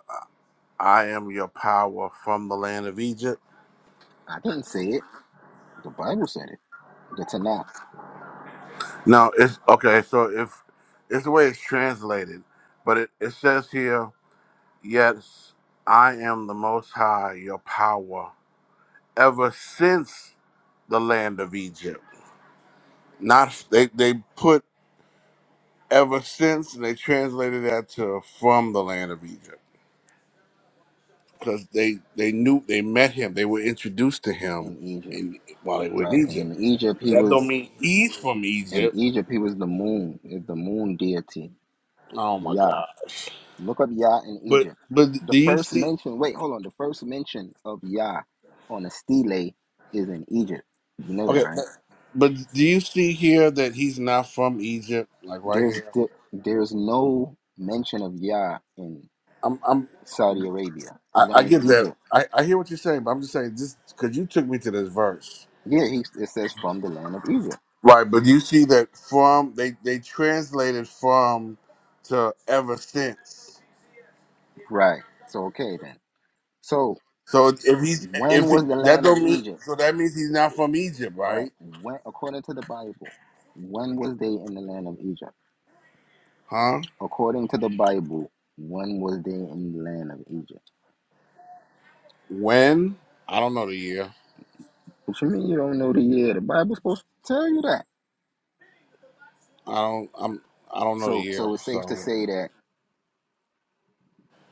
Speaker 1: I am your power from the land of Egypt?
Speaker 17: I didn't say it. The Bible said it. The Tanakh
Speaker 1: No, it's okay. So if it's the way it's translated, but it, it says here, Yes, I am the Most High, your power, ever since the land of Egypt. Not they, they put ever since and they translated that to from the land of Egypt because they they knew they met him. They were introduced to him
Speaker 17: in Egypt,
Speaker 1: in while they were in
Speaker 17: right? And
Speaker 1: Egypt.
Speaker 17: in Egypt, he
Speaker 1: That don't
Speaker 17: was
Speaker 1: mean he's from
Speaker 17: in
Speaker 1: Egypt.
Speaker 17: Egypt. He was the moon, is the moon deity,
Speaker 1: Oh my
Speaker 17: Yah.
Speaker 1: gosh!
Speaker 17: Look up Yah in
Speaker 1: But
Speaker 17: Egypt.
Speaker 1: but
Speaker 17: The
Speaker 1: do you
Speaker 17: first
Speaker 1: see?
Speaker 17: mention, wait, hold on. The first mention of Yah on a stele is in Egypt. You know that,
Speaker 1: Okay,
Speaker 17: right?
Speaker 1: but but do you see here that he's not from Egypt? Like right
Speaker 17: There's
Speaker 1: here.
Speaker 17: there's no mention of Yah in
Speaker 1: I'm. I'm
Speaker 17: Saudi Arabia.
Speaker 1: I,
Speaker 17: It's
Speaker 1: I
Speaker 17: only
Speaker 1: get that.
Speaker 17: Egypt.
Speaker 1: I, I hear what you're saying, but I'm just saying this because you took me to this verse,
Speaker 17: Yeah, he, it says from the land of Egypt.
Speaker 1: right? But you see that from they they translated from to ever since.
Speaker 17: Right. So okay then. So
Speaker 1: So if he's
Speaker 17: when
Speaker 1: if he,
Speaker 17: was the
Speaker 1: that
Speaker 17: land of
Speaker 1: don't mean
Speaker 17: Egypt?
Speaker 1: so that means he's not from Egypt,
Speaker 17: All right.
Speaker 1: right?
Speaker 17: When according to the Bible, when was they in the land of Egypt?
Speaker 1: Huh?
Speaker 17: According to the Bible, when was they in the land of Egypt?
Speaker 1: When? I don't know the year.
Speaker 17: What you mean you don't know the year? The Bible's supposed to tell you that.
Speaker 1: I don't. I'm. I don't know the
Speaker 17: So
Speaker 1: year.
Speaker 17: so it's safe to
Speaker 1: So,
Speaker 17: say that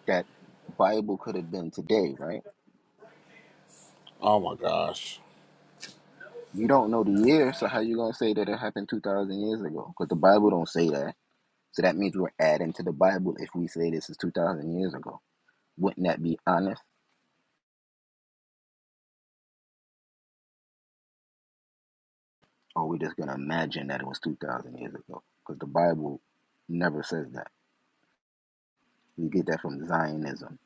Speaker 17: that Bible could have been today, right?
Speaker 1: oh my gosh.
Speaker 17: You don't know the year, so how you gonna say that it happened two thousand years ago? Because the Bible don't say that. So that means we're adding to the Bible if we say this is two thousand years ago. Wouldn't that be honest? Or we're just gonna imagine that it was two thousand years ago? Because the Bible never says that. We get that from Zionism.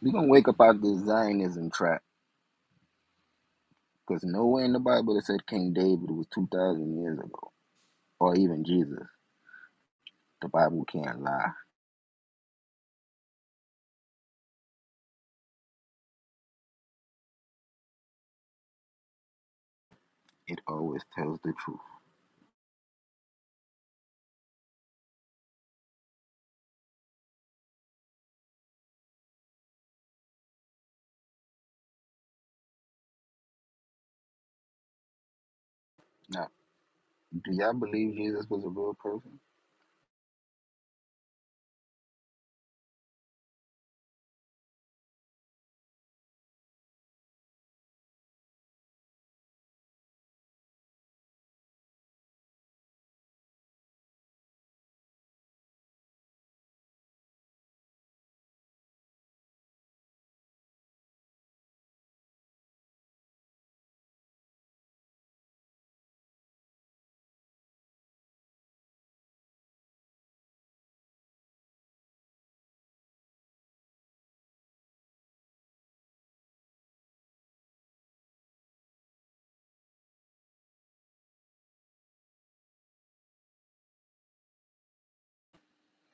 Speaker 17: We're gonna wake up out of this Zionism trap because nowhere in the Bible it said King David was two thousand years ago. or even Jesus, the Bible can't lie. It always tells the truth. Now, do y'all believe Jesus was a real person?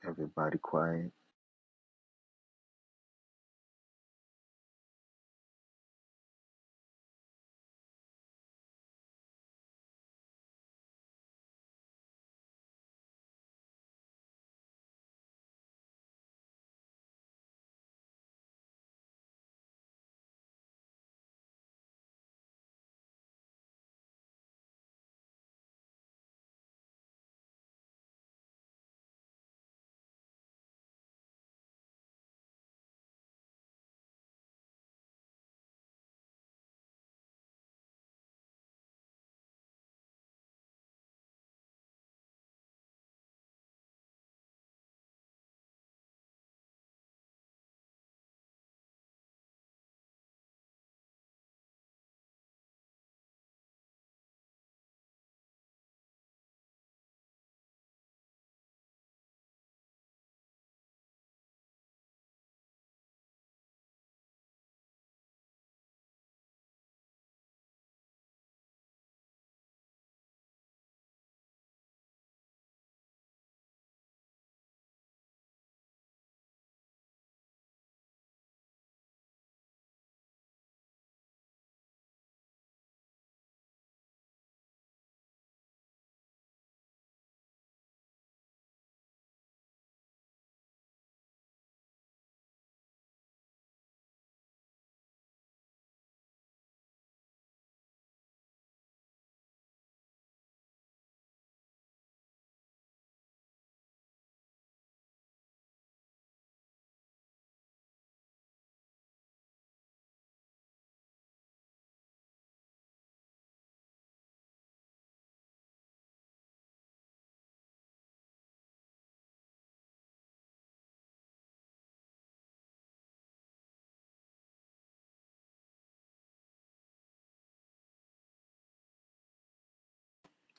Speaker 17: Everybody quiet.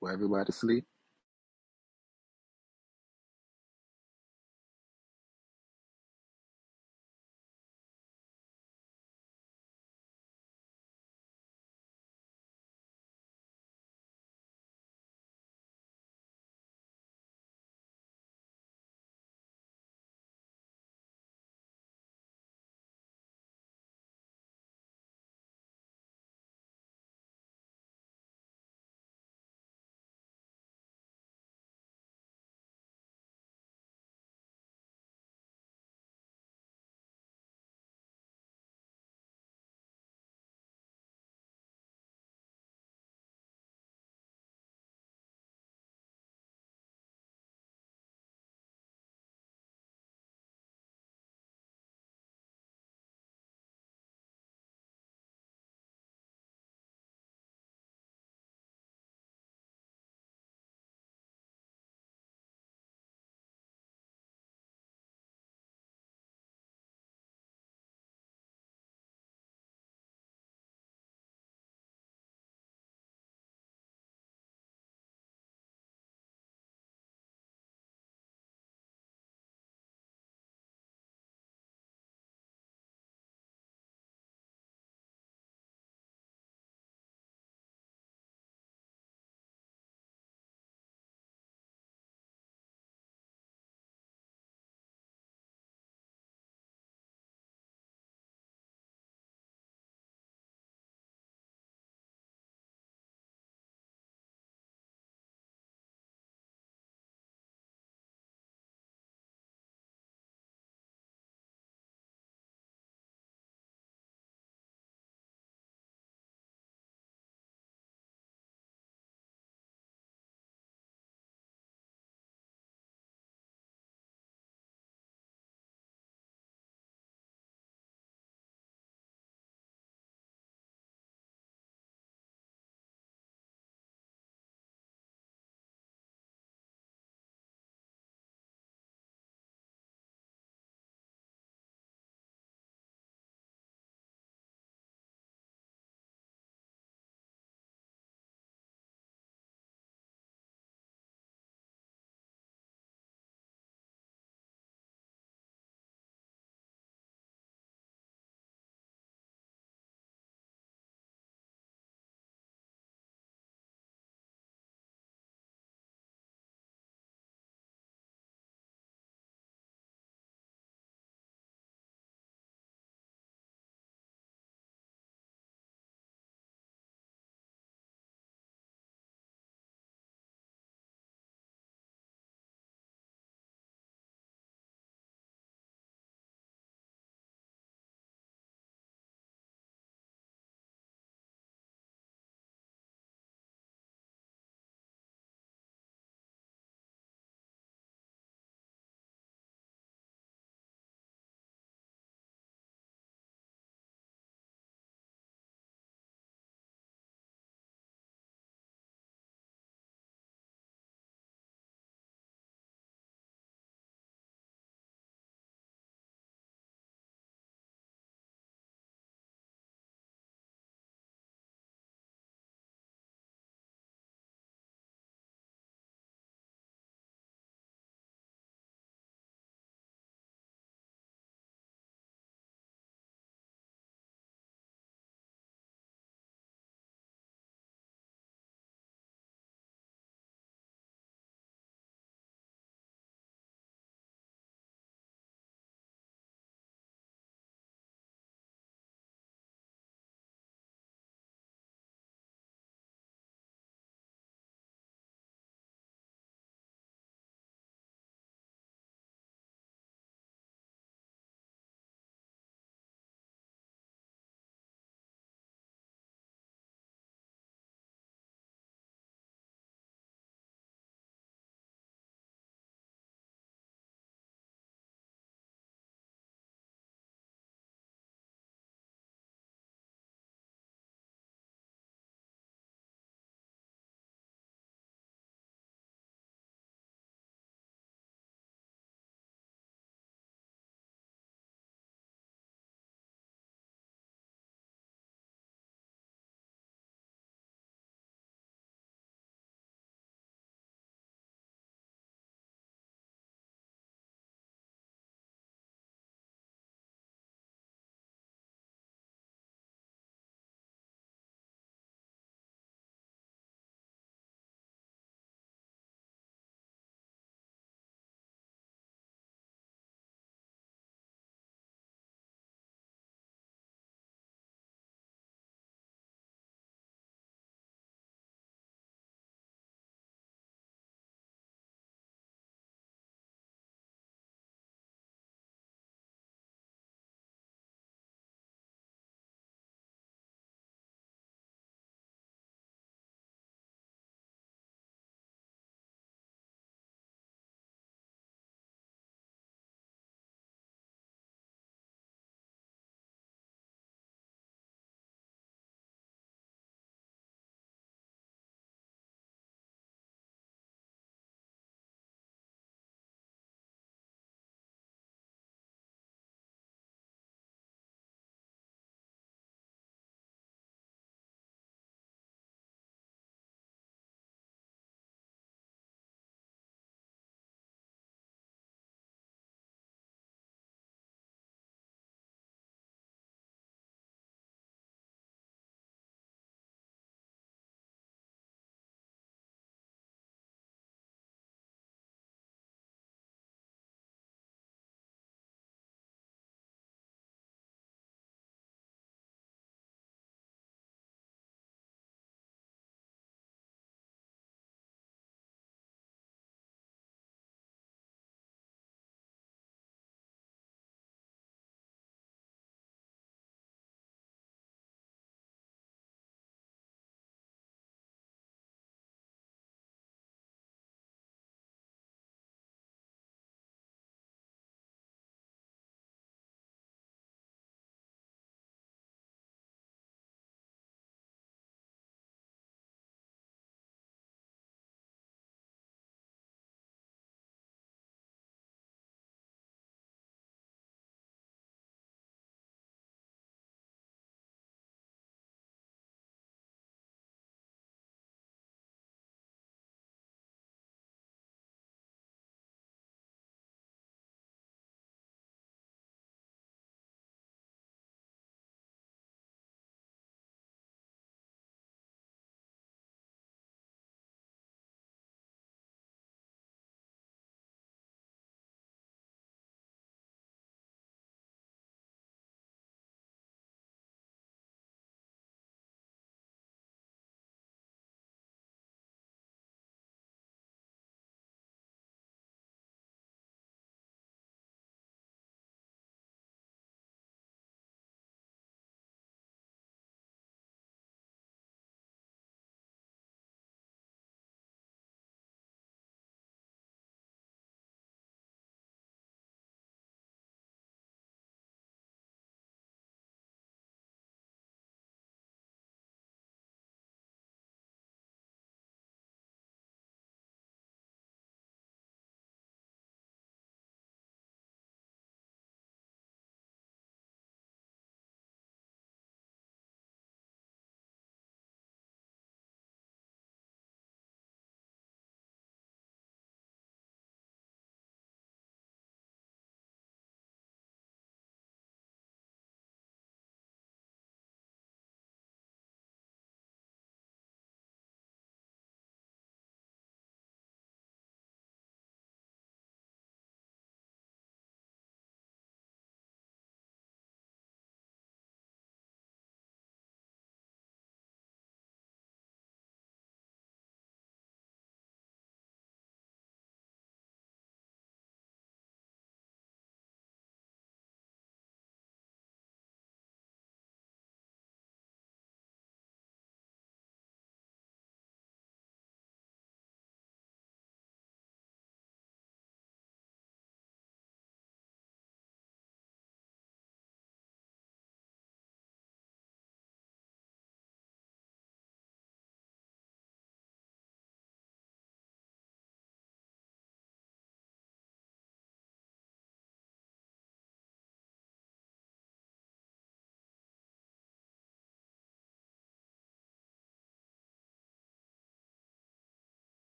Speaker 17: Will everybody sleep?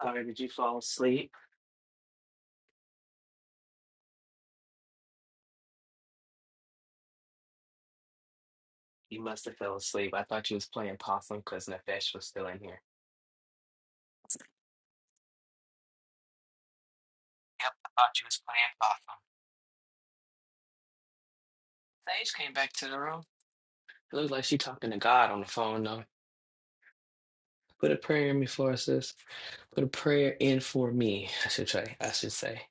Speaker 2: All right, did you fall asleep? You must have fell asleep. I thought you was playing possum because Nefesh was still in here. Yep, I thought you was playing possum. Sage came back to the room. It looks like she talking to God on the phone though. Put a prayer in me for us, sis. Put a prayer in for me. I should try. I should say.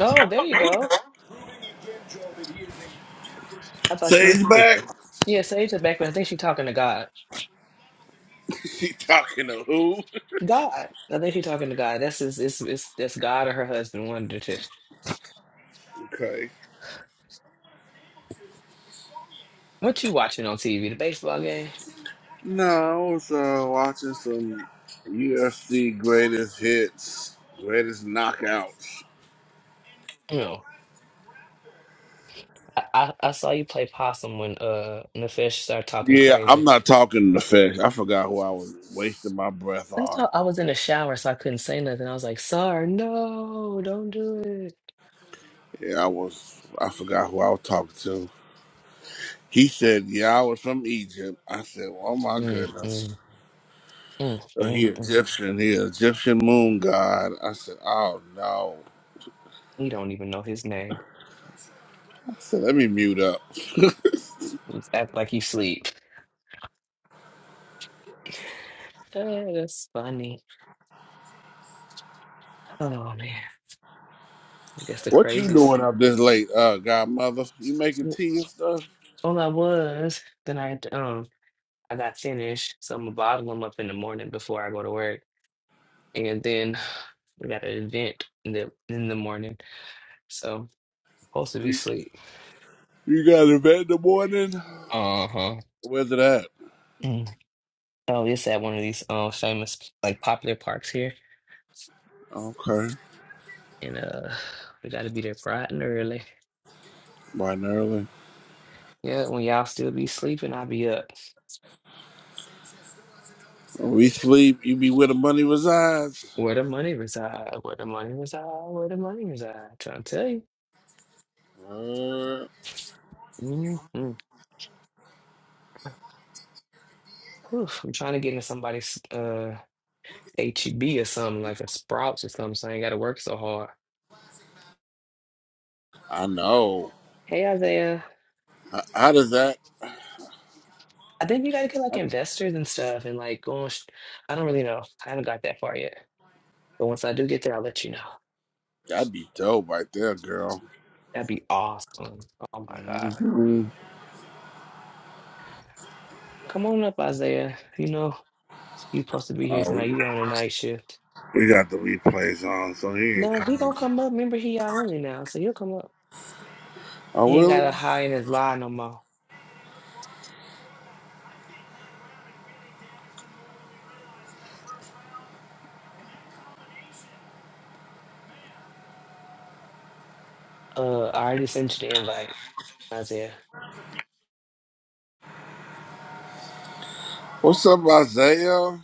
Speaker 2: Oh, there you go. I thought you was
Speaker 1: Sage back.
Speaker 2: sleeping. Yeah, Sage is back. but I think she's talking to God.
Speaker 1: She talking to who?
Speaker 2: God. I think she's talking to God. That's his, it's, it's, that's God or her husband. One of the two.
Speaker 1: Okay.
Speaker 2: What you watching on TV? The baseball game?
Speaker 1: No, I was uh, watching some UFC greatest hits, greatest knockouts.
Speaker 2: No. I, I, I saw you play possum when uh Nefesh started talking
Speaker 1: Yeah, I'm
Speaker 2: crazy.
Speaker 1: not talking the fish. I forgot who I was wasting my breath
Speaker 2: That's
Speaker 1: on.
Speaker 2: all. I was in the shower, so I couldn't say nothing. I was like, "Sir, no, don't do it."
Speaker 1: Yeah, I was. I forgot who I was talking to. He said, "Yeah, I was from Egypt." I said, "Oh my goodness."
Speaker 2: Mm-mm. Mm,
Speaker 1: Or he
Speaker 2: mm, mm.
Speaker 1: Egyptian, he Egyptian moon god. I said, oh no.
Speaker 2: He don't even know his name.
Speaker 1: I said, let me mute up.
Speaker 2: He act like he sleep. Eh, that's funny. Oh man, I guess the
Speaker 1: what you
Speaker 2: craziest.
Speaker 1: doing up this late, uh, godmother? You making
Speaker 2: Well,
Speaker 1: tea and stuff?
Speaker 2: all I was. Then I had to, um I got finished, so I'm gonna bottle them up in the morning before I go to work, and then we got an event in the in the morning, so supposed to be sleep.
Speaker 1: You got to bed in the morning?
Speaker 2: Uh huh.
Speaker 1: Where's it at?
Speaker 2: Mm. Oh, it's at one of these um famous like popular parks here,
Speaker 1: Okay.
Speaker 2: and uh we got to be there bright and early.
Speaker 1: Bright and early.
Speaker 2: Yeah, when y'all still be sleeping, I be up.
Speaker 1: We sleep, you be where the money resides.
Speaker 2: Where the money reside? Where the money reside? Where the money reside? Trying to tell you.
Speaker 1: Uh,
Speaker 2: Mm-hmm. I'm trying to get into somebody's uh HEB or something like a Sprouts or something, so I ain't got to work so hard.
Speaker 1: I know.
Speaker 2: Hey, Isaiah.
Speaker 1: How, how does that?
Speaker 2: I think you got to get like
Speaker 1: that-
Speaker 2: investors and stuff, and like going. Sh- I don't really know. I haven't got that far yet, but once I do get there, I'll let you know.
Speaker 1: That'd be dope right there, girl.
Speaker 2: That'd be awesome. Oh my God.
Speaker 1: hmm
Speaker 2: Come on up, Isaiah. You know, you supposed to be here
Speaker 1: Oh,
Speaker 2: tonight. You on a night shift.
Speaker 1: we got the replays on, so he ain't
Speaker 2: No, he
Speaker 1: coming.
Speaker 2: gonna come up. Remember, he y'all only now, so he'll come up.
Speaker 1: Oh,
Speaker 2: He ain't
Speaker 1: really?
Speaker 2: gotta hide in his lie no more. Uh, I already sent you the invite, Isaiah.
Speaker 1: What's up, Isaiah?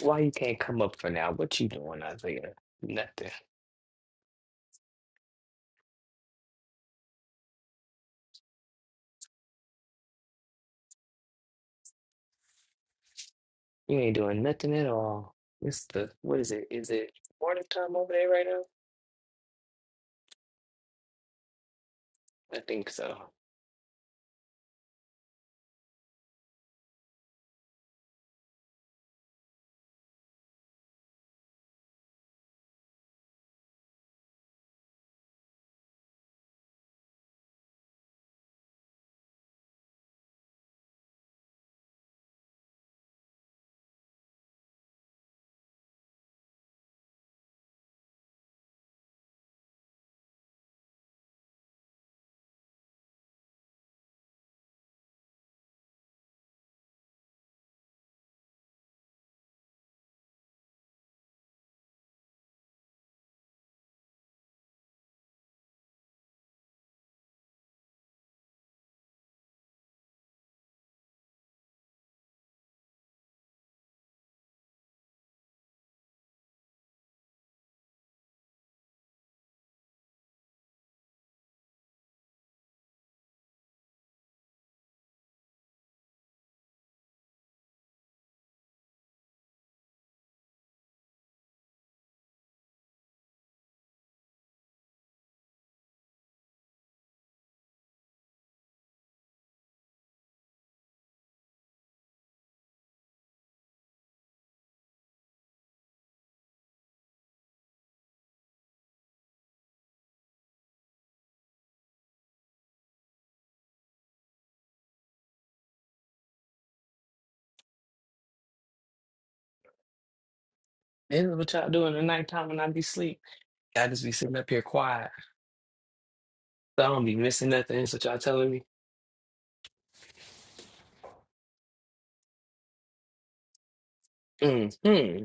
Speaker 2: Why you can't come up for now? What you doing, Isaiah? Nothing. You ain't doing nothing at all. It's the what is it? Is it morning time over there right now? I think so. This is what y'all doing at nighttime when I be sleep. I just be sitting up here quiet. So I don't be missing nothing. That's what y'all telling me. Mm-hmm.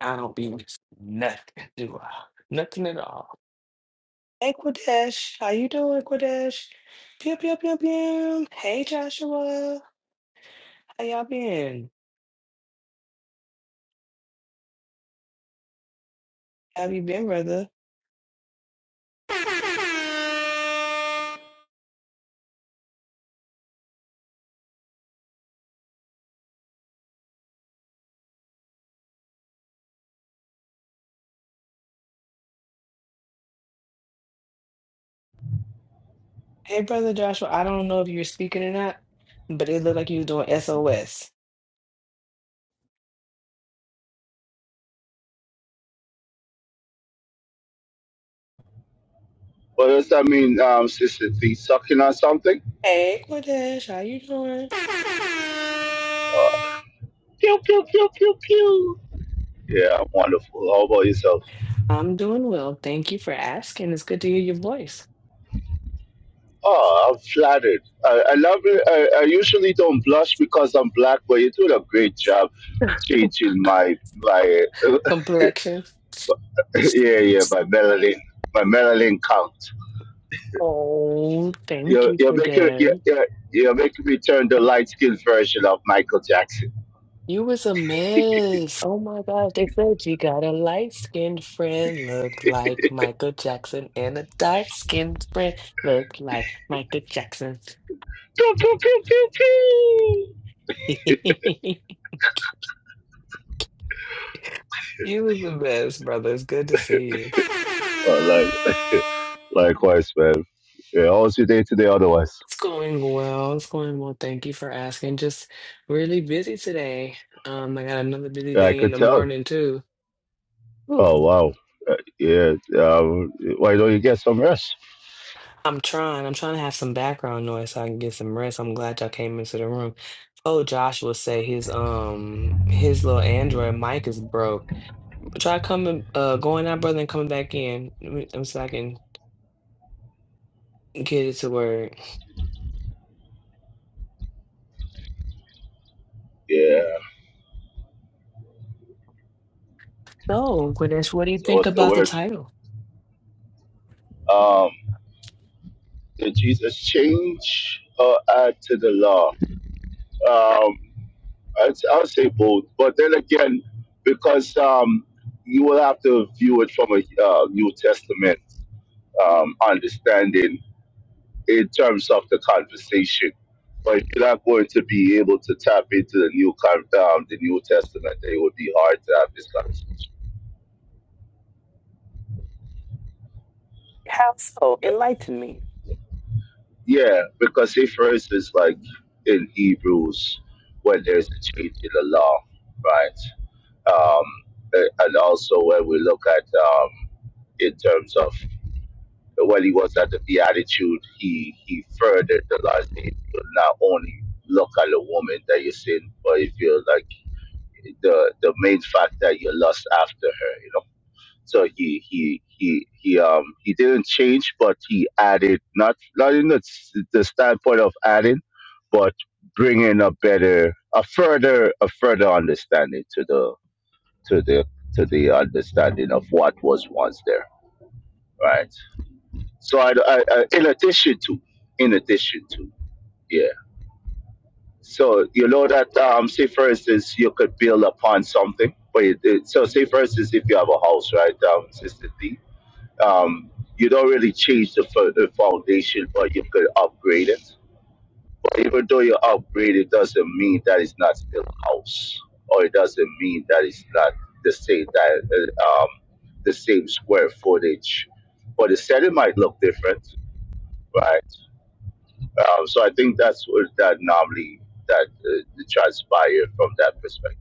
Speaker 2: I don't be missing nothing, do I? Nothing at all. Hey Quadesh, how you doing, Quadesh? Pew pew pew pew. Hey Joshua, how y'all been? How you been, brother? Hey brother Joshua, I don't know if you were speaking or not, but it looked like you was doing SOS.
Speaker 18: But does that mean um, Sister Thee sucking on something?
Speaker 2: Hey Quadesh, how you doing?
Speaker 18: Uh, pew, pew, pew, pew, pew. Yeah, I'm wonderful. How about yourself?
Speaker 2: I'm doing well. Thank you for asking. It's good to hear your voice.
Speaker 18: Oh, I'm flattered. I, I love it. I, I usually don't blush because I'm black, but you're doing a great job changing my, my
Speaker 2: Complexion.
Speaker 18: yeah, yeah, my melanin, my melanin count.
Speaker 2: Oh, thank
Speaker 18: You're,
Speaker 2: you,
Speaker 18: you're making you're,
Speaker 2: Quadesh.
Speaker 18: you're you're making me turn the light skinned version of Michael Jackson.
Speaker 2: You was a mess. Oh my gosh. They said you got a light-skinned friend, look like Michael Jackson, and a dark-skinned friend, look like Michael Jackson.
Speaker 18: Pew, pew, pew, pew, pew.
Speaker 2: You was the best, brother. It's good to see you.
Speaker 18: I love it. Likewise, man. Yeah, how was your day today otherwise?
Speaker 2: It's going well. It's going well. Thank you for asking. Just really busy today. Um, I got another busy
Speaker 18: Yeah, I
Speaker 2: day in
Speaker 18: could
Speaker 2: the
Speaker 18: tell.
Speaker 2: morning too.
Speaker 18: Oh, wow. Uh, yeah, um, why don't you get some rest?
Speaker 2: I'm trying. I'm trying to have some background noise so I can get some rest. I'm glad y'all came into the room. Oh, Joshua said his um his little Android mic is broke. Try coming uh going out, brother, and coming back in. Let me- um, so I can get it to word.
Speaker 18: Yeah,
Speaker 2: So, Ganesh, what do you
Speaker 18: so
Speaker 2: think
Speaker 18: what's the
Speaker 2: about the
Speaker 18: word?
Speaker 2: title?
Speaker 18: Um, did Jesus change or add to the law? Um, I'd, I'll say both, but then again, because um, you will have to view it from a uh, New Testament um, understanding in terms of the conversation, but if you're not going to be able to tap into the new con- um, the New Testament, then it would be hard to have this conversation.
Speaker 2: How so?
Speaker 18: Yeah,
Speaker 2: Enlighten me.
Speaker 18: yeah because say for instance, like in Hebrews, when there's a change in the law, right? Um, a- and also when we look at um, in terms of when he was at the Beatitude, he he furthered the law. saying, "You Not only look at a woman that you sin, but if you're like the the main fact that you lust after her, you know. So he he he he um he didn't change, but he added not not in the, s- the standpoint of adding, but bringing a better a further a further understanding to the to the to the understanding of what was once there, right? So I, I, I in addition to in addition to yeah. So you know that um, say for instance you could build upon something, but it, it, so say for instance if you have a house, right, um, Sister D, um, you don't really change the, fo- the foundation, but you could upgrade it. But even though you upgrade, it doesn't mean that it's not still a house, or it doesn't mean that it's not the same that uh, um, the same square footage, but the setting might look different, right? Uh, so I think that's what that anomaly that uh, transpired from that perspective.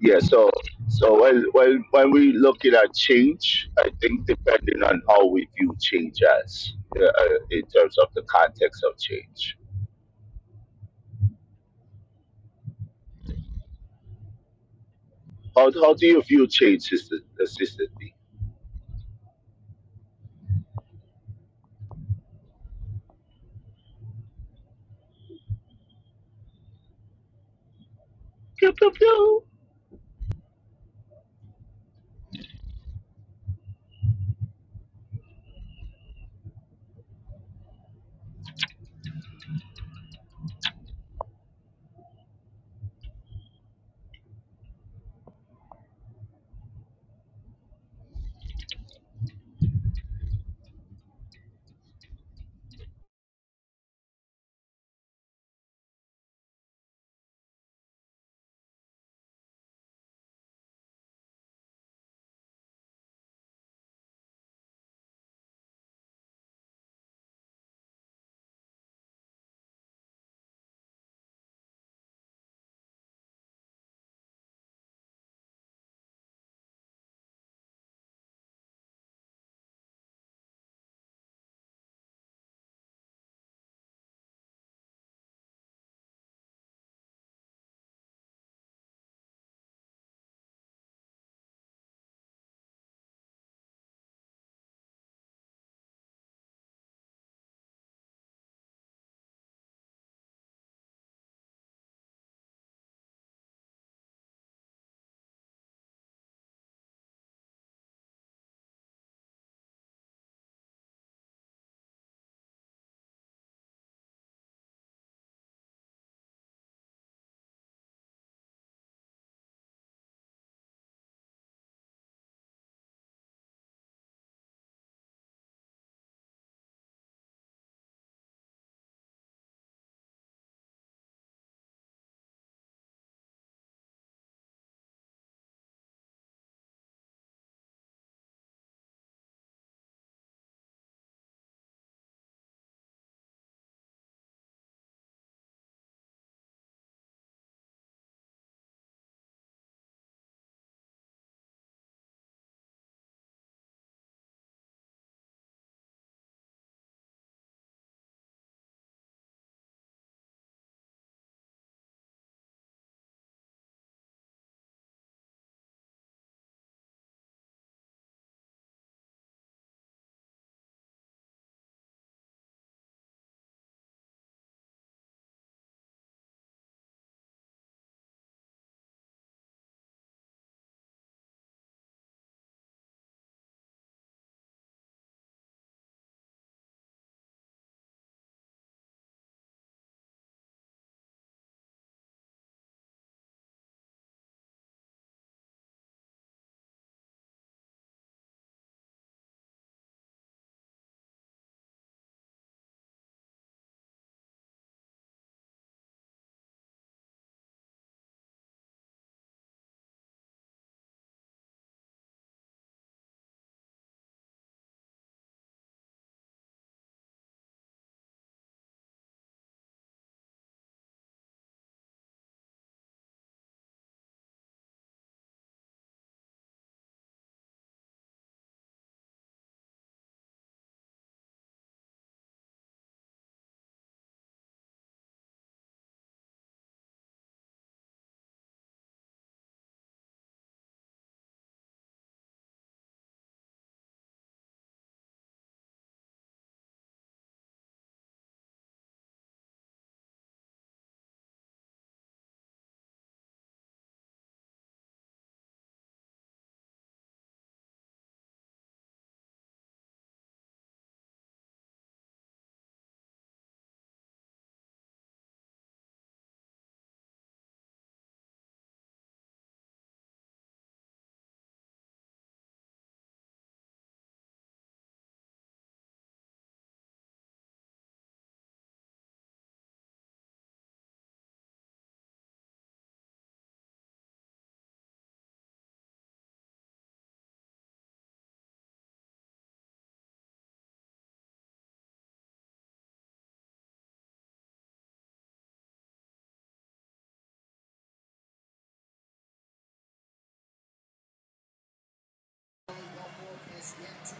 Speaker 18: Yeah. So so when when when we look at change, I think depending on how we view change as uh, uh, in terms of the context of change. How how do you view change, sister, uh, sister D?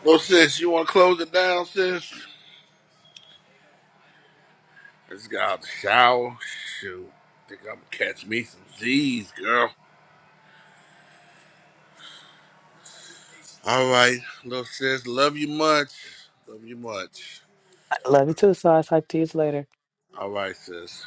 Speaker 1: Well, sis, you want to close it down, sis? Let's get out the shower. Shoot. Think I'm going to catch me some Z's, girl. All right, little sis, love you much. Love you much.
Speaker 2: I love you too, so I'll talk to you later.
Speaker 1: All right, sis.